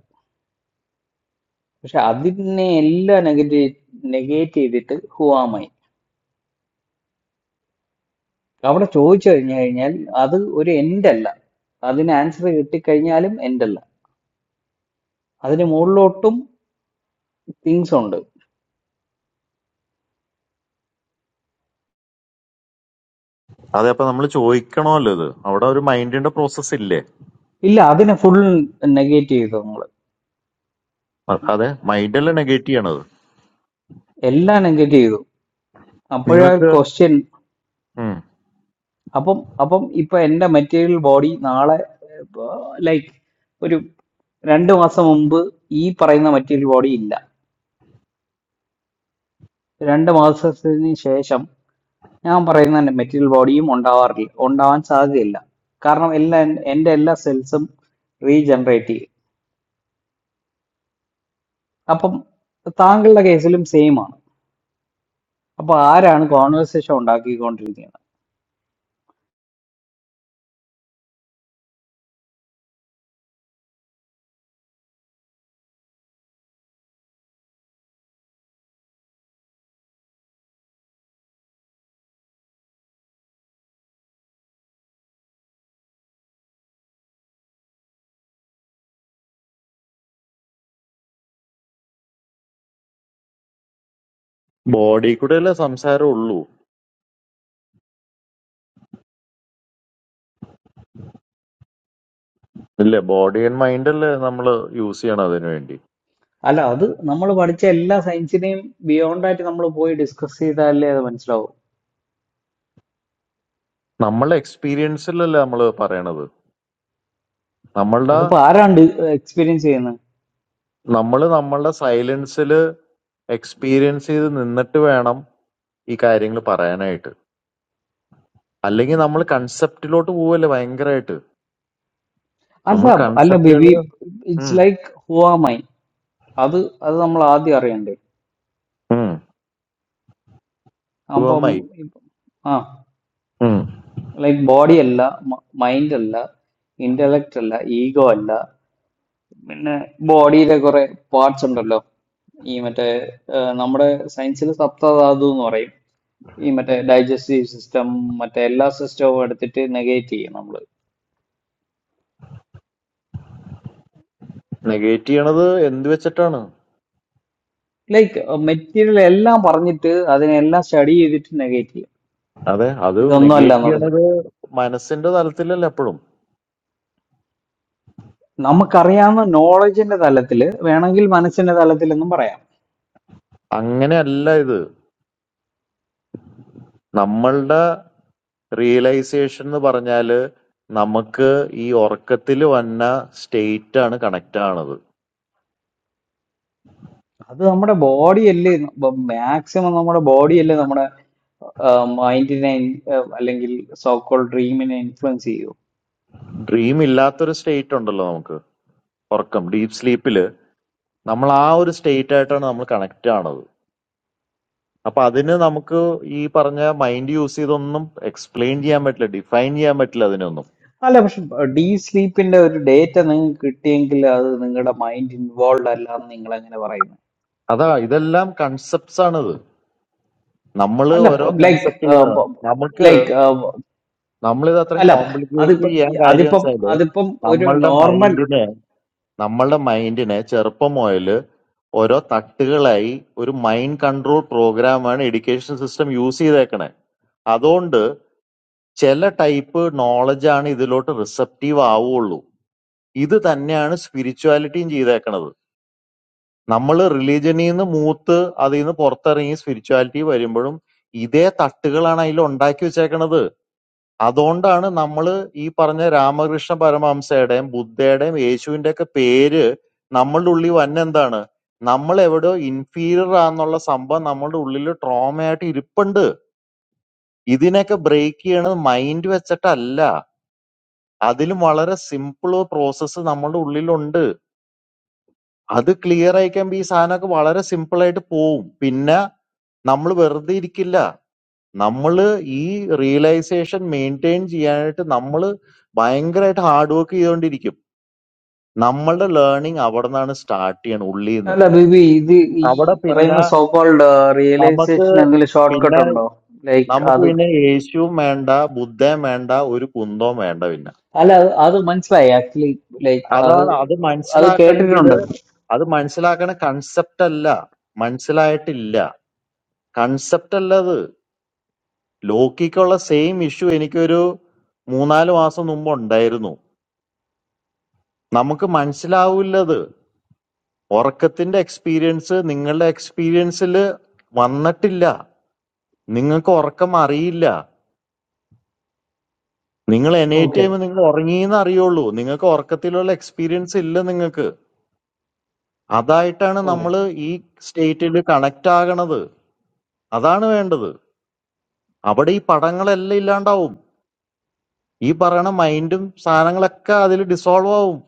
പക്ഷെ അതിനെ എല്ലാം നെഗറ്റീവ് നെഗേറ്റ് ചെയ്തിട്ട് ഹുവാമൈ അവിടെ ചോദിച്ചു കഴിഞ്ഞു കഴിഞ്ഞാൽ അത് ഒരു എൻഡ് അല്ല അതിന് ആൻസർ കിട്ടിക്കഴിഞ്ഞാലും എൻഡ് അല്ല അതിന് മുകളിലോട്ടും തിങ്സ് ഉണ്ട് അതെ അപ്പൊ നമ്മൾ ചോദിക്കണമല്ലോ ഇത്. അവിടെ ഒരു മൈൻഡിന്റെ പ്രോസസ് ഇല്ലേ? ഇല്ല അതിനെ ഫുൾ നെഗേറ്റ് ചെയ്തു നമ്മൾ അ- അതെ മൈൻഡല്ല നെഗറ്റീവ് ചെയ്യണത്. എല്ലാം നെഗറ്റ് ചെയ്തു അപ്പോഴാ നിങ്ങൾക്ക് ക്വസ്റ്റ്യൻ അപ്പം അപ്പം ഇപ്പൊ എന്റെ മെറ്റീരിയൽ ബോഡി നാളെ ലൈക്ക് ഒരു രണ്ട് മാസം മുമ്പ് ഈ പറയുന്ന മെറ്റീരിയൽ ബോഡി ഇല്ല രണ്ട് മാസത്തിന് ശേഷം ഞാൻ പറയുന്നുണ്ട് മെറ്റീരിയൽ ബോഡിയും ഉണ്ടാവാറില്ല ഉണ്ടാവാൻ സാധ്യതയില്ല കാരണം എല്ലാ എൻ്റെ എല്ലാ സെൽസും റീജനറേറ്റ് ചെയ്യും അപ്പം താങ്കളുടെ കേസിലും സെയിം ആണ് അപ്പൊ ആരാണ് കോൺവെർസേഷൻ ഉണ്ടാക്കിക്കൊണ്ടിരിക്കുന്നത് ബോഡി കൂടെ അല്ലേ സംസാരം ഉള്ളൂ. ഇല്ലേ ബോഡി ആൻഡ് മൈൻഡ് അല്ലേ നമ്മൾ യൂസ് ചെയ്യണം അതിനു വേണ്ടി. അല്ല അത് നമ്മൾ പഠിച്ച എല്ലാ സയൻസിനെയും ബിയോണ്ട് ആയിട്ട് നമ്മൾ പോയി ഡിസ്കസ് ചെയ്താലേ അത് മനസ്സിലാവും നമ്മളുടെ എക്സ്പീരിയൻസിലല്ലേ നമ്മൾ പറയണത് നമ്മളുടെ അതിപ്പോ ആരാണ് എക്സ്പീരിയൻസ് ചെയ്യുന്നത് നമ്മൾ നമ്മളുടെ സൈലൻസിൽ എക്സ്പീരിയൻസ് ചെയ്ത് നിന്നിട്ട് വേണം ഈ കാര്യങ്ങൾ പറയാനായിട്ട് അല്ലെങ്കിൽ നമ്മൾ കൺസെപ്റ്റിലോട്ട് പോവല്ലേ ഭയങ്കരമായിട്ട് അല്ല നമ്മൾ അല്ല കൺസെപ്റ്റുകൾ ബിബി ഇറ്റ്സ് ലൈക്ക് ഹുവാമൈ അത് അത് നമ്മൾ ആദ്യം അറിയണ്ടേ അപ്പം ഉപമായി ഇപ്പ- ആ ലൈക്ക് ബോഡി അല്ല മൈൻഡ് അല്ല ഇന്റലക്ട് അല്ല ഈഗോ അല്ല പിന്നെ ബോഡിയിലെ കുറെ പാർട്സ് ഉണ്ടല്ലോ ഈ മറ്റേ ആ, നമ്മുടെ സയൻസിൽ സപ്തധാതു എന്ന് പറയും ഈ മറ്റേ ഡൈജസ്റ്റീവ് സിസ്റ്റം മറ്റേ എല്ലാ സിസ്റ്റവും എടുത്തിട്ട് നെഗേറ്റ് ചെയ്യും നമ്മൾ നെഗേറ്റ് ചെയ്യണത് എന്ത് വെച്ചിട്ടാണ് ലൈക്ക് മെറ്റീരിയൽ എല്ലാം പറഞ്ഞിട്ട് അതിനെല്ലാം സ്റ്റഡി ചെയ്തിട്ട് നെഗേറ്റ് ചെയ്യും അതെ അത് ഇതൊന്നും അല്ല നെഗേറ്റ് എന്ന് പറഞ്ഞിട്ട് ചെയ്യണത് മനസ്സിന്റെ തലത്തിലല്ലേ എപ്പോഴും നമുക്കറിയാവുന്ന നോളജിന്റെ തലത്തിൽ വേണമെങ്കിൽ മനസ്സിന്റെ തലത്തിൽ എന്നും പറയാം അങ്ങനെയല്ല ഇത് നമ്മളുടെ റിയലൈസേഷൻ എന്ന് പറഞ്ഞാല് നമുക്ക് ഈ ഉറക്കത്തിൽ വന്ന സ്റ്റേറ്റ് ആണ് കണക്ട് ആണത് അത് നമ്മുടെ ബോഡിയല്ലേ മാക്സിമം നമ്മുടെ ബോഡിയല്ലേ നമ്മുടെ മൈൻഡിനെ അല്ലെങ്കിൽ സോക്കോൾ ഡ്രീമിനെ ഇൻഫ്ലുവൻസ് ചെയ്യൂ ഡ്രീം ഇല്ലാത്തൊരു സ്റ്റേറ്റ് ഉണ്ടല്ലോ നമുക്ക് ഉറക്കം ഡീപ് സ്ലീപ്പില് നമ്മൾ ആ ഒരു സ്റ്റേറ്റ് ആയിട്ടാണ് നമ്മൾ കണക്ട് ആണത് അപ്പൊ അതിന് നമുക്ക് ഈ പറഞ്ഞ മൈൻഡ് യൂസ് ചെയ്തൊന്നും എക്സ്പ്ലെയിൻ ചെയ്യാൻ പറ്റില്ല ഡിഫൈൻ ചെയ്യാൻ പറ്റില്ല അതിനൊന്നും അല്ല പക്ഷെ ഡീ സ്ലീപ്പിന്റെ ഒരു ഡേറ്റ നിങ്ങൾക്ക് കിട്ടിയെങ്കിൽ അത് നിങ്ങളുടെ മൈൻഡ് ഇൻവോൾവ് അല്ല എന്ന് നിങ്ങൾ എങ്ങനെ പറയുന്നു അതാ ഇതെല്ലാം കൺസെപ്റ്റ്സ് ആണിത് നമ്മൾ അല്ല ഓരോ ലൈക്ക് കൺസെപ്റ്റ് നമുക്ക് ലൈക്ക് നമ്മളിത് അത്രയും അല്ല കോംപ്ലിക്കേറ്റ് അതിപ്പം ചെയ്യാൻ കാര്യം അതിപ്പം വെച്ചാല് അതിപ്പം ഒരു നമ്മളുടെ നോർമൽ മൈൻഡിനെ നമ്മളുടെ മൈൻഡിനെ ചെറുപ്പം മുതല് ഓരോ തട്ടുകളായി ഒരു മൈൻഡ് കൺട്രോൾ പ്രോഗ്രാമാണ് എഡ്യൂക്കേഷൻ സിസ്റ്റം യൂസ് ചെയ്തേക്കണേ അതുകൊണ്ട് ചില ടൈപ്പ് നോളജാണ് ഇതിലോട്ട് റിസപ്റ്റീവ് ആവുള്ളൂ ഇത് തന്നെയാണ് സ്പിരിച്വാലിറ്റിയും ചെയ്തേക്കണത് നമ്മൾ റിലീജനിൽ നിന്ന് മൂത്ത് അതിൽ നിന്ന് പുറത്തിറങ്ങി സ്പിരിച്വാലിറ്റി വരുമ്പോഴും ഇതേ തട്ടുകളാണ് അതിൽ ഉണ്ടാക്കി വെച്ചേക്കണത് അതുകൊണ്ടാണ് നമ്മൾ ഈ പറഞ്ഞ രാമകൃഷ്ണ പരമഹംസയുടെയും ബുദ്ധയുടെയും യേശുവിന്റെ ഒക്കെ പേര് നമ്മളുടെ ഉള്ളിൽ വന്ന എന്താണ് നമ്മൾ എവിടെയോ ഇൻഫീരിയർ ആണെന്നുള്ള സംഭവം നമ്മളുടെ ഉള്ളിൽ ട്രോമയായിട്ട് ഇരിപ്പുണ്ട് ഇതിനൊക്കെ ബ്രേക്ക് ചെയ്യണത് മൈൻഡ് വെച്ചിട്ടല്ല അതിലും വളരെ സിമ്പിൾ പ്രോസസ്സ് നമ്മളുടെ ഉള്ളിലുണ്ട് അത് ക്ലിയർ ആയി കഴിയുമ്പോൾ ഈ സാധനമൊക്കെ വളരെ സിമ്പിൾ ആയിട്ട് പോവും പിന്നെ നമ്മൾ വെറുതെ ഇരിക്കില്ല നമ്മള് ഈ റിയലൈസേഷൻ മെയിൻറ്റെയിൻ ചെയ്യാനായിട്ട് നമ്മള് ഭയങ്കരമായിട്ട് ഹാർഡ് വർക്ക് ചെയ്തുകൊണ്ടിരിക്കും നമ്മളുടെ ലേണിംഗ് അവിടെ നിന്നാണ് സ്റ്റാർട്ട് ചെയ്യണം ഉള്ളിൽ നിന്ന് അല്ല ബേബി ഇത് ഈ അവിടെ പറയുന്ന പിന്നെ സോക്കോൾഡ് നമുക്ക് റിയലൈസേഷൻ എന്തെങ്കിലും ഷോർട്ട് കട്ട് പിന്നെ ഉണ്ടോ ലൈക്ക് നമുക്ക് അത് പിന്നെ യേശുവും വേണ്ട ബുദ്ധയും വേണ്ട ഒരു കുന്തവും വേണ്ട പിന്നെ അല്ല അത് അത് മനസ്സിലായി ആക്ച്വലി ലൈക്ക് അത് അതാണ് അത് അത് മനസ്സിലാക്കണമെങ്കിൽ കേട്ടിട്ടുണ്ട് അത് മനസ്സിലാക്കണ കൺസെപ്റ്റ് അല്ല മനസ്സിലായിട്ടില്ല കൺസെപ്റ്റ് അല്ല അത് ലോക്കിക്കുള്ള സെയിം ഇഷ്യൂ എനിക്കൊരു മൂന്നാല് മാസം മുമ്പ് ഉണ്ടായിരുന്നു നമുക്ക് മനസ്സിലാവൂലത് ഉറക്കത്തിന്റെ എക്സ്പീരിയൻസ് നിങ്ങളുടെ എക്സ്പീരിയൻസിൽ വന്നിട്ടില്ല നിങ്ങൾക്ക് ഉറക്കം അറിയില്ല നിങ്ങൾ എനേറ്റ് ചെയ്യുമ്പോൾ ഓക്കെ നിങ്ങൾ ഉറങ്ങിയെന്ന് അറിയുള്ളൂ നിങ്ങൾക്ക് ഉറക്കത്തിലുള്ള എക്സ്പീരിയൻസ് ഇല്ല നിങ്ങൾക്ക് അതായിട്ടാണ് നമ്മൾ ഈ സ്റ്റേറ്റിൽ കണക്ട് ആകണത് അതാണ് വേണ്ടത് അവിടെ ഈ പടങ്ങളെല്ലാം ഇല്ലാണ്ടാവും ഈ പറയണ മൈൻഡും സാധനങ്ങളൊക്കെ അതിൽ ഡിസോൾവ് ആവും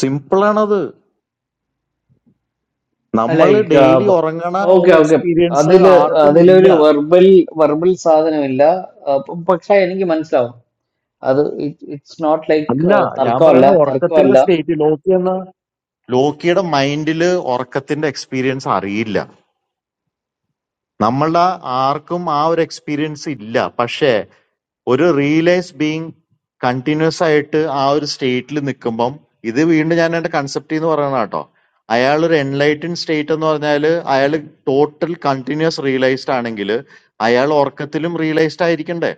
സിമ്പിൾ ആണത് നമ്മൾ ലൈക്ക് ഡെയിലി ഉറങ്ങണ ഓക്കെ ഒരു ഓക്കെ എക്സ്പീരിയൻസ് അതില് ആർക്കും അതിലൊരു ഇല്ല വെർബൽ വെർബൽ സാധനമില്ല ആ, പ- പക്ഷെ എനിക്ക് മനസ്സിലാവും അത് ഇറ്റ്സ് നോട്ട് ലൈക്ക് അല്ല ഞാൻ തർക്കമല്ല പറയണ ഉറക്കത്തിന്റെ തർക്കമല്ല സ്റ്റേറ്റ് ലോക്കി എന്ന ലോക്കിയുടെ മൈൻഡില് ഉറക്കത്തിന്റെ എക്സ്പീരിയൻസ് അറിയില്ല നമ്മളുടെ ആർക്കും ആ ഒരു എക്സ്പീരിയൻസ് ഇല്ല പക്ഷേ ഒരു റിയലൈസ് ബീങ് കണ്ടിന്യൂസ് ആയിട്ട് ആ ഒരു സ്റ്റേറ്റിൽ നിൽക്കുമ്പം ഇത് വീണ്ടും ഞാൻ എന്റെ കൺസെപ്റ്റ് എന്ന് പറയണ കേട്ടോ അയാൾ ഒരു എൻലൈറ്റൻ സ്റ്റേറ്റ് എന്ന് പറഞ്ഞാൽ അയാൾ ടോട്ടൽ കണ്ടിന്യൂസ് റിയലൈസ്ഡ് ആണെങ്കിൽ അയാൾ ഉറക്കത്തിലും റിയലൈസ്ഡ് ആയിരിക്കണ്ടേ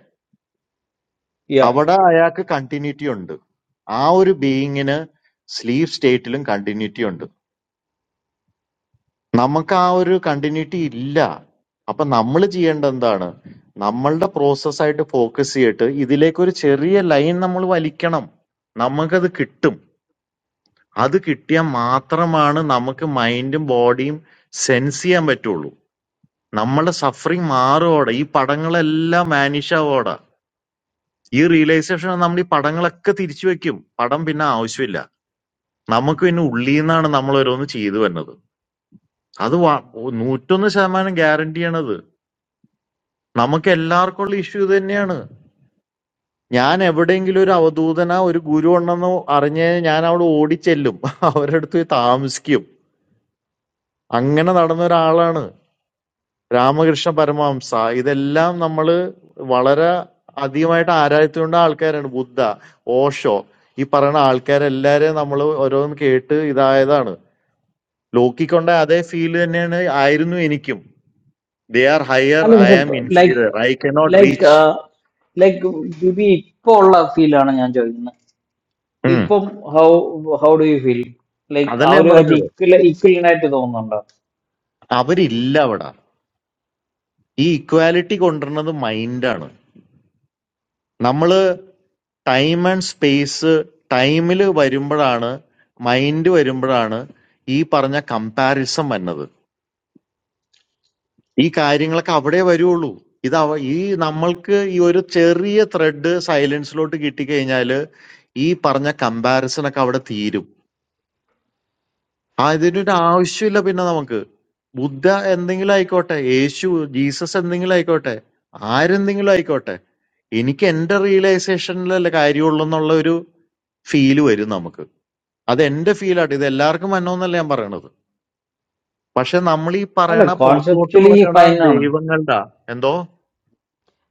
Yeah. അവിടെ അയാൾക്ക് കണ്ടിന്യൂറ്റി ഉണ്ട് ആ ഒരു ബീയിങ്ങിന് സ്ലീവ് സ്റ്റേറ്റിലും കണ്ടിന്യൂറ്റി ഉണ്ട് നമുക്ക് ആ ഒരു കണ്ടിന്യൂറ്റി ഇല്ല അപ്പൊ നമ്മൾ ചെയ്യേണ്ടത് എന്താണ് നമ്മളുടെ പ്രോസസ്സായിട്ട് ഫോക്കസ് ചെയ്തിട്ട് ഇതിലേക്ക് ഒരു ചെറിയ ലൈൻ നമ്മൾ വലിക്കണം നമുക്കത് കിട്ടും അത് കിട്ടിയാൽ മാത്രമാണ് നമുക്ക് മൈൻഡും ബോഡിയും സെൻസ് ചെയ്യാൻ പറ്റുള്ളൂ നമ്മളുടെ സഫറിങ് മാറുമോടെ ഈ പടങ്ങളെല്ലാം മാനിഷ് ആവോടെ ഈ റിയലൈസേഷൻ നമ്മൾ ഈ പടങ്ങളൊക്കെ തിരിച്ചു വെക്കും പടം പിന്നെ ആവശ്യമില്ല നമുക്ക് പിന്നെ ഉള്ളീന്നാണ് നമ്മൾ ഓരോന്ന് ചെയ്തു വരുന്നത്. അത് വ- നൂറ്റൊന്ന് ശതമാനം ഗ്യാരണ്ടിയാണത്. നമുക്ക് എല്ലാവർക്കും ഉള്ള ഇഷ്യൂ തന്നെയാണ്. ഞാൻ എവിടെയെങ്കിലും ഒരു അവധൂതനോ ഒരു ഗുരു ഉണ്ടെന്നോ അറിഞ്ഞ് കഴിഞ്ഞാൽ ഞാൻ അവിടെ ഓടിച്ചെല്ലും. (laughs) അവരുടെ അടുത്ത് പോയി താമസിക്കും. അങ്ങനെ നടന്ന ഒരാളാണ് രാമകൃഷ്ണ പരമഹംസ. ഇതെല്ലാം നമ്മള് വളരെ അധികമായിട്ട് ആരാധിച്ചുകൊണ്ട് ആൾക്കാരാണ്. ബുദ്ധ, ഓഷോ ഈ പറയുന്ന ആൾക്കാരെല്ലാരെയും നമ്മൾ ഓരോന്ന് കേട്ട് ഇതായതാണ്. ലോക്കിക്കൊണ്ട അതേ ഫീൽ തന്നെയാണ് ആയിരുന്നു എനിക്കും. ദേ ആർ ഹയർ അല്ല ഐ പക്ഷെ am like inferior I cannot like reach like ബിബി ഇപ്പോ ഉള്ള ഫീലാണ് ഞാൻ ചോദിക്കുന്നത് ഇപ്പം how how do you feel like അതല്ലേ ഞാൻ അവരുമായിട്ട് പറഞ്ഞത് ഇക്വൽ ഇക്വലിനായിട്ട് തോന്നുന്നുണ്ടോ അവരില്ല അവിടെ ഈ ഇക്വാലിറ്റി കൊണ്ടുവരുന്നത് മൈൻഡാണ് നമ്മള് ടൈം ആൻഡ് സ്പേസ് ടൈമിൽ വരുമ്പോഴാണ് മൈൻഡ് വരുമ്പോഴാണ് ഈ പറഞ്ഞ കമ്പാരിസം വന്നത് ഈ കാര്യങ്ങളൊക്കെ അവിടെ വരുള്ളൂ ഇത് അവ ഈ നമ്മൾക്ക് ഈ ഒരു ചെറിയ ത്രെഡ് സൈലൻസിലോട്ട് കിട്ടിക്കഴിഞ്ഞാല് ഈ പറഞ്ഞ കമ്പാരിസൺ ഒക്കെ അവിടെ തീരും അതിനൊരു ആവശ്യമില്ല പിന്നെ നമുക്ക് ബുദ്ധ എന്തെങ്കിലും ആയിക്കോട്ടെ യേശു ജീസസ് എന്തെങ്കിലും ആയിക്കോട്ടെ ആരെന്തെങ്കിലും ആയിക്കോട്ടെ എനിക്ക് എന്റെ റിയലൈസേഷനിലല്ലേ കാര്യമുള്ളൂ എന്നുള്ള ഒരു ഫീല് വരും നമുക്ക് അത് എന്റെ ഫീലാട്ട് ഇത് എല്ലാവർക്കും വന്നോന്നല്ല ഞാൻ പറയണത് പക്ഷെ നമ്മൾ ഈ അല്ല പറയണ പുറത്തോട്ട് കോൺസെപ്ച്വലി കൊടുക്കണ ഫൈൻ ആണ് ദൈവങ്ങളുടെ എന്തോ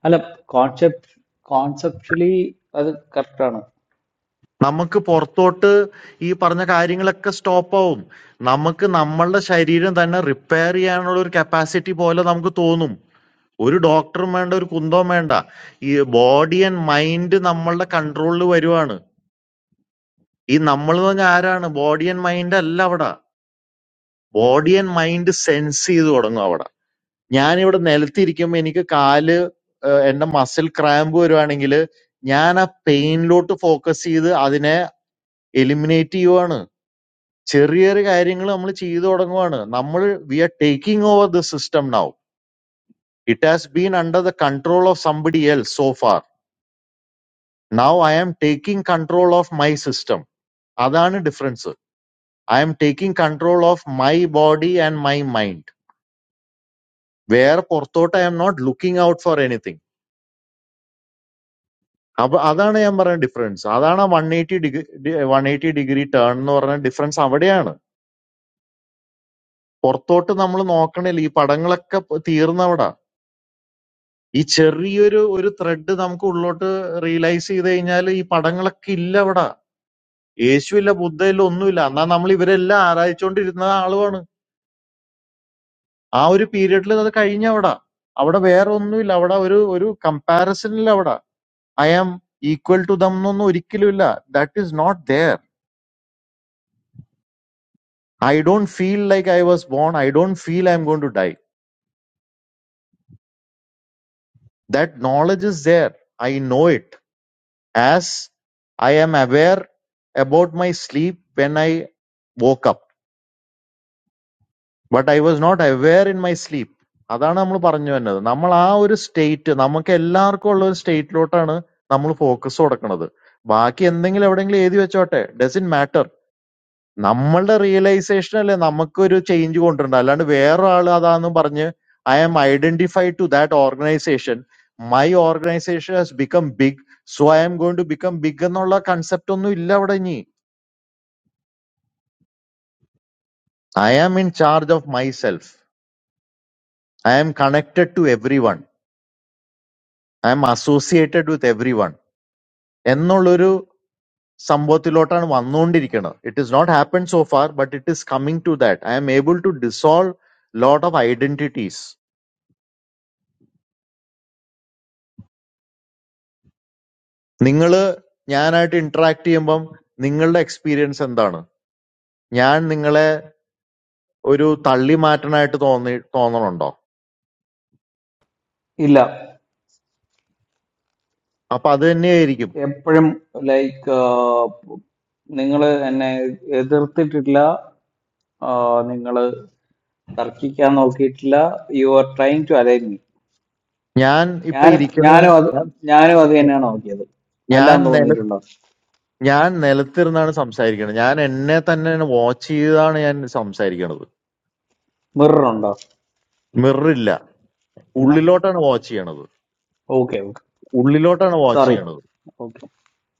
അല്ല കോൺസെപ്റ്റ് കോൺസെപ്ച്വലി അത് കറക്റ്റ് ആണ് നമുക്ക് പുറത്തോട്ട് ഈ പറഞ്ഞ കാര്യങ്ങളൊക്കെ സ്റ്റോപ്പ് ആവും നമുക്ക് നമ്മളുടെ ശരീരം തന്നെ റിപ്പയർ ചെയ്യാനുള്ള ഒരു കപ്പാസിറ്റി പോലെ നമുക്ക് തോന്നും ഒരു ഡോക്ടറും വേണ്ട ഒരു കുന്തവും വേണ്ട. ഈ ബോഡി ആൻഡ് മൈൻഡ് നമ്മളുടെ കൺട്രോളിൽ വരുവാണ്. ഈ നമ്മളെന്ന് പറഞ്ഞാ ആരാണ്? ബോഡി ആൻഡ് മൈൻഡ് അല്ല അവിടെ. ബോഡി ആൻഡ് മൈൻഡ് സെൻസ് ചെയ്ത് തുടങ്ങും അവിടെ. ഞാനിവിടെ നിലത്തിരിക്കുമ്പോ എനിക്ക് കാല് ഏഹ് എന്റെ മസിൽ ക്രാമ്പ് വരുവാണെങ്കിൽ ഞാൻ ആ പെയിനിലോട്ട് ഫോക്കസ് ചെയ്ത് അതിനെ എലിമിനേറ്റ് ചെയ്യുവാണ്. ചെറിയ ചെറിയ കാര്യങ്ങൾ നമ്മൾ ചെയ്തു തുടങ്ങുവാണ്. നമ്മൾ we are taking over the system now. It has been under the control of somebody else so far. Now I am taking control of my system. അതാണ് difference I am taking control of my body and my mind വേറെ പുറത്തോട്ട് I am not looking out for anything അപ്പൊ അതാണ് ഞാൻ പറഞ്ഞ difference അതാണ് ആ one eighty degree one eighty degree turn എന്ന് പറഞ്ഞ ഡിഫറൻസ് അവിടെയാണ് പുറത്തോട്ട് നമ്മൾ നോക്കണില്ല ഈ പടങ്ങളൊക്കെ പ- തീർന്നവിടെ ഈ ചെറിയൊരു ഒരു ത്രെഡ് നമുക്ക് ഉള്ളോട്ട് റിയലൈസ് ചെയ്ത് കഴിഞ്ഞാൽ ഈ പടങ്ങളൊക്കെ ഇല്ല അവിടെ യേശുവില്ല ബുദ്ധയില്ല ഒന്നുമില്ല എന്നാ നമ്മൾ ഇവരെല്ലാം ആരാധിച്ചുകൊണ്ടിരുന്ന ആളുമാണ് ആ ഒരു പീരീഡിൽ അത് കഴിഞ്ഞ അവിടെ അവിടെ വേറെ ഒന്നുമില്ല അവിടെ ഒരു ഒരു കമ്പാരിസൺ ഇല്ല അവിടെ I am equal to them എന്നൊന്നും ഒരിക്കലും ഇല്ല that is not there I don't feel like I was born I don't feel I am gonna die that knowledge is there I know it as I am aware about my sleep when I woke but I was not aware in my sleep അതാണ് നമ്മൾ പറഞ്ഞു വന്നത് നമ്മൾ ആ ഒരു state നമുക്ക് എല്ലാവർക്കും ഉള്ള ഒരു സ്റ്റേറ്റിലോട്ടാണ് നമ്മൾ ഫോക്കസ് കൊടുക്കുന്നത് ബാക്കി എന്തെങ്കിലും എവിടെയെങ്കിലും എഴുതി വെച്ചോട്ടെ ഡസ് ഇൻ മാറ്റർ നമ്മളുടെ റിയലൈസേഷൻ അല്ലേ നമുക്കൊരു ചേഞ്ച് കൊണ്ടുവരണ്ട അല്ലാണ്ട് വേറെ ആൾ അതാന്ന് പറഞ്ഞ് I am identified to that organisation my organisation has become big so I am going to become big എന്നുള്ള കൺസെപ്റ്റ് ഒന്നും ഇല്ല അവിടെ ഇനി I am in charge of my self I am connected to everyone. I am associated with everyone എന്നുള്ളൊരു സംഭവത്തിലോട്ടാണ് വന്നുകൊണ്ടിരിക്കുന്നത് it is not happen so far but it is coming to that I am able to dissolve lot of identities നിങ്ങൾ ഞാനായിട്ട് interact ചെയ്യുമ്പം നിങ്ങളുടെ experience എന്താണ് ഞാൻ നിങ്ങളെ ഒരു തള്ളി മാറ്റാനായിട്ട് തോന്നി തോന്നണുണ്ടോ ഇല്ല അപ്പൊ അത് തന്നെയായിരിക്കും എപ്പോഴും ലൈക്ക് നിങ്ങൾ എന്നെ എതിർത്തിട്ടില്ല നിങ്ങൾ തർക്കിക്കാൻ നോക്കിയിട്ടില്ല you are trying to align me ഞാൻ ഇപ്പൊ ഞാനും ഇരിക്കണ ഞാനും അത് ഞാൻ ഞാനും അത് തന്നെയാണ് നോക്കിയത് ഞാൻ അല്ലാന്ന് നില തോന്നിയിട്ടുണ്ടോ ഞാൻ നിലത്തിരുന്നാണ് സംസാരിക്കണത് ഞാൻ എന്നെ തന്നെ വാച്ച് ചെയ്താണ് ഞാൻ സംസാരിക്കണത് മിറർ ഉണ്ടോ മിറർ ഇല്ല പിന്നെ ഉള്ളിലോട്ടാണ് വാച്ച് ചെയ്യണത്. ഓക്കെ ഓക്കെ ഉള്ളിലോട്ടാണ് വാച്ച് സോറി ചെയ്യണത്. ഓക്കെ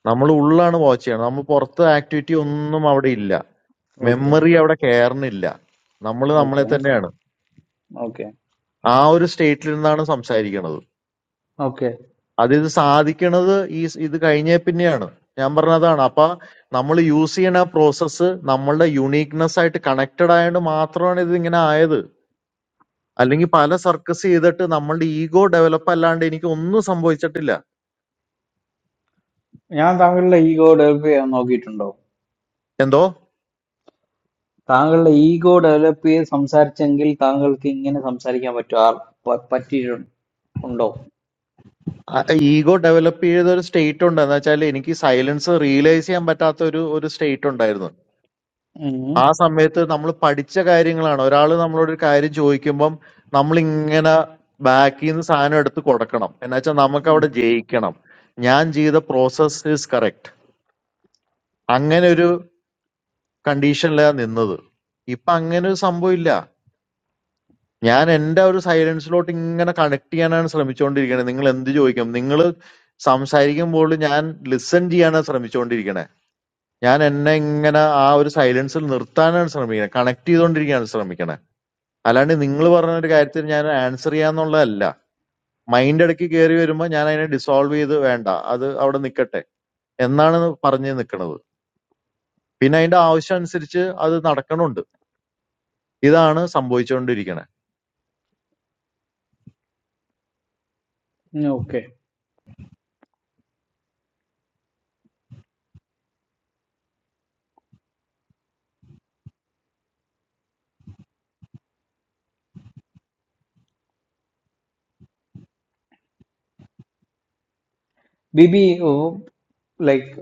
നമ്മൾ ഉള്ളാണ് വാച്ച് ചെയ്യണത്. നമ്മൾ പുറത്ത് ആക്ടിവിറ്റി ഒന്നും അവിടെ ഇല്ല. ഓക്കെ മെമ്മറി അവിടെ കയറണില്ല. നമ്മൾ ഓക്കെ നമ്മളെ തന്നെയാണ്. ഓക്കെ ആ ഒരു സ്റ്റേറ്റിൽ നിന്നാണ് സംസാരിക്കണത്. ഓക്കെ അത് ഇത് സാധിക്കണത് ഈ സ് ഇത് കഴിഞ്ഞേ പിന്നെയാണ്. ഞാൻ പറഞ്ഞതാണ്. അപ്പൊ നമ്മൾ യൂസ് ചെയ്യണ ആ പ്രോസസ്സ് നമ്മളുടെ യുണീക്നെസ് ആയിട്ട് കണക്റ്റഡ് ആയതുകൊണ്ട് മാത്രമാണ് ഇത് ഇങ്ങനെ ആയത്. അല്ലെങ്കിൽ പല സർക്കസ് ചെയ്തിട്ട് നമ്മളുടെ ഈഗോ ഡെവലപ്പ് അല്ലാണ്ട് എനിക്ക് ഒന്നും സംഭവിച്ചിട്ടില്ല. ഞാൻ താങ്കളുടെ ഈഗോ ഡെവലപ്പ് ചെയ്യാൻ നോക്കിയിട്ടുണ്ടോ എന്തോ താങ്കളുടെ ഈഗോ ഡെവലപ്പ് ചെയ്ത് സംസാരിച്ചെങ്കിൽ താങ്കൾക്ക് ഇങ്ങനെ സംസാരിക്കാൻ പറ്റുമോ ആ- പ- പറ്റിയിട്ടുണ്ടോ ഈഗോ ഡെവലപ്പ് ചെയ്ത ഒരു സ്റ്റേറ്റ് ഉണ്ട് എന്ന് വെച്ചാൽ എനിക്ക് സൈലൻസ് റിയലൈസ് ചെയ്യാൻ പറ്റാത്ത ഒരു ഒരു സ്റ്റേറ്റ് ഉണ്ടായിരുന്നു ഉണ്ടോ ആ സമയത്ത് നമ്മൾ പഠിച്ച കാര്യങ്ങളാണ് ഒരാൾ നമ്മളോട് ഒരു കാര്യം ചോദിക്കുമ്പം നമ്മൾ ഇങ്ങനെ ബാക്കിൽ നിന്ന് സാധനം എടുത്ത് കൊടുക്കണം എന്ന് വെച്ചാൽ നമുക്ക് അവിടെ ജയിക്കണം ഞാൻ ചെയ്ത പ്രോസസ് ഈസ് കറക്റ്റ് അങ്ങനെ ഒരു കണ്ടീഷനിലാണ് നിന്നത് ഇപ്പൊ അങ്ങനെ ഒരു സംഭവം ഇല്ല ഞാൻ എന്റെ ഒരു സൈലൻസിലോട്ട് ഇങ്ങനെ കണക്ട് ചെയ്യാനാണ് ശ്രമിച്ചുകൊണ്ടിരിക്കണേ നിങ്ങൾ എന്ത് ചോദിക്കും നിങ്ങൾ സംസാരിക്കുമ്പോൾ ഞാൻ ലിസൺ ചെയ്യാനാണ് ശ്രമിച്ചുകൊണ്ടിരിക്കണേ ഞാൻ എന്നെ ഇങ്ങനെ ആ ഒരു സൈലൻസിൽ നിർത്താനാണ് ശ്രമിക്കണേ കണക്ട് ചെയ്തുകൊണ്ടിരിക്കാനാണ് ശ്രമിക്കണേ അല്ലാണ്ട് നിങ്ങൾ പറഞ്ഞ ഒരു കാര്യത്തിൽ ഞാൻ ആൻസർ ചെയ്യാന്നുള്ളതല്ല മൈൻഡ് ഇടയ്ക്ക് കയറി വരുമ്പോൾ ഞാൻ അതിനെ ഡിസോൾവ് ചെയ്ത് വേണ്ട അത് അവിടെ നിൽക്കട്ടെ എന്നാണ് പറഞ്ഞ് നിൽക്കുന്നത് പിന്നെ അതിന്റെ ആവശ്യം അനുസരിച്ച് അത് നടക്കണുണ്ട് ഇതാണ് സംഭവിച്ചുകൊണ്ടിരിക്കണേ ഓക്കെ ബിബി ലൈക്ക്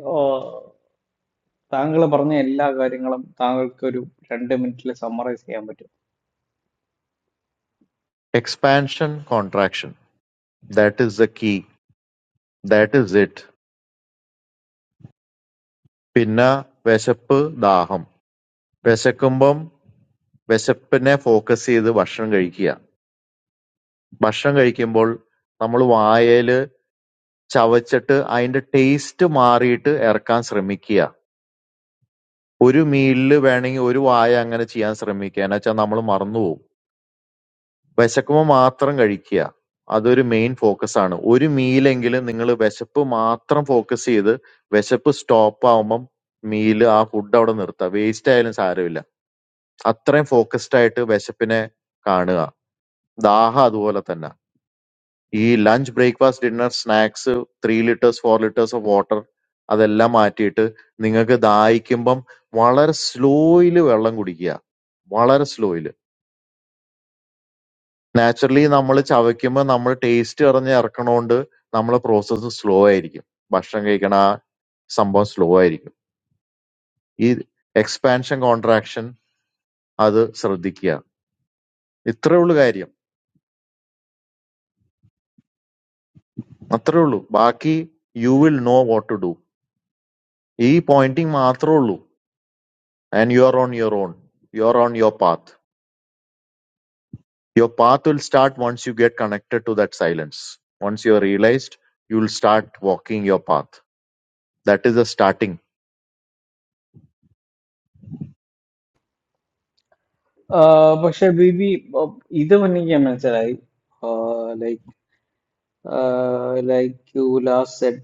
താങ്കൾ പറഞ്ഞ എല്ലാ കാര്യങ്ങളും താങ്കൾക്ക് ഒരു രണ്ട് മിനിറ്റിൽ സമ്മറൈസ് ചെയ്യാൻ പറ്റും expansion contraction that is the key That is it. പിന്നെ വിശപ്പ്, ദാഹം. വിശക്കുമ്പം വിശപ്പിനെ ഫോക്കസ് ചെയ്ത് ഭക്ഷണം കഴിക്കുക. ഭക്ഷണം കഴിക്കുമ്പോൾ നമ്മള് വായേല് ചവച്ചിട്ട് അതിന്റെ ടേസ്റ്റ് മാറിയിട്ട് ഇറക്കാൻ ശ്രമിക്കുക. ഒരു മീലില് വേണമെങ്കിൽ ഒരു വായ അങ്ങനെ ചെയ്യാൻ ശ്രമിക്കുക. എന്നുവെച്ചാൽ നമ്മൾ മറന്നുപോകും. വിശക്കുമ്പോൾ മാത്രം കഴിക്കുക. അതൊരു മെയിൻ ഫോക്കസ് ആണ്. ഒരു മീലെങ്കിലും നിങ്ങൾ വിശപ്പ് മാത്രം ഫോക്കസ് ചെയ്ത് വിശപ്പ് സ്റ്റോപ്പ് ആവുമ്പം മീല് ആ ഫുഡ് അവിടെ നിർത്തുക. വേസ്റ്റ് ആയാലും സാരമില്ല. അത്രയും ഫോക്കസ്ഡ് ആയിട്ട് വിശപ്പിനെ കാണുക. ദാഹം അതുപോലെ തന്നെ. ഈ lunch, breakfast, dinner, snacks, 3 litres, 4 litres of water അതെല്ലാം മാറ്റിയിട്ട് നിങ്ങൾക്ക് ദാഹിക്കുമ്പം വളരെ സ്ലോയിൽ വെള്ളം കുടിക്കുക. വളരെ സ്ലോയിൽ. നാച്ചുറലി നമ്മൾ ചവയ്ക്കുമ്പോൾ നമ്മൾ ടേസ്റ്റ് അറിഞ്ഞ് ഇറക്കണോണ്ട് നമ്മളെ പ്രോസസ്സ് സ്ലോ ആയിരിക്കും. ഭക്ഷണം കഴിക്കണ ആ സംഭവം സ്ലോ ആയിരിക്കും. ഈ എക്സ്പാൻഷൻ കോൺട്രാക്ഷൻ അത് ശ്രദ്ധിക്കുക. ഇത്രേ ഉള്ളു കാര്യം. मत्रोलु बाकी you will know what to do. यी pointing मात्रोलु and you are on your own. You are on your path. Your path will start once you get connected to that silence. Once you are realized, you will start walking your path. That is the starting. ആ, പക്ഷെ ബിബി ഓ, ഇത് എനിക്ക് മനസ്സിലായി like like you last said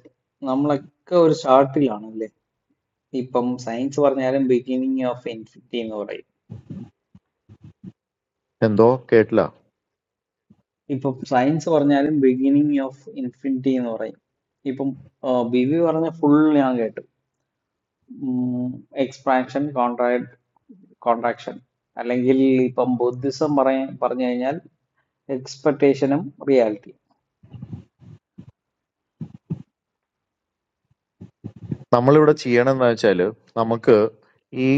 നമ്മളൊക്കെ ഒരു സ്റ്റാർട്ടിലാണ് അല്ലേ ഇപ്പം science പറഞ്ഞാലും ബിഗിനിങ് ഓഫ് ഇൻഫിനിറ്റി എന്ന് പറയും तेंदो केटला. ഇപ്പം സയൻസ് പറഞ്ഞാലും ബിഗിനിങ് ഓഫ് ഇൻഫിനിറ്റി എന്ന് പറയും ഇപ്പം ബി വി പറഞ്ഞ ഫുൾ ഞാൻ കേട്ടു എക്സ്പാൻഷൻ കോൺട്രാ കോൺട്രാക്ഷൻ അല്ലെങ്കിൽ ഇപ്പം ബുദ്ധിസം പറയ പറഞ്ഞു കഴിഞ്ഞാൽ എക്സ്പെക്ടേഷനും റിയാലിറ്റി नमले वडा चीयन नाह चाले. नमक यी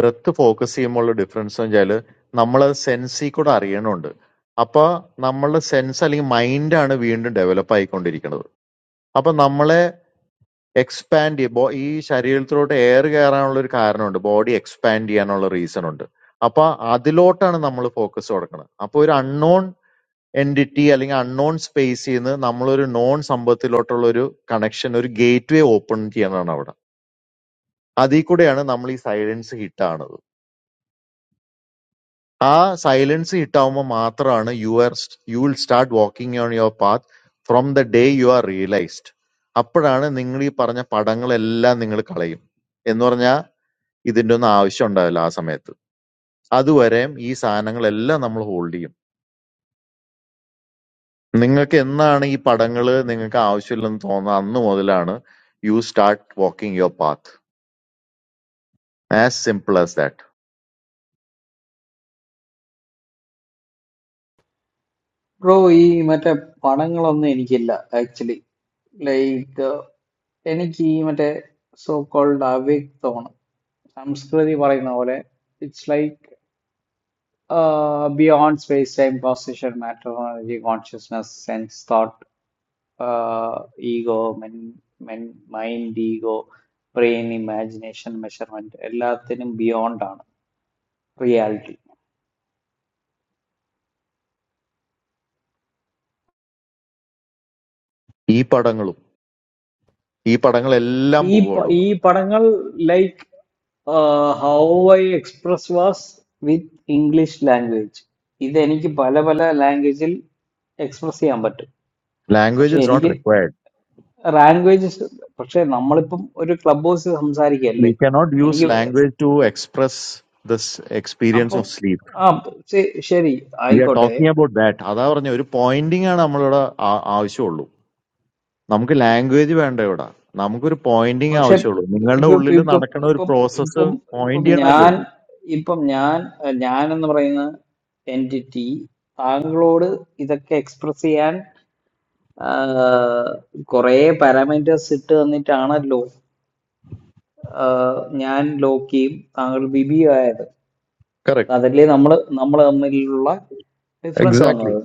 breath focus येमोले difference नजाले. नमला sensey कोटा रीन ओळ्डे. आपा नमला sense अलिं mind आणे वीण्टे developa इकोण्टेरीकन्दो. आपा नमले എക്സ്പാൻഡ് ചെയ്യ ബോ- ഈ ശരീരത്തിലോട്ട് എയർ കയറാനുള്ള ഒരു കാരണമുണ്ട് ബോഡി എക്സ്പാൻഡ് ചെയ്യാനുള്ള റീസൺ ഉണ്ട് അപ്പൊ അതിലോട്ടാണ് നമ്മൾ ഫോക്കസ് കൊടുക്കുന്നത് അപ്പൊ ഒരു അൺനോൺ എൻഡിറ്റി അല്ലെങ്കിൽ അൺനോൺ സ്പേസിൽ നിന്ന് നമ്മളൊരു നോൺ സംഭവത്തിലോട്ടുള്ള ഒരു കണക്ഷൻ ഒരു ഗേറ്റ് വേ ഓപ്പൺ ചെയ്യണതാണ് അവിടെ അതിൽ കൂടെയാണ് നമ്മൾ ഈ സൈലൻസ് ഹിറ്റ് ആണത് ആ സൈലൻസ് ഹിറ്റ് ആവുമ്പോൾ മാത്രമാണ് you are you will start walking on your path from the day you are realised അപ്പോഴാണ് നിങ്ങൾ ഈ പറഞ്ഞ പടങ്ങളെല്ലാം നിങ്ങൾ കളയും എന്ന് പറഞ്ഞാൽ ഇതിന്റെയൊന്നും ആവശ്യം ഉണ്ടാവില്ല ആ സമയത്ത്. അതുവരെയും ഈ സാധനങ്ങളെല്ലാം നമ്മൾ ഹോൾഡ് ചെയ്യും. നിങ്ങൾക്ക് എന്നാണ് ഈ പടങ്ങള് നിങ്ങൾക്ക് ആവശ്യമില്ലെന്ന് തോന്നുന്നത് അന്ന് മുതലാണ് you start walking your path. As simple as that. Bro ഈ മറ്റേ പടങ്ങളൊന്നും എനിക്കില്ല ആക്ച്വലി ലൈക്ക് എനിക്ക് ഈ മറ്റേ സോ കോൾഡ് അവ്യക്തമാണ് സംസ്കൃതി പറയുന്ന പോലെ it's like beyond space time position matter energy, consciousness sense thought uh, ego, men, men, mind, ego, brain, imagination, measurement എല്ലാത്തിനും beyond ആണ് reality. ഈ പടങ്ങളും ഈ പടങ്ങളെല്ലാം ഈ പോകും പ- ഈ അവിടുന്ന്. പടങ്ങൾ like how I express was with English language ഇതെനിക്ക് പല പല ലാംഗ്വേജിൽ എക്സ്പ്രസ് ചെയ്യാൻ പറ്റും പക്ഷെ ലാംഗ്വേജ് ഇസ് നോട്ട് എനിക്ക് റിക്വയർഡ്. ലാംഗ്വേജ് പക്ഷെ നമ്മളിപ്പം ഒരു ക്ലബ് ഹൗസിൽ വി സംസാരിക്കുകയല്ലേ കനോട്ട് യൂസ് എനിക്ക് language to express this experience അപ്പം ഓഫ് സ്ലീപ്പ്. ആ ശ- ശരി വി ആർ ആയിക്കോട്ടെ ടോക്കിംഗ് അബൌട്ട് ദാറ്റ്. അതാ പറഞ്ഞ ഒരു പോയിന്റിംഗ് ആണ് നമ്മളിവിടെ ആ- ആവശ്യമുള്ളൂ. നമുക്ക് ലാംഗ്വേജ് വേണ്ട ഇവിടെ നമുക്കൊരു പോയിന്റിങ് പക്ഷെ ആവശ്യമുള്ളൂ നിങ്ങളുടെ ഇപ്പം ഉള്ളിൽ ഇപ്പം നടക്കുന്ന ഒരു ഇപ്പം പ്രോസസ്സ് ഇപ്പം ഇപ്പം പോയിന്റ് ചെയ്യണമല്ലേ ഞാൻ ഉള്ളൂ ഇപ്പം ഞാൻ ഏഹ്, ഞാൻ എന്ന് പറയുന്ന എൻറ്റിറ്റി താങ്കളോട് ഇതൊക്കെ എക്സ്പ്രസ് ചെയ്യാൻ ആഹ്, കുറേ പാരാമീറ്റേഴ്സ് ഇട്ട് തന്നിട്ടാണല്ലോ ആഹ്, ഞാൻ ലോക്കിയും താങ്കൾ ബിബിയും ആയത് കറക്റ്റ് അതല്ലേ നമ്മൾ നമ്മൾ തമ്മിലുള്ള ഡിഫറൻസ് എക്സാക്ട്ലി വന്നത്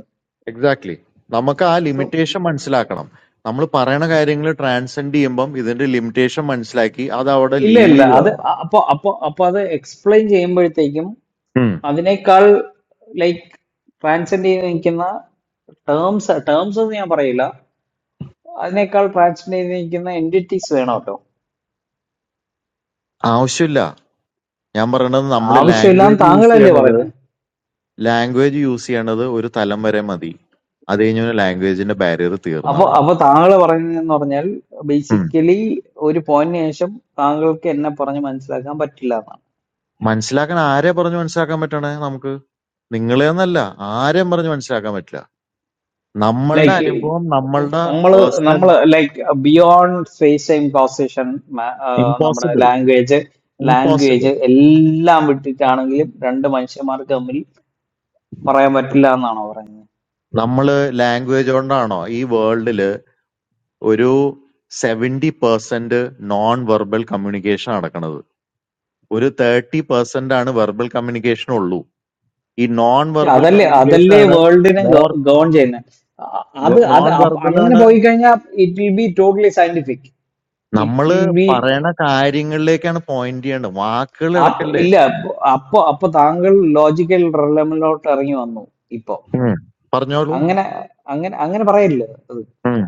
എക്സാക്ട്ലി നമുക്ക് ആ സോ ലിമിറ്റേഷൻ മനസ്സിലാക്കണം നമ്മൾ പറയണ കാര്യങ്ങൾ ട്രാൻസെൻഡ് ചെയ്യുമ്പം ഇതിന്റെ ലിമിറ്റേഷൻ മനസ്സിലാക്കി അത് അവിടെ ഇല്ല ലീവ് ഇല്ല ചെയ്ത് അത് കളയണം അ- അപ്പൊ അപ്പൊ അപ്പൊ അത് എക്സ്പ്ലെയിൻ ചെയ്യുമ്പോഴത്തേക്കും ഉം. അതിനേക്കാൾ ലൈക്ക് ട്രാൻസെൻഡ് ചെയ്ത് നിൽക്കുന്ന ടേംസ് ടേംസ് എന്ന് ഞാൻ പറയില്ല അതിനേക്കാൾ ട്രാൻസെൻഡ് ചെയ്ത് നിൽക്കുന്ന എൻറ്റിറ്റീസ് വേണമല്ലോ ആവശ്യമില്ല ഞാൻ പറയണത് നമ്മൾ ആവശ്യമില്ലാന്ന് ലാംഗ്വേജ് യൂസ് താങ്കളല്ലേ ചെയ്യണത് പറയുന്നത് ലാംഗ്വേജ് യൂസ് ചെയ്യണത് ഒരു തലം വരെ മതി അത് കഴിഞ്ഞ ലാംഗ്വേജിന്റെ ബാരിയർ തീർന്നു അപ്പൊ അവിടെ അപ്പൊ താങ്കൾ പറയുന്നതെന്ന് പറഞ്ഞാൽ ബേസിക്കലി ഒരു പോയിന്റിന് ശേഷം താങ്കൾക്ക് എന്നെ പറഞ്ഞ് മനസ്സിലാക്കാൻ പറ്റില്ല എന്നാണ് മനസ്സിലാക്കാൻ ആരെ പറഞ്ഞു മനസ്സിലാക്കാൻ പറ്റണേ നമുക്ക്? നിങ്ങളെയൊന്നുമല്ല. ആരെയും പറഞ്ഞു മനസ്സിലാക്കാൻ പറ്റില്ല. നമ്മളുടെ ലൈക്ക് അനുഭവം നമ്മളുടെ നമ്മള് പേഴ്സണൽ നമ്മള് like beyond space time causation നമ്മുടെ ഇംപോസിബിൾ ലാംഗ്വേജ് ഇംപോസിബിൾ ലാംഗ്വേജ് എല്ലാം വിട്ടിട്ടാണെങ്കിലും രണ്ട് മനുഷ്യന്മാർക്ക് തമ്മിൽ പറയാൻ പറ്റില്ല എന്നാണോ പറയുന്നത് നമ്മള് ലാംഗ്വേജ് കൊണ്ടാണോ ഈ വേൾഡില് ഒരു seventy percent non verbal communication നടക്കണത് ഒരു തേർട്ടി പെർസെന്റ് ആണ് വെർബൽ കമ്മ്യൂണിക്കേഷൻ ഉള്ളൂ ഈ നോൺ പക്ഷെ വെർബൽ അതല്ലേ കമ്മ്യൂണിക്കേഷൻ അതല്ലേ ആണ് വേൾഡിനെ മോർ ഗവൺ ചെയ്യുന്നത് അത് അത് നോൺ അപ്പ- വെർബൽ അങ്ങനെ ആണ് പോയി കഴിഞ്ഞാൽ it will be totally scientific it നമ്മള് വിൽ ബി പറയണ കാര്യങ്ങളിലേക്കാണ് പോയിന്റ് ചെയ്യേണ്ടത് വാക്കുകൾ ഇല്ല അപ്പൊ അപ്പൊ താങ്കൾ ലോജിക്കൽ റെലമിലോട്ട് ഇറങ്ങി വന്നു ഇപ്പൊ ഉം. പറഞ്ഞോളൂ അങ്ങനെ അങ്ങനെ അങ്ങനെ പറയില്ല അത് ഉം.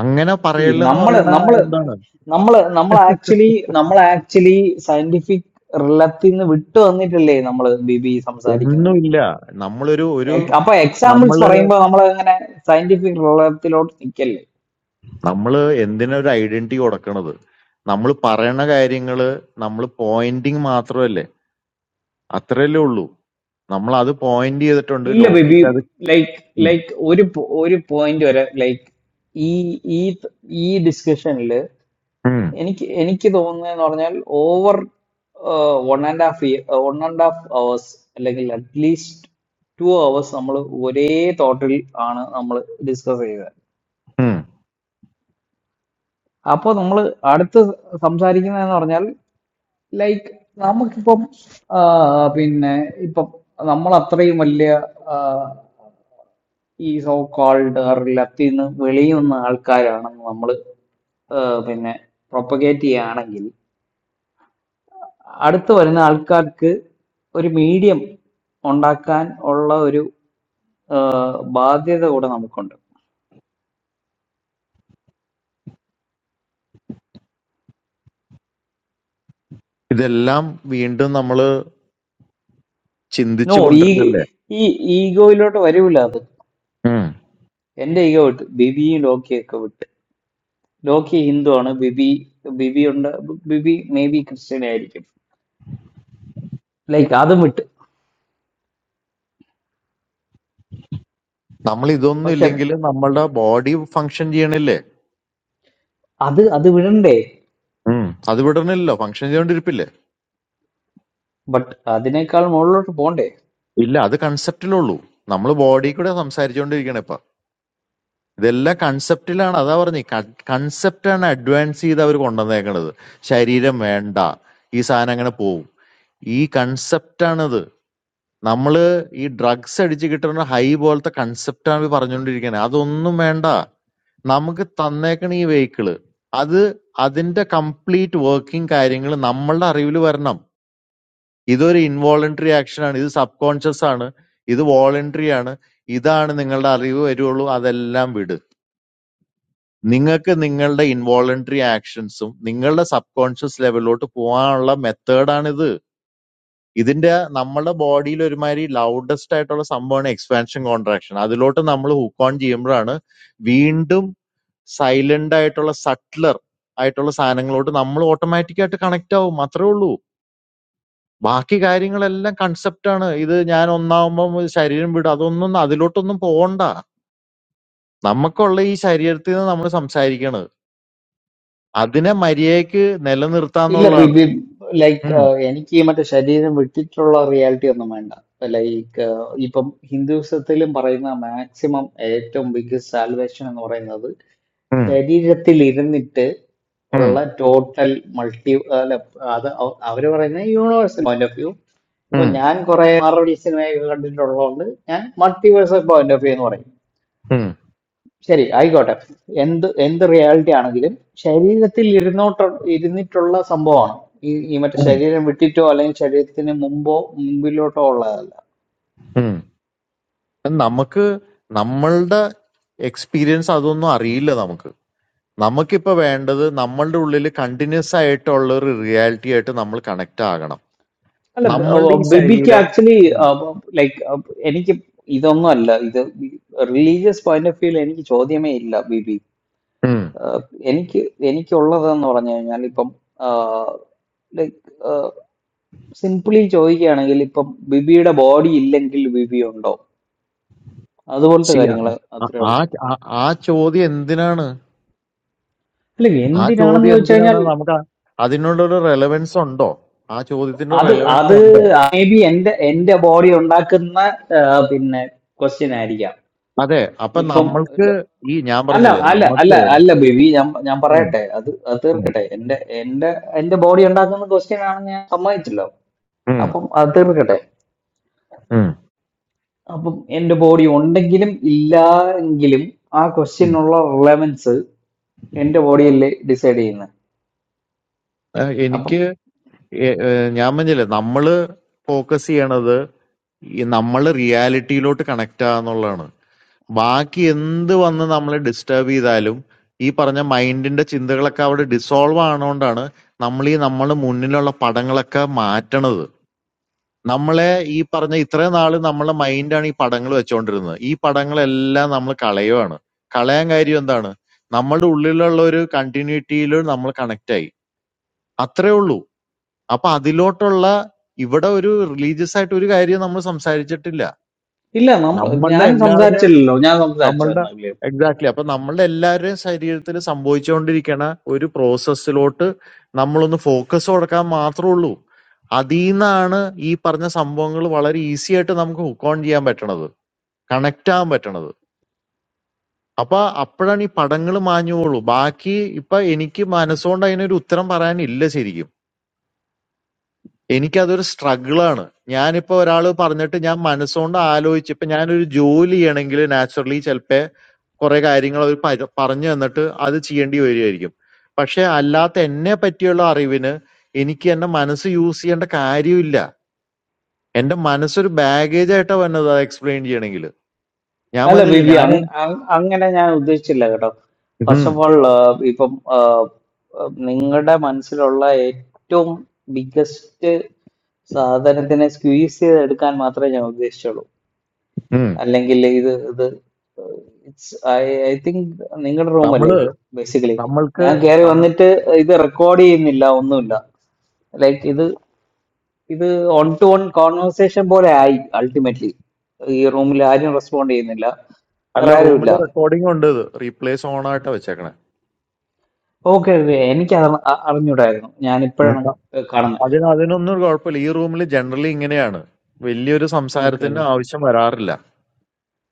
അങ്ങനെ ഈ പറയല്ലെന്ന് നമ്മള് പറയണ നമ്മള് എന്താണ് നമ്മള് നമ്മൾ ആക്ച്വലി നമ്മൾ ആക്ച്വലി സയന്റിഫിക് റിലത്തിൽ നിന്ന് വിട്ടു വന്നിട്ടല്ലേ നമ്മൾ ബിബി സംസാരിക്കുന്നത് ഒന്നുമില്ല നമ്മളൊരു ഒരു എ- അപ്പൊ എക്സാമ്പിൾസ് നമ്മള് പറയുമ്പോൾ നമ്മൾ അങ്ങനെ സയന്റിഫിക് ലോകത്തിലോട്ട് നിൽക്കല്ലേ നമ്മള് എന്തിനാ ഒരു ഐഡന്റിറ്റി കൊടുക്കണത് നമ്മൾ പറയണ കാര്യങ്ങള് നമ്മൾ പോയിന്റിങ് മാത്രമല്ലേ അത്രയല്ലേ ഉള്ളൂ നമ്മൾ അത് പോയിന്റ് ചെയ്തിട്ടുണ്ട് ഇല്ല ബേബി ലോക്കിക്ക് അത് ലൈക്ക് ഉം. ലൈക്ക് ഒരു po- ഒരു പോയിന്റ് വരെ ലൈക്ക് ഈ ഈ ഈ ഡിസ്കഷനിൽ ഉം. എനിക്ക് എനിക്ക് തോന്നുന്നതെന്ന് പറഞ്ഞാൽ over one and half year one and half hours അല്ലെങ്കിൽ അറ്റ്ലീസ്റ്റ് ടു അവേഴ്സ് നമ്മൾ ഒരേ തോട്ടിൽ ആണ് നമ്മൾ ഡിസ്കസ് ചെയ്തത് ഉം. അപ്പോൾ നമ്മൾ അടുത്ത് സംസാരിക്കുന്നതെന്ന് പറഞ്ഞാൽ ലൈക്ക് നമുക്കിപ്പം ആ, പിന്നെ ഇപ്പം നമ്മൾ അത്രയും വലിയ ആ, ഈ സോ കോൾഡ് ലത്തിൽ നിന്ന് വെളിയിൽ നിന്ന ആൾക്കാരാണെന്ന് നമ്മൾ പിന്നെ പ്രൊപ്പഗേറ്റ് ചെയ്യുകയാണെങ്കിൽ അടുത്ത് വരുന്ന ആൾക്കാർക്ക് ഒരു മീഡിയം ഉണ്ടാക്കാൻ ഉള്ള ഒരു ആ, ബാധ്യത കൂടെ നമുക്കുണ്ട് ഇതെല്ലാം വീണ്ടും നമ്മള് നോ ചിന്തിച്ചു ഈ കൊണ്ടിരുന്നല്ലേ ഈ ഈഗോയിലോട്ട് വരൂല അത് ഉം. എന്റെ ഈഗോ വിട്ട് ബിബിയും ലോക്കിയൊക്കെ വിട്ട് ലോക്കി ഹിന്ദു ആണ് ബിബി ബിബി ഉണ്ട് ബിബി മേ ബി ക്രിസ്ത്യൻ ആയിരിക്കും ലൈക്ക് അതും വിട്ട് നമ്മൾ ഇതൊന്നും പക്ഷെ ഇല്ലെങ്കിൽ നമ്മളുടെ ബോഡി ഫങ്ഷൻ ചെയ്യണില്ലേ അത് അത് വിടണ്ടേ ഉം. അത് വിടണില്ലല്ലോ ഫങ്ഷൻ ചെയ്തോണ്ടിരിപ്പില്ലേ ബട്ട് അതിനേക്കാൾ മുകളിലോട്ട് പോണ്ടേ ഇല്ല അത് കൺസെപ്റ്റിലുള്ളൂ നമ്മൾ ബോഡി കൂടെ സംസാരിച്ചുകൊണ്ടിരിക്കണ ഇപ്പൊ ഇതെല്ലാം കൺസെപ്റ്റിലാണ് അതാ പറഞ്ഞേ കൺസെപ്റ്റ് ആണ് അഡ്വാൻസ് ചെയ്ത് അവർ കൊണ്ടുവന്നേക്കണത് ശരീരം വേണ്ട ഈ സാധനം അങ്ങനെ പോവും ഈ കൺസെപ്റ്റ് ആണിത് നമ്മള് ഈ ഡ്രഗ്സ് അടിച്ച് കിട്ടുന്ന ഹൈ പോലത്തെ കൺസെപ്റ്റ് ആണ് പറഞ്ഞുകൊണ്ടിരിക്കണേ അതൊന്നും വേണ്ട നമുക്ക് തന്നേക്കണ ഈ വെഹിക്കിള് അത് അതിന്റെ കംപ്ലീറ്റ് വർക്കിംഗ് കാര്യങ്ങൾ നമ്മളുടെ അറിവിൽ വരണം ഇതൊരു ഇൻവോളണ്ടറി ആക്ഷൻ ആണ്. ഇത് സബ് കോൺഷ്യസ് ആണ്. ഇത് വോളണ്ടറി ആണ്. ഇതാണ് നിങ്ങളുടെ അറിവ് വരുവുള്ളൂ. അതെല്ലാം വിട്. നിങ്ങൾക്ക് നിങ്ങളുടെ ഇൻവോളണ്ടറി ആക്ഷൻസും നിങ്ങളുടെ സബ് കോൺഷ്യസ് ലെവലിലോട്ട് പോകാനുള്ള മെത്തേഡാണിത്. ഇതിന്റെ നമ്മുടെ ബോഡിയിൽ ഒരുമാതിരി ലൗഡസ്റ്റ് ആയിട്ടുള്ള സംഭവമാണ് എക്സ്പാൻഷൻ കോൺട്രാക്ഷൻ. അതിലോട്ട് നമ്മൾ ഹുക്ക് ഓൺ ചെയ്യുമ്പോഴാണ് വീണ്ടും സൈലന്റ് ആയിട്ടുള്ള സട്ട്ലർ ആയിട്ടുള്ള സാധനങ്ങളോട്ട് നമ്മൾ ഓട്ടോമാറ്റിക് ആയിട്ട് കണക്ട് ആവും. അത്രേ ഉള്ളൂ. ബാക്കി കാര്യങ്ങളെല്ലാം കൺസെപ്റ്റാണ് ഇത് ഞാൻ ഒന്നാവുമ്പം ശരീരം വിടും അതൊന്നും അതിലോട്ടൊന്നും പോകണ്ട നമുക്കുള്ള ഈ ശരീരത്തിൽ നിന്ന് നമ്മൾ സംസാരിക്കണത് അതിനെ മര്യാദക്ക് ഇല്ല നിലനിർത്താന്നുള്ളതാണ് ബിബി ലൈക്ക് ഉം, എനിക്ക് ഈ മറ്റേ ശരീരം വിട്ടിട്ടുള്ള റിയാലിറ്റി ഒന്നും വേണ്ട ലൈക്ക് ഇപ്പം ഹിന്ദുസത്തിലും പറയുന്ന മാക്സിമം ഏറ്റവും ബിഗ്ഗസ്റ്റ് സാൽവേഷൻ എന്ന് പറയുന്നത് ഉം, ശരീരത്തിലിരുന്നിട്ട് ഉം, ഉള്ള ടോട്ടൽ മൾട്ടി അല്ല അത് അവ- അവര് പറയുന്ന യൂണിവേഴ്സൽ പോയിന്റ് ഓഫ് വ്യൂ ഇപ്പൊ ഉം, ഞാൻ കുറെ മാർവൽ സിനിമയൊക്കെ കണ്ടിട്ടുള്ളതുകൊണ്ട് ഞാൻ മൾട്ടിവേഴ്സൽ പോയിന്റ് ഓഫ് വ്യൂ എന്ന് പറയും ഉം, ശരി ആയിക്കോട്ടെ എന്ത് എന്ത് റിയാലിറ്റി ആണെങ്കിലും ശരീരത്തിൽ ഇരുന്നോട്ട് ഇരുന്നിട്ടുള്ള സംഭവമാണ് ഈ ഈ മറ്റേ ഉം, ശരീരം വിട്ടിട്ടോ അല്ലെങ്കിൽ ശരീരത്തിന് മുമ്പോ മുമ്പിലോട്ടോ ഉള്ളതല്ല ഉം. നമുക്ക് നമ്മളുടെ എക്സ്പീരിയൻസ് അതൊന്നും അറിയില്ല നമുക്ക് നമുക്കിപ്പോ വേണ്ടത് നമ്മളുടെ ഉള്ളിൽ കണ്ടിന്യൂസ് ആയിട്ടുള്ള ഒരു റിയാലിറ്റി ആയിട്ട് നമ്മൾ കണക്ട് ആകണം അല്ല ബ- ഓ, നമ്മളുടെ ഈ ബേബിക്ക് ശരീരം ആക്ച്വലി ലൈക്ക് എനിക്ക് ഇതൊന്നും അല്ല ഇത് റിലീജിയസ് പോയിന്റ് ഓഫ് വ്യൂവിൽ എനിക്ക് ചോദ്യമേ ഇല്ല ബേബി ഉം. എനിക്ക് എനിക്കുള്ളതെന്ന് പറഞ്ഞു കഴിഞ്ഞാൽ ഇപ്പം ലൈക്ക് സിംപ്ലി ചോദിക്കുകയാണെങ്കിൽ ഇപ്പം ബിബിയുടെ ബോഡി ഇല്ലെങ്കിൽ ബിബി ഉണ്ടോ അതുപോലത്തെ സി ആ കാര്യങ്ങൾ അത്രേ ആ- ഉള്ളൂ ആ- ആ ചോദ്യം എന്തിനാണ് അല്ല ആ എന്തിനാണെന്ന് ചോദ്യം ചോദിച്ചു എന്തിനാണ് കഴിഞ്ഞാൽ നമുക്ക് ആ- അതിനുള്ളൊരു റെലവൻസ് ഉണ്ടോ ആ ചോദ്യത്തിന്റെ അത് റെലവൻസ് അത് ഉണ്ടോ മേ ബി എന്റെ എന്റെ ബോഡി ഉണ്ടാക്കുന്ന ആ, പിന്നെ ക്വസ്റ്റ്യൻ ആയിരിക്കാം അതെ അപ്പൊ നമ്മൾക്ക് ഇപ്പം ഈ ഞാൻ അല്ല പറഞ്ഞില്ലേ അല്ല അല്ല നമ്മക്ക് അല്ല ബേബി ഞാൻ ഞാൻ ഉം, പറയട്ടെ അത് അത് ഉം, തീർക്കട്ടെ എന്റെ എന്റെ എന്റെ ബോഡി ഉണ്ടാക്കുന്ന ക്വസ്റ്റ്യൻ ആണ് ഞാൻ സമ്മതിച്ചല്ലോ ഉം, അപ്പം അത് തീർക്കട്ടെ ഉം, അപ്പം എന്റെ ബോഡി ഉണ്ടെങ്കിലും ഇല്ല എങ്കിലും ആ ഉം. ക്വസ്റ്റ്യനുള്ള റിലവൻസ് എന്റെ ബോഡിയല്ലേ ഡിസൈഡ് ചെയ്യുന്നത് ഏ, അപ്പം എനിക്ക് ഏ- ഏ, ഞാൻ പറഞ്ഞില്ലേ നമ്മള് ഫോക്കസ് ചെയ്യണത് ഈ നമ്മള് റിയാലിറ്റിയിലോട്ട് കണക്ട് ആകാന്നുള്ളതാണ് ബാക്കി എന്ത് വന്ന് നമ്മളെ ഡിസ്റ്റർബ് ചെയ്താലും ഈ പറഞ്ഞ മൈൻഡിന്റെ ചിന്തകളൊക്കെ അവിടെ ഡിസോൾവ് ആണോണ്ടാണ് നമ്മൾ ഈ നമ്മളെ മുന്നിലുള്ള പടങ്ങളൊക്കെ മാറ്റണത് നമ്മളെ ഈ പറഞ്ഞ ഇത്രയും നാള് നമ്മളെ മൈൻഡാണ് ഈ പടങ്ങൾ വെച്ചുകൊണ്ടിരുന്നത് ഈ പടങ്ങളെല്ലാം നമ്മൾ കളയുവാണ് കളയാൻ കാര്യം എന്താണ് നമ്മളുടെ ഉള്ളിലുള്ള ഒരു കണ്ടിന്യൂറ്റിയിൽ നമ്മൾ കണക്ട് ആയി അത്രേ ഉള്ളൂ അപ്പൊ അതിലോട്ടുള്ള ഇവിടെ ഒരു റിലീജിയസ് ആയിട്ട് ഒരു കാര്യം നമ്മൾ സംസാരിച്ചിട്ടില്ല ഇല്ല നമ്മൾ നമ്മളുടെ ഞാൻ എല്ലാവരുടെയും സംസാരിച്ചില്ലല്ലോ ഞാൻ നമ്മളുടെ സംസാരിച്ചായിരുന്നു എക്സാക്ട്ലി അപ്പൊ നമ്മളുടെ എല്ലാവരുടെയും ശരീരത്തിൽ സംഭവിച്ചുകൊണ്ടിരിക്കണ ഒരു പ്രോസസ്സിലോട്ട് നമ്മളൊന്ന് ഫോക്കസ് കൊടുക്കാൻ മാത്രമേ ഉള്ളൂ അതിൽ നിന്നാണ് ഈ പറഞ്ഞ സംഭവങ്ങൾ വളരെ ഈസി ആയിട്ട് നമുക്ക് ഹുക്ക് ഓൺ ചെയ്യാൻ പറ്റണത് കണക്ട് ആവാൻ പറ്റണത് അപ്പൊ അപ്പോഴാണ് ഈ പടങ്ങൾ മാഞ്ഞു പോകുള്ളൂ ബാക്കി ഇപ്പൊ എനിക്ക് മനസ്സുകൊണ്ട് അതിനൊരു ഉത്തരം പറയാനില്ല ശരിക്കും എനിക്കതൊരു സ്ട്രഗിളാണ്. ഞാനിപ്പോ ഒരാള് പറഞ്ഞിട്ട് ഞാൻ മനസ്സുകൊണ്ട് ആലോചിച്ച് ഇപ്പൊ ഞാനൊരു ജോലി ചെയ്യണെങ്കില് നാച്ചുറലി ചെലപ്പെ കുറെ കാര്യങ്ങൾ അവര് പര- പറഞ്ഞു തന്നിട്ട് അത് ചെയ്യേണ്ടി വരുമായിരിക്കും. പക്ഷെ അല്ലാത്ത എന്നെ പറ്റിയുള്ള അറിവിന് എനിക്ക് എന്റെ മനസ്സ് യൂസ് ചെയ്യേണ്ട കാര്യമില്ല. എന്റെ മനസ്സൊരു ബാഗേജ് ആയിട്ടാ വന്നത് അത് എക്സ്പ്ലെയിൻ ചെയ്യണമെങ്കിൽ. ഞാൻ അല്ല പറഞ്ഞില്ലേ ബേബി ഞാൻ എൻ- അങ്ങനെ ഞാൻ ഉദ്ദേശിച്ചില്ല കേട്ടോ ഫസ്റ്റ് ഉം, ഓഫ് ഓൾ ഇപ്പം നിങ്ങളുടെ മനസ്സിലുള്ള ഏറ്റവും ബിഗ്ഗസ്റ്റ് സാധനത്തിനെ സ്ക്വീസ് ചെയ്തെടുക്കാൻ മാത്രമേ ഞാൻ ഉദ്ദേശിച്ചുള്ളൂ ഉം. അല്ലെങ്കിൽ ഇത് ഇത് ഇറ്റ്സ് ഐ ഐ തിങ്ക് നിങ്ങളുടെ റൂമല്ലേ നമ്മള് ഇത് ബേസിക്കലി നമ്മൾക്ക് ഞാൻ കയറി നം- വന്നിട്ട് ഇത് റെക്കോർഡ് ചെയ്യുന്നില്ല ഒന്നുമില്ല ലൈക്ക് ഇത് ഇത് ഓൺ ടു ഓൺ കോൺവെർസേഷൻ പോലെ ആയി അൾട്ടിമേറ്റ്ലി ഈ റൂമിൽ ആരും റെസ്പോണ്ട് ചെയ്യുന്നില്ല വേറെ അല്ല റൂമിൽ ആരുമില്ല റെക്കോർഡിംഗ് ഉണ്ട് ഇത് റീപ്ലേസ് ഓൺ ആയിട്ടാ വെച്ചേക്കണേ. ഓക്കെ ഓക്കെ എനിക്ക് അത് അ- അറിഞ്ഞൂടായിരുന്നു ഞാൻ ഇപ്പോഴാണ് കാണുന്നത് അതിന് അതിനൊന്നും ഒരു കുഴപ്പമില്ല ഈ റൂമിൽ ജനറലി ഇങ്ങനെയാണ് വലിയൊരു ഓക്കെ ഓക്കെ സംസാരത്തിന്റെ ആവശ്യം വരാറില്ല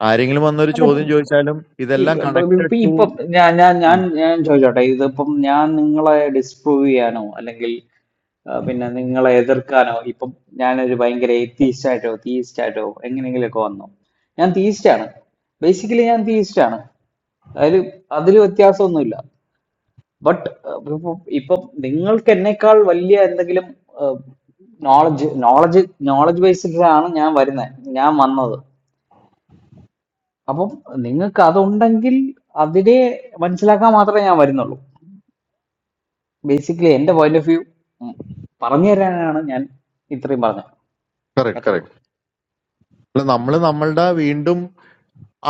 ആരെങ്കിലും വന്നൊരു അല്ല ചോദ്യം ചോദിച്ചാലും see, ഇതെല്ലാം ഇപ്പ- ഇപ്പ- കണക്റ്റഡ് ഇപ്പ- ടു ഇപ്പൊ ഞാൻ ഞാൻ ഞാൻ ഞാൻ ചോദിച്ചോട്ടെ ഇതിപ്പം ഞാൻ നിങ്ങളെ ഡിസ്പ്രൂവ് ചെയ്യാനോ അല്ലെങ്കിൽ ആ, പിന്നെ നിങ്ങളെ എതിർക്കാനോ ഇപ്പം ഞാനൊരു ഭയങ്കര എത്തീസ്റ്റ് ആയിട്ടോ തീയിസ്റ്റ് ആയിട്ടോ എങ്ങനെയെങ്കിലുമൊക്കെ വന്നോ ഞാൻ തീയിസ്റ്റ് ആണ് ബേസിക്കലി ഞാൻ തീയിസ്റ്റ് ആണ് അതായത് അതിൽ വ്യത്യാസമൊന്നുമില്ല ബട്ട് ഇപ്പൊ നിങ്ങൾക്ക് എന്നേക്കാൾ വലിയ എന്തെങ്കിലും നോളജ് നോളജ് നോളജ് ബേസിലാണ് ഞാൻ വരുന്നത് ഞാൻ വന്നത് അപ്പം നിങ്ങൾക്ക് അതുണ്ടെങ്കിൽ അതിനെ മനസ്സിലാക്കാൻ മാത്രമേ ഞാൻ വരുന്നുള്ളൂ ബേസിക്കലി എന്റെ പോയിന്റ് ഓഫ് വ്യൂ പറഞ്ഞു തരാനാണ് ഞാൻ ഇത്രയും പറഞ്ഞത് കറക്റ്റ് അത്രേ കറക്റ്റ് ഉള്ളൂ അല്ല നമ്മൾ നമ്മളുടെ വീണ്ടും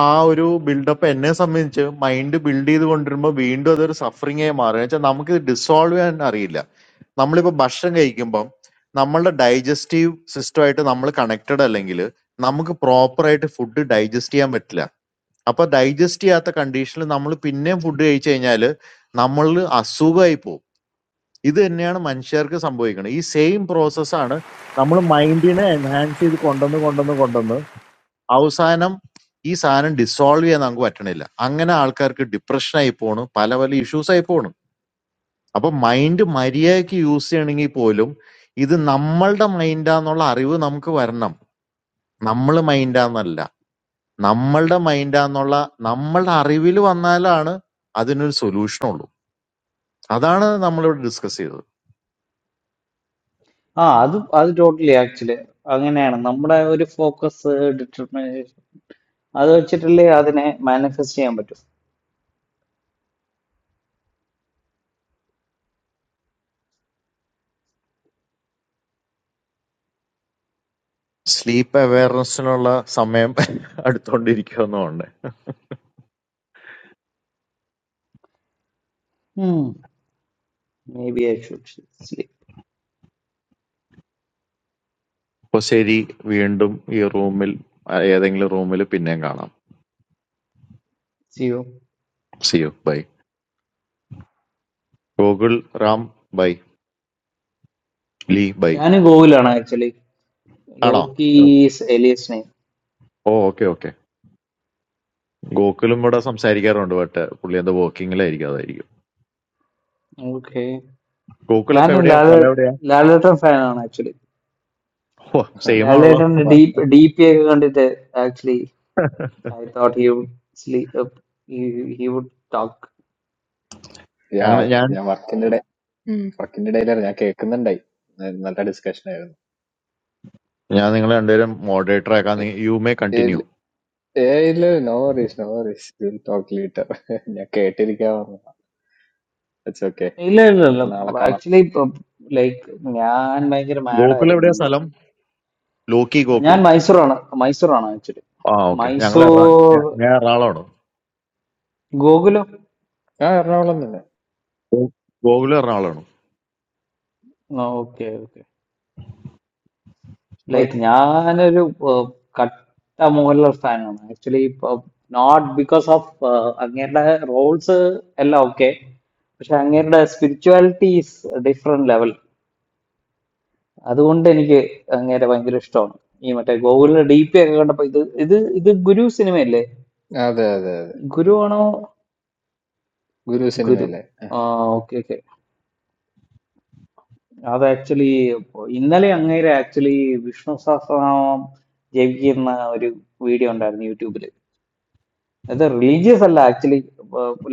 ആ ഒരു ബിൽഡപ്പ് എന്നെ സംബന്ധിച്ച് മൈൻഡ് ബിൽഡ് ചെയ്ത് കൊണ്ടിരുമ്പോൾ വീണ്ടും അതൊരു സഫറിംഗ് ആയി മാറുക വെച്ചാൽ നമുക്ക് ഇത് ഡിസോൾവ് ചെയ്യാൻ അറിയില്ല നമ്മളിപ്പോ ഭക്ഷണം കഴിക്കുമ്പം നമ്മളുടെ ഡൈജസ്റ്റീവ് സിസ്റ്റമായിട്ട് നമ്മൾ കണക്റ്റഡ് അല്ലെങ്കിൽ നമുക്ക് പ്രോപ്പർ ആയിട്ട് ഫുഡ് ഡൈജസ്റ്റ് ചെയ്യാൻ പറ്റില്ല അപ്പൊ ഡൈജസ്റ്റ് ചെയ്യാത്ത കണ്ടീഷനിൽ നമ്മൾ പിന്നെയും ഫുഡ് കഴിച്ചു കഴിഞ്ഞാൽ നമ്മളിൽ അസുഖമായി പോകും ഇത് തന്നെയാണ് മനുഷ്യർക്ക് സംഭവിക്കുന്നത് ഈ സെയിം പ്രോസസ്സാണ് നമ്മൾ മൈൻഡിനെ എൻഹാൻസ് ചെയ്ത് കൊണ്ടുവന്ന് കൊണ്ടുവന്ന് കൊണ്ടുവന്ന് അവസാനം ഈ സാധനം ഡിസോൾവ് ചെയ്യാൻ നമുക്ക് പറ്റണില്ല അങ്ങനെ ആൾക്കാർക്ക് ഡിപ്രഷൻ ആയി പോണു പല പല ഇഷ്യൂസ് ആയി പോണു അപ്പൊ മൈൻഡ് മര്യാദയ്ക്ക് യൂസ് ചെയ്യണമെങ്കിൽ പോലും ഇത് നമ്മളുടെ മൈൻഡാന്നുള്ള അറിവ് നമുക്ക് വരണം നമ്മൾ മൈൻഡാന്നല്ല നമ്മളുടെ മൈൻഡാന്നുള്ള നമ്മളുടെ അറിവിൽ വന്നാലാണ് അതിനൊരു സൊല്യൂഷൻ ഉള്ളൂ അതാണ് നമ്മളിവിടെ ഡിസ്കസ് ചെയ്തത് ആ അത് അത് ടോട്ടലി ആക്ച്വലി അങ്ങനെയാണ് നമ്മുടെ ഒരു ഫോക്കസ് ഡിറ്റർമിനേഷൻ അത് വെച്ചിട്ടല്ലേ അതിനെ മാനിഫെസ്റ്റ് ചെയ്യാൻ പറ്റും സ്ലീപ്പ് അവയർനെസ്സിനുള്ള സമയം (laughs) അടുത്തോണ്ടിരിക്കുന്നുണ്ട് maybe I should sleep അപ്പൊ ശരി വീണ്ടും ഈ റൂമിൽ ഏതെങ്കിലും റൂമിൽ പിന്നെയും കാണാം See you. See you bye Gokul Ram bye ലീ ബൈ ഞാൻ ഗോകുലാണ് ആക്ച്വലി ആണോ ലോക്കി ഈസ് എലിയസ് നെയിം ഓ ഓക്കെ ഓക്കെ ഗോകുലും ഇവിടെ സംസാരിക്കാറുണ്ട് ബട്ട് പുള്ളി എന്തോ വർക്കിങ്ങിലായിരിക്കും അതായിരിക്കും ഓക്കെ ഗോകുൽ ഞാൻ അപ്പൊ എവിടെയാ ലാല സ്ഥലം എവിടെയാ ലാലേട്ടൻ ഫാനാണ് ആക്ച്വലി ഓ സെയിം ആണല്ലോ ലാലേട്ടൻ്റെ ഡീപ്പ് ഡി പി ഒക്കെ കണ്ടിട്ട് actually (laughs) I thought he would sleep he would talk ഞങ്ങൾ Yeah, ഞാൻ I'm working today. Working today, I'll keep it under control. Another discussion, ഞാൻ നിങ്ങളെ രണ്ടുപേരും മോഡറേറ്റർ ആക്കാൻ eh? You may continue Eh, eh, no worries, no worries. We'll talk later. I'll keep it away. It's okay. ഇല്ല ഇല്ല It's ഇല്ല not a big deal. Actually like ഞാൻ ഭയങ്കര ഗോകുൽ മാഡായിരുന്നു എവിടെയാ ഇന്ന് സ്ഥലം ലോക്കി ഗോകുൽ ഞാൻ മൈസൂറാണ് മൈസൂറാണ് ആക്ച്വലി ആ ഓക്കെ ഞങ്ങൾ എറണാ- മൈസൂർ ഞാൻ ഞാൻ എറണാകുളമാണ് ഗോകുലം ഗോ- ഗോകുൽ എറണാകുളമാണ് ഓക്കെ ഓക്കെ ലൈക്ക് ഞാനൊരു ഏഹ്, കട്ട മോഹൻലാൽ ഫാനാണ് ആക്ച്വലി നോട്ട് ബിക്കോസ് ഓഫ് അങ്ങേരുടെ റോൾസ് എല്ലാം ഓക്കെ പക്ഷെ അങ്ങേരുടെ സ്പിരിച്വാലിറ്റി ഈസ് ഡിഫറെന്റ് ലെവൽ അതുകൊണ്ട് എനിക്ക് അങ്ങേരെ ഭയങ്കര ഇഷ്ടമാണ് ഈ മറ്റേ ഗോകുലിന്റെ ഡി പി ഒക്കെ കണ്ടപ്പോ ഇത് ഇത് ഇത് ഗുരു സിനിമയല്ലേ Ah, that's ഗുരു good. ആണോ Guru Sinh, ഗുരു ആ ഓക്കെ ഓക്കെ അത് ആക്ച്വലി ഇന്നലെ അങ്ങേരെ ആക്ച്വലി വിഷ്ണു സഹസ്രനാമം ജപിക്കുന്ന ഒരു വീഡിയോ ഉണ്ടായിരുന്നു യൂട്യൂബിൽ അത് റിലീജിയസ് അല്ല ആക്ച്വലി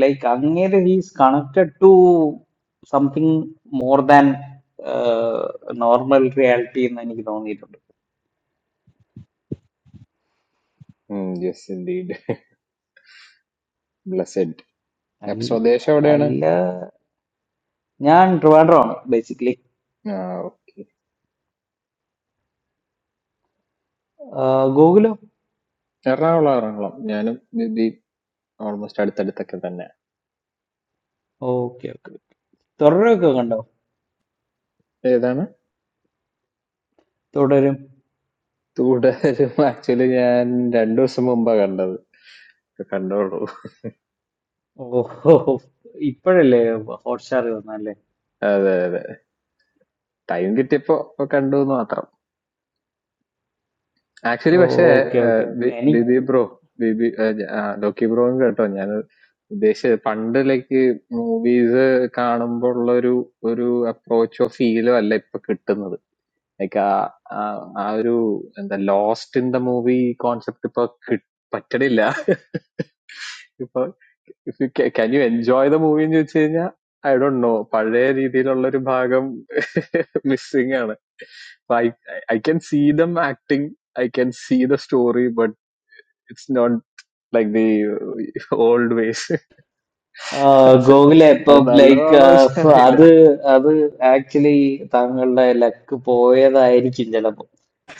ലൈക്ക് അങ്ങേര് he's connected to something more than normal reality എന്ന് എനിക്ക് തോന്നിയിട്ടുണ്ട് well, yes, indeed. Blessed. Al- Episode, show, or what? അല്ല ഞാൻ ട്രിവാൻഡ്രമാണ് ബേസിക്കലി Ah, ഗൂഗിളോ that's all. I'm almost at the end. That's okay okay തുടരൊക്കെ കണ്ടോ okay. തുടരും That's okay. Actually, I'm two months away. Kando ro. ഓഹോ ഇപ്പോഴല്ലേ Hotstar വന്നല്ലേ That. That. That. Our typeo. Kando no atro. Actually, bashe. Okay Uh. B. B. Okay B. Bro. B. B. Uh. Rocky broing kato. I mean, basically, Pandeleke movies, kanambo laru laru approach or feel. I like particular. Like a, I don't understand lost in the movie concept. If I can enjoy the movie, I don't know. There is a lot of missing. I can see them acting. I can see the story, but it's not like the old ways. So, it's ഗോകുലെ ഇപ്പം not like all of അത് അത് actually താങ്കളുടെ luck പോയതായിരിക്കും ചിലപ്പോൾ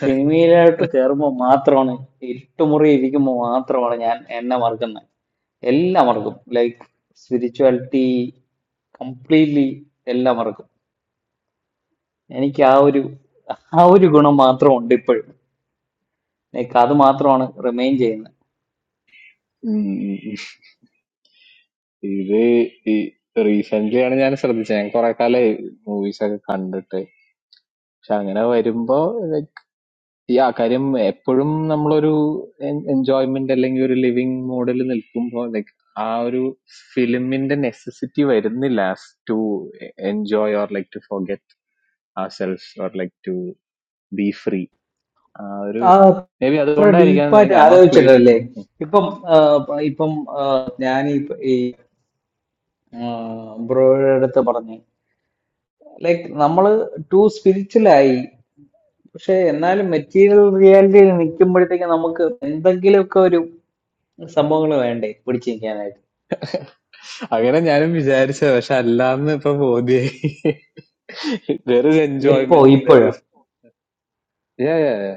സിനിമയിലോട്ട് കയറുമ്പോൾ മാത്രമാണ് ഇരുട്ടുമുറി ഇരിക്കുമ്പോൾ മാത്രമാണ് ഞാൻ എന്നെ മറക്കുന്നത് എല്ലാം മറക്കും ലൈക്ക് സ്പിരിച്വാലിറ്റി കംപ്ലീറ്റ്ലി എല്ലാം മറക്കും എനിക്ക് ആ ഒരു ആ ഒരു ഗുണം മാത്രമുണ്ട് ഇപ്പോഴും ലൈക്ക് അത് മാത്രമാണ് റിമെയിൻ ചെയ്യുന്നത് it. This is recently. I am saying something. I saw a couple of movies and such. So, I think that maybe, like, yeah, currently, for some of us, enjoyment is our living model. But like, there is a necessity of film to enjoy or to forget ourselves or to be free. ആ Maybe that is അത്ര something. ഡീപ്പായിട്ട് I am not ആലോചിച്ചിട്ടല്ലേ claiming. ഇപ്പം ആ, ഇപ്പം ആ, ഞാൻ ഈ ബ്രോയുടെ അടുത്ത് പറഞ്ഞു ലൈക്ക് നമ്മള് ടു സ്പിരിച്വലായി പക്ഷെ എന്നാലും മെറ്റീരിയൽ റിയാലിറ്റിയിൽ നിൽക്കുമ്പോഴത്തേക്ക് നമുക്ക് എന്തെങ്കിലുമൊക്കെ ഒരു സംഭവങ്ങൾ വേണ്ടേ പിടിച്ചു നിൽക്കാനായിട്ട് Again, I am very sure. Allah, I am proud of it. There is എപ്പോ enjoyment. There ഇപ്പോഴും is yeah, yeah, yeah.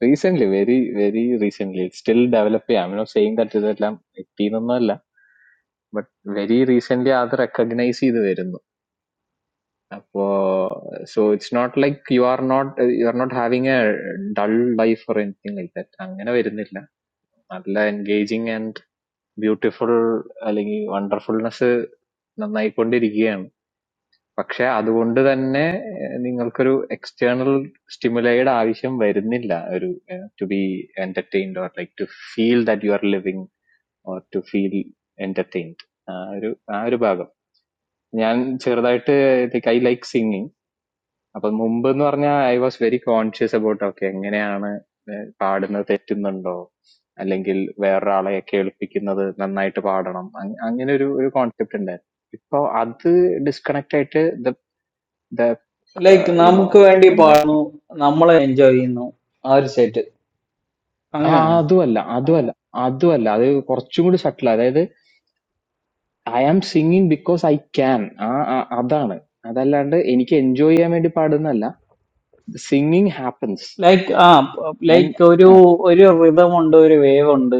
Recently, very, very recently, still developing. I am not saying that Allah, it is not enough. But very recently, I have recognized it. So it's not like you are not you are not having a dull life or anything like that. I am saying it is not enough. Allah, engaging and. Beautiful, अलग ही wonderfulness ना ना you पंडे रिगिएन. पक्षे आधुनिक दान्ने इन्हीं अलग रू external stimuli ये आवश्यक व्यर्थ नहीं ला रू to be entertained or like to feel that you are living or to feel entertained. अरू अरू बाग. मैंन छः राते ते कई like singing. അപ്പൊ മുമ്പ് എന്ന് പറഞ്ഞാൽ I was very conscious about okay എങ്ങനെയാണ് ഏഹ് പാടുന്നത് തെറ്റുന്നുണ്ടോ അല്ലെങ്കിൽ വേറൊരാളെ കേൾപ്പിക്കുന്നത് നന്നായിട്ട് പാടണം അങ് അങ്ങനെ ഒരു ഒരു കോൺസെപ്റ്റ് ഉണ്ടായിരുന്നു ഇപ്പൊ അത് ഡിസ്കണക്ട് ആയിട്ട് ദ ദ ലൈക്ക് യുനോ നമുക്ക് വേണ്ടി എന്താ പാടുന്നു നമ്മളെ എൻജോയ് ചെയ്യുന്നു ആ ഒരു സെറ്റ് ആ അങ്ങനെയാണ് അതുമല്ല അതുമല്ല അതുമല്ല അത് കുറച്ചും കൂടി സട്ടിൽ അതായത് I am singing because I can ആ ആ- അതാണ് അതല്ലാണ്ട് എനിക്ക് എൻജോയ് ചെയ്യാൻ വേണ്ടി പാടുന്നതല്ല സിംഗിങ് ഹാപ്പൻസ് ലൈക്ക് ആ ആൻഡ് ലൈക്ക് ഒരു ആ ഒരു rhythm ഉണ്ട് ഒരു വേവ് ഉണ്ട്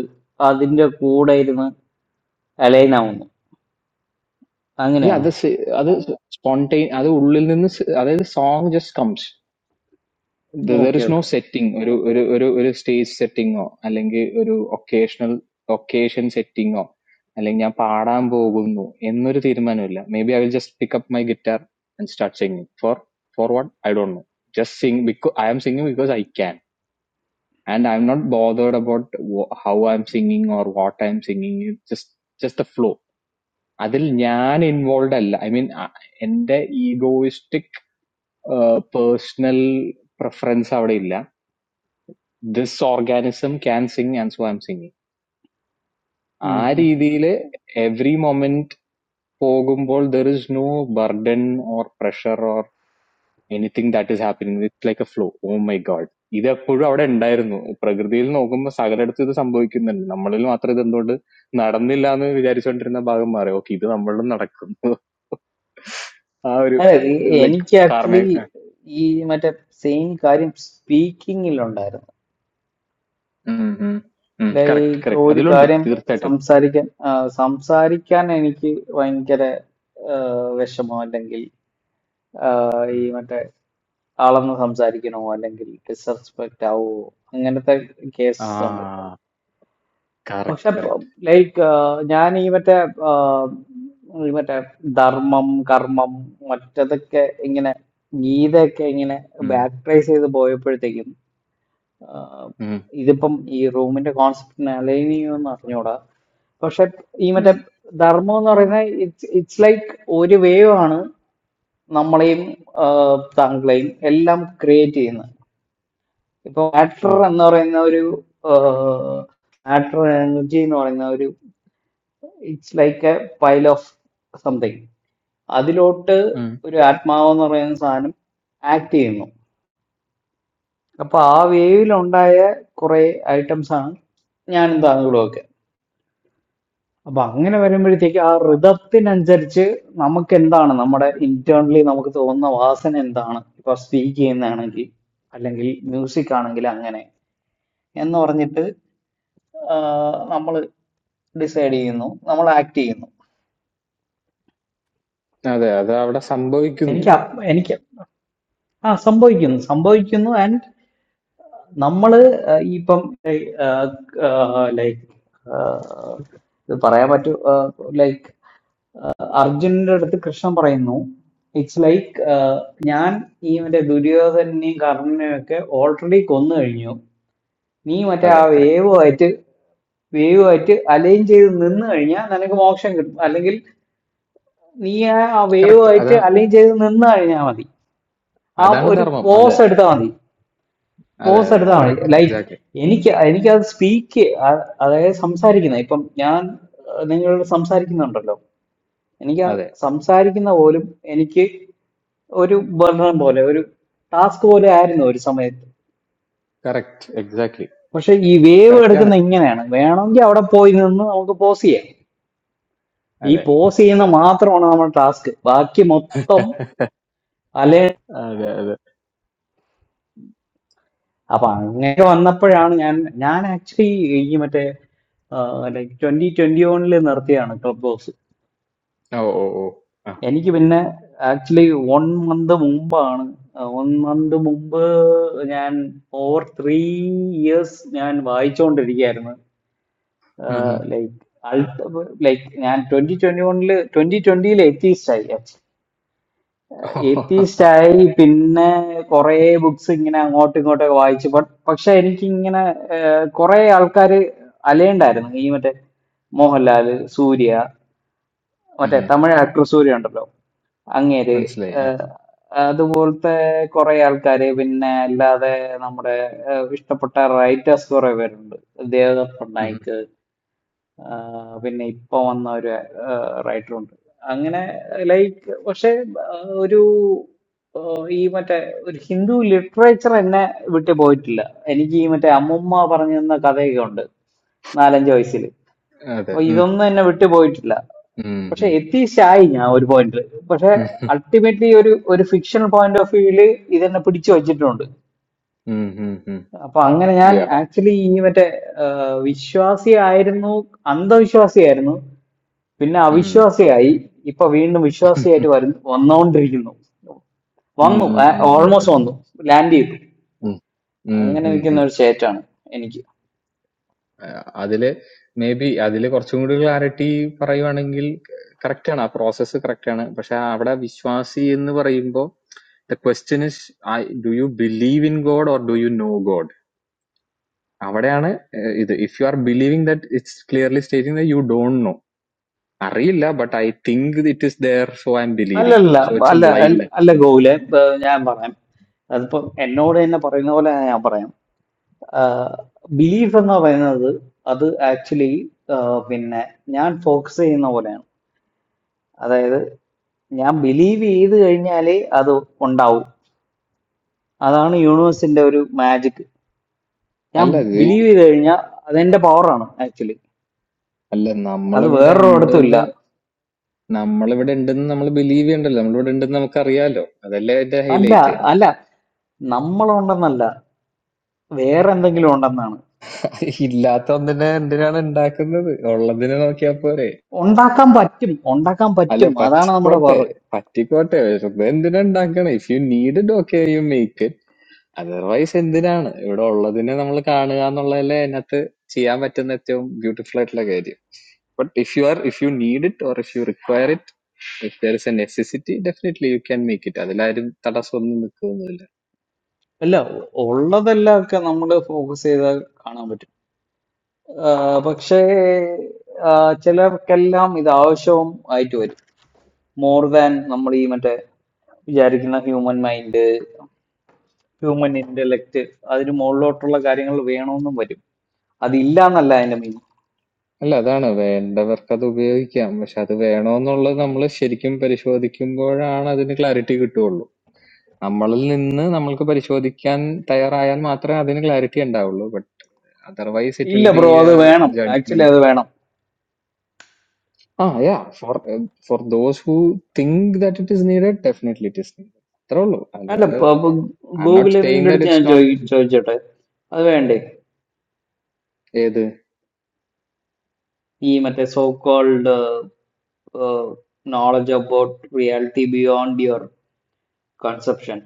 അതിന്റെ കൂടെ ഇരുന്ന് അലൈൻ ആവുന്നു Yeah, അങ്ങനെയാണോ other spontaneous, other urudil dinse, other the song just comes. There okay is no setting, or a a a stage setting, or a llinge a occasional occasion setting, or a llinge I am pararambo, I don't know. Any more theirmanu lla. Maybe I will just pick up my guitar and start singing for for what I don't know. Just sing because I am singing because I can, and I am not bothered about how I am singing or what I am singing. Just just the flow. That is not involved. I mean, there is no egoistic personal preference. This organism can sing and so I am singing. I in okay this, every moment, overall, there is no burden or pressure or anything that is happening. It's like a flow. Oh my God! This is very interesting. In the past, when we were in the sea, we could have experienced that. In our country, we don't have that. We have to go to the sea to see it. Ah, അല്ല ഈ- like എനിക്ക് car. Actually ഈ മറ്റേ same കാര്യം സ്പീക്കിങ്ങിലുണ്ടായിരുന്നു Hmm. Hmm. Correct. Like Correct. That ഒരു is also കാര്യം the title. സംസാരിക്കാൻ ആ, സംസാരിക്കാൻ എനിക്ക് ഭയങ്കര ആ, വിഷമോ അല്ലെങ്കിൽ ആ, ഈ മറ്റേ ആളൊന്ന് സംസാരിക്കണമോ അല്ലെങ്കിൽ ഡിസ്റെസ്പെക്റ്റ് ആവുമോ അങ്ങനത്തെ കേസസ് ഉണ്ട് Ah. Correct. പക്ഷെ Correct. ലൈക്ക് ഞാൻ ഈ മറ്റേ ആ, ഈ മറ്റേ ധർമ്മം കർമ്മം മറ്റതൊക്കെ ഇങ്ങനെ ഗീതയൊക്കെ ഇങ്ങനെ Hmm. ബാക്ക് ട്രേസ് ചെയ്ത് പോയപ്പോഴത്തേക്കും ആ, Hmm. ഇതിപ്പം ഈ റൂമിന്റെ കോൺസെപ്റ്റിനെ അലൈൻ ചെയ്യുമെന്ന് അറിഞ്ഞൂടാ പക്ഷെ ഈ മറ്റേ Hmm. ധർമ്മം എന്ന് പറയുന്നത് ഇറ്റ്സ് ഇറ്റ്സ് ലൈക്ക് ഒരു വേവ് ആണ് നമ്മളെയും ആ, താങ്കളെയും എല്ലാം ക്രിയേറ്റ് ചെയ്യുന്നത് ഇപ്പൊ മാറ്റർ എന്ന് പറയുന്ന ഒരു മാറ്റർ എനർജി എന്ന് പറയുന്ന ഒരു it's like a pile of something അതിലോട്ട് Hmm. ഒരു ആത്മാവെന്ന് പറയുന്ന സാധനം ആക്ട് ചെയ്യുന്നു അപ്പൊ ആ വേവിലുണ്ടായ കുറെ ഐറ്റംസ് ആണ് ഞാനും താങ്കളും ഒക്കെ അപ്പൊ അങ്ങനെ വരുമ്പോഴത്തേക്ക് ആ ഋതത്തിനനുസരിച്ച് നമുക്ക് എന്താണ് നമ്മുടെ ഇന്റേണലി നമുക്ക് തോന്നുന്ന വാസന എന്താണ് ഇപ്പൊ സ്പീക്ക് ചെയ്യുന്നതാണെങ്കിൽ അല്ലെങ്കിൽ മ്യൂസിക് ആണെങ്കിൽ അങ്ങനെ എന്ന് പറഞ്ഞിട്ട് നമ്മൾ ഡിസൈഡ് ചെയ്യുന്നു നമ്മൾ ആക്ട് ചെയ്യുന്നു That is that is our symbol. എനിക്ക് അപ്- എനിക്ക് ആ സംഭവിക്കുന്നു സംഭവിക്കുന്നു ആൻഡ് നമ്മള് ആ, ഇപ്പം ലൈക്ക് ഇത് പറയാൻ പറ്റൂ ലൈക്ക് അർജുനന്റെ അടുത്ത് കൃഷ്ണൻ പറയുന്നു ഇറ്റ്സ് ലൈക്ക് ഞാൻ ഈ മറ്റേ ദുര്യോധനെയും കർണനെയും ഒക്കെ ഓൾറെഡി കൊന്നു കഴിഞ്ഞു നീ മറ്റേ That ആ is correct. വേവുമായിട്ട് വേവുമായിട്ട് അലൈൻ ചെയ്ത് നിന്ന് കഴിഞ്ഞാൽ നിനക്ക് മോക്ഷം കിട്ടും അല്ലെങ്കിൽ നീ ആ Correct. That വേവുമായിട്ട് is അലൈൻ ചെയ്ത് നിന്ന് കഴിഞ്ഞാൽ മതി ആ that is the ഒരു dharma. പോസ് എടുത്താൽ മതി That പോസ് is എടുത്താൽ മതി correct. Like Exactly. എനിക്ക് എനിക്കത് സ്പീക്ക് അതായത് സംസാരിക്കുന്ന ഇപ്പം ഞാൻ ആ, നിങ്ങളോട് സംസാരിക്കുന്നുണ്ടല്ലോ എനിക്ക് ആ That is സംസാരിക്കുന്ന പോലും എനിക്ക് ഒരു ബർണർ പോലെ ഒരു ടാസ്ക് പോലെ ആയിരുന്നു ഒരു സമയത്ത് correct. Exactly. പക്ഷെ ഈ വേവ് Correct. Yes. എടുക്കുന്ന ഇങ്ങനെയാണ് വേണമെങ്കിൽ അവിടെ പോയി നിന്ന് നമുക്ക് പോസ് ചെയ്യാം ഈ That പോസ് ചെയ്യുന്ന is. മാത്രമാണ് നമ്മുടെ ടാസ്ക് ബാക്കി മൊത്തം അല്ലെ That is. അപ്പൊ അങ്ങനെ വന്നപ്പോഴാണ് ഞാൻ ഞാൻ ആക്ച്വലി ഈ മറ്റേ ലൈക് ട്വന്റി ട്വന്റി വണ്ണിൽ നിർത്തിയാണ് ക്ലബ് ഹൗസ് Oh. എനിക്ക് പിന്നെ ആക്ച്വലി വൺ മന്ത് മുമ്പാണ് വൺ മന്ത് മുമ്പ് ഞാൻ ഓവർ ത്രീ ഇയേഴ്സ് ഞാൻ വായിച്ചുകൊണ്ടിരിക്കുകയായിരുന്നു Hmm. ലൈക്ക് ലൈക്ക് ഞാൻ ട്വന്റി ട്വന്റി വണ്ണില് ട്വന്റി ട്വന്റിയിൽ എത്തിയിസ്റ്റ് ആയി Oh. എത്തിയിസ്റ്റ് ആയി പിന്നെ കുറേ ബുക്സ് ഇങ്ങനെ അങ്ങോട്ടും ഇങ്ങോട്ടൊക്കെ വായിച്ചു ബട്ട് പക്ഷെ എനിക്ക് ഇങ്ങനെ കുറേ ആൾക്കാർ അലയണ്ടായിരുന്നു ഈ മറ്റേ മോഹൻലാൽ സൂര്യ മറ്റേ Hmm. തമിഴ് ആക്ടർ സൂര്യ ഉണ്ടല്ലോ അങ്ങേര് Translate. ഏഹ്, അതുപോലത്തെ കുറെ ആൾക്കാര് പിന്നെ അല്ലാതെ നമ്മുടെ ഏഹ്, ഇഷ്ടപ്പെട്ട റൈറ്റേഴ്സ് കുറെ പേരുണ്ട് ദേവദത്ത് Hmm. പട്നായിക്ക് ആഹ്, പിന്നെ ഇപ്പൊ വന്ന ഒരു റൈറ്റർ ഉണ്ട് അങ്ങനെ ലൈക്ക് പക്ഷെ ആഹ്, ഒരു ആഹ്, ഈ മറ്റേ ഒരു ഹിന്ദു ലിറ്ററേച്ചർ എന്നെ വിട്ടു പോയിട്ടില്ല എനിക്ക് ഈ മറ്റേ അമ്മുമ്മ പറഞ്ഞു തന്ന കഥയൊക്കെ ഉണ്ട് നാലഞ്ച് വയസ്സിൽ That അപ്പൊ is. Hmm. ഇതൊന്നും എന്നെ വിട്ടുപോയിട്ടില്ല പക്ഷെ Hmm. എത്തിസ്റ്റ് ആയി ഞാൻ ഒരു പോയിന്റ് പക്ഷെ Hmm. അൾട്ടിമേറ്റ്ലി ഒരു ഒരു ഫിക്ഷണൽ പോയിന്റ് ഓഫ് വ്യൂവില് ഇതെന്നെ പിടിച്ചു വച്ചിട്ടുണ്ട് Mm-hmm. അപ്പൊ അങ്ങനെ ഞാൻ Yeah. ആക്ച്വലി ഈ മറ്റേ ആഹ്, വിശ്വാസിയായിരുന്നു അന്ധവിശ്വാസിയായിരുന്നു പിന്നെ Mm. അവിശ്വാസിയായി ഇപ്പൊ വീണ്ടും വിശ്വാസിയായിട്ട് (laughs) വരുന്നു വന്നുകൊണ്ടിരിക്കുന്നു Mm, വന്നു mm, mm, mm, mm, mm. Almost വന്നു ലാൻഡ് ചെയ്തു ഉം അങ്ങനെ ഉം ഉം. നിൽക്കുന്ന ഒരു സ്റ്റേറ്റാണ് എനിക്ക് ആ, അതില് മേ ബി അതില് കുറച്ചും കൂടി ക്ലാരിറ്റി പറയുവാണെങ്കിൽ കറക്റ്റ് ആണ്, ആ പ്രോസസ്സ് കറക്റ്റ് ആണ്. പക്ഷെ അവിടെ വിശ്വാസി എന്ന് പറയുമ്പോൾ the question is do you believe in God or do you know God? അവിടെയാണ് ഏഹ്, ഇത്. If you are believing that it's clearly stating that you don't know, അറിയില്ല, but I think it is there, so I am believing, അല്ലല്ല so it's a അല്ല അല്ല blind അല്ല ഗോകുലെ ബ- ഞാൻ പറയാം അതിപ്പം എന്നോട് തന്നെ പറയുന്ന പോലെ ഞാൻ പറയാം ബിലീഫ് എന്ന് പറയുന്നത് അത് ആക്ച്വലി പിന്നെ ഞാൻ ഫോക്കസ് ചെയ്യുന്ന പോലെയാണ് അതായത് ഞാൻ ബിലീവ് ചെയ്ത് കഴിഞ്ഞാലേ അത് ഉണ്ടാവും അതാണ് യൂണിവേഴ്സിന്റെ ഒരു മാജിക് ഞാൻ അല്ല ഇത്. ബിലീവ് ചെയ്ത് കഴിഞ്ഞാൽ അതെന്റെ പവറാണ് ആക്ച്വലി അല്ല, അത് നമ്മളിവിടെ വേറൊരിടത്തും ഇല്ല ഉണ്ടെന്ന് നമ്മളിവിടെ ഉണ്ടെന്ന് നമ്മൾ ബിലീവ് ചെയ്യണ്ടല്ലോ നമ്മളിവിടെ ഉണ്ടെന്ന് നമുക്കറിയാലോ അതല്ലേ അതിന്റെ അല്ല ഹൈലൈറ്റ് അല്ല നമ്മളുണ്ടെന്നല്ല വേറെ എന്തെങ്കിലും ഉണ്ടെന്നാണ് (laughs) ഇല്ലാത്ത ഒന്നിനെ എന്തിനാണ് ഉണ്ടാക്കുന്നത് ഉള്ളതിനെ നോക്കിയാ പോരെ ഉണ്ടാക്കാൻ പറ്റും ഉണ്ടാക്കാൻ അല്ല പറ്റും അതാണ് നമ്മുടെ പറ്റിക്കോട്ടെ പറ പറ്റിക്കോട്ടെ വെറുതെ എന്തിനാ ഉണ്ടാക്കണം if you need it okay you make it otherwise എന്തിനാണ് ഇവിടെ ഉള്ളതിനെ നമ്മൾ കാണുക എന്നുള്ളതല്ലേ അതിനകത്ത് ചെയ്യാൻ പറ്റുന്ന ഏറ്റവും ബ്യൂട്ടിഫുൾ ആയിട്ടുള്ള കാര്യം but if you are if you need it or if you require it if there is a necessity definitely you can make it അതിലാരും തടസ്സമൊന്നും നിൽക്കുന്നു അല്ല ഉള്ളതെല്ലാം ഒക്കെ നമ്മൾ ഫോക്കസ് ചെയ്താൽ കാണാൻ പറ്റും ആഹ് പക്ഷേ ആഹ് ചിലർക്കെല്ലാം ഇത് ആവശ്യവും ആയിട്ട് വരും മോർ ദാൻ നമ്മൾ ഈ മറ്റേ വിചാരിക്കുന്ന ഹ്യൂമൻ മൈൻഡ് ഹ്യൂമൻ ഇന്റലക്ട് അതിന് മുകളിലോട്ടുള്ള കാര്യങ്ങൾ വേണമെന്നും വരും അതില്ല എന്നല്ല അതിന്റെ meaning All that no, but in that work also we have to be. No, no, no. All of us should come for show, but some of us are not. Then clarity will be lost. We need, we should show that. But otherwise, it ഇല്ല will be bro അത് വേണം actually judgment. അത് വേണം Ah, yeah. For for those who think that it is needed, definitely it is needed. That's അല്ല all. I'm not saying ഗൂഗിളിന്റെ that അടുത്ത് it's ഞാൻ not. ചോദി ചോദിച്ചോട്ടെ അത് വേണ്ടേ ഈ മറ്റേ so called uh, knowledge about reality beyond your conception.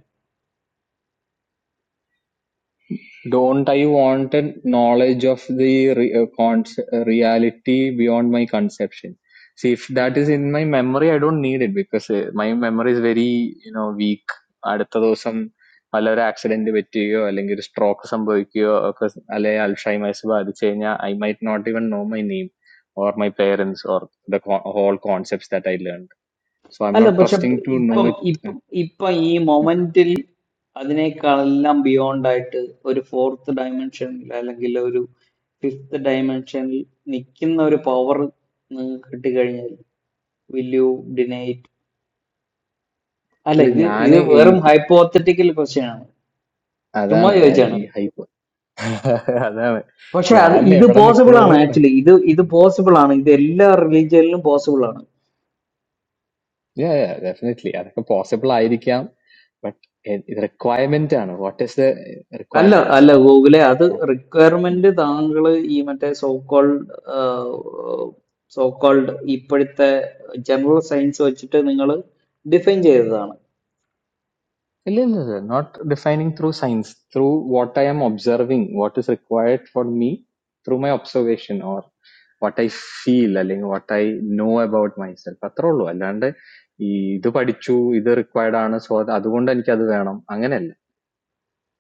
Don't I want a knowledge of the con reality beyond my conception? See, if ഉം. that is in my memory, I don't need it because uh, my memory is very, you know, weak. At that time, palara accident devettiyo, or lenguie stroke samboikyo, because alay Alzheimer is baadu che nya, I might not even know my name or my parents or the all concepts that I learned. So I'm അല്ല not പക്ഷെ trusting to know ഇപ്പം it. ഇപ്പം ഇപ്പം ഈ മൊമെന്റിൽ അതിനേക്കാളെല്ലാം beyond ആയിട്ട് ഒരു fourth ഡയമെൻഷനിൽ അല്ലെങ്കിൽ ഒരു ഫിഫ്ത്ത് ഡയമെൻഷനിൽ നിൽക്കുന്ന ഒരു പവർ നിങ്ങൾക്ക് കിട്ടിക്കഴിഞ്ഞാൽ വിൽ യു ഡിനൈറ്റ് അല്ല Alay, ഇത് nya ഇത് വെറും ani ഹൈപ്പോത്തറ്റിക്കൽ ക്വസ്റ്റ്യൻ ആണ് ചുമ്മാ adana ചോദിച്ചാണ് hypor. (laughs) അതാണ്. പക്ഷെ അത് ഞാൻ ഇത് എവിടെ പോസിബിൾ ആണ് നിക്കണൂന്ന് ആക്ച്വലി ഇത് ഇത് പോസിബിൾ ആണ് ഇത് എല്ലാ റിലീജിയനിലും പോസിബിൾ ആണ് yeah, yeah, definitely. അതൊക്കെ possible ആയിരിക്കാം. But it ഇത് requirement ആണ്. What is the അല്ല requirement? അല്ല ഗൂഗിളെ അത് ഉം. റിക്വയർമെന്റ് താങ്കൾ ഈ മറ്റേ സോ കോൾഡ് സോ കോൾഡ് ഇപ്പോഴത്തെ ജനറൽ സയൻസ് വെച്ചിട്ട് നിങ്ങൾ ഡിഫൈൻ ചെയ്തതാണ് ഇല്ല, ഇല്ല, ഇല്ല. Not defining through science, through what I am observing, what is required for me through my observation or what I feel അല്ലെങ്കിൽ what I know about myself. അത്രേ ഉള്ളൂ. അല്ലാണ്ട് ഈ ഇത് പഠിച്ചു, ഇത് required ആണ്, so അത് അതുകൊണ്ട് എനിക്കത് വേണം. അങ്ങനെയല്ല.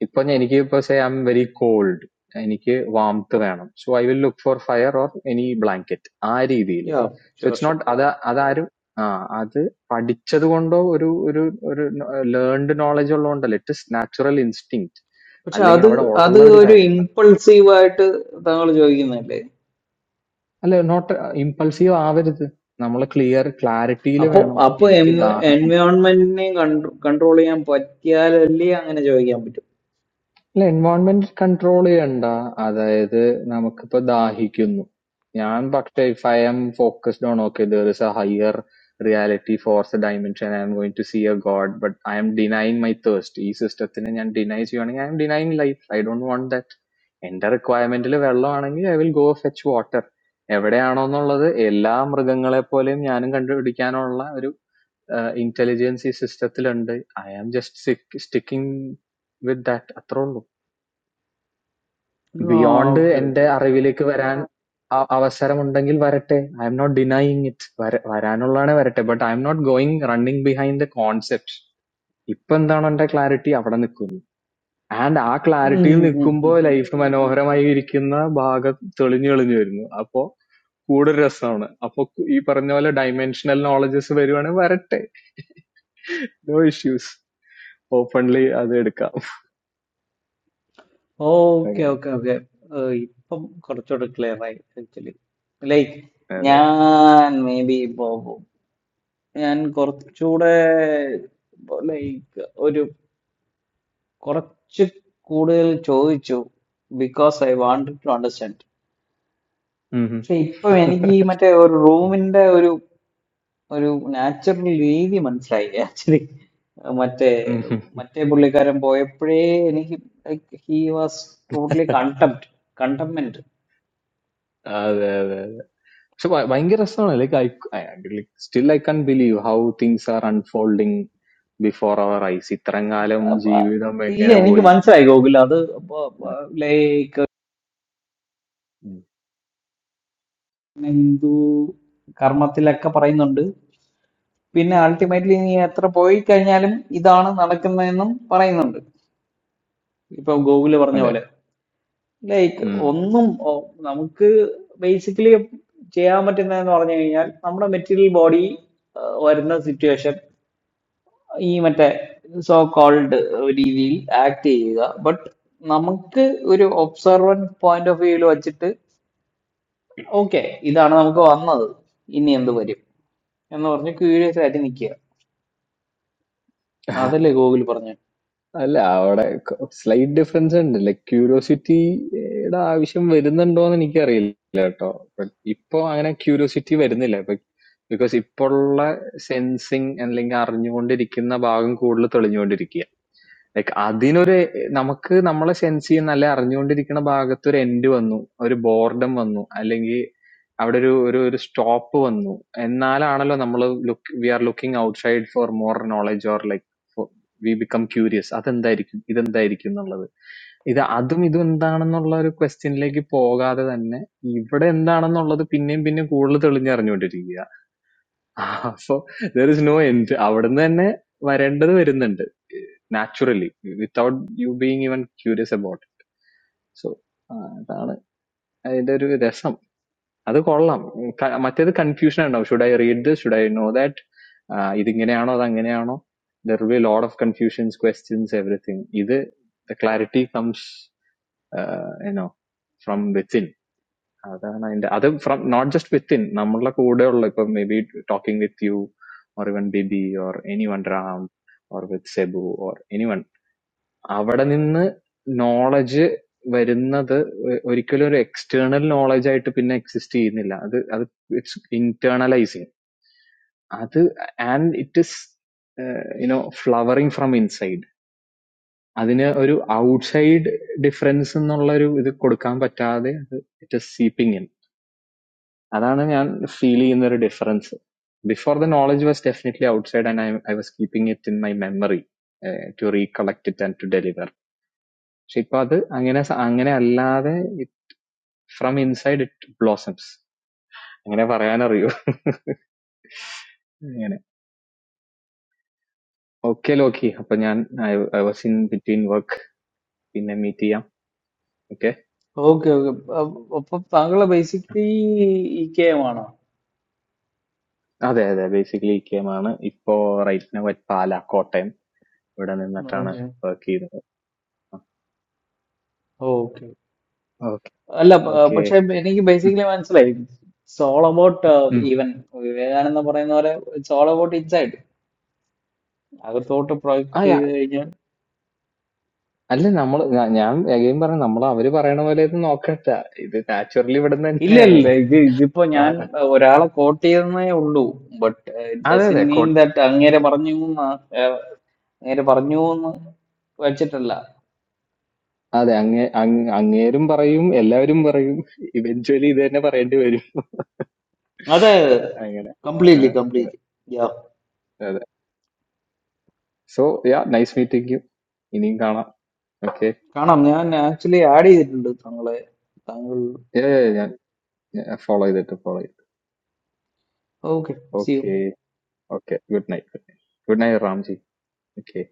If any, I'm very cold. Any, I'm warm today. So I will look for fire or any blanket. I really. Yeah So sure it's sure not. आदा आदा आरे हाँ आधे पढ़ दिच्छत गोंडो एक एक एक learned knowledge वालों डा little natural instinct. പക്ഷെ अलेगे അത് अवाडा അത് ओल्ला वेरे ഒരു काय रहता. ഇമ്പൾസീവ് ആയിട്ട് താങ്കൾ ചോദിക്കുന്നതല്ലേ अलेगे not impulsive. आवे जत. नमूला clear clarity ले അപ്പൊ गयाना. അപ്പൊ Any के दाह. എൻവയോൺമെന്റിനെ കൺട്രോൾ ചെയ്യാൻ പറ്റിയാലല്ലേ അങ്ങനെ ചോദിക്കാൻ പറ്റും ഇല്ല എൻവയോൺമെന്റ് കൺട്രോൾ ചെയ്യണ്ട അതായത് നമുക്കിപ്പോ ദാഹിക്കുന്നു ഞാൻ പക്ഷേ if I am focused on okay there is a higher reality fourth dimension I am going to see a god but I am denying my thirst ഈ സിസ്റ്റത്തിനെ ഞാൻ ഡിനൈ ചെയ്യുവാണെങ്കിൽ I am denying life I don't want that എന്റെ റിക്വയർമെന്റിൽ വെള്ളമാണെങ്കിൽ I will go fetch water എവിടെയാണോ എന്നുള്ളത് എല്ലാ മൃഗങ്ങളെ പോലെയും ഞാനും കണ്ടുപിടിക്കാനുള്ള ഒരു ഇന്റലിജൻസ് ഈ സിസ്റ്റത്തിലുണ്ട് I am just sticking with that അത്രേ ഉള്ളൂ ആ Beyond okay and okay the arrival of the varan, our system and things are varate. I am not denying it. Varan all are varate, but I am not going running behind the concepts. Ippan daan onda clarity apanna nikku. And that clarity nikku okay mbolai iftumai noharamai irikinnna baaga thrilling niyolniyirino. Apo kuderasan apoku iparnye vala dimensional knowledge se variyana varate. No issues. Openly azheda. Okay okay okay ഇപ്പം കുറച്ചുകൂടെ clear ആയി actually like ഞാൻ maybe ഇപ്പോ ഞാൻ കുറച്ചുകൂടെ like ഒരു കുറച്ച് കൂടുതൽ ചോദിച്ചു because I wanted to understand പക്ഷെ ഇപ്പം എനിക്ക് ഈ മറ്റേ ഒരു റൂമിന്റെ ഒരു ഒരു നാച്ചുറൽ രീതി മനസ്സിലായി ആക്ച്വലി മറ്റേ മറ്റേ പുള്ളിക്കാരൻ പോയപ്പോഴേ എനിക്ക് he was totally contempt contempt So, I'm here. Still, I can't believe how things are unfolding before our eyes. It's a strange, അപ്പ- ഇല്ല എനിക്ക് unbelieveable മനസ്സിലായി ഗോകുൽ അത് ലൈക്ക് ഹിന്ദു കർമ്മത്തിലൊക്കെ പറയുന്നുണ്ട് പിന്നെ അൾട്ടിമേറ്റ്ലി നീ എത്ര പോയി കഴിഞ്ഞാലും ഇതാണ് നടക്കുന്നതെന്നും പറയുന്നുണ്ട് ഇപ്പൊ ഗോകുല് പറഞ്ഞ പോലെ ലൈക്ക് thing. ഒന്നും ഓ, നമുക്ക് ബേസിക്കലി ചെയ്യാൻ പറ്റുന്നതെന്ന് പറഞ്ഞു കഴിഞ്ഞാൽ നമ്മുടെ മെറ്റീരിയൽ ബോഡി വരുന്ന സിറ്റുവേഷൻ ഈ മറ്റേ സോ കോൾഡ് രീതിയിൽ ആക്ട് ചെയ്യുക ബട്ട് നമുക്ക് ഒരു ഒബ്സർവൻ പോയിന്റ് ഓഫ് വ്യൂവിൽ വെച്ചിട്ട് ഓക്കെ ഇതാണ് നമുക്ക് വന്നത് ഇനി എന്ത് വരും എന്ന് പറഞ്ഞ് ക്യൂരിയസ് ആയിട്ട് നിൽക്കുക അതല്ലേ ഗോകുൽ പറഞ്ഞു അല്ല അവിടെ സ്ലൈറ്റ് ഡിഫറൻസ് ഉണ്ട് ലൈക് ക്യൂരിയോസിറ്റിയുടെ ആവശ്യം വരുന്നുണ്ടോന്ന് എനിക്കറിയില്ല കേട്ടോ ബട്ട് ഇപ്പൊ അങ്ങനെ ക്യൂരിയോസിറ്റി വരുന്നില്ല ബിക്കോസ് ഇപ്പോഴുള്ള സെൻസിങ് അല്ലെങ്കിൽ അറിഞ്ഞുകൊണ്ടിരിക്കുന്ന ഭാഗം കൂടുതൽ തെളിഞ്ഞുകൊണ്ടിരിക്കുക ലൈക് അതിനൊരു നമുക്ക് നമ്മളെ സെൻസ് ചെയ്യുന്ന അല്ലെ അറിഞ്ഞുകൊണ്ടിരിക്കുന്ന ഭാഗത്ത് ഒരു എൻഡ് വന്നു ഒരു ബോർഡം വന്നു അല്ലെങ്കിൽ അവിടെ ഒരു ഒരു ഒരു സ്റ്റോപ്പ് വന്നു എന്നാലാണല്ലോ നമ്മൾ look we are looking outside for more knowledge or like we become curious അതെന്തായിരിക്കും ഇതെന്തായിരിക്കും എന്നുള്ളത് ഇത് അതും ഇതും എന്താണെന്നുള്ള ഒരു ക്വസ്റ്റ്യനിലേക്ക് പോകാതെ തന്നെ ഇവിടെ എന്താണെന്നുള്ളത് പിന്നെയും പിന്നെയും കൂടുതൽ തെളിഞ്ഞറിഞ്ഞുകൊണ്ടിരിക്കുക so there is no end അവിടുന്ന് തന്നെ വരേണ്ടത് വരുന്നുണ്ട് naturally without you being even curious about so അതാണ് അതിന്റെ ഒരു രസം that call. I mean, at that confusion, you know, should I read this? Should I know that? Ah, this. Why is it? Why is it? There will be a lot of confusions, questions, everything. This the clarity comes, you know, from within. That means, and that from not just within. We talk with you, or even baby, or anyone, Ram, or with Sebu, or anyone. Our own knowledge, wherein that, or even external knowledge, it up inna exists here nila. That, that it's internalizing. That and it is, you know, flowering from inside. Adinaya, oru outside difference, or nulla oru idhu kodukam patta ade. It is seeping in. Adana, I feel in there a difference. Before the knowledge was definitely outside, and I, I was keeping it in my memory to recollect it and to deliver. So it's good. Angenasa, angene all that from inside it blossoms. Angene paraya na riyu. Okay, okay. Apniyan I I was in between work, in the meeting. Okay. Okay okay അപ്പൊ താങ്കളെ basically E K M ആണോ Ah, the the basically kya mana? Ipo right na waj pala coaten. Wadan na na trana okay workie. Okay Okay. അല്ല പ- പക്ഷെ Okay. എനിക്ക് basically മനസ്സിലായി it's all about even Vivekananda പറയുന്ന പോലെ ഇറ്റ്സ് ഓൾ അബൌട്ട് ഇൻസൈഡ് അകത്തോട്ട് project Ah ya. ചെയ്ത് കഴിഞ്ഞാൽ Adle nammal. Naa niam. Again paray nammal aviri paray noyelito no akhta. It is naturally wadan na ഇല്ല ഇല്ല niam. ഇത് ഇതിപ്പോ ഞാൻ അഹ്, ഒരാളെ കോട്ട് ചെയ്തെന്നേ ഉള്ളൂ but it Ah the dozen the coat. Mean that അങ്ങേരെ പറഞ്ഞു നേരെ പറഞ്ഞു എന്ന് വെച്ചിട്ടല്ല आधे अंगे अंग अंगेरुम बरायुम, एल्ला वरुम बरायुम, eventually देने बरेड्यु वरुम, അതെ आँगना, completely ah, completely yeah ah, ah, so yeah, nice meeting you. इनिंगाना, okay, കാണാം ഞാൻ ആക്ച്വലി ആഡ് ചെയ്തിട്ടുണ്ട് താങ്കളെ താങ്കൾ yeah, yeah, yeah, follow it, okay see you. okay, okay, good night, good night, good night, Ramji, okay.